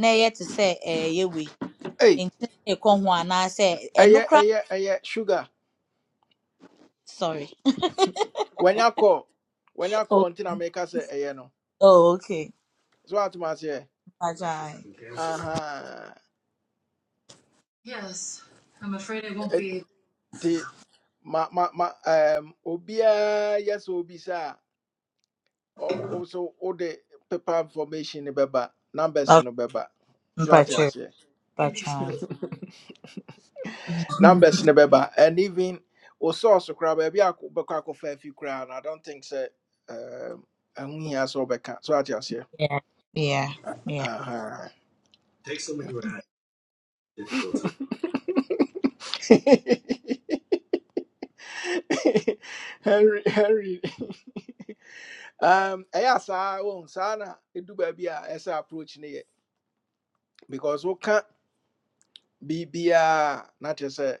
[SPEAKER 4] na ɛyɛ te sɛ ɛyɛ wei
[SPEAKER 1] Hey.
[SPEAKER 4] nti na ɛkɔ ho anaasɛ ɛno
[SPEAKER 1] Aye,
[SPEAKER 4] koraa
[SPEAKER 1] aye, aye, sugar.
[SPEAKER 4] sorry
[SPEAKER 1] When you call, when you
[SPEAKER 4] oh
[SPEAKER 1] call, until I make us say, aye, no.
[SPEAKER 4] oh, okay
[SPEAKER 1] So what you must say?
[SPEAKER 4] mpakyɛw
[SPEAKER 1] Uh huh.
[SPEAKER 4] Yes, I'm afraid I won't be able.
[SPEAKER 1] nti ma ma ma um Obia yes sɛ obisa a ɔ- wo so wode paper information no bɛba numbers
[SPEAKER 4] okay
[SPEAKER 1] no bɛba so ate
[SPEAKER 4] mpakyɛw
[SPEAKER 1] aseɛ
[SPEAKER 4] mpakyɛw
[SPEAKER 1] numbers no bɛba and even wo source koraa baabi a akɔ- wobɛkɔ afi koraa no i don't think sɛ um, ɛho hia sɛ wobɛka so ate aseɛ
[SPEAKER 4] yeah yeah yeah
[SPEAKER 1] Aha. henry henry um ɛyɛ a saa wɔn saa na ɛdu baabi a ɛsɛ approach no yɛ because we can woka biribiaa na kyerɛ sɛ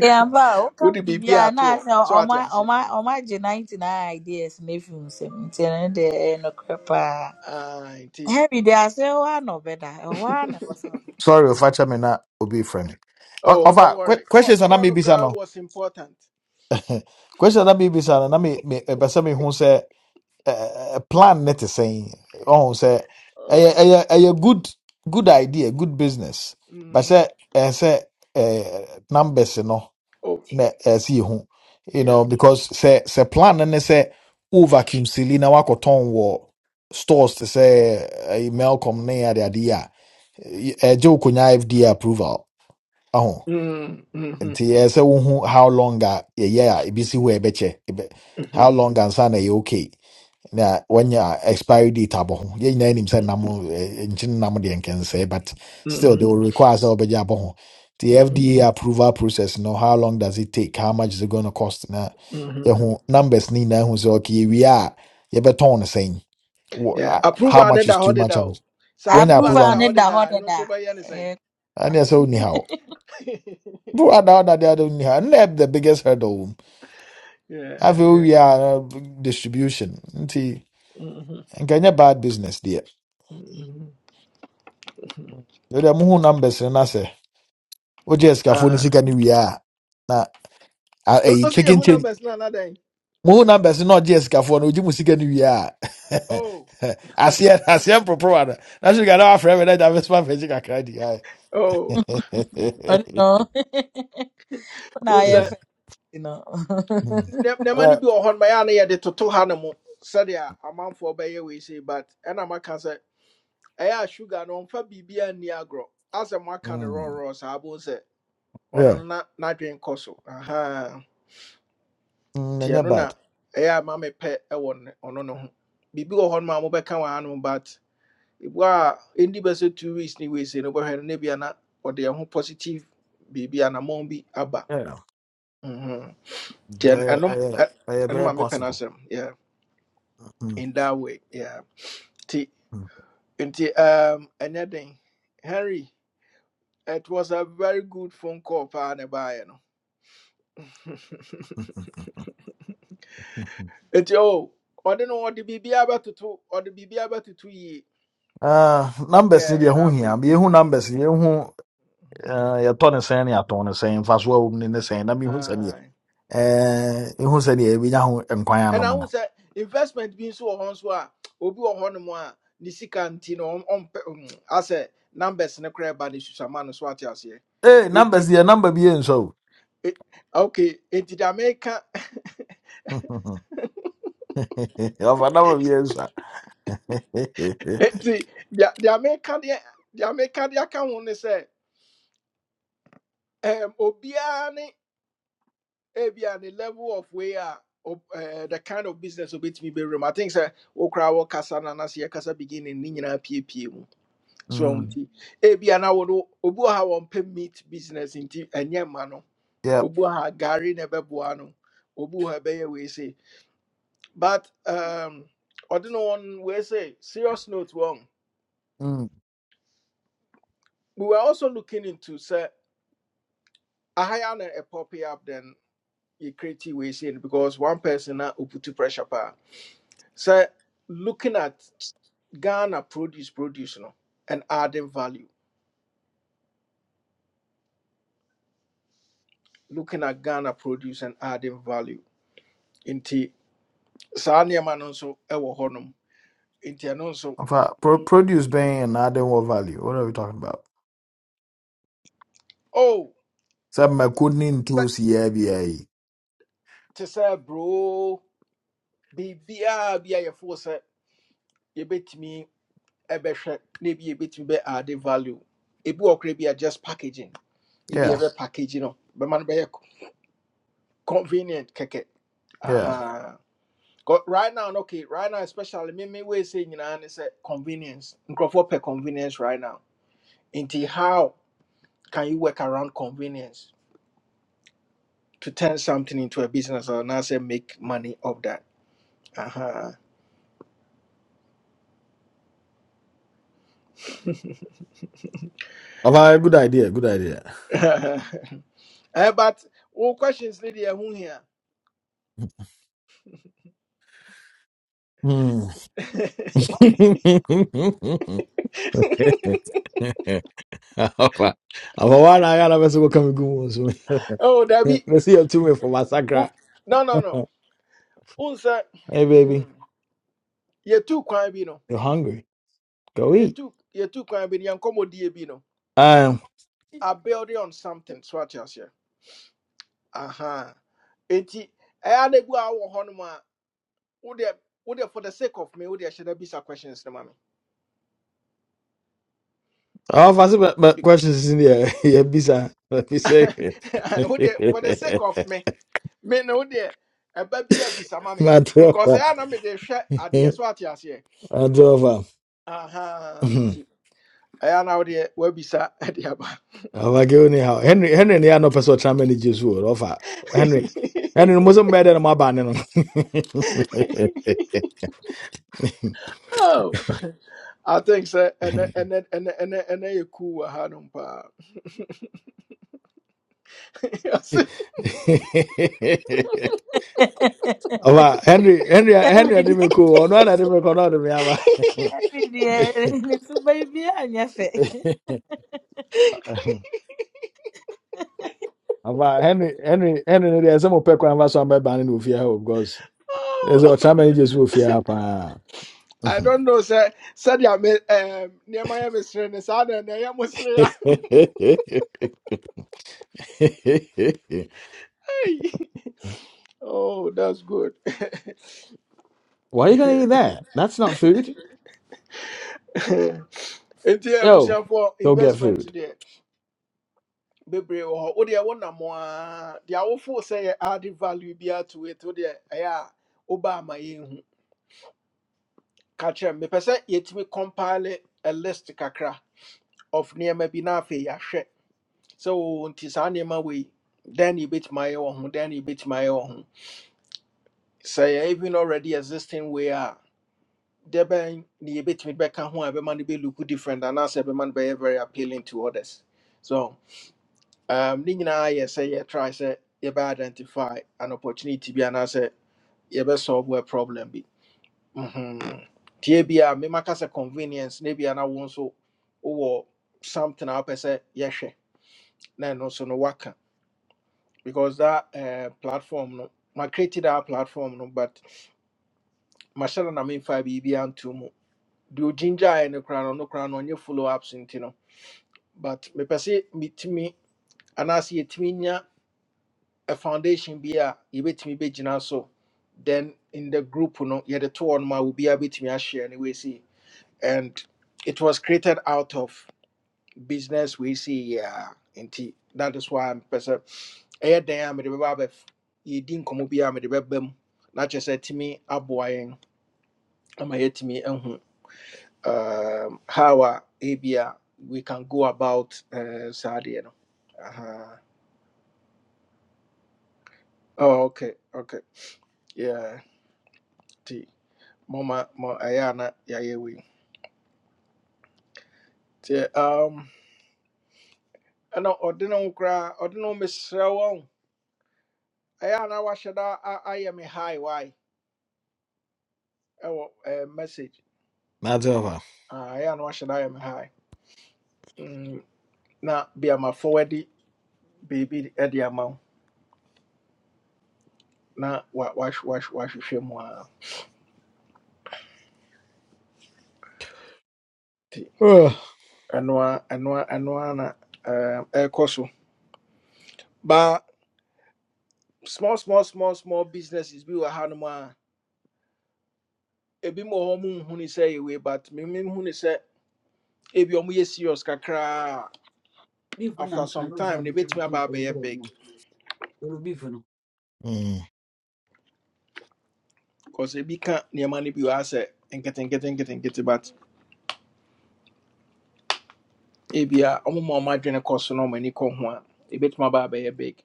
[SPEAKER 4] yeah mba a woka
[SPEAKER 1] wode
[SPEAKER 4] biribiara
[SPEAKER 1] biribiaa
[SPEAKER 4] na
[SPEAKER 1] to hɔ
[SPEAKER 4] asɛ
[SPEAKER 1] sɛ
[SPEAKER 4] ɔma
[SPEAKER 1] wate aseɛ
[SPEAKER 4] ɔma ɔma gye ninety nine ideas na efi wo nsam nti ɛno deɛ ɛyɛ nokorɛ paa
[SPEAKER 1] Ah, nti
[SPEAKER 4] harry deɛ asɛ ɛhɔ ara na ɔbɛda ɛhɔ ara na ɛwɔ sɛ ɔda
[SPEAKER 5] sorry
[SPEAKER 4] Mm.
[SPEAKER 5] ɔfakyɛ me na obi frɛ me Ɔ-
[SPEAKER 1] oh don't
[SPEAKER 5] ɔfa que-
[SPEAKER 1] worry call
[SPEAKER 5] questions a na
[SPEAKER 1] no
[SPEAKER 5] mebisa no
[SPEAKER 1] was important
[SPEAKER 5] questions a na mebisa no na me- me- ɛpɛ sɛ mehu sɛ eh, eh, plan ne te sɛn ɔhu sɛ ɛyɛ
[SPEAKER 1] oh
[SPEAKER 5] ɛyɛ ɛyɛ good good idea good business but
[SPEAKER 1] mhm.
[SPEAKER 5] sɛ ɛɛ sɛ eh, numbers no
[SPEAKER 1] oh
[SPEAKER 5] na ɛsi yɛ you
[SPEAKER 1] yeah
[SPEAKER 5] know because sɛ sɛ plan no ne sɛ o vacuum sili na wakɔtɔn wɔ stores te sɛ ɛyi melcom ne adeade a ɛ- ɛgye wo konya fda approval aho
[SPEAKER 1] Mhm, mhm,
[SPEAKER 5] nti yɛ sɛ wohu how long a yɛyɛ a ebi si hɔ a ɛbɛkyɛ ɛbɛ how
[SPEAKER 1] mhm,
[SPEAKER 5] long ansa na ɛyɛ okay na wanya expiry date abo, ho yɛn nyinaa nim sɛ nam eh, nkyene nam deɛ nkɛnsɛe but still they
[SPEAKER 1] mhm,
[SPEAKER 5] will require sɛ wobɛgye abo. ho the
[SPEAKER 1] mhm,
[SPEAKER 5] fda approval process you know, how long does it take how much is it going to cost na
[SPEAKER 1] mhm.
[SPEAKER 5] yɛho numbers ni na hu say okay we are. yɛbɛtɔn no sɛn Wh-
[SPEAKER 1] yeah
[SPEAKER 5] ah, how
[SPEAKER 1] approval ne
[SPEAKER 5] much is
[SPEAKER 1] da hɔ
[SPEAKER 5] too much how
[SPEAKER 1] deda
[SPEAKER 5] much-
[SPEAKER 1] o sɛ
[SPEAKER 5] when I
[SPEAKER 1] approval
[SPEAKER 5] approve
[SPEAKER 1] ne
[SPEAKER 4] approval
[SPEAKER 1] da
[SPEAKER 5] no
[SPEAKER 4] ne
[SPEAKER 1] hɔ
[SPEAKER 4] da
[SPEAKER 1] deda No so nso anything.
[SPEAKER 5] and sɛ wonni haw
[SPEAKER 1] ne
[SPEAKER 5] bro ada woda de ada wonni haw ɛno the biggest hurdle wom
[SPEAKER 1] yeah
[SPEAKER 5] afei
[SPEAKER 1] yeah
[SPEAKER 5] wowie a na distribution nti
[SPEAKER 1] Mhm,
[SPEAKER 5] nkɛnyɛ bad business deɛ
[SPEAKER 1] mhm, mhm.
[SPEAKER 5] yɛde mo ho numbers no na wogye sikafoɔ no
[SPEAKER 1] ah
[SPEAKER 5] sika no wie a na a-
[SPEAKER 1] o-
[SPEAKER 5] ɛyi
[SPEAKER 1] osi yɛ
[SPEAKER 5] chicken
[SPEAKER 1] ho
[SPEAKER 5] change
[SPEAKER 1] numbers no anadan
[SPEAKER 5] mohu numbers no na ɔgye sikafoɔ no ogye mu sika no wie a
[SPEAKER 1] oh
[SPEAKER 5] aseɛ aseɛ mporoporowa no na so ka na wafrɛ me na gya mesoma mfɛgye kakra di ae
[SPEAKER 1] Oh,
[SPEAKER 4] I know. Now
[SPEAKER 1] wohu
[SPEAKER 4] I
[SPEAKER 1] sɛ
[SPEAKER 4] have you know.
[SPEAKER 1] nne- nneɛma no
[SPEAKER 5] Right.
[SPEAKER 1] bi wɔ hɔ no ɛyɛ a na yɛde toto ha no mu sɛdeɛ amanfoɔ bɛyɛ wei sei but ɛna maka sɛ ɛyɛ sugar no ɔmfa biribiaa nni agorɔ asɛ moaka no
[SPEAKER 5] Mm.
[SPEAKER 1] rɔrɔ saa bohu sɛ ɔno
[SPEAKER 5] Yeah.
[SPEAKER 1] no na n'adwene kɔ so ahaa
[SPEAKER 5] Mm,
[SPEAKER 1] nti
[SPEAKER 5] ɛnyɛ
[SPEAKER 1] ɛno na
[SPEAKER 5] bad
[SPEAKER 1] ɛyɛ a ma mepɛ ɛwɔ ne- ɔno no ho biribi wɔ hɔ no ma mobɛka wɔ ha no but ebua a ɛndi bɛ sɛ two weeks ne wei sei no wobɛhwɛ no na bia na ɔde ɛho positive biribi anammɔn bi aba
[SPEAKER 5] Yeah.
[SPEAKER 1] Mhm. nti ɛn-
[SPEAKER 5] ɛyɛ
[SPEAKER 1] ɛnom
[SPEAKER 5] ɛyɛ-
[SPEAKER 1] ɛ-
[SPEAKER 5] ɛyɛ
[SPEAKER 1] ɛno
[SPEAKER 5] very
[SPEAKER 1] ma mepɛ no
[SPEAKER 5] possible
[SPEAKER 1] asɛm yeah.
[SPEAKER 5] Mm,
[SPEAKER 1] in that way. Yeah. T
[SPEAKER 5] mm,
[SPEAKER 1] nti um ɛnyɛ Henry, it was a very good phone call for ne baeɛ no.
[SPEAKER 5] mm.
[SPEAKER 1] nti oh, I don't ɔde no the biribiara bɛtoto ɔde biribiara bɛtoto yie.
[SPEAKER 5] Ah, numbers ni
[SPEAKER 1] Yeah,
[SPEAKER 5] deɛ ho
[SPEAKER 1] na
[SPEAKER 5] hia
[SPEAKER 1] afei.
[SPEAKER 5] yɛhu numbers yɛhu eh, yɛtɔ ne sɛn ne yɛatɔn ne sɛn mfasoɔ a wɔ mu ne ne sɛn na mehu sɛ
[SPEAKER 1] aye.
[SPEAKER 5] eh ihu sɛ deɛ yɛbɛnya ho nkwan anom
[SPEAKER 1] Ɛna ahu
[SPEAKER 5] no
[SPEAKER 1] sɛ investment bi nso wɔ hɔ nso a obi wɔ hɔ nom a ne sika nti no ɔm- ɔmpɛ ɔm, asɛ numbers ne koraa ba ne susama no so ate aseɛ.
[SPEAKER 5] eh
[SPEAKER 1] Nti
[SPEAKER 5] numbers yɛ number bi yɛ nsɔ o
[SPEAKER 1] eh, okay, nti The meka
[SPEAKER 5] ɔfa number bi yɛ nsɔ
[SPEAKER 1] nti the the meka the deɛ meka deɛ aka ho ne sɛ um, obiara ne level of where a eh, the kind of business obetumi bɛwura mu i think sɛ wokora wɔkasa no anase yɛkasa beginning ne nyinaa piepie mu so
[SPEAKER 5] mm,
[SPEAKER 1] ɔho nti ebia na wo obu obi wɔ ha a wɔmpɛ meat business nti ɛnyɛ ma no
[SPEAKER 5] yep
[SPEAKER 1] obi wɔ ha gari na ɛbɛboa no obu wɔ ha a ɛbɛyɛ wei sei but um, ɔde no wɔn Say, serious note wrong.
[SPEAKER 5] mm.
[SPEAKER 1] we were also looking into say. I hire na a poppy up then you create we see it because one person na put to pressure pa. So looking at Ghana produce produce no and adding value. Looking at Ghana produce and adding value. Inti saa nneɛma no nso ɛwɔ hɔnom. Inti ɛno nso
[SPEAKER 5] ɔfa pro produce bɛn and adding more value what are we talking about
[SPEAKER 1] oh
[SPEAKER 5] sɛ mako ne
[SPEAKER 1] sɛ
[SPEAKER 5] ntoosi yɛ biara yi
[SPEAKER 1] te sɛ bro biribiara bi a yɛfoɔ sɛ yɛbɛtumi ɛbɛhwɛ na ebi yɛbɛtumi bɛ adding value. Ebi wɔ koraa bi a just packaging. Ebi
[SPEAKER 5] yeah
[SPEAKER 1] yɛbɛ packaging no But no bɛyɛ convenient keke
[SPEAKER 5] yeah
[SPEAKER 1] aha Ko- right now no, okay right now especially me me we say you know, ne say convenience nkrofo per convenience right now into how can you work around convenience to turn something into a business or not say make money of that aha
[SPEAKER 5] ɔfa good idea good idea
[SPEAKER 1] eh but all questions need here who here
[SPEAKER 5] Mm. ɔfa ɔfa wa na ayɛ ara bɛ sɛ wɔka me gu mu nso
[SPEAKER 1] oh Debbie,
[SPEAKER 5] mɛsi yɛ tu me for massacre
[SPEAKER 1] wo- no no no unse
[SPEAKER 5] Hey, baby,
[SPEAKER 1] you too
[SPEAKER 5] you're hungry. Go eat.
[SPEAKER 1] yɛtu yɛtu kwan bi no yɛnkɔmmɔdie bi no
[SPEAKER 5] Um,
[SPEAKER 1] abuilding on something so ate aseɛ aha enti ɛyɛ ada bi a wɔ hɔ nom a wodeɛ wodeɛ for the sake of me wodeɛ hyɛ da bisa questions no ma me
[SPEAKER 5] all fancy but, but
[SPEAKER 1] Be-
[SPEAKER 5] questions is in the air. Yeah, bisa. Let me say it.
[SPEAKER 1] wodeɛ for the sake of me me ne wodeɛ ɛba bi a bisa ma me
[SPEAKER 5] My
[SPEAKER 1] because
[SPEAKER 5] tropa.
[SPEAKER 1] ɛyɛ na mede hwɛ adeɛ so ate aseɛ
[SPEAKER 5] My tropa.
[SPEAKER 1] aha
[SPEAKER 5] Mhm.
[SPEAKER 1] auntie. I nti ɛyɛ na wodeɛ woabisa ɛde
[SPEAKER 5] Oh, I go anyhow. Henry, Henry, ni ano person trying many Jesus word offer. Henry, Henry, no some better than my banner. no.
[SPEAKER 1] Oh. I think so. And then, and then, and then, and then, and then you cool with Hanum pa. I say,
[SPEAKER 5] Ofa, Henry, Henry, Henry, I
[SPEAKER 4] Every
[SPEAKER 5] didn't
[SPEAKER 4] day,
[SPEAKER 5] make cool. No, I didn't make cool. No, I didn't
[SPEAKER 4] every
[SPEAKER 5] make.
[SPEAKER 4] day, little baby, and your face.
[SPEAKER 5] cool. Ava Henry Henry Henry no deɛ sɛ mopɛ kwan fa so amɛba ne na ofie ha o because ɛsɛ sɛ
[SPEAKER 1] "Oh."
[SPEAKER 5] ɔtra mane so ofie ha paa.
[SPEAKER 1] I don't know, sir. Said ya me um near my missus and sad and I am mystery. Oh, that's good.
[SPEAKER 5] Why are you gonna eat that? That's not food.
[SPEAKER 1] Nti
[SPEAKER 5] Yo,
[SPEAKER 1] abusuafoɔ
[SPEAKER 5] go get
[SPEAKER 1] investment
[SPEAKER 5] food.
[SPEAKER 1] deɛ bebree wɔ hɔ wodeɛ wo nam a deɛ wofoo sɛ yɛ added value bi to it wodeɛ ɛyɛ a woba ama yɛnhu ka kyerɛ me mepɛ sɛ yɛtumi compile a list kakra of nneɛma bi na afei yɛahwɛ sɛ o nti saa nneɛma wei dɛn na yɛbɛtumi ayɛ wɔ ho dɛn na yɛbɛtumi ayɛ wɔ even already existing way a dɛbɛn na yɛbɛtumi bɛka ho a ɛbɛma no look different anaasɛ ɛbɛma no bɛyɛ very appealing to others so um, ne nyinaa yɛ sɛ yɛtry sɛ yɛbɛ identify an opportunity be bi anaasɛ solve a problem bi Mhm. nti ebia memaka sɛ convenience maybe ebia na want nso or something a wopɛ sɛ yɛhwɛ na ɛno no work. because that uh, platform no ma created that platform no but mahyɛ no memfa biribiaa nto mu deɛ ogyingyaeɛ no koraa no no koraa no ɔnyɛ follow ups nti no but me, sɛ metumi anaasɛ yɛtumi nya a foundation bi a yɛbɛtumi bɛgyina so then in the group no yɛde to hɔ no ma obiaa bɛtumi a share anyway. See, and it was created out of business we see yeah nti that is why person. sɛ ɛyɛ dan a mede bɛba abɛ yɛdi nkɔmmɔ bi a mede bɛba mu na kyerɛ sɛ tumi aboa ama yɛatumi ahu um, how a ebia we can go about uh, saa no Aha. oh, okay okay yeah nti mama, mo Ayana, a na yɛayɛ um, ɛna ɔde no ordinary koraa ɔde no ho mesrɛ wɔn a na wahyɛ da hi why ɛwɔ eh, message
[SPEAKER 5] That's over.
[SPEAKER 1] I am what should I am high. Now, be a ma forwardy baby at the amount. Now, wash, wash wash wash him ti
[SPEAKER 5] Ugh.
[SPEAKER 1] anwa anwa anwa na um air coso. But small small small small businesses be were hanuma. Ebi mo homu huni say away, but me me huni say ebi are ye serious kakra.
[SPEAKER 5] Beef na
[SPEAKER 1] After
[SPEAKER 5] na
[SPEAKER 1] some
[SPEAKER 5] no dey
[SPEAKER 1] time, they
[SPEAKER 5] am
[SPEAKER 1] bet
[SPEAKER 5] do.
[SPEAKER 1] me about be
[SPEAKER 5] Beef
[SPEAKER 1] big.
[SPEAKER 5] no. Oro beef no. Mm.
[SPEAKER 1] Cause ebi can't near money be asset and getting getting getting getting but ebia ɔmo ma ɔmo adwene kɔ so na ɔmo ani kɔ ho a ebetumi aba abɛyɛ big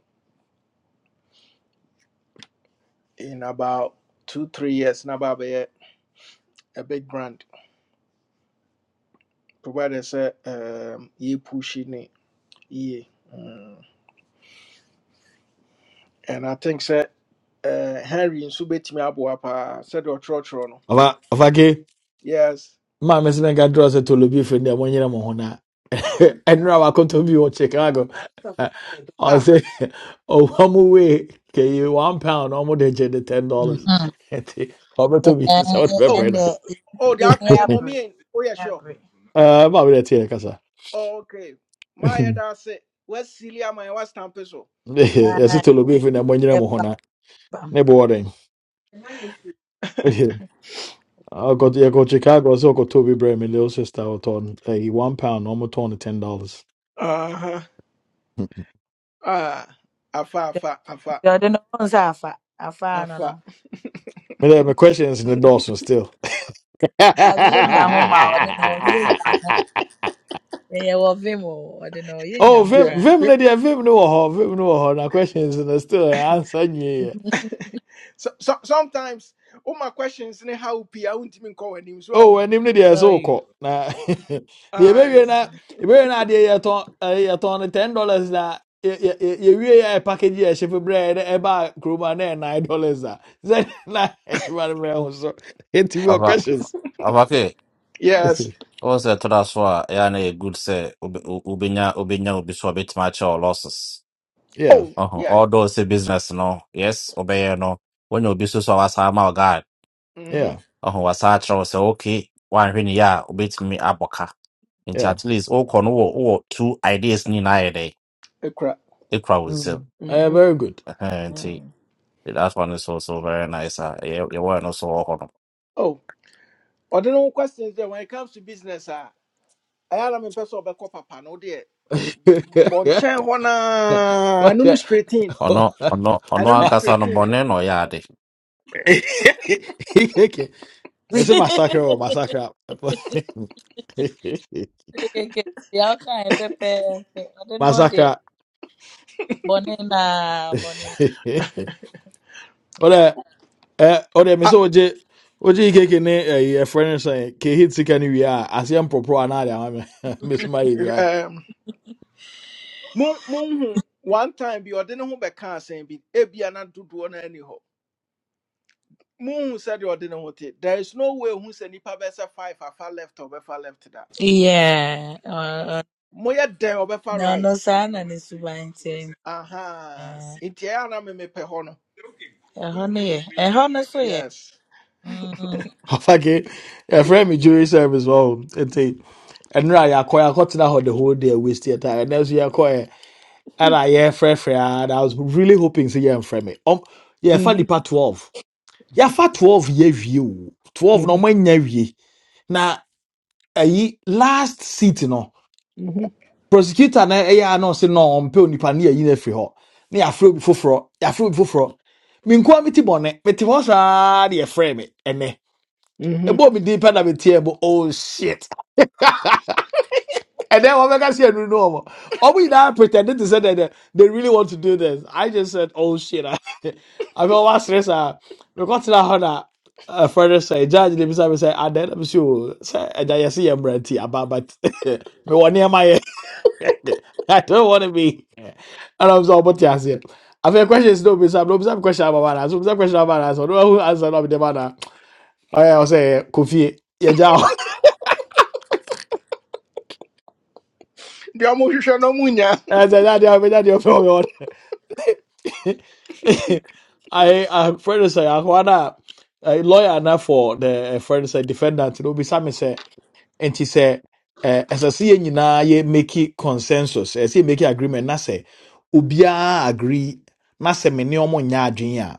[SPEAKER 1] in about two three years na aba abɛyɛ a big brand provided sɛ um, yɛ pushi ne yie Mm. and i think sɛ uh, henry nso betumi aboa paa sɛdeɛ ɔtwerɛtwerɛ no
[SPEAKER 5] Over, over,
[SPEAKER 1] yes
[SPEAKER 5] ma me sɛ nka drɔ sɛ tolobi firi deɛ monyere mo ho no a ɛnora wakɔtɔ bi wɔ chicago I
[SPEAKER 1] ah
[SPEAKER 5] ɔsɛ ɔwa mu wei kɛyi one pound ɔmo de gye de ten dollars
[SPEAKER 4] Mhm.
[SPEAKER 5] nti ɔbɛtɔ bi
[SPEAKER 4] Eh,
[SPEAKER 5] sɛ wode
[SPEAKER 1] oh
[SPEAKER 5] bɛbrɛ
[SPEAKER 4] And
[SPEAKER 5] no a.
[SPEAKER 4] the
[SPEAKER 1] oh that I am
[SPEAKER 4] yabri,
[SPEAKER 1] mommy. Oh. Yeah. sure
[SPEAKER 4] yabri.
[SPEAKER 5] Eh, ma mede teɛ kasa
[SPEAKER 1] oh, okay My dad da ase wasili ama yɛ wasampe so.
[SPEAKER 5] yɛsɛ
[SPEAKER 4] Ah,
[SPEAKER 5] tolobi firi deɛ monyere mo nyere
[SPEAKER 4] yep,
[SPEAKER 5] mo ho no a
[SPEAKER 4] bam.
[SPEAKER 5] ne bɔɔ den ɔkɔ yɛkɔ chicago sɛ ɔkɔtɔ bi brɛ me little sister ɔtɔn ɛyi one pound na ɔmo tɔn no ten dollars
[SPEAKER 1] Uh-huh.
[SPEAKER 5] mede
[SPEAKER 1] ah afa
[SPEAKER 4] The
[SPEAKER 1] afa afa
[SPEAKER 4] the no one's afa, afa no
[SPEAKER 1] afa
[SPEAKER 4] no.
[SPEAKER 5] me there my questions in the Dawson still
[SPEAKER 4] I bi enya ho ma, o de no ye nya ho. Eh, ye wo vim o, o de no ye nya
[SPEAKER 5] oh,
[SPEAKER 4] ho
[SPEAKER 5] Vim,
[SPEAKER 1] yeah
[SPEAKER 4] kra.
[SPEAKER 5] Vim, no dear, Vim, no, ho, Vim, no, ho, na questions and still answer ye.
[SPEAKER 1] so, so sometimes all my questions ne how p I won't even call him
[SPEAKER 5] Oh,
[SPEAKER 1] so
[SPEAKER 5] and him, no dear,
[SPEAKER 4] Tell
[SPEAKER 5] so
[SPEAKER 4] you.
[SPEAKER 5] called. Na, the baby,
[SPEAKER 1] eyes
[SPEAKER 5] na, the baby, na, dear, you ton, you ton, ten dollars na. You wear a package here, ship of bread, a bar, crew, and nine dollars. Then, na, it's one of So, eighty more
[SPEAKER 7] afa
[SPEAKER 5] questions.
[SPEAKER 7] afa ke
[SPEAKER 1] yes
[SPEAKER 7] wɔn sɛ ɛtɔ da so a ɛyɛ na yɛ good sɛ wobe- wo- Ubenya, Ubenya, obi so match wobɛtumi losses.
[SPEAKER 5] yeah,
[SPEAKER 1] oh
[SPEAKER 7] Uh huh.
[SPEAKER 1] yeah
[SPEAKER 7] All those sɛ business no yes wobɛyɛ no When obi so so a wasaa ma wo guide
[SPEAKER 1] mm-hmm
[SPEAKER 5] yeah,
[SPEAKER 7] ɔho wasaa kyerɛ say. okay woanhwɛ ne yɛ a me abɔ ka nti
[SPEAKER 5] yeah.
[SPEAKER 7] at least wokɔ no wowɔ wowɔ two ideas ne nyinaa yɛ dɛ
[SPEAKER 1] a crap
[SPEAKER 7] ɛkura wo
[SPEAKER 5] Mm.
[SPEAKER 7] nsam
[SPEAKER 5] Uh,
[SPEAKER 1] mm-hmm
[SPEAKER 5] very good.
[SPEAKER 7] Ɛhɛn, nti
[SPEAKER 1] Mm.
[SPEAKER 7] that one is also very nice a ɛyɛ- yɛwɔ ɛno so wɔ
[SPEAKER 1] oh ɔde no ho questions there when it comes to business Ah, I am in person of a ɛyɛ ara mepɛ sɛ ɔbɛkɔ papa no wodeɛ bɔ nkyɛn I don't no
[SPEAKER 5] what?
[SPEAKER 1] straight in
[SPEAKER 7] Ono, Ono, ɔno ɔno ɔno
[SPEAKER 1] ɛno no
[SPEAKER 7] ankasa
[SPEAKER 1] straight
[SPEAKER 7] no
[SPEAKER 1] in
[SPEAKER 7] bɔne no ɔyɛ
[SPEAKER 5] Messi massacre or massacre.
[SPEAKER 4] Okay, okay. Yeah, okay, pepe. I don't know
[SPEAKER 5] massacre.
[SPEAKER 4] Bonena, bonena.
[SPEAKER 5] Ora eh ora me so
[SPEAKER 1] Ah,
[SPEAKER 5] oje oje ikeke ne eh e friend say ke hit sika ni wi a asem popo ana dia ma Miss
[SPEAKER 1] hwɛ-
[SPEAKER 5] Mary di
[SPEAKER 1] hwɛ-
[SPEAKER 5] wa.
[SPEAKER 1] ɛɛm, mo- monhu one time bi ɔde ne ho bɛka asɛm bi ebia na dodoɔ no ani hɔ Moon said you didn't want it. There is no way who said nipa besa five afa left or befa left that.
[SPEAKER 4] Yeah. Uh,
[SPEAKER 1] Moya there or befa
[SPEAKER 4] no,
[SPEAKER 1] right.
[SPEAKER 4] no, sana ni subainti.
[SPEAKER 1] Aha. Intia na me me pe ho no.
[SPEAKER 4] Eho ni ye. Eho ni so ye.
[SPEAKER 1] Yes.
[SPEAKER 4] Mm.
[SPEAKER 5] Afake e friend me jury service wo ente enra ya koya kotena ho the whole day waste your time. And as you are koya and I yeah fresh fresh and I was really hoping say yeah friend me. Um yeah fa
[SPEAKER 1] Mhm.
[SPEAKER 5] part 12. yɛafa 12 yɛ awie 12 no
[SPEAKER 1] Mhm.
[SPEAKER 5] ɔmanya awie na ɛyi last seat no
[SPEAKER 1] Mhm.
[SPEAKER 5] prosecutor no ɛyɛ a na ɔse no ɔmpɛ onipa no yɛyi no afiri hɔ na yɛafrɛ obi foforɔ yɛafrɛ obi foforɔ menkoa mete bɔne mete hɔ saa de ye frame me ɛnɛ
[SPEAKER 1] Mhm.
[SPEAKER 5] ebo me din pɛ na metie ebo. oh shit And then what Omega said, no, no. Obi and I pretended to say that they, they really want to do this. I just said, oh shit. I mean, what's this? uh, We got to that honor. A further say, Judge, they beside me say, I did, I'm sure. Say, and I just see a brand tea about, but me one near my I don't want to be. And I'm so about to say, I feel questions no beside, no beside question about my answer, beside question about answer. No, who answer not be the man. I will say, Kofi, yeah, Jao.
[SPEAKER 1] Dia mo hwehwe no munya.
[SPEAKER 5] I said, that. I'll that. daddy of your I a friend say ahwana a lawyer na for the eh, friend say defendant no be some say and she say eh as I see nyina ye make it consensus as say make it agreement na say obia agree na say me ne omo nya adwen a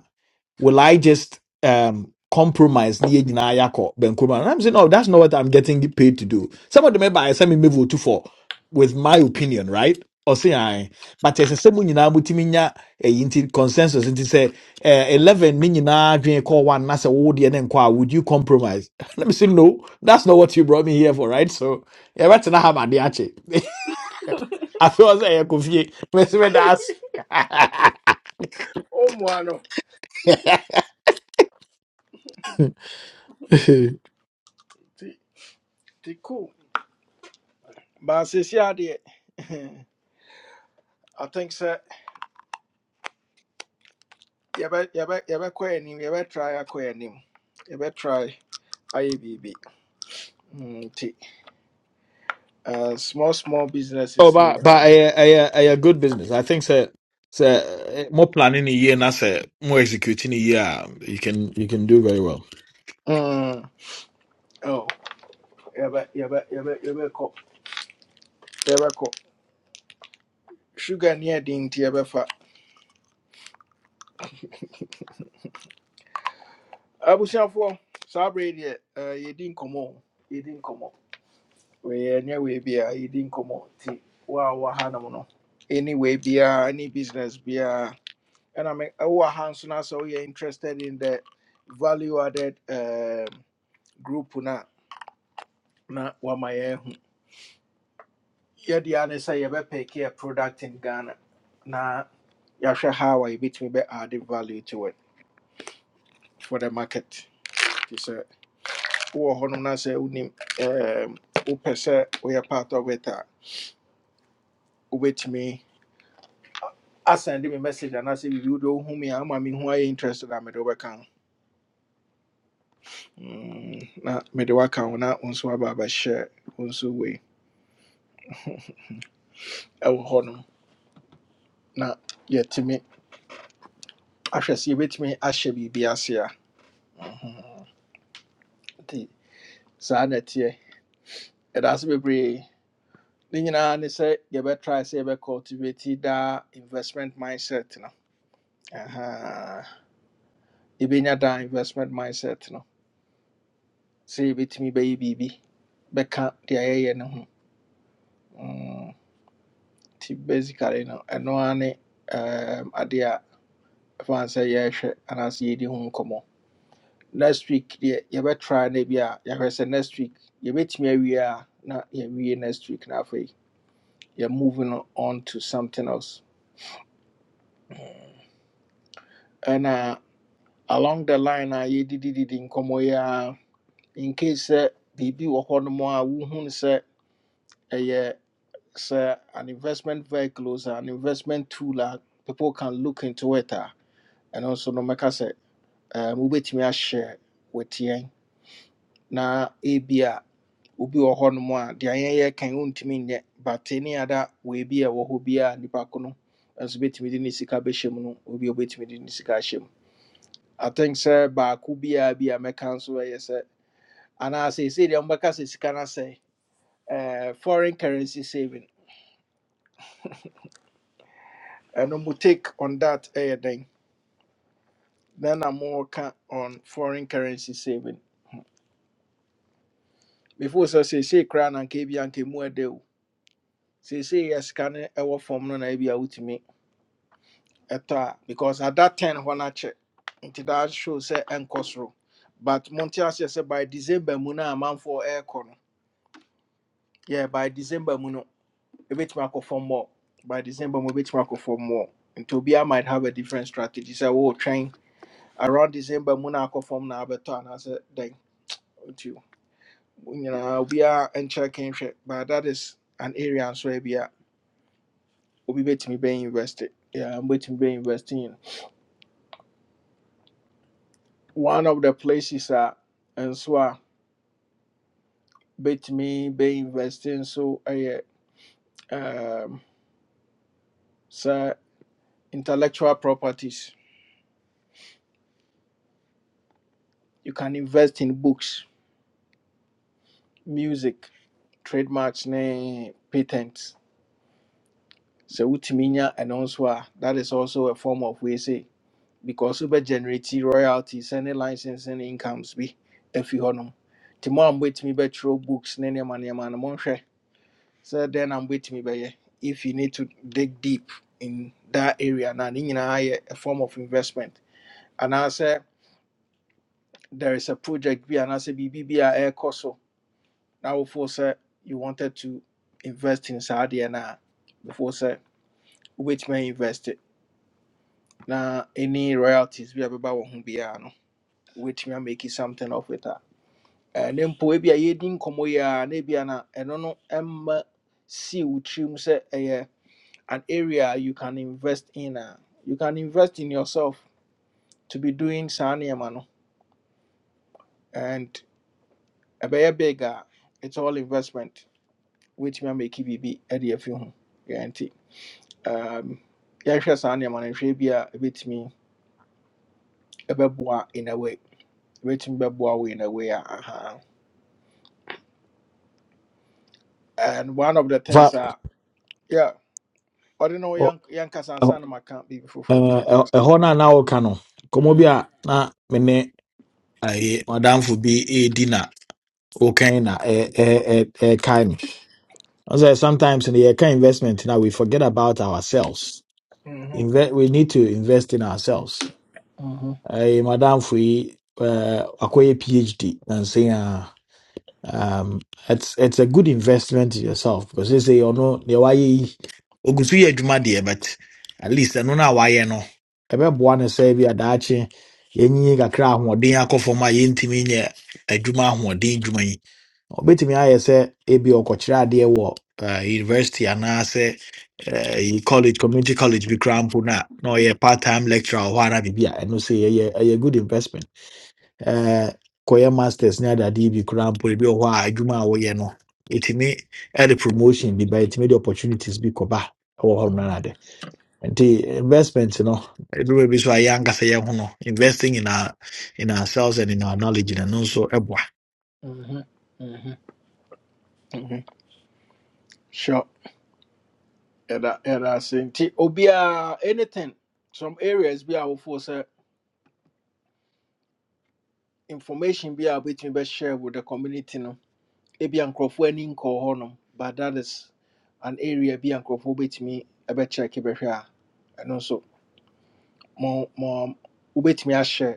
[SPEAKER 5] will I just um compromise near nyinaa yɛ akɔ Benkroma? And I'm saying, no, that's not what I'm getting paid to do. Some of the member I send me vote for with my opinion, right? Or say I but as a semu nyinaa mutimi nya ɛyi nti consensus nti sɛ eh, eleven ne nyinaa dwen kɔ one na say wo deɛ ne nkɔ would you compromise? Let me say no, that's not what you brought me here for, right? So ɛbɛtena ha ma de akye. Afei ɔ say ɛyɛ kofie mɛsi mɛ daas.
[SPEAKER 1] O mo ano. Ti ti cool. Ba se si ade. I think sir yɛbɛ yɛbɛ yɛbɛkɔ anim yɛbɛ try akɔ anim. Yɛbɛ try ayɛ biribi. Mm, Nti uh, small small
[SPEAKER 5] So,
[SPEAKER 1] businesses ni
[SPEAKER 5] but but
[SPEAKER 1] nyinaa.
[SPEAKER 5] a a a a good business. I think sir, sir, more planning a year, not sir, more executing a year. You can you can do very well.
[SPEAKER 1] Mm. Oh. Yaba yaba yɛbɛ yaba yɛbɛkɔ sugar ne ɛde nti yɛbɛfa abusuafoɔ saa bere yi deɛ ɛɛ, yɛdi nkɔmmɔ o, yɛdi nkɔmmɔ wɔyɛ We wei biara yɛdi nkɔmmɔ nti wo a wowɔ hanom no ɛni wei biara any business biara ɛna me ɛwowɔ ha nso no sɛ woyɛ interested in the value added um, group no na wama yɛahu yɛde a ne sɛ yɛbɛpɛki a product in ghana na yɛahwɛ how a yɛbɛtumi bɛ add value to it for the market nti sɛ wowɔ hɔnom na sɛ wonim ɛɛm, wopɛ sɛ woyɛ part of it Obey me. I send him a wobɛtumi asɛnde I message anaasɛ biribi wode wohu me a ama Who ayɛ interested I made over count. Not made over count, not on so about a mede wobɛka ho Mm, na mede woaka ho na wo nso aba abɛhyɛ wo nso wei ɛwɔ yet na yɛtumi I sɛ yɛbɛtumi ahyɛ biribi ase a Mhm. nti saa na ɛteɛ ɛda ase bebree ne nyinaa ne sɛ yɛbɛtrae sɛ cultivate daa investment mindset no Aha. yɛbɛnya da investment mindset no sɛ yɛbɛtumi bɛyɛ biribi bɛka deɛ yɛyɛ no ho Mm, nti basically no ɛno ara ne um, adeɛ a fan sɛ yɛrehwɛ anaasɛ yɛdi ho nkɔmmɔ next week deɛ yɛbɛtry no bi a yɛhwɛ sɛ next week yɛbɛtumi awie a na yɛwie next week na afei yɛ moving on to something else ɛna along the line a yɛdidididi nkɔmmɔ yi a in case sɛ biribi wɔ hɔ nom a wohunu say, ɛyɛ sɛ an investment vehicle sɛ an investment tool a people can look into it a ɛno nso no matter say, um, we bet me wobɛtumi ahyɛ wɔtiɛn na ebi a obi wɔ hɔ nom a deɛ yɛyɛ kan wontumi nyɛ but ne ada we bi a ɛwɔ hɔ bi a nnipa ko no nso bɛtumi de ne sika bɛhyɛ mu no obi a wobɛtumi de ne sika ahyɛ mu i think sɛ baako biaa bi a mɛka nso ɛyɛ sɛ anaasɛ ɛsei deɛ mobɛka sɛ sika no sɛ eh, foreign currency saving ɛno mu take on that ɛyɛ dɛn Then I'm more on foreign currency saving before so say say crown and nka and anka deal. say say yes ka na ɛwɔ fam no na bi a wotumi ɛtɔ because at that time hɔ na check into that show sɛ ɛnkɔ soro but Montias ase sɛ by december mu no a amanfoɔ ɛrekɔ no yeah by december mu no ebetumi akɔ fam more by december mu ebetumi akɔ fam more nti obiara might have a different strategy So sɛ wɔretwɛn around december mu na akɔ fam na abɛtɔ anaasɛ dɛn You know, we nyinaa obiara nkyerɛ kenhwɛ but that is an area nso a ebia obi bɛtumi bɛ invested. yeah, I'm waiting bɛ university in one of the places a nso a me bɛ investing. So I, um, so intellectual properties you can invest in books music trademarks ne patents So wotumi nya ɛno nso a that is also a form of we way because wobɛ generate royalties ne licensing incomes bi afi hɔnom nti mo a mobɛtumi bɛtwerɛ books ne nneɛma nneɛma no monhwɛ sɛ dɛn na mobɛtumi bɛyɛ if you need to dig deep in that area na ne nyinaa yɛ a form of investment anaasɛ there is a project bi anaasɛ biribi bi a ɛrekɔ so na wofoo sɛ you wanted to invest in saa deɛ no a before sɛ wobɛtumi ainvest it na any royalties bi a bɛba wɔ ho biara no wobɛtumi amake something of it a ɛne mpo ebi a yɛdi nkɔmmɔ yi a na ebi a na ɛno no ɛma si wo tirim sɛ ɛyɛ an area you can invest in a you can invest in yourself to be doing saa nneɛma no and ɛbɛyɛ big a it's all investment wobɛtumi amaki biribi ɛde afi ho yɛ nti um, yɛhwɛ saa nneɛma no nhwɛ bi a ɛbɛtumi ɛbɛboa in a way ɛbɛtumi bɛboa wo in a way a aha and one of the things
[SPEAKER 5] fa
[SPEAKER 1] a yeah. I don't know no
[SPEAKER 5] ɔ-
[SPEAKER 1] young yɛnkasa
[SPEAKER 5] ɛ-
[SPEAKER 1] ansa na maka biribi foforɔ
[SPEAKER 5] ɛ-
[SPEAKER 1] kra
[SPEAKER 5] ɛ-
[SPEAKER 1] kasa
[SPEAKER 5] ɛhɔ no a na woka no nkɔmmɔ bi
[SPEAKER 1] Mhm,
[SPEAKER 5] a na me ne ayi ɔdamfo bi ɛɛdi na wokan na ɛɛkae no ɔsɛ sometimes no yɛka investment now we forget about ourselves
[SPEAKER 1] mhm,
[SPEAKER 5] Inve- we need to invest in ourselves.
[SPEAKER 1] mhm,
[SPEAKER 5] Uh, Madam Fui, uh, acquire PhD and saying, uh, um, it's it's a good investment in yourself because they say you know the why ogusu yɛ adwuma deɛ but at least ɛno na wayɛ no ɛbɛboa no sɛ bi adaakye yɛnyi kakra ahoɔden akɔ fam a yɛntumi nyɛ adwuma ahoɔden dwuma yi obetumi ayɛ sɛ ebi ɔkɔkyerɛ adeɛ wɔ uh, university anaasɛ uh, college community college bi koraa mpo no na ɔyɛ part time lecturer wɔ hɔ ara biribi a ɛno sɛ ɛyɛ ɛyɛ good investment Eh, kɔyɛ masters ne adadeɛ bi koraa mpo ebi wɔ hɔ a adwuma a woyɛ no ɛtumi ɛde promotion bi ba ɛtumi de opportunities bi kɔba ɛwɔ hɔ no ara
[SPEAKER 1] mhm,
[SPEAKER 5] nti investment no ɛduru bi so a yɛ ankasa yɛn ho no investing in our in ourselves and in our knowledge na no ɛno nso ɛboa
[SPEAKER 1] mhm, mhm, mhm. sure yɛda yɛda ase nti obiaa anything some areas bi a wofoɔ sɛ information bi between wobɛtumi bɛshare with the community no ebia nkurɔfoɔ ani nkɔɔ hɔ nom but that is an area bi a nkurɔfoɔ wobɛtumi ɛbɛkyɛke bɛhwɛ a ɛno nso mo mo wobɛtumi share.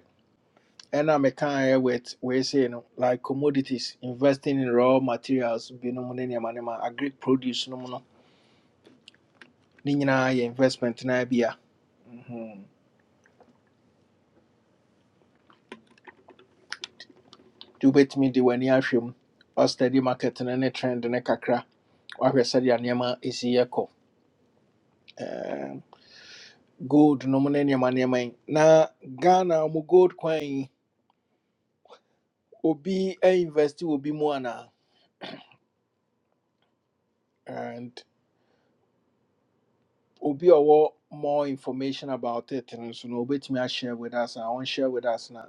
[SPEAKER 1] ɛna meka ɛ with we say, no like commodities investing in raw materials binom ne nneɛma nneɛma agri produce no mu no ne nyinaa yɛ investment na bi a Mhm. nti wobɛtumi de w'ani ahwɛ mu ɔ steady market no ne trend ne kakra wahwɛ sɛdeɛ nneɛma ɛsi yɛkɔ Ɛɛm, gold no mu ne nneɛma nneɛma yi na ghana mu gold kwan yi obi ɛ invest wɔ bi mu anaa and obi a ɔwɔ more information about it no nso no obɛtumi share with us and I a share with us now.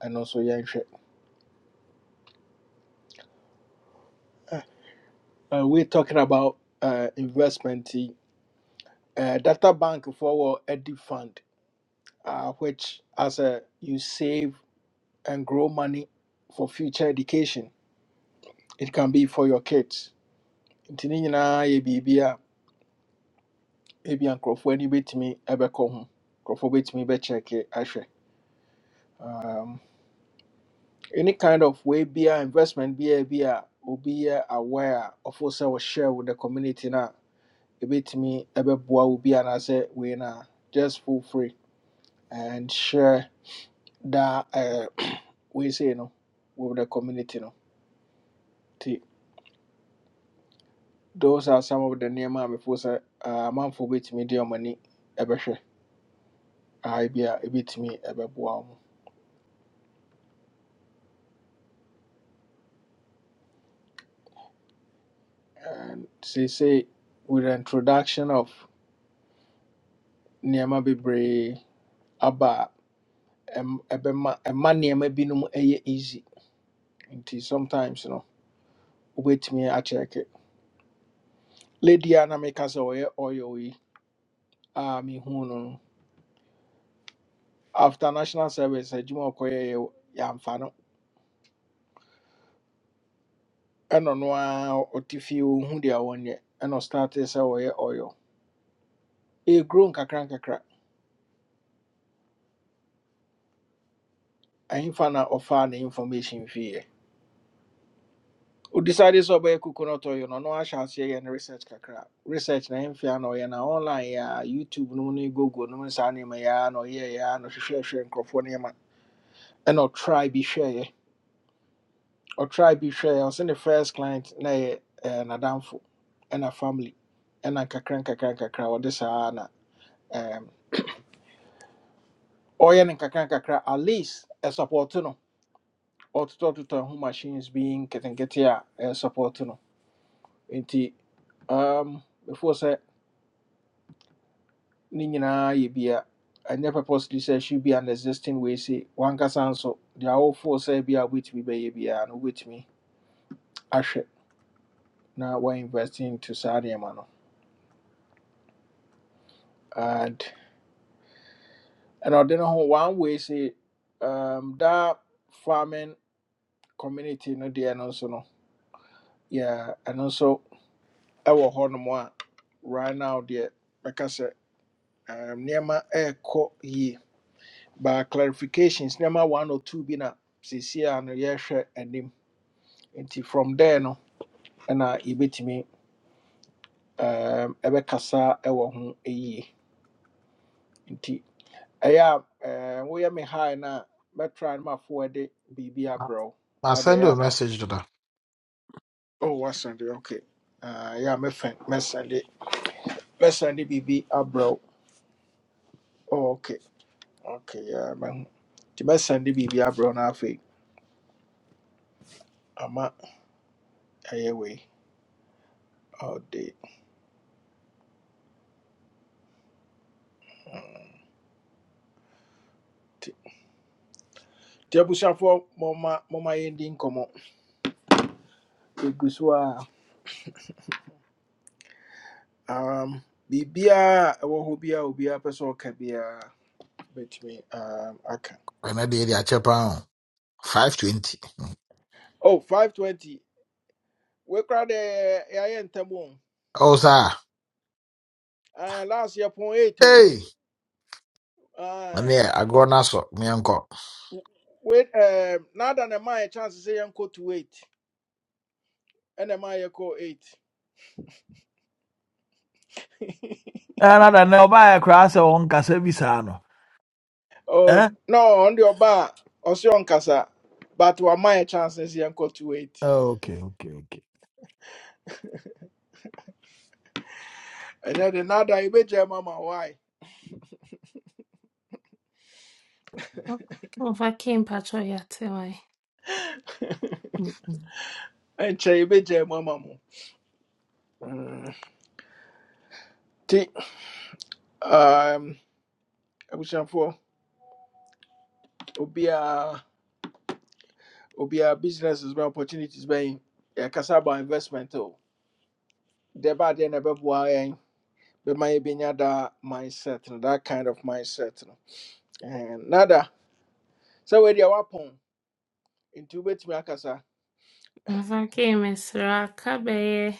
[SPEAKER 1] And also, yɛnhwɛ uh, uh, we're talking about uh, investment. Uh, data bank for a deep fund, uh, which as a you save and grow money for future education. It can be for your kids. Nti ne nyinaa yɛ biribi a ebi nkurɔfoɔ ani bɛtumi ɛbɛkɔ ho. Nkurɔfoɔ bɛtumi bɛkyɛke ahwɛ. Um, any kind of way be investment be a be a obi yɛ aware a sɛ share with the community na ɛbɛtumi ɛbɛboa wo bi anaasɛ wei no a just feel free and share that uh, wei sei no with the community no nti those are some of the nneɛma before say. sɛ ah, amanfoɔ bɛtumi de ɔm ani ɛbɛhwɛ ae bi a ɛbɛtumi ɛbɛboa wo mu and say say with the introduction of nneɛma bebree aba a ɛm- ɛbɛma ɛma nneɛma binom ɛyɛ easy nti sometimes no wait me a check it. lady a na meka sɛ ɔyɛ oil a mehu no no after national service adwuma a ɔkɔyɛ yɛ yɛamfa no ɛnɔ no ara ɔte fie ɔhu deɛ wɔnyɛ ɛna ɔstarte sɛ ɔyɛ oil ɛgro nkakra nkakra ahemfa na ɔfaa ne information fiiɛ ɔdecide sɛ ɔbɛyɛ coconut oil no ɔno ahyɛ aseɛ yɛ ne research kakra research na ɛmfia na ɔyɛ na online yɛ a youtube no mu ne google no mu ne saa nneɛma yɛ a na ɔyɛɛyɛ a na ɔhwehwɛhwɛ nkurɔfoɔ nneɛma ɛna ɔtry bi hwɛeɛ Or try ɔtry I was in the first client na yɛ eh, n'adamfo ɛna family ɛna kakran kakran kakra. ɔde saa na ɛm, ɔyɛ no nkakra nkakra at least a ɛsupɔto no ɔtotɔtotɔ ho machines bi nketenkete a ɛsupɔto no nti um, before say, ne nyinaa yɛ bia never possibly say she be an existing way se wankasa nso deɛ awofo sɛ bi a wobɛtumi bɛyɛ biara no wobɛtumi ahwɛ na wainvest into saa nneɛma no And I don't know one way sɛ um, that farming community no deɛ no nso no yeah, and also our hɔnom a right now deɛ bɛka sɛ um, nneɛma ɛɛkɔ yie by clarifications nneɛma one or two Be na seesei a yes. And him nti from there no ɛna yɛbɛtumi um, ɛbɛkasa ɛwɔ ho yie nti ɛyɛ a um, woyɛ me high no a mɛtry no ma forward de biribi
[SPEAKER 5] Ma-
[SPEAKER 1] abrɛ wo
[SPEAKER 5] ma
[SPEAKER 1] na wode
[SPEAKER 5] send you
[SPEAKER 1] ɛyɛ
[SPEAKER 5] a
[SPEAKER 1] a na
[SPEAKER 5] message doda
[SPEAKER 1] Oh, what's Sunday? okay? Uh, yeah, my friend, my Sunday, my Sunday BB Abro. Oh, okay, okay, yeah, man. The my Sunday BB Abro na fe. Ama away all day. The abusha for mama, mama ending komo. Iguswa um bibia ewo hobia obia person kabia bet me um aka.
[SPEAKER 5] Hmm, nti
[SPEAKER 1] Oh, 520. We crowd eh yeah, yeah, ntamu.
[SPEAKER 5] ɔwo saa
[SPEAKER 1] Uh, last year point 8 oh.
[SPEAKER 5] ei
[SPEAKER 1] Aye.
[SPEAKER 5] ɔne go. agorɔ no asɔ meɛnkɔ
[SPEAKER 1] Wait, um, now that am I a chance to say uncle to eight, and am I a call eight?
[SPEAKER 5] ɛna da na ɔbaayɛ koraa sɛ wɔnkasa bi saa no
[SPEAKER 1] Oh
[SPEAKER 5] ɛ
[SPEAKER 1] no, on your bar or so on casa, but what my chance is uncle to eight.
[SPEAKER 5] okay okay okay
[SPEAKER 1] And then the nada you be your mama why?
[SPEAKER 12] Mfaki mpacho yate wai.
[SPEAKER 1] And che you be jam mama mo. Mm. Ti um I wish I'm for obia obia businesses by opportunities by yeah casa about investment oh. The bad then about why be my binya that mindset no, that kind of mindset no. And nada sɛ wɔde a wapɔn nti wobɛtumi akasa
[SPEAKER 12] Mfaki mesra kabeye.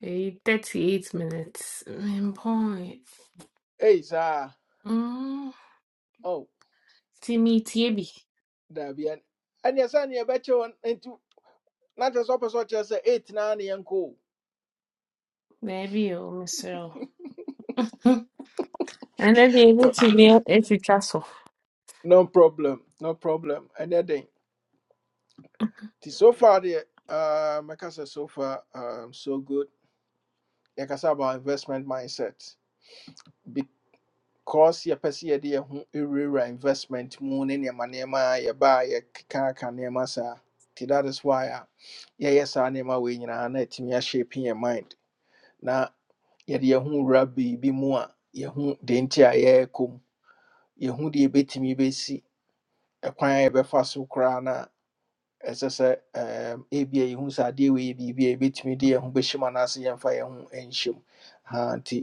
[SPEAKER 12] Eh, 38 minutes. Mpoy.
[SPEAKER 1] ei saa
[SPEAKER 12] Mm.
[SPEAKER 1] oh,
[SPEAKER 12] Timi tiebi.
[SPEAKER 1] daabi ɛneɛ sɛ neɛ ɛbɛkyɛ wɔn nti na kyerɛ sɛ wopɛ sɛ ɔkyerɛ sɛ eight naa ne yɛnkɔ o
[SPEAKER 12] Baby oh, Mister o mesra. And then they go
[SPEAKER 1] Ɔ-
[SPEAKER 12] to be a teacher
[SPEAKER 1] no problem no problem ɛnɛ den so far deɛ uh, mɛka sɛ so far um, so good yɛkasa about investment mindset because yɛpɛ sɛ yɛde yɛ ho ɛwurawura investment mu ne nneɛma you a yɛbaa yɛkekaaka nneɛma saa nti that is why Yeah, a yɛyɛ saa nneɛma wei nyinaa na atumi ahyepe your mind yɛde yɛn ho wura biribi mu a yɛho deɛ nti a yɛrekɔ mu yɛho deɛ yɛbɛtumi bɛsi ɛkwan a yɛbɛfa so koraa na ɛsɛ sɛ ɛɛm, ebia yɛhu sɛ adeɛ wei yɛ biribi a yɛbɛtumi de yɛn ho bɛhyɛ mu anaasɛ yɛmfa yɛn ho nhyɛ mu haa nti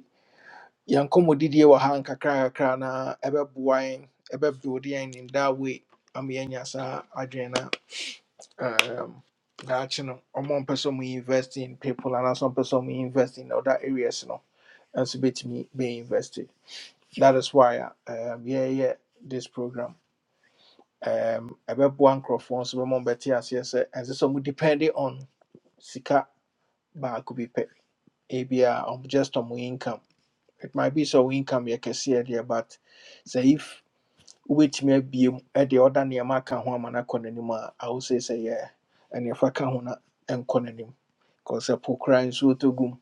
[SPEAKER 1] yɛnkɔ didie wɔ ha nkakrakakra na ɛbɛboa yɛn ɛbɛbuilde yɛn in that way ama yɛanya saa adwene na ɛɛm, daakye no ɔmo mpɛ sɛ ɔmo invest in people anaasɛ ɔmo pɛ sɛ ɔmo invest in other areas no ɛnso bɛtumi bɛinvest That is why um yeah yeah this program um ɛbɛboa nkurɔfoɔ nso bɛma ɔmbɛte as sɛ and sɛ ɔmo depending on sika baako bi pɛ ebia ɔmo just on my income it might be so income you can see there, but sɛ if wobɛtumi abiem ɛde ɔda nneɛma aka ho ama no akɔ n'anim a I would say sɛ yeah ɛneɛfa ka ho na ɛnkɔ n'anim cause ɛpo koraa nsuo tɔ gum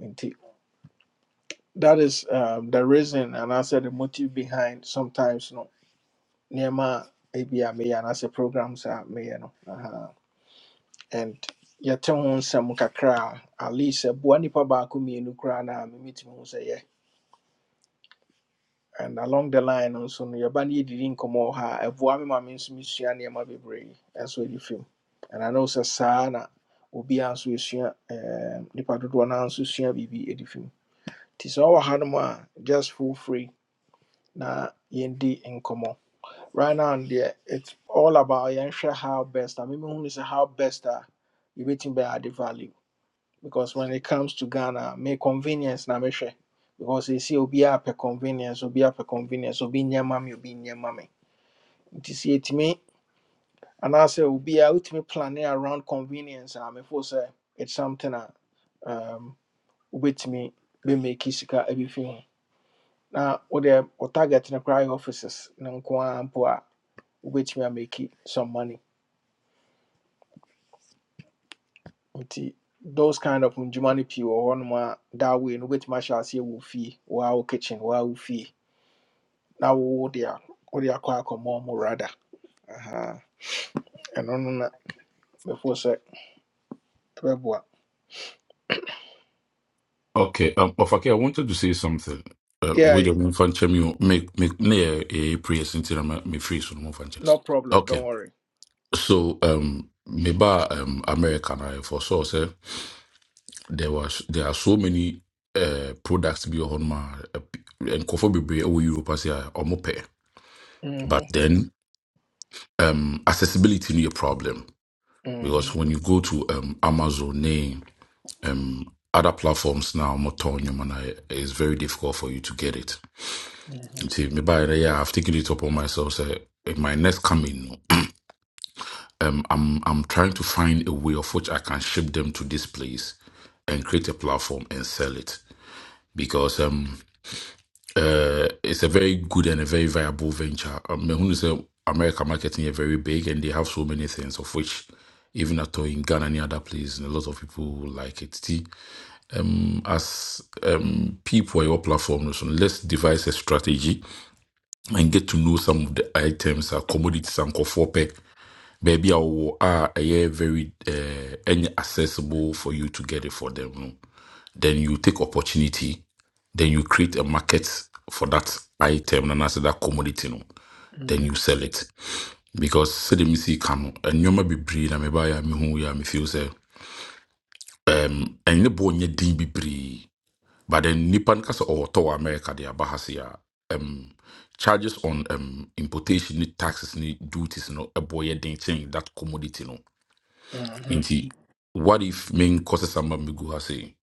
[SPEAKER 1] nti that is um, the reason and I said the motive behind sometimes no nneɛma a ebi a meyɛ anaasɛ programs a meyɛ no aha. and yɛte ho nsɛm kakra a at least ɛboa nnipa baako mmienu koraa na memetumi ho sɛ yɛ and along the line no nso no yɛba no yɛdidi nkɔmmɔ wɔ ha a ɛboa me ma me nso mesua nneɛma bebree ɛnso adi fam and ano sɛ saa na obiara nso ɛsua ɛɛm, nnipa dodoɔ no ara nso sua biribi adi fam nti sɛ ɔwɔ hanom a just feel free na yɛndi nkɔmmɔ right now deɛ it's all about yɛnhwɛ how best a memehunu sɛ how best a yɛbɛtumi bɛ ade value because when it comes to ghana me convenience na mehwɛ because you ɛsi obiaa pɛ convenience obiaa pɛ convenience obi nyɛ ma me obi nyɛ ma me nti sɛ yɛtumi anaasɛ obiaa wotumi plane around convenience a mefo sɛ it's something a um, wobɛtumi bɛmaki sika abi fi ho na wode wo target no koraa yɛ offices no nko ara mpo a wobɛtumi amaki some money nti those kind of ndwuma no pii wɔ hɔnom a that way no wobɛtumi ahyɛ aseɛ wɔ wo fie wo wo kitchen wo a wo fie na wo de a- wode akɔ akɔmmɔ mu rada Aha. ɛno no na before sɛ ɛbɛboa
[SPEAKER 8] Okay, um, oh, Fakir, I wanted to say something. Uh,
[SPEAKER 1] yeah
[SPEAKER 8] with the
[SPEAKER 1] yeah,
[SPEAKER 8] one fan you make make near a prayer until I'm me free so no fan champion.
[SPEAKER 1] no problem
[SPEAKER 8] Okay,
[SPEAKER 1] don't worry
[SPEAKER 8] so um, maybe um, America and I foresaw say there was there are so many uh products be on my eh, and coffee be over Europe as I almost pay, but
[SPEAKER 1] Mhm,
[SPEAKER 8] then um accessibility no a problem.
[SPEAKER 1] mhm,
[SPEAKER 8] because when you go to um, Amazon, eh, um, other platforms now, I'm not telling Moton, Yomana, it's very difficult for you to get it.
[SPEAKER 1] mhm,
[SPEAKER 8] You See, maybe I, yeah, I've taken it upon myself. Say, in my next coming, I'm I'm trying to find a way of which I can ship them to this place and create a platform and sell it because um uh it's a very good and a very viable venture. I mean, who say America marketing is very big and they have so many things of which even at all in Ghana and other places, a lot of people like it. as um, people on your platform, no, so let's devise a strategy and get to know some of the items, uh, commodities, and kofope. Maybe I will are uh, very uh, any accessible for you to get it for them. no. Then you take opportunity, then you create a market for that item, and as that commodity, no, then
[SPEAKER 1] mhm,
[SPEAKER 8] you sell it. Because say the missy can and you might be breed, and maybe I may buy a me who ya me feel say um and the boy din be breed. But then Nipan kasa or to America they bahasia um charges on um importation ni taxes ni duties no a boy ding thing that commodity no.
[SPEAKER 1] mhm,
[SPEAKER 8] Inti what if main causes some migu has say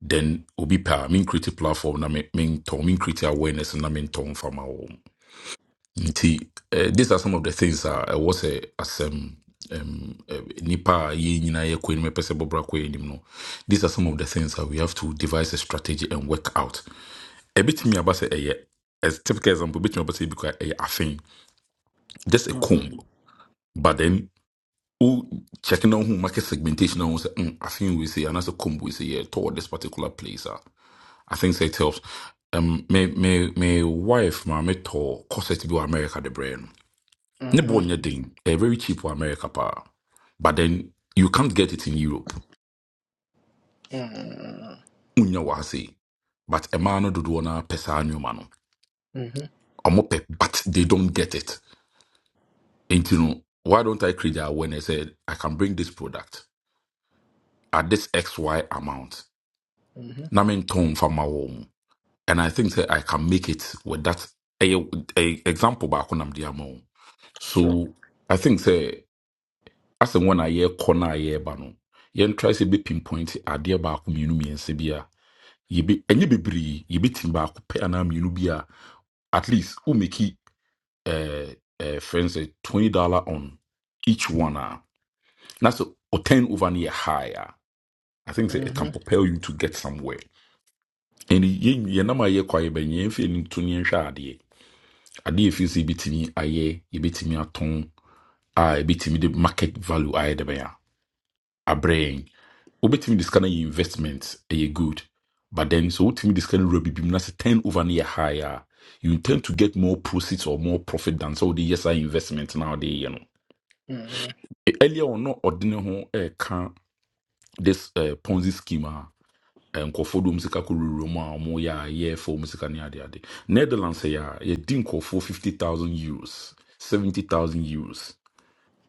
[SPEAKER 8] then obi pa mean create platform na me- mean ton mean create awareness na mean ton from our home. Inti uh, these are some of the things that I was a as um um uh, nipa ye nyina ye kwen me pese bobra kwen nim no these are some of the things that we have to devise a strategy and work out ɛbɛtumi aba sɛ ɛyɛ as typical example ɛbɛtumi aba sɛ ebi because ɛyɛ afei just a
[SPEAKER 1] mhm,
[SPEAKER 8] combo. but then who checking on who market segmentation on na wohu sɛ mm, afei wei sɛ combo we say yeah, yɛtɔɔ this particular place Ah, I think say it helps um, my me, my wife ma metɔ corset bi wɔ america the brand. no ne
[SPEAKER 1] mhm,
[SPEAKER 8] bɔɔ
[SPEAKER 1] mhm,
[SPEAKER 8] nyɛ den ɛyɛ very cheap wɔ america paa but then you can't get it in europe wonya wɔ but a no do do na pesa nneɔma mano.
[SPEAKER 1] mhm,
[SPEAKER 8] ɔmo pɛ but they don't get it And you know, why don't I create the awareness that I can bring this product at this XY amount?
[SPEAKER 1] mhm.
[SPEAKER 8] Na me tone from my home. And I think that I can make it with that a, a example back on the amount.
[SPEAKER 1] Sure.
[SPEAKER 8] So I think say as and when I hear corner I hear bano. Yen try say be pinpoint adeɛ baako mmienu mmiɛnsa bi a yɛbi ɛnyɛ bebree yɛbɛtumi baako pɛ anaa mmienu bi a at least womeki uh, uh, friends say twenty dollar on each one ah." That's ten over near higher. I think say it can
[SPEAKER 1] Mhm,
[SPEAKER 8] propel you to get somewhere. And ye, know my kwa quiet by you feeling to near shadi. I did if you see bitimi aye, you bitimi aton, I bitimi the market value aye the bear. A brain. Obetimi this kind of investment aye good. But then so ultimately this kind of rubby beam that's ten over near higher. You intend to get more proceeds or more profit than so the yes I investment nowadays, you know.
[SPEAKER 1] mhm,
[SPEAKER 8] E- Earlier or not ordinary home eh, can this uh, Ponzi schema. nkurɔfoɔ dom muzika kɔwurowura mu a ɔmoyɛ a yɛfa mu sika ne adeade netherlands yɛ a yɛdi nkurɔfoɔ 50000 euros 70000 euros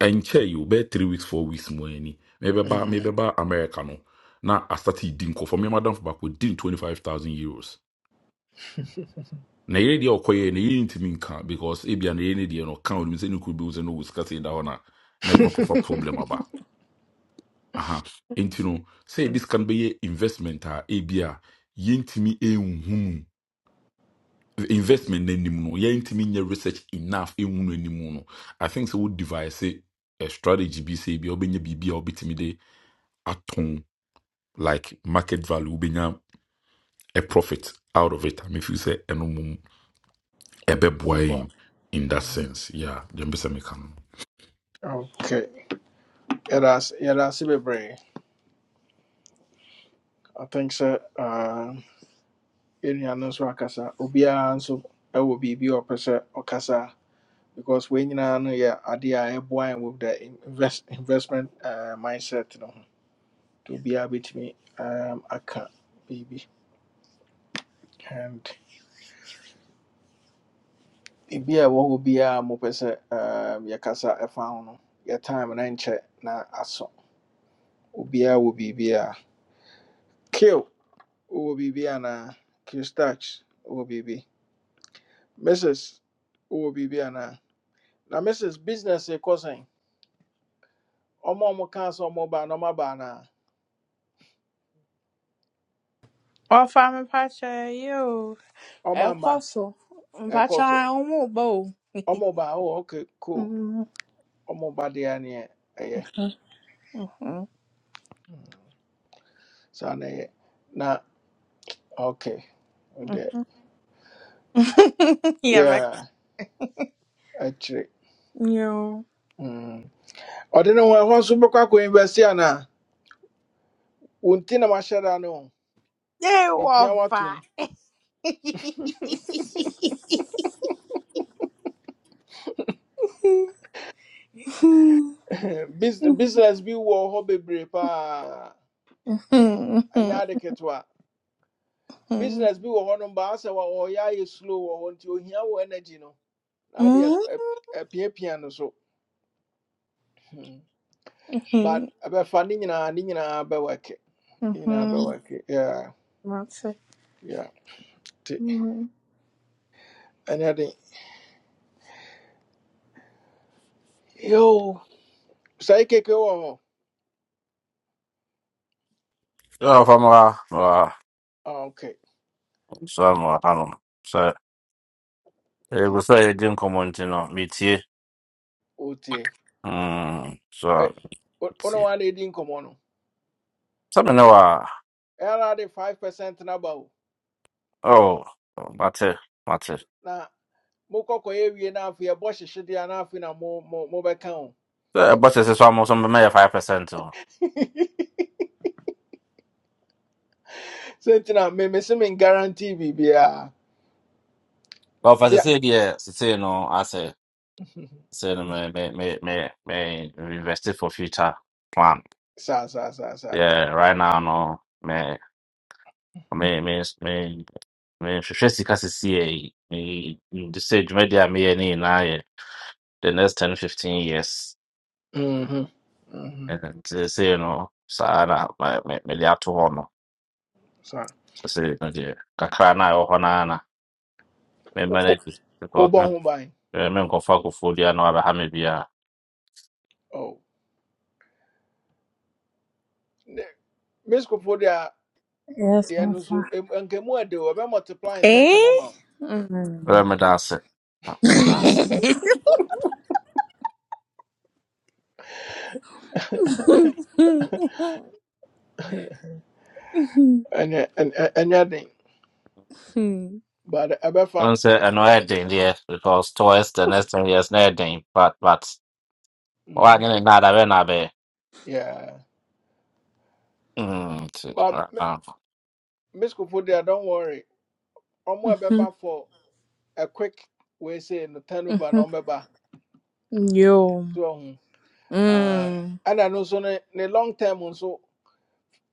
[SPEAKER 8] Enche yi wobɛyɛ 3 weeks 4 weeks mu ani mebɛba
[SPEAKER 1] mhm.
[SPEAKER 8] mebɛba america no na asate di nkurɔfoɔ me madamfo baako din 25000 euros na yɛre deɛ ɔkɔyɛ no yɛre ntumi nka because ebia na yɛre no deɛ no ɔka onim sɛ ne kuro bi wo sɛ no wɔ sika sei da hɔ no a na koko for problem aba aha enti say this yɛde sika no investment a ebia yɛntumi ɛnhu mu investment n'anim no yɛntumi nyɛ research enough ehunu anim no i think so. wo device a strategy bi sɛ ebi a wobɛnya biribi a wobɛtumi de atɔn like market value wobɛnya a profit out of it i mean sɛ ɛno mom ɛbɛboa
[SPEAKER 1] Ɛboa.
[SPEAKER 8] yɛn in that
[SPEAKER 1] Mhm.
[SPEAKER 8] sense yeah deɛ mpɛ sɛ meka no
[SPEAKER 1] Okay. Yɛda ase yɛda ase bebree. I think so. uh, yɛnnua no nso akasa obiara nso ɛwɔ biribi a ɔpɛ sɛ ɔkasa because when you know yɛ adeɛ a ɛboa yɛn with the invest, investment uh, mindset you know, to be nti obiara bɛtumi um, aka baby, and biribi a ɛwɔ hɔ be a mopɛ sɛ um, your ɛfa ho found. Your time no nkyɛ na aso obiara wɔ be, a kill will be, biribi anaa kill starch wowɔ be, mrs wowɔ biribi anaa na mrs business e kosen. Omo omo kaa omo ba na ɔmo ba na
[SPEAKER 11] Ó, fala meu pacha aí, eu.
[SPEAKER 1] omo
[SPEAKER 11] É o
[SPEAKER 1] ama
[SPEAKER 11] coço. Um
[SPEAKER 1] e
[SPEAKER 11] pacha
[SPEAKER 1] koso
[SPEAKER 11] é um bom.
[SPEAKER 1] omo ba oh okay cool
[SPEAKER 11] Uhum,
[SPEAKER 1] omo ba deɛ neɛ ɛyɛ
[SPEAKER 11] uhum,
[SPEAKER 1] saa na ye na okay ɔdeɛ
[SPEAKER 11] uhum. yeah, vai.
[SPEAKER 1] yeah actually
[SPEAKER 11] Eu.
[SPEAKER 1] Mm. ɔde ne ho ɛhɔ nso bɛkɔ akɔ invest anaa wɔn ti na mahyɛ da no
[SPEAKER 11] Eu,
[SPEAKER 1] mipia
[SPEAKER 11] ó,
[SPEAKER 1] watom
[SPEAKER 11] Yes,
[SPEAKER 1] Bus- business bi wo ho bebree paa ɛnyɛ ade ketewa business bi wo ho no mbaa wa wɔ- wɔyɛ ayɛ slow wɔ hɔ nti ohia wɔ energy no na adeɛ ɛ- ɛ- no so Hmm. but ɛbɛfa ne nyinaa ne nyinaa bɛwɛke ne nyinaa bɛwɛke yeah yeah nti ɛnyɛ den yo sɛ keke wɔ hɔ
[SPEAKER 7] Yo, Famara, wa,
[SPEAKER 1] Ah, ok
[SPEAKER 7] Sam, Hanum. So, it
[SPEAKER 1] nti
[SPEAKER 7] was like a gym comment, you know, meet here.
[SPEAKER 1] wotie
[SPEAKER 7] Mm,
[SPEAKER 1] Ɛ,
[SPEAKER 7] so,
[SPEAKER 1] wo wo ne
[SPEAKER 7] see.
[SPEAKER 1] wade di nkɔmmɔ no
[SPEAKER 7] Something now, uh,
[SPEAKER 1] ɛra de 5 percent na ba o
[SPEAKER 7] oh, Mate, Mate.
[SPEAKER 1] na mokɔkɔyɛ wie na afei ɛbɔ hyehyedeɛ na afei na mo- mo- mobɛka o
[SPEAKER 7] The budget is almost on my 5%. But
[SPEAKER 1] sɛ nti na me me se me guarantee biribiaa
[SPEAKER 7] as I
[SPEAKER 1] dea
[SPEAKER 7] said, yeah, say, no, I say, say, no, may, may, may, may, may invest it for future plan.
[SPEAKER 1] saa saa saa saa
[SPEAKER 7] Yeah, right now, no, may, may, may, may, me hwehwɛ sika sisi a, me. you just say, dwumadi a meyɛ ne nyinaa the next 10 15 years.
[SPEAKER 1] Mhm, mhm,
[SPEAKER 7] And they say, you know, saa na ma- me- mede ato hɔ no.
[SPEAKER 1] saa
[SPEAKER 7] Sɛ sɛ no deɛ, kakra na ɛwɔ hɔ no ara na memma no adi. Because me
[SPEAKER 1] wobɔ ho
[SPEAKER 7] eh, menkɔfa akofoɔ dua na wabɛha me biara.
[SPEAKER 1] oh Miss, deɛ a deɛ
[SPEAKER 11] my
[SPEAKER 1] no nso
[SPEAKER 11] friend.
[SPEAKER 1] em- anka mu ɛde wɔ bɛ multiply ntɛntɛm ama wo
[SPEAKER 7] Ɛbɛyɛ me da ase. Ɛbɛda ase.
[SPEAKER 1] ɛnyɛ ɛn- ɛ- ɛnyɛ den but ɛbɛfa
[SPEAKER 7] Ɛhu sɛ ɛno ɛyɛ because towards the next 10 years no ɛyɛ den. But, but,
[SPEAKER 1] mhm,
[SPEAKER 7] waanyɛ ne nnaade a bɛyɛ na abɛyɛ.
[SPEAKER 1] yeah
[SPEAKER 7] Mm, nti,
[SPEAKER 1] but
[SPEAKER 7] ɛ- Yeah.
[SPEAKER 1] mesikofo deɛ don't worry I'm more ɛbɛba for a quick way say no turnover na ɔmbɛba
[SPEAKER 11] Yo.
[SPEAKER 1] so ɔho Ah,
[SPEAKER 11] Mm.
[SPEAKER 1] ɛna no nso ne ne long term nso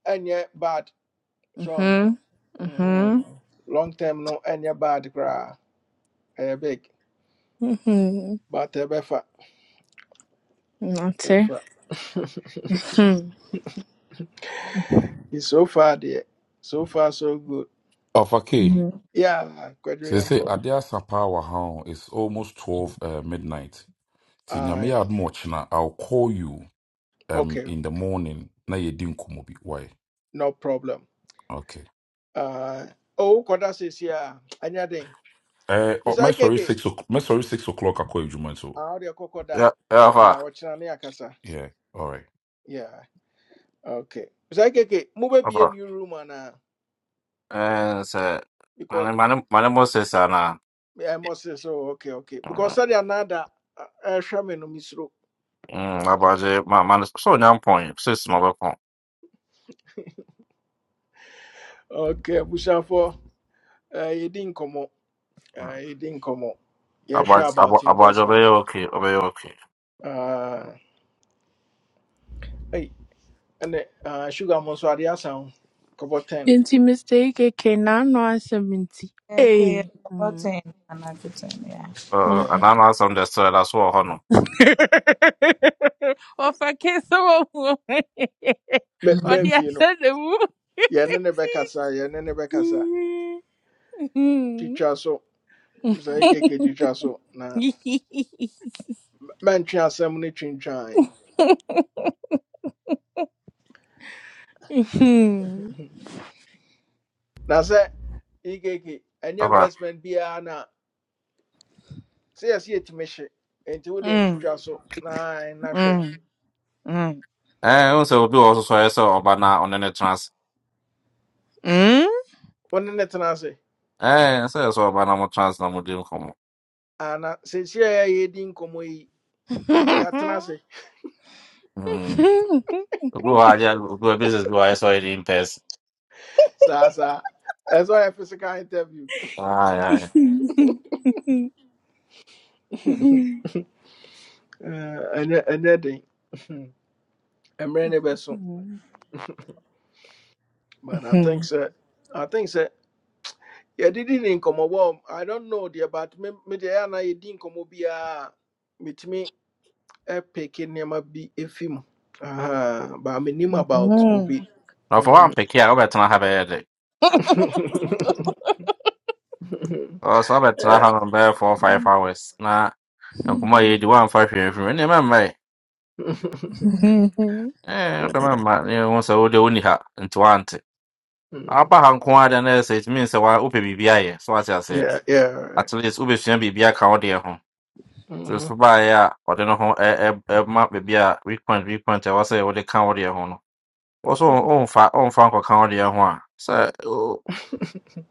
[SPEAKER 1] ɛnyɛ bad so
[SPEAKER 11] Mhm. Mhm.
[SPEAKER 1] Mhm. long term no ɛnyɛ bad koraa ɛyɛ big
[SPEAKER 11] Mhm.
[SPEAKER 1] but ɛbɛfa
[SPEAKER 11] Nante.
[SPEAKER 1] ɛbɛfa
[SPEAKER 11] Hmm.
[SPEAKER 1] Nti so far deɛ so far so good
[SPEAKER 8] Okay,
[SPEAKER 1] yeah kwadwo
[SPEAKER 8] so sɛ sɛ
[SPEAKER 1] yɛnkɔ
[SPEAKER 8] ade asa paa it's almost 12 uh, midnight nti nyame
[SPEAKER 1] Aye,
[SPEAKER 8] yɛ adom i'll call you um,
[SPEAKER 1] okay
[SPEAKER 8] in the morning na yɛdi kumobi. why
[SPEAKER 1] no problem
[SPEAKER 8] okay
[SPEAKER 1] uh, oh kɔda seesi Yeah, ɛnyɛ den
[SPEAKER 8] Uh, oh, my
[SPEAKER 1] mesae
[SPEAKER 8] sorry,
[SPEAKER 1] keke
[SPEAKER 8] six o'clock. My sorry, six o'clock. I call you, Juman. So
[SPEAKER 1] ah, wode ɛkɔ
[SPEAKER 7] ɛ- ɛwɔ hɔ
[SPEAKER 1] Uh,
[SPEAKER 7] a,
[SPEAKER 1] what's your name, akasa
[SPEAKER 8] yeah, all right.
[SPEAKER 1] yeah okay Mister Ikeke, move keke
[SPEAKER 7] ɛwɔ
[SPEAKER 1] mobɛbie
[SPEAKER 7] hɔ a.
[SPEAKER 1] new room anaa
[SPEAKER 7] Ɛn sɛ, ma
[SPEAKER 1] because
[SPEAKER 7] ne ma ne- mo se saa na.
[SPEAKER 1] yeah, I must say so okay okay because sɛdeɛ anaada ɛhwɛ me no mesuro
[SPEAKER 7] Mm, abaje ma ma so nyampon sis ma beko.
[SPEAKER 1] okay Bushafo, Uh, eh, didn't come up. nkɔmmɔ yɛhwɛ
[SPEAKER 7] Abaje
[SPEAKER 1] about
[SPEAKER 7] abo- abaje
[SPEAKER 1] investment
[SPEAKER 7] obeye okay obeye okay.
[SPEAKER 1] uh, hey. ɛne ah, sugar mo nso adeɛ asa ten
[SPEAKER 11] Nti mistake ke na no asɛm nti.
[SPEAKER 4] Okay, yeah.
[SPEAKER 11] Ei.
[SPEAKER 4] Button and everything, yeah.
[SPEAKER 7] Uh, and
[SPEAKER 11] Mm.
[SPEAKER 1] yeah.
[SPEAKER 7] I'm not some that's uh, that's what hono.
[SPEAKER 11] Ɔfa kesa wɔ mu. Ɔde
[SPEAKER 1] mɛmfie no
[SPEAKER 11] ahyɛ ne mu.
[SPEAKER 1] yeah, ne bɛkasa yeah, ne bɛkasa
[SPEAKER 11] Mm.
[SPEAKER 1] twitwa so sɛ ekeke twitwa so na man chia asɛm no twintwan
[SPEAKER 11] Mm.
[SPEAKER 1] na sɛ ekeke any
[SPEAKER 7] Papa.
[SPEAKER 1] investment biara na se yɛsɛ yɛtumi hye nti wode
[SPEAKER 11] Mm.
[SPEAKER 1] atwitwa so na na hwɛ
[SPEAKER 11] Mm. Mm.
[SPEAKER 7] Eh, unse obi also so yes oba onene trans.
[SPEAKER 11] Mm.
[SPEAKER 1] wone ne tena ase
[SPEAKER 7] Eh, so so oba mo trans na mo dim komo.
[SPEAKER 1] ana seesia yɛ yɛdi nkɔmmɔ yi yɛatena ase
[SPEAKER 7] Mm. Obi wa aja obi wa business bi wa yes already in person.
[SPEAKER 1] sa. saa ɛsɛ ɔyɛ physical interview
[SPEAKER 7] Ah, yeah.
[SPEAKER 1] Eh, ɛnyɛ ɛnyɛ den mmerɛ ne bɛso but i think
[SPEAKER 11] Mm.
[SPEAKER 1] so. i think so. Yeah, sɛ yɛdedi ne nkɔmmɔ wɔ i don't know deɛ but me me deɛ ɛyɛ anaa yɛdi nkɔmmɔ biara a metumi peke ma bi ɛfi film. Aha, but menim about obi
[SPEAKER 7] Now for one
[SPEAKER 1] Mhm.
[SPEAKER 7] peke here, Robert na have a headache. Oh, so Robert na
[SPEAKER 1] yeah,
[SPEAKER 7] have on there for five hours. Na nkomo ye di one five here from. Ne mai. Eh, oda ma ma. unse wo de oni ha. Nti wante. aba ha nko ara na ɛsɛ it means sɛ wa wopɛ biribi ayɛ so wate ase
[SPEAKER 1] yeah. yeah.
[SPEAKER 7] at least wobɛsua biribi aka wo deɛ ho so
[SPEAKER 1] Mhm.
[SPEAKER 7] so baeɛ a ɔde no ho ɛ- ɛ- ɛma baabi a weak point weak point a ɛwɔ sɛ wode ka wo deɛ ho no wɔ so ɔmfa ɔmfa nkɔka wo deɛ ho a sɛ o-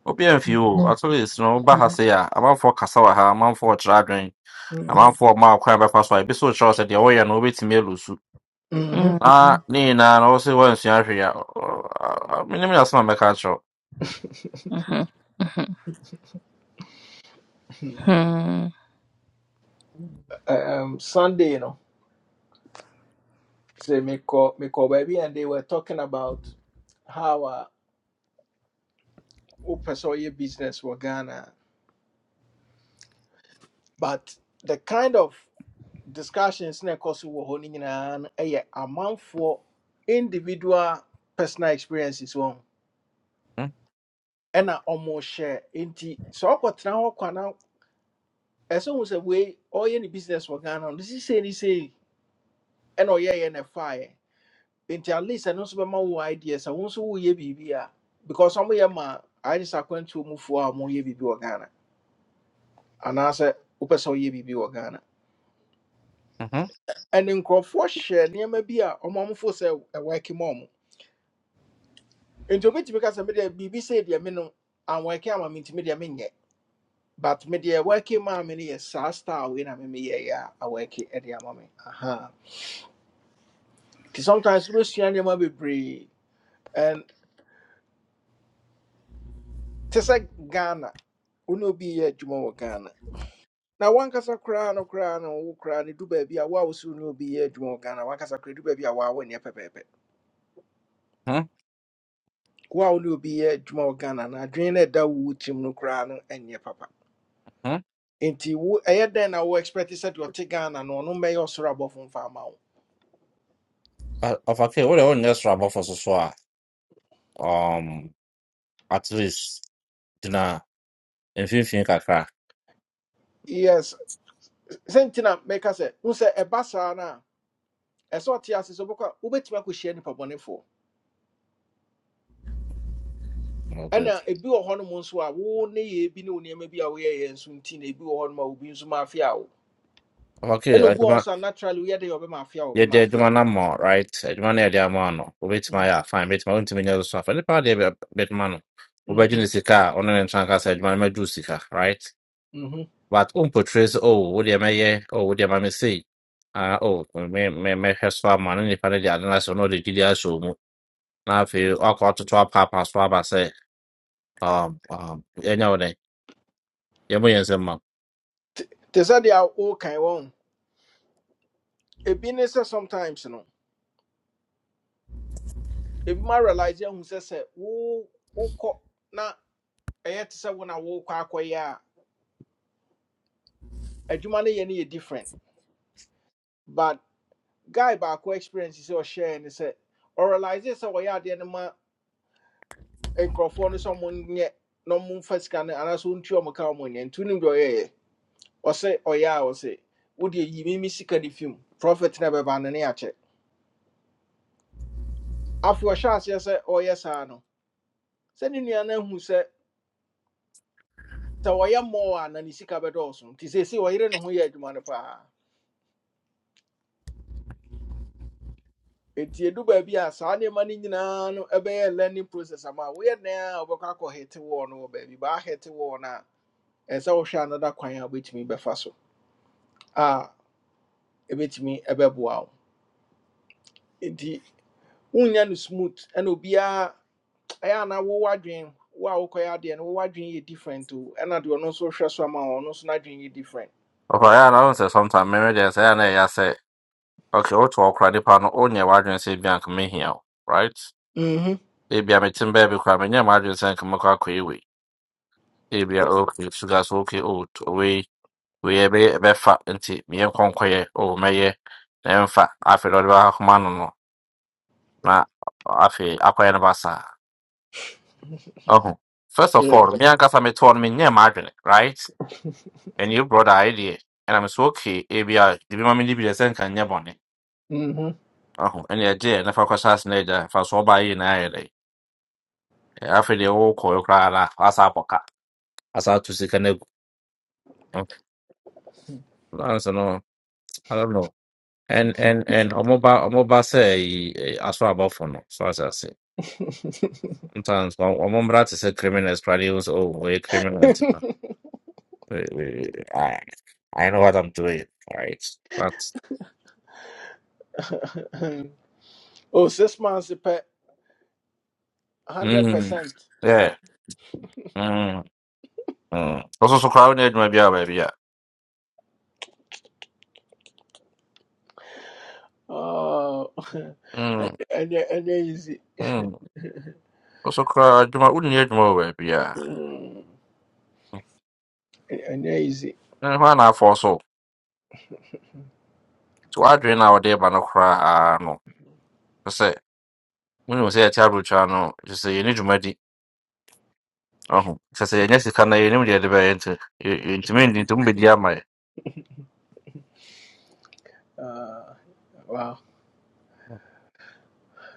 [SPEAKER 7] obi amfi o at least no woba ha sei a amanfoɔ kasa wɔ ha amanfoɔ ɔkyerɛ adwen
[SPEAKER 1] Mhm.
[SPEAKER 7] amanfoɔ ɔma akwan bɛfa so a ebi so kyerɛw sɛ deɛ woyɛ no wobɛtumi alu su
[SPEAKER 1] Mhm.
[SPEAKER 7] na ne nyinaa no wo se woansua hwee a ɔ- ɔ- ɔ- menim ne asɛm a mɛka
[SPEAKER 11] Mm. Mm.
[SPEAKER 1] Um, Sunday, you know, say me call me call baby, and they were talking about how. uh, Upesoye business wɔ ghana but the kind of discussions na ɛkɔ so wɔ hɔ no nyinaa no ɛyɛ amanfoɔ individual personal experiences wɔn ɛna ɔmo share nti sɛ ɔkɔtena hɔ kwa na ɛsɛ hu sɛ wei ɔyɛ ne business wɔ ghana no sisi sei ne sei ɛna ɔyɛyɛ na ɛfaeɛ nti at least ɛno nso bɛma wo idea sɛ wo nso woyɛ biribi a because ɔmo yɛ ma ayɛ sɛ akwantuo mufoɔ a ɔmo yɛ biribi wɔ ghana anaasɛ wopɛ sɛ ɔyɛ biribi wɔ ghana ɛne nkurɔfoɔ hyɛ nneɛma bi a mom for sell a ɔmamfo sɛ ɛwɔɛke ma ɔmo nti obɛtumi ka sɛ medeɛ biribi sei deɛ me no anwɔɛke ama me nti medeɛ menyɛ but media working maa me no yɛ when i wei na memeyɛeɛ a awɔɛke de ama mommy. aha nti sometimes wobɛsua nneɛma bebree and te sɛ ghana wo ne obi yɛ adwuma wɔ ghana na wankasa koraa no koraa no wo koraa no du baabi a wo a wo sɛ wo ne obi yɛ adwuma wɔ ghana wankasa koraa du baabi a woa wonyɛ pɛpɛɛpɛ
[SPEAKER 7] akyerɛw
[SPEAKER 1] wo a wo ne obi yɛ adwuma wɔ ghana na adwene no a ɛda wo wo tirim no koraa no ɛnyɛ papa nti wo ɛyɛ dɛn na wo expect sɛ deɛ ɔte ghana no ɔno mmɛyɛ ɔsoro abɔfo mfa ama wo
[SPEAKER 7] Uh, of okay, what on just rubber for so so a, um at least dina mfimfini kakra.
[SPEAKER 1] yes sɛ nti na mɛka sɛ wo sɛ ɛba saa na, a ɛsɛ ɔte ase sɛ wobɛkɔ a wobɛtumi akɔhyia nnipa bɔnefoɔ
[SPEAKER 7] Okay.
[SPEAKER 1] ɛna ebi wɔ hɔ nom nso a wo ne yɛ bi ne wo nneɛma bi a woyɛyɛ nso nti na ebi wɔ hɔ nom a obi nso ma afea wo
[SPEAKER 7] Of okay,
[SPEAKER 1] ɛna obi wɔ hɔ
[SPEAKER 7] adwuma
[SPEAKER 1] nso a naturally woyɛ dɛ ɔbɛma afea wo ɔbɛma
[SPEAKER 7] yɛde
[SPEAKER 1] afea
[SPEAKER 7] adwuma
[SPEAKER 1] wo
[SPEAKER 7] no ama wo, right? Adwuma no yɛde ama wo no, wobɛtumi
[SPEAKER 1] Mhm,
[SPEAKER 7] ayɛ a fine, bɛtumi wontumi nyɛ so so afa. Nipa deɛ bɛtuma no, wobɛgye ne
[SPEAKER 1] mhm,
[SPEAKER 7] sika a ɔno ne ntra nka adwuma no mɛdu sika, right?
[SPEAKER 1] mhm.
[SPEAKER 7] But um portrays oh wo deɛ mɛyɛ, oh wo deɛ ma me Ah oh me me mɛhwɛ so ama no nipa no de ade no ahyɛ wo na ɔde gyidi ahyɛ wo mu. Na afei wakɔ atoto apaapa so aba sɛ um um ɛnyɛ wo Yeah, yɛn nsɛm ma wo.
[SPEAKER 1] te te sɛ deɛ a wokan wɔn ebi ne sɛ sometimes no ebi ma realize ahu sɛ sɛ wo wokɔ na ɛyɛ to say when I worekɔ akɔyɛ a adwuma no yɛ no yɛ different but guy baako experience sɛ ɔhyɛɛ ne sɛ ɔrealise sɛ ɔyɛ adeɛ no ma nkurɔfoɔ no sɛ ɔmonyɛ na ɔmomfa sika no anaasɛ ɔntu ɔmo ka ɔmonyɛ nti wonim deɛ ɔyɛɛ ɔse ɔyɛ say ɔse wode yi me me sika no fi mu profit no bɛba no ne yɛakyɛ afei ɔhyɛ aseɛ sɛ Oya saa no sɛ ne nua no ahu sɛ say ɔyɛ mmɔɔ a na ne sika bɛdɔɔso nti seesei ɔyere ne ho yɛ adwuma no paa nti edu baabi a saa nneɛma no nyinaa no ɛbɛyɛ learning process ama wo. woyɛ dan a wobɛkɔ akɔ hete wall no wɔ baabi baa hete wall no a ɛsɛ sɛ wohwɛ another kwan a wobɛtumi bɛfa so a ɛbɛtumi ɛbɛboa wo nti wonya no smooth ɛna obiaa ɛyɛ anaa wo adwen wo a wokɔyɛ adeɛ no wowɔ adwen yɛ different o ɛna deɛ ɔno nso hwɛ so ama wo, ɔno nso n'adwen yɛ different
[SPEAKER 7] ɔkɔ yɛ ana ɔhu sɛ sometime mɛmɛ deɛ I ɛna ɛyɛ sɛ okay woto ɔkora nipa no wonyɛ w'adwene sɛ ebia nka mehia wo right
[SPEAKER 1] Mhm.
[SPEAKER 7] Maybe I metem bɛɛ bi koraa menyɛ m'adwene sɛ nka mɛkɔ akɔ yi wei ebia okay sugar so okay oh Be wei wei ɛbɛ ɛbɛfa nti meyɛ nkɔnkɔyɛ oh mɛyɛ na ɛmfa afei na ɔde bɛka koma no no na afei akɔyɛ no basaa Oh, first of
[SPEAKER 1] Yeah.
[SPEAKER 7] all me ankasa metɔɔ no menyɛ m'adwene right and you brought the idea, and I'm so okay ebia de bi ma me ni bi deɛ sɛ nka nyɛ bɔne
[SPEAKER 1] Mhm.
[SPEAKER 7] Ahu, ɛne ɛgye yɛ nafa kɔhyɛ ase na if I so ɔba yi na ayɛ dɛ afei deɛ wokɔ yɛ i na asa abɔka asa ato sika no agu lance no i don't know and and and ɔmoba ɔmoba sɛ ɛyi- ɛyi, about abɔfo no so ase ase sometimes ɔ- ɔmo mmra te sɛ criminals koraa de sɛ oh wɔyɛ criminal nti no eh, eh, I, I know what I'm doing right but
[SPEAKER 1] oh six months pɛ
[SPEAKER 7] mm,
[SPEAKER 1] 100%
[SPEAKER 7] yeah mm, mm. ɔso so so koraa wone adwuma biaa baabi a
[SPEAKER 1] Oh, and,
[SPEAKER 7] Mm,
[SPEAKER 1] and, they're- and they're easy.
[SPEAKER 7] mm. ɔso koraa adwuma wonni adwuma wɔ baabi
[SPEAKER 1] Mm, And they're easy.
[SPEAKER 7] na hɔ a na-afọ so So I w'adwene our day, but no cry. Ah no I say, when kyerɛ sɛ wonim sɛ yɛte aberɛkyia no kyerɛ sɛ yɛne dwumadi ɔho kyerɛ sɛ yɛnyɛ sika no yɛnim deɛ yɛde bɛyɛ nti yɛ- yɛntumi ndi nti mubɛdi ama yɛ
[SPEAKER 1] Uh, wow.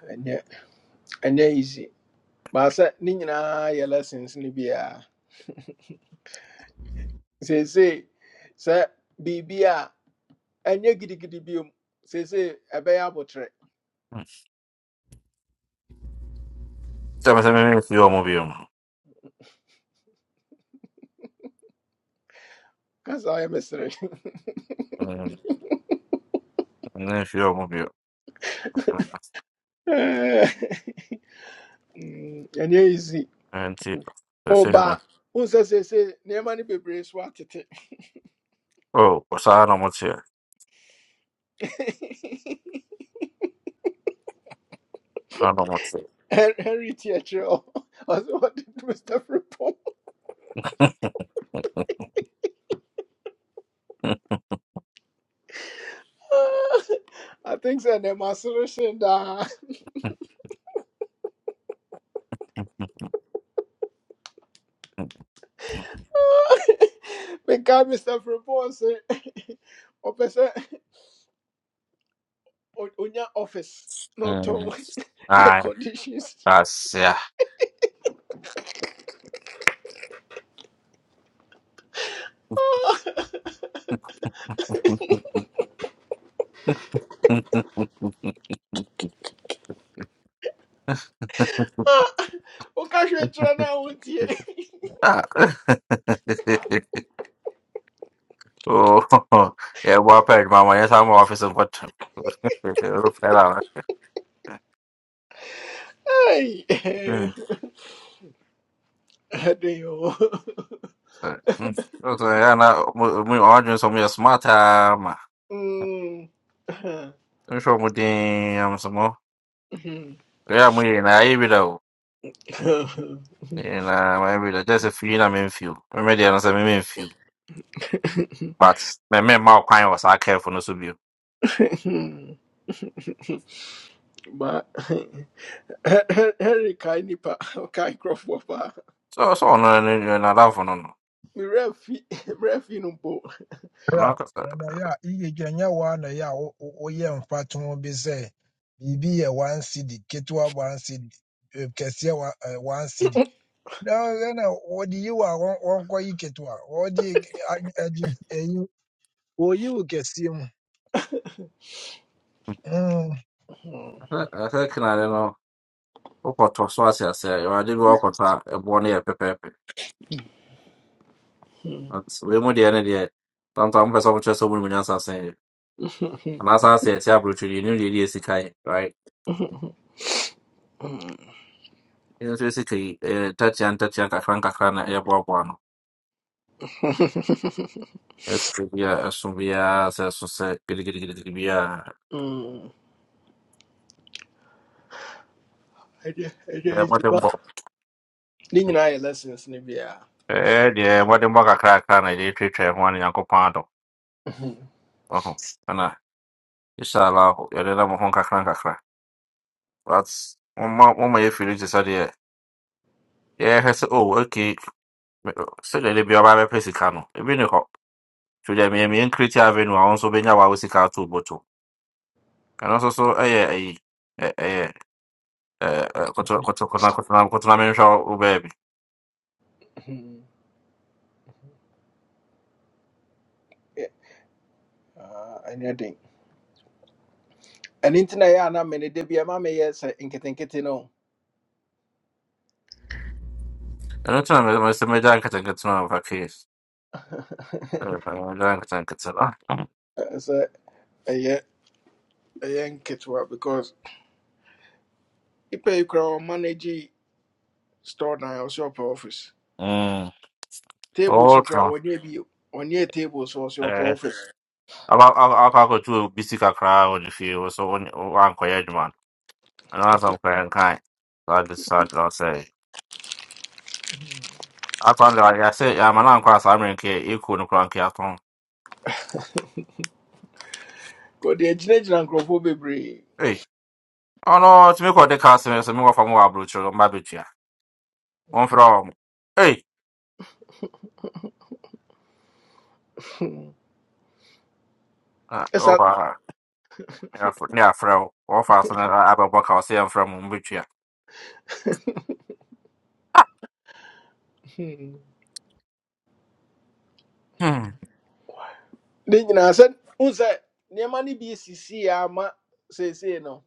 [SPEAKER 1] And they're, and they're easy. But I said, Nina, your lessons, Nibia. Say, say, sir, Bibia, and you giddy giddy beam. Say, say, a bear bottle.
[SPEAKER 7] sɛ
[SPEAKER 1] You
[SPEAKER 7] me sɛ
[SPEAKER 1] see,
[SPEAKER 7] mememfie wɔ mo bio
[SPEAKER 1] because I am a mystery.
[SPEAKER 7] i wɔ mo bio
[SPEAKER 1] And they're easy.
[SPEAKER 7] Ɛno nti sɛ
[SPEAKER 1] Oh,
[SPEAKER 7] sei na
[SPEAKER 1] but. who Unsa say say near money be brace what it
[SPEAKER 7] o ɔsaa na moteɛ saa
[SPEAKER 1] Henry Theatre or what Mr. Fripp. I think so. That my solution da. Because Mr. Fripon say, "Ope say, o- onya office not on air
[SPEAKER 7] Aye.
[SPEAKER 1] conditions."
[SPEAKER 7] That's ai
[SPEAKER 1] Oka hwe kyerɛ na wontie.
[SPEAKER 7] Ah. Oh, yeah, boy, packed my money. That's how my office is. What? Flat out.
[SPEAKER 1] Hey, ɛde yo.
[SPEAKER 7] So, mm. so yeah, na we arguing so me smart time.
[SPEAKER 1] Mm.
[SPEAKER 7] I'm sure we damn some more. Yeah, we na every though. Na every though. Just a few na me few. Me me there na say me me few. But me me mau kwan was I care for no so be.
[SPEAKER 1] But. Henry kae nipa kae nkurɔfoɔ paa
[SPEAKER 7] So so no no na that for no no.
[SPEAKER 1] mmerɛ fi mmerɛ fi no mpo
[SPEAKER 7] Na ka sa.
[SPEAKER 9] Na ya, iye janya wa na ya one, uh, yeah, o o- oyɛ mfa to ho bi sɛ biribi yɛ one city, ketewa one city, eh, kɛseɛ eh, one city. Na ɛna wɔde yi wa wɔn wɔnkɔ yi ketewa, wɔde yi k- a- ɛde ɛyi wɔyi wo kɛseɛ mu. Mm.
[SPEAKER 7] I say kina no. Okoto so asia say. You are dey go okoto e bo na e pepe. At we mu deɛ ne deɛ sometimes mpɛ sɛ ɔmokyerɛ sɛ ɔmo nim nyansa asɛn de anaasɛ ase ɛte aburokyi deɛ nim deɛ ɛdi esika yi right ɛno nso esika yi ɛyɛ ntakyea ntakyea nkakra nkakra na ɛyɛboaboa no ɛso bi a ɛso biara sɛ ɛso sɛ gidigidigidigidi biara
[SPEAKER 1] ɛdeɛ ɛdeɛ
[SPEAKER 7] ɛyɛ
[SPEAKER 1] yi ba
[SPEAKER 7] mmɔdemmɔ
[SPEAKER 1] ne nyinaa yɛ lessons no biara
[SPEAKER 7] ɛyɛ deɛ mmɔdemmɔ kakrakra na yɛde twitwa ho ano nyankopɔn adɔ ɔho ɛna insha allah yɛde nam ho nkakra nkakra but moma moma yɛfiri te sɛ deɛ yɛhwɛ sɛ oh okay me- sɛdeɛ de bi ɔba bɛpɛ sika no ebi ni hɔ Twerɛ me me create avenue a also benya wa sika ato boto. And also so eh yeah, eh eh eh eh koto koto koto koto na koto na menhwa wo baby.
[SPEAKER 1] Yeah, ah, ɛnyɛ den ɛno nti na ɛyɛ a na mene da bia ma meyɛ sɛ nketenkete no
[SPEAKER 7] And also na me se me jan kata kata na fa case. Eh me jan kata kata.
[SPEAKER 1] Ɛɛ, sɛ ɛyɛ ɛyɛ nketewa because nipa yi koraa ɔmanage store dan ɔsɛ ɔpɛ office
[SPEAKER 7] Mm.
[SPEAKER 1] Tables, so koraa
[SPEAKER 7] Okay.
[SPEAKER 1] wɔnyɛ bio wɔnyɛ table so ɔsɛ
[SPEAKER 7] Eh
[SPEAKER 1] ɔpɔɔfo
[SPEAKER 7] aba aba aba ko tu bisika kra on the field so on on ko yedman. And also am kan kan. God is sad I decided I'll say. I found that I say I'm an uncle American equal no cranky aton.
[SPEAKER 1] wɔde agyinagyina nkurɔfoɔ bebree
[SPEAKER 7] Oh tumi kɔ de kaa sɛmɛ sɛ mekɔfa ma wɔ aburokyerɛ no mba bɛtua wɔmfrɛ wɔ mo ei
[SPEAKER 1] Hmm.
[SPEAKER 7] na
[SPEAKER 1] ɛsa
[SPEAKER 7] ɛwɔ hɔ a ne afr- ne i wo wɔfa so no a- abɛbɔ ka ɔsɛ yɛmfrɛ mo mobɛtua
[SPEAKER 1] hmm.
[SPEAKER 7] Hmm,
[SPEAKER 1] ne nyinaa sɛ wohu sɛ nneɛma no bi sisii a ama seesei no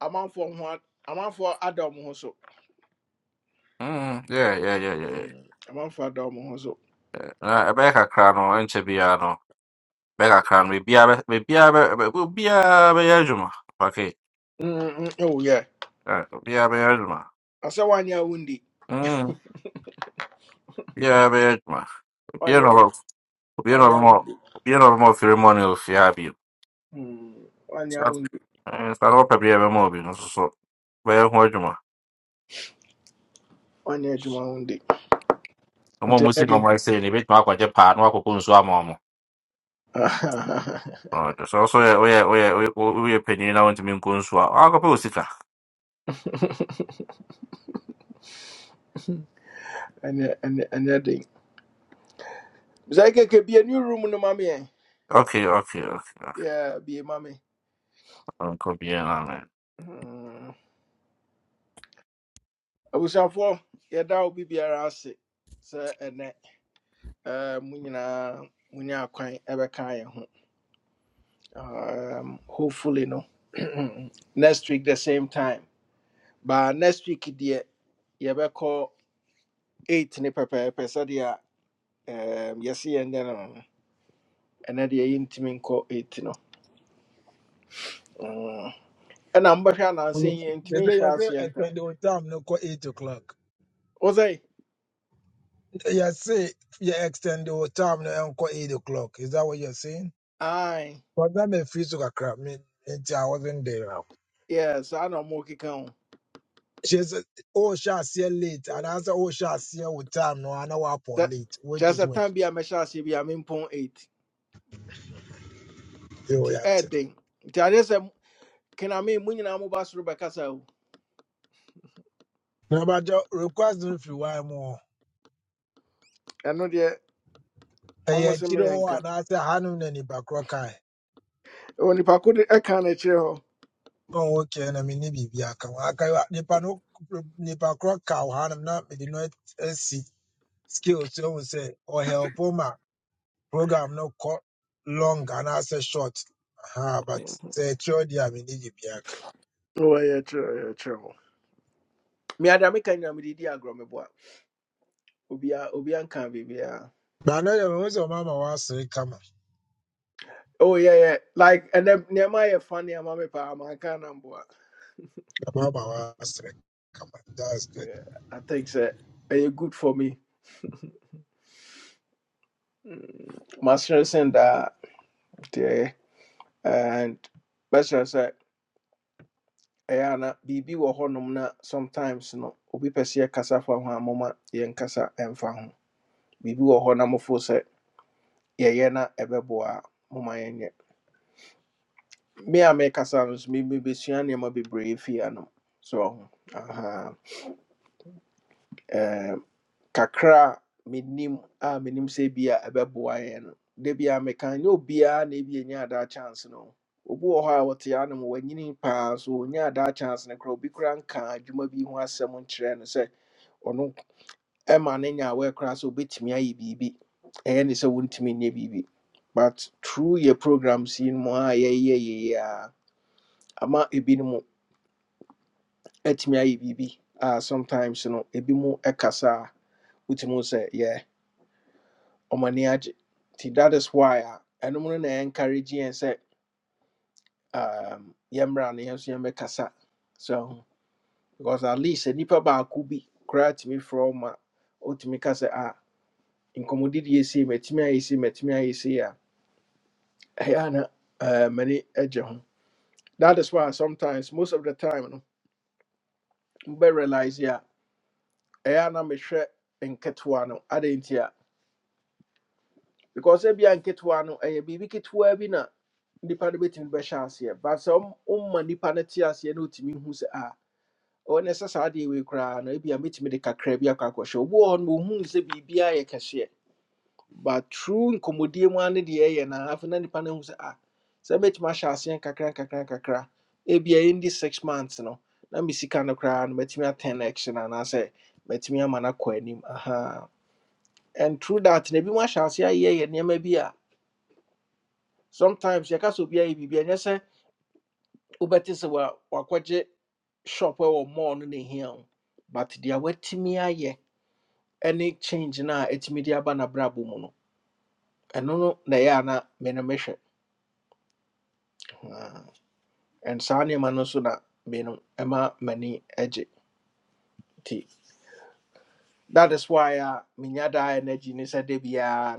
[SPEAKER 1] amanfoɔ for a- amanfoɔ ada ɔmo ho so
[SPEAKER 7] mm, yeah, yeah, yeah, yeah, yeah.
[SPEAKER 1] Hmm, amanfoɔ ada ɔmo ho so
[SPEAKER 7] Na ɛbɛyɛ kakra no ɛnkyɛ biara no bɛyɛ kakra no We bɛ- biribiara bɛ- bɛ- biribiara bɛyɛ adwuma okay
[SPEAKER 1] ɛwo yɛ
[SPEAKER 7] eh, biribiara bɛyɛ adwuma
[SPEAKER 1] asɛ woanyɛ a wondi
[SPEAKER 7] Mm, biribiara bɛyɛ adwuma obiara na
[SPEAKER 1] woanyɛ
[SPEAKER 7] ɔbɛ- obiara na
[SPEAKER 1] woanyɛ a
[SPEAKER 7] ɔbɛma wo-
[SPEAKER 1] wondi
[SPEAKER 7] obiara na ɔbɛma ɔfiri mɔne ofie
[SPEAKER 1] Hmm, woanyɛ a wondi
[SPEAKER 7] Sáré wọ́n pẹ̀lú ẹ̀rọ mọ́ obìnrin soso bẹ́ẹ̀ hu adwuma
[SPEAKER 1] woanyɛ adwuma a wondi
[SPEAKER 7] ọmọ
[SPEAKER 1] nti
[SPEAKER 7] mu si
[SPEAKER 1] ɛnyɛ
[SPEAKER 7] na
[SPEAKER 1] den
[SPEAKER 7] ọmọ ẹsẹ̀ na ebetumi akwagye paa na wakɔkɔ nsu ama ɔmo ɔde sɛ ɔso yɛ oyɛ oyɛ oyɛ panyin na wɔntumi nkɔ nsu a wakɔpɛ osika
[SPEAKER 1] ɛnyɛ ɛnyɛ ɛnyɛ den Zaike could be a new room no mommy. eh?
[SPEAKER 7] okay okay okay
[SPEAKER 1] Yeah, be a mommy.
[SPEAKER 7] nkɔ biara
[SPEAKER 1] Mm. I was up for yeah, that would be be around sick. So and that uh munyina munya kwan ever kind um hopefully no next week the same time. But next week dear yeah we call eight ni pepper pesadia um yesi and then um and then the intimate call eight no. Mm. And I'm back and I'm saying
[SPEAKER 9] Yɛsɛ
[SPEAKER 1] intimate
[SPEAKER 9] yɛsɛ
[SPEAKER 1] shots yentam.
[SPEAKER 9] ɛsɛnde o time no kɔ eight o'clock.
[SPEAKER 1] Was
[SPEAKER 9] You're saying you extend the time now and call 8 o'clock. Is that what you're saying?
[SPEAKER 1] I?
[SPEAKER 9] But that may feel so like crap. Me, until I wasn't there.
[SPEAKER 1] Yes, I know ɔmo keka ho.
[SPEAKER 9] She said, Oh, shall see late. And I said, Oh, shall see her with time no, and I know up on
[SPEAKER 1] That
[SPEAKER 9] late, which
[SPEAKER 1] kyerɛ
[SPEAKER 9] is
[SPEAKER 1] sɛ
[SPEAKER 9] which.
[SPEAKER 1] time be a mɛhyɛ Be a mempɔn eight.
[SPEAKER 9] You
[SPEAKER 1] Nti
[SPEAKER 9] are
[SPEAKER 1] ɛyɛ den. Nti adeɛ sɛ kename mu nyinaa moba soro
[SPEAKER 9] Now, but the request if you want more.
[SPEAKER 1] I know the
[SPEAKER 9] And
[SPEAKER 1] almost a se
[SPEAKER 9] yet you know
[SPEAKER 1] meyɛnka.
[SPEAKER 9] and I hanom na nnipa korɔ kae
[SPEAKER 1] Ɛwɔ nipa ko can't no kyerɛ
[SPEAKER 9] ɔwɔ kɛ na menni biribi I ho aka nnipa no nnipa korɔ ka wɔ hanom na mede no asi scale so ɔhu sɛ ɔhɛlpo program no kɔ long and I say short ha
[SPEAKER 1] hɔ.
[SPEAKER 9] but
[SPEAKER 1] yeah,
[SPEAKER 9] the sɛ ɛkyerɛ deɛ a mene gye biaka
[SPEAKER 1] kyerɛ ɛyɛ kyerɛ hɔ. Meada meka nyina mede di agorɔ meboa. Obia obia nka biribiara.
[SPEAKER 9] baano deɛ mehu sɛ ɔma ma waasere kama
[SPEAKER 1] Oh yeah, yeah. Like and then nneɛma yɛ fa nneɛma me Can manka na mboa.
[SPEAKER 9] ɔma ma That's kama
[SPEAKER 1] Yeah, I think that. Are you good for me. Mm. Masere sen daa. and bɛsrɛ sɛ ɛyɛ ana biribi wɔ hɔnom na sometimes no obi pɛ sɛ yɛkasa fa ho a moma yɛnkasa ɛmfa ho biribi wɔ hɔ na mofo sɛ yɛyɛ na ɛbɛboa a moma yɛnyɛ me a mekasa no so me- mebɛsua nneɛma bebree fie anom so aha kakra a menim a menim sɛ bi a ɛbɛboa yɛn no da bi a meka nyɛ na ebi enya adaa chance no obu wɔ hɔ a wɔte anom wanyini paa so ɔnya adaa chance ne koraa obi koraa nka adwuma bi ho asɛm nkyerɛ no sɛ ɔno ɛma ne nyaawɛ koraa sɛ obɛtumi ayɛ biribi ɛyɛ ne sɛ wontumi nyɛ biribi but through yɛ programs in no mu a yɛyɛ yɛyɛ a ama ebinom atumi ayɛ biribi a sometimes no ebi mu ɛkasa a wotumi hu sɛ yeah. ɔmo ani agye that is why a ɛnom no na encourage yɛn sɛ um, yɛmmra no yɛn nso so because at least Nipa ba baako bi koraa tumi frɛ wo ma wotumi ka sɛ ah nkɔmmɔdidi yɛsei matumi ayɛ sei matumi ayɛ sei a ɛyɛ a na eh, ho that is why sometimes most of the time no we realise yi a ɛyɛ a na mehwɛ nketewa no adɛn because ebia nketewa no ɛyɛ biribi ketewa bi na nipa no bɛtumi bɛhyɛ aseɛ but sɛ ɔm- ɔma nipa no te aseɛ na ɔtumi hu sɛ a ɔwɔ no ɛsɛ saa adeɛ wei koraa no ebia mɛtumi de kakra bi akɔ akɔhyɛ obi wɔ hɔ no ɔhunu sɛ biribiaa yɛ kɛseɛ but true nkɔmmɔdie mu a ne deɛ ɛyɛ na afei na nipa no hu sɛ a sɛ mɛtumi ahyɛ aseɛ nkakra nkakra nkakra ebia ɛndi six months no na me sika no koraa no mɛtumi atɛn no action anaasɛ mɛtumi ama no akɔ anim aha and through that na ebi mu ahyɛ aseɛ ayɛ yɛ nneɛma bi a sometimes yɛka sɛ obi ayɛ biribi a ɛnyɛ sɛ wobɛte sɛ wa- wakɔgye shop ɛwɔ mall no ne but deɛ watumi ayɛ ɛne change no a ɛtumi de aba n'abrabɔ mu no ɛno no na ɛyɛ a na me no mehwɛ Ah, and saa nneɛma no nso na me no ɛma m'ani agye nti that is why a menya energy ne sɛ da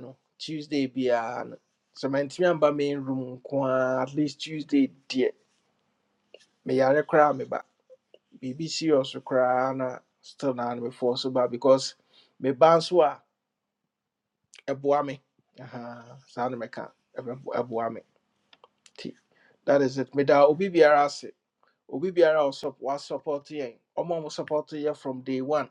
[SPEAKER 1] no tuesday biara no sɛ mantumi amba main room nko at least tuesday deɛ meyare koraa meba BBC also cry na still not before so bad because meba nso a ɛboa me banswa ebuame. Aha, saa no mɛka ɛbɛbo- ɛboa me nti that is it Me da obi biara se obi biara also was supporting. yɛn ɔma mo support yɛ from day one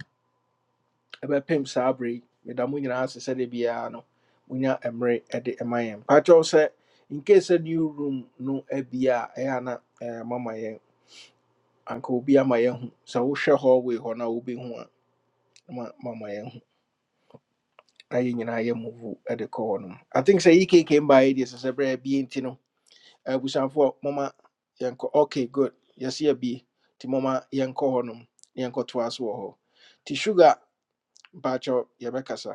[SPEAKER 1] ɛbɛpem saa berɛ yi meda na se se sɛdeɛ biara no monya emre ɛde ɛma yɛn pakyɛw se in case sɛ new room no ebia, e ana a na ɛɛ, mama yɛn anka obi ama yɛahu sɛ wohwɛ hallway hɔ no a wobɛhu a mama yɛahu na yɛn nyinaa yɛ move de kɔ hɔ nom i think sɛ ekk mbaeɛ deɛ sɛ sɛ berɛ bie nti no abusuafoɔ moma yɛnkɔ okay good yɛse abie nti moma yɛnkɔ hɔ nom na yɛnkɔtoa so wɔ hɔ nti sugar mpaakyɛw yɛbɛkasa